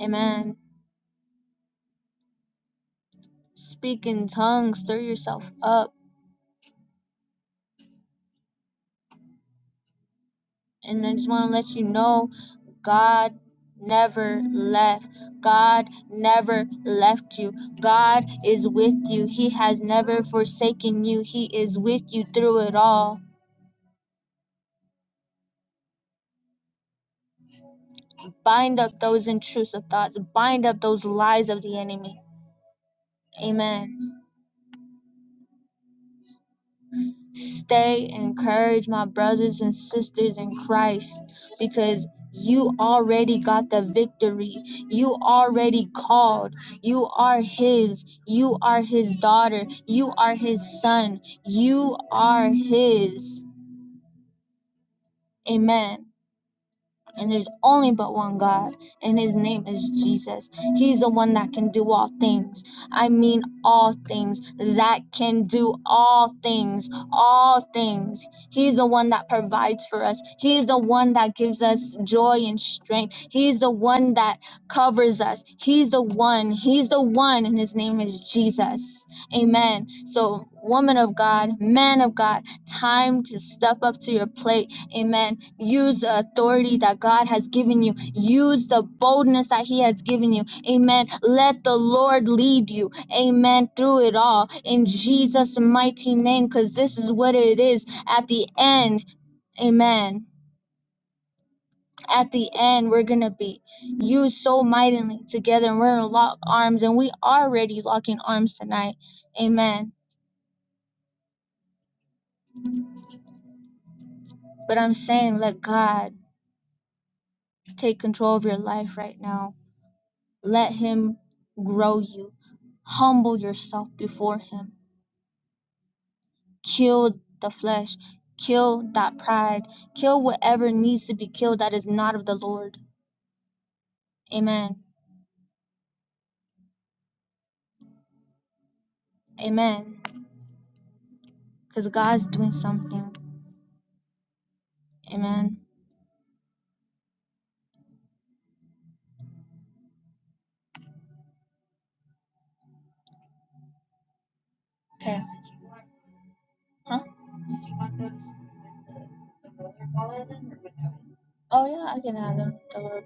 Amen. Speak in tongues, stir yourself up. And I just want to let you know God never left. God never left you. God is with you. He has never forsaken you. He is with you through it all. Bind up those intrusive thoughts. Bind up those lies of the enemy. Amen. Stay, encourage my brothers and sisters in Christ because you already got the victory. You already called. You are His. You are His daughter. You are His son. You are His. Amen. And there's only but one God, and his name is Jesus. He's the one that can do all things. I mean, all things. That can do all things. All things. He's the one that provides for us. He's the one that gives us joy and strength. He's the one that covers us. He's the one. He's the one, and his name is Jesus. Amen. So, woman of God, man of God, time to step up to your plate Amen. Use the authority that God has given you. Use the boldness that He has given you. Amen. Let the Lord lead you. Amen. Through it all. In Jesus' mighty name, because this is what it is at the end. Amen. At the end, we're going to be used so mightily together and we're going to lock arms and we are already locking arms tonight. Amen. But I'm saying let God take control of your life right now Let him grow you. Humble yourself before him. Kill the flesh. Kill that pride. Kill whatever needs to be killed that is not of the Lord. Amen. Amen. Because God's doing something. Amen. Okay. Huh? Oh, yeah, I can have them. The Lord.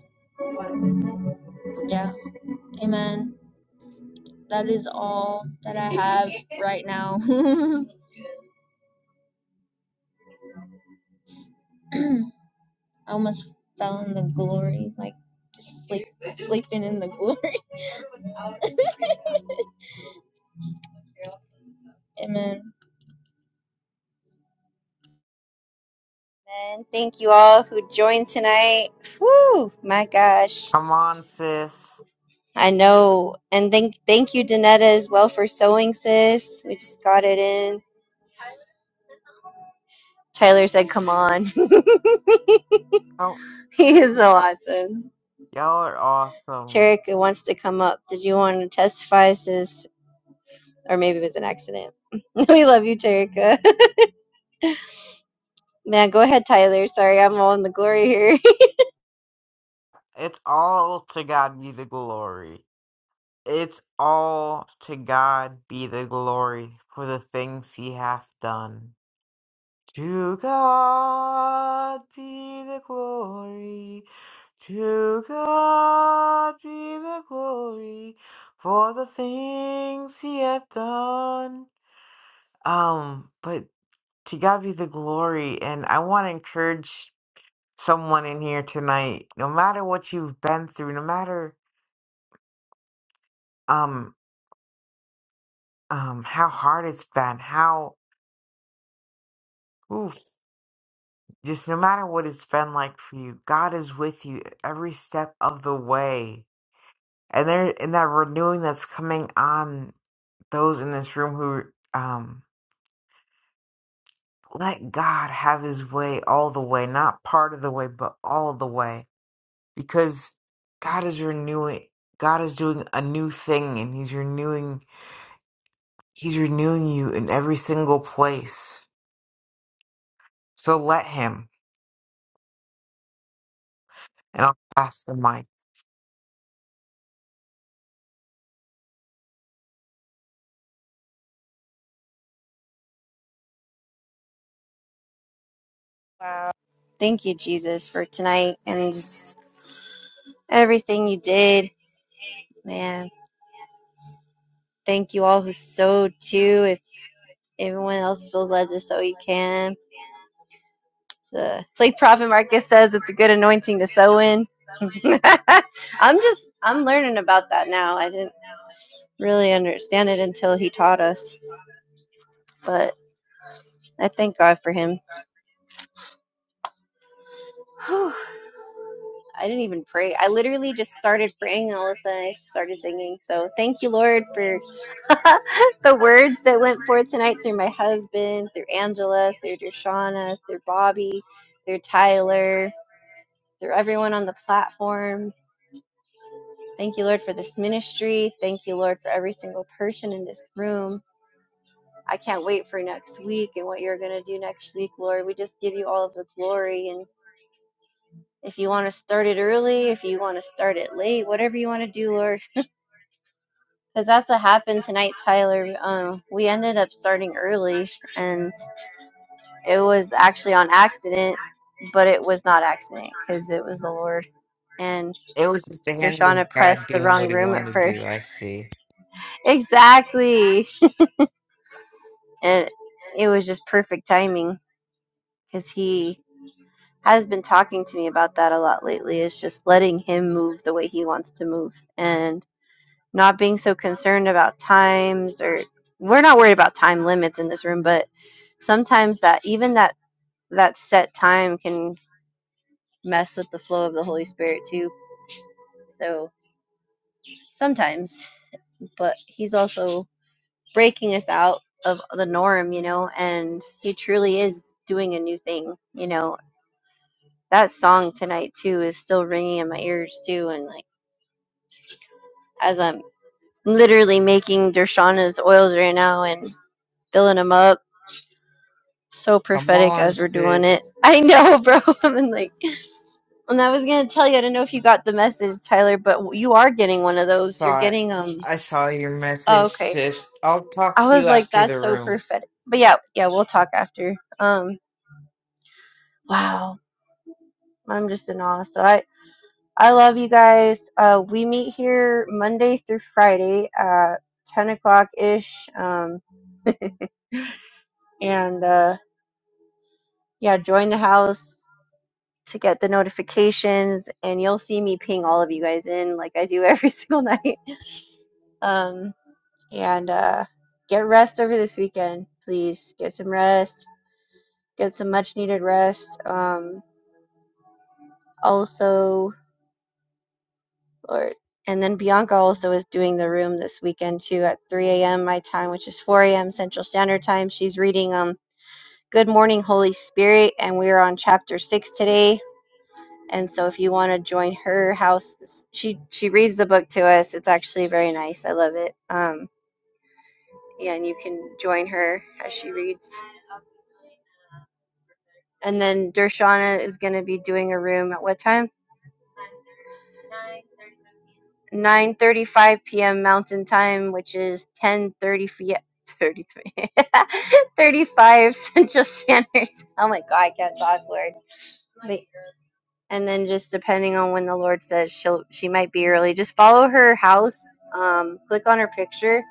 Yeah. Amen. That is all that I have right now. I almost fell in the glory, like just sleep, sleeping in the glory. Amen.
And thank you all who joined tonight. Whoo, my gosh.
Come on, sis.
I know. And thank, thank you, Danetta, as well for sewing, sis. We just got it in. Tyler said, come on.
Oh,
he is so awesome.
y'all are awesome.
Cherika wants to come up. Did you want to testify, sis? Or maybe it was an accident. we love you, Cherika. Man, go ahead, Tyler. Sorry, I'm all in the glory here.
It's all to God be the glory. It's all to God be the glory for the things he hath done. To God be the glory. To God be the glory for the things he hath done. Um, but to God be the glory, and I want to encourage someone in here tonight, no matter what you've been through, no matter. um um, how hard it's been, how oof, just no matter what it's been like for you, God is with you every step of the way. And there and that renewing that's coming on those in this room who um let God have his way all the way, not part of the way, but all the way. Because God is renewing God is doing a new thing and he's renewing he's renewing you in every single place. So let him and I'll pass the mic.
Wow. Thank you, Jesus, for tonight and just everything you did, man. Thank you all who sowed too. If everyone else feels led to sow, you can. It's, a, it's like Prophet Marcus says, it's a good anointing to sow in. I'm just, I'm learning about that now. I didn't really understand it until he taught us, but I thank God for him. Whew. I didn't even pray. I literally just started praying and all of a sudden I started singing. So thank you, Lord, for the words that went forth tonight through my husband, through Angela, through Dershana, through Bobby, through Tyler, through everyone on the platform. Thank you, Lord, for this ministry. Thank you, Lord, for every single person in this room. I can't wait for next week and what you're going to do next week, Lord. We just give you all of the glory and if you want to start it early, if you want to start it late, whatever you want to do, Lord, Because that's what happened tonight, Tyler. Um, we ended up starting early, and it was actually on accident, but it was not accident because it was the Lord. And
It was just the hand of
Dershana
God
pressed the
doing
wrong
what he
room at
wanted to
first.
do, I see.
exactly. And it was just perfect timing because he has been talking to me about that a lot lately. It's just letting him move the way he wants to move. And not being so concerned about times or we're not worried about time limits in this room but sometimes that even that that set time can mess with the flow of the holy spirit too so sometimes but he's also breaking us out of the norm you know and he truly is doing a new thing you know that song tonight too is still ringing in my ears too and like as i'm literally making dershana's oils right now and filling them up so
Come
prophetic
on,
as we're doing it.
sis.
I know, bro. I'm in, like, and I was gonna tell you, I don't know if you got the message, Tyler, but you are getting one of those. You're
Saw it.
getting um.
I saw your
Oh,
message,
okay.
sis. I'll talk
I
to
was
you
like,
after
that's
the
so
room.
prophetic. But yeah, yeah, we'll talk after. Um, wow, I'm just in awe. So I, I love you guys. Uh, we meet here Monday through Friday at 10 o'clock ish. Um, and uh, yeah, join the house. to get the notifications and you'll see me ping all of you guys in like I do every single night. Um and uh get rest over this weekend, please. Get some rest. Get some much needed rest. Um also Lord and then Bianca also is doing the room this weekend too at 3 a.m. my time, which is 4 a.m. Central Standard Time. She's reading um Good Morning Holy Spirit and we are on chapter 6 today and so if you want to join her house she she reads the book to us it's actually very nice i love it um yeah and you can join her as she reads and then dershana is going to be doing a room at what time 9:35 p.m. Mountain Time, which is 10:30 p.m. 33 thirty-five Central Standard. Oh my God, I can't talk, Lord. and then just depending on when the Lord says she'll she might be early, just follow her house. Um, click on her picture,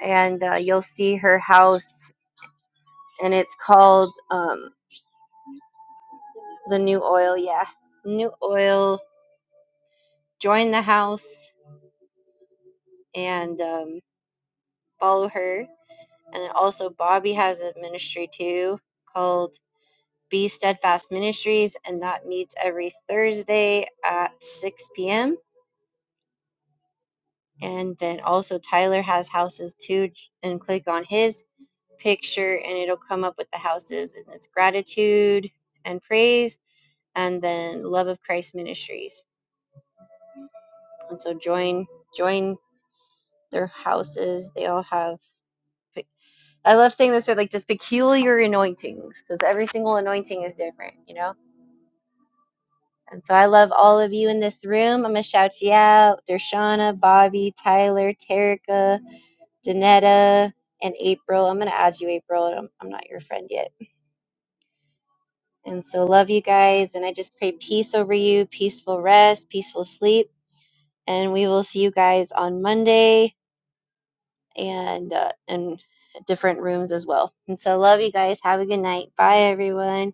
and uh, you'll see her house, and it's called um, the New Oil. Yeah, New Oil. Join the house and um, follow her. And also, Bobby has a ministry too called Be Steadfast Ministries, and that meets every Thursday at 6 p.m. And then also, Tyler has houses too, and click on his picture and it'll come up with the houses and it's gratitude and praise and then love of christ ministries and so join join their houses they all have i love saying this they're like just peculiar anointings because every single anointing is different you know and so i love all of you in this room i'm gonna shout you out dershana bobby tyler terica danetta and april i'm gonna add you april i'm, I'm not your friend yet And so, love you guys. And I just pray peace over you, peaceful rest, peaceful sleep. And we will see you guys on Monday and uh, and different rooms as well. And so, love you guys. Have a good night. Bye, everyone.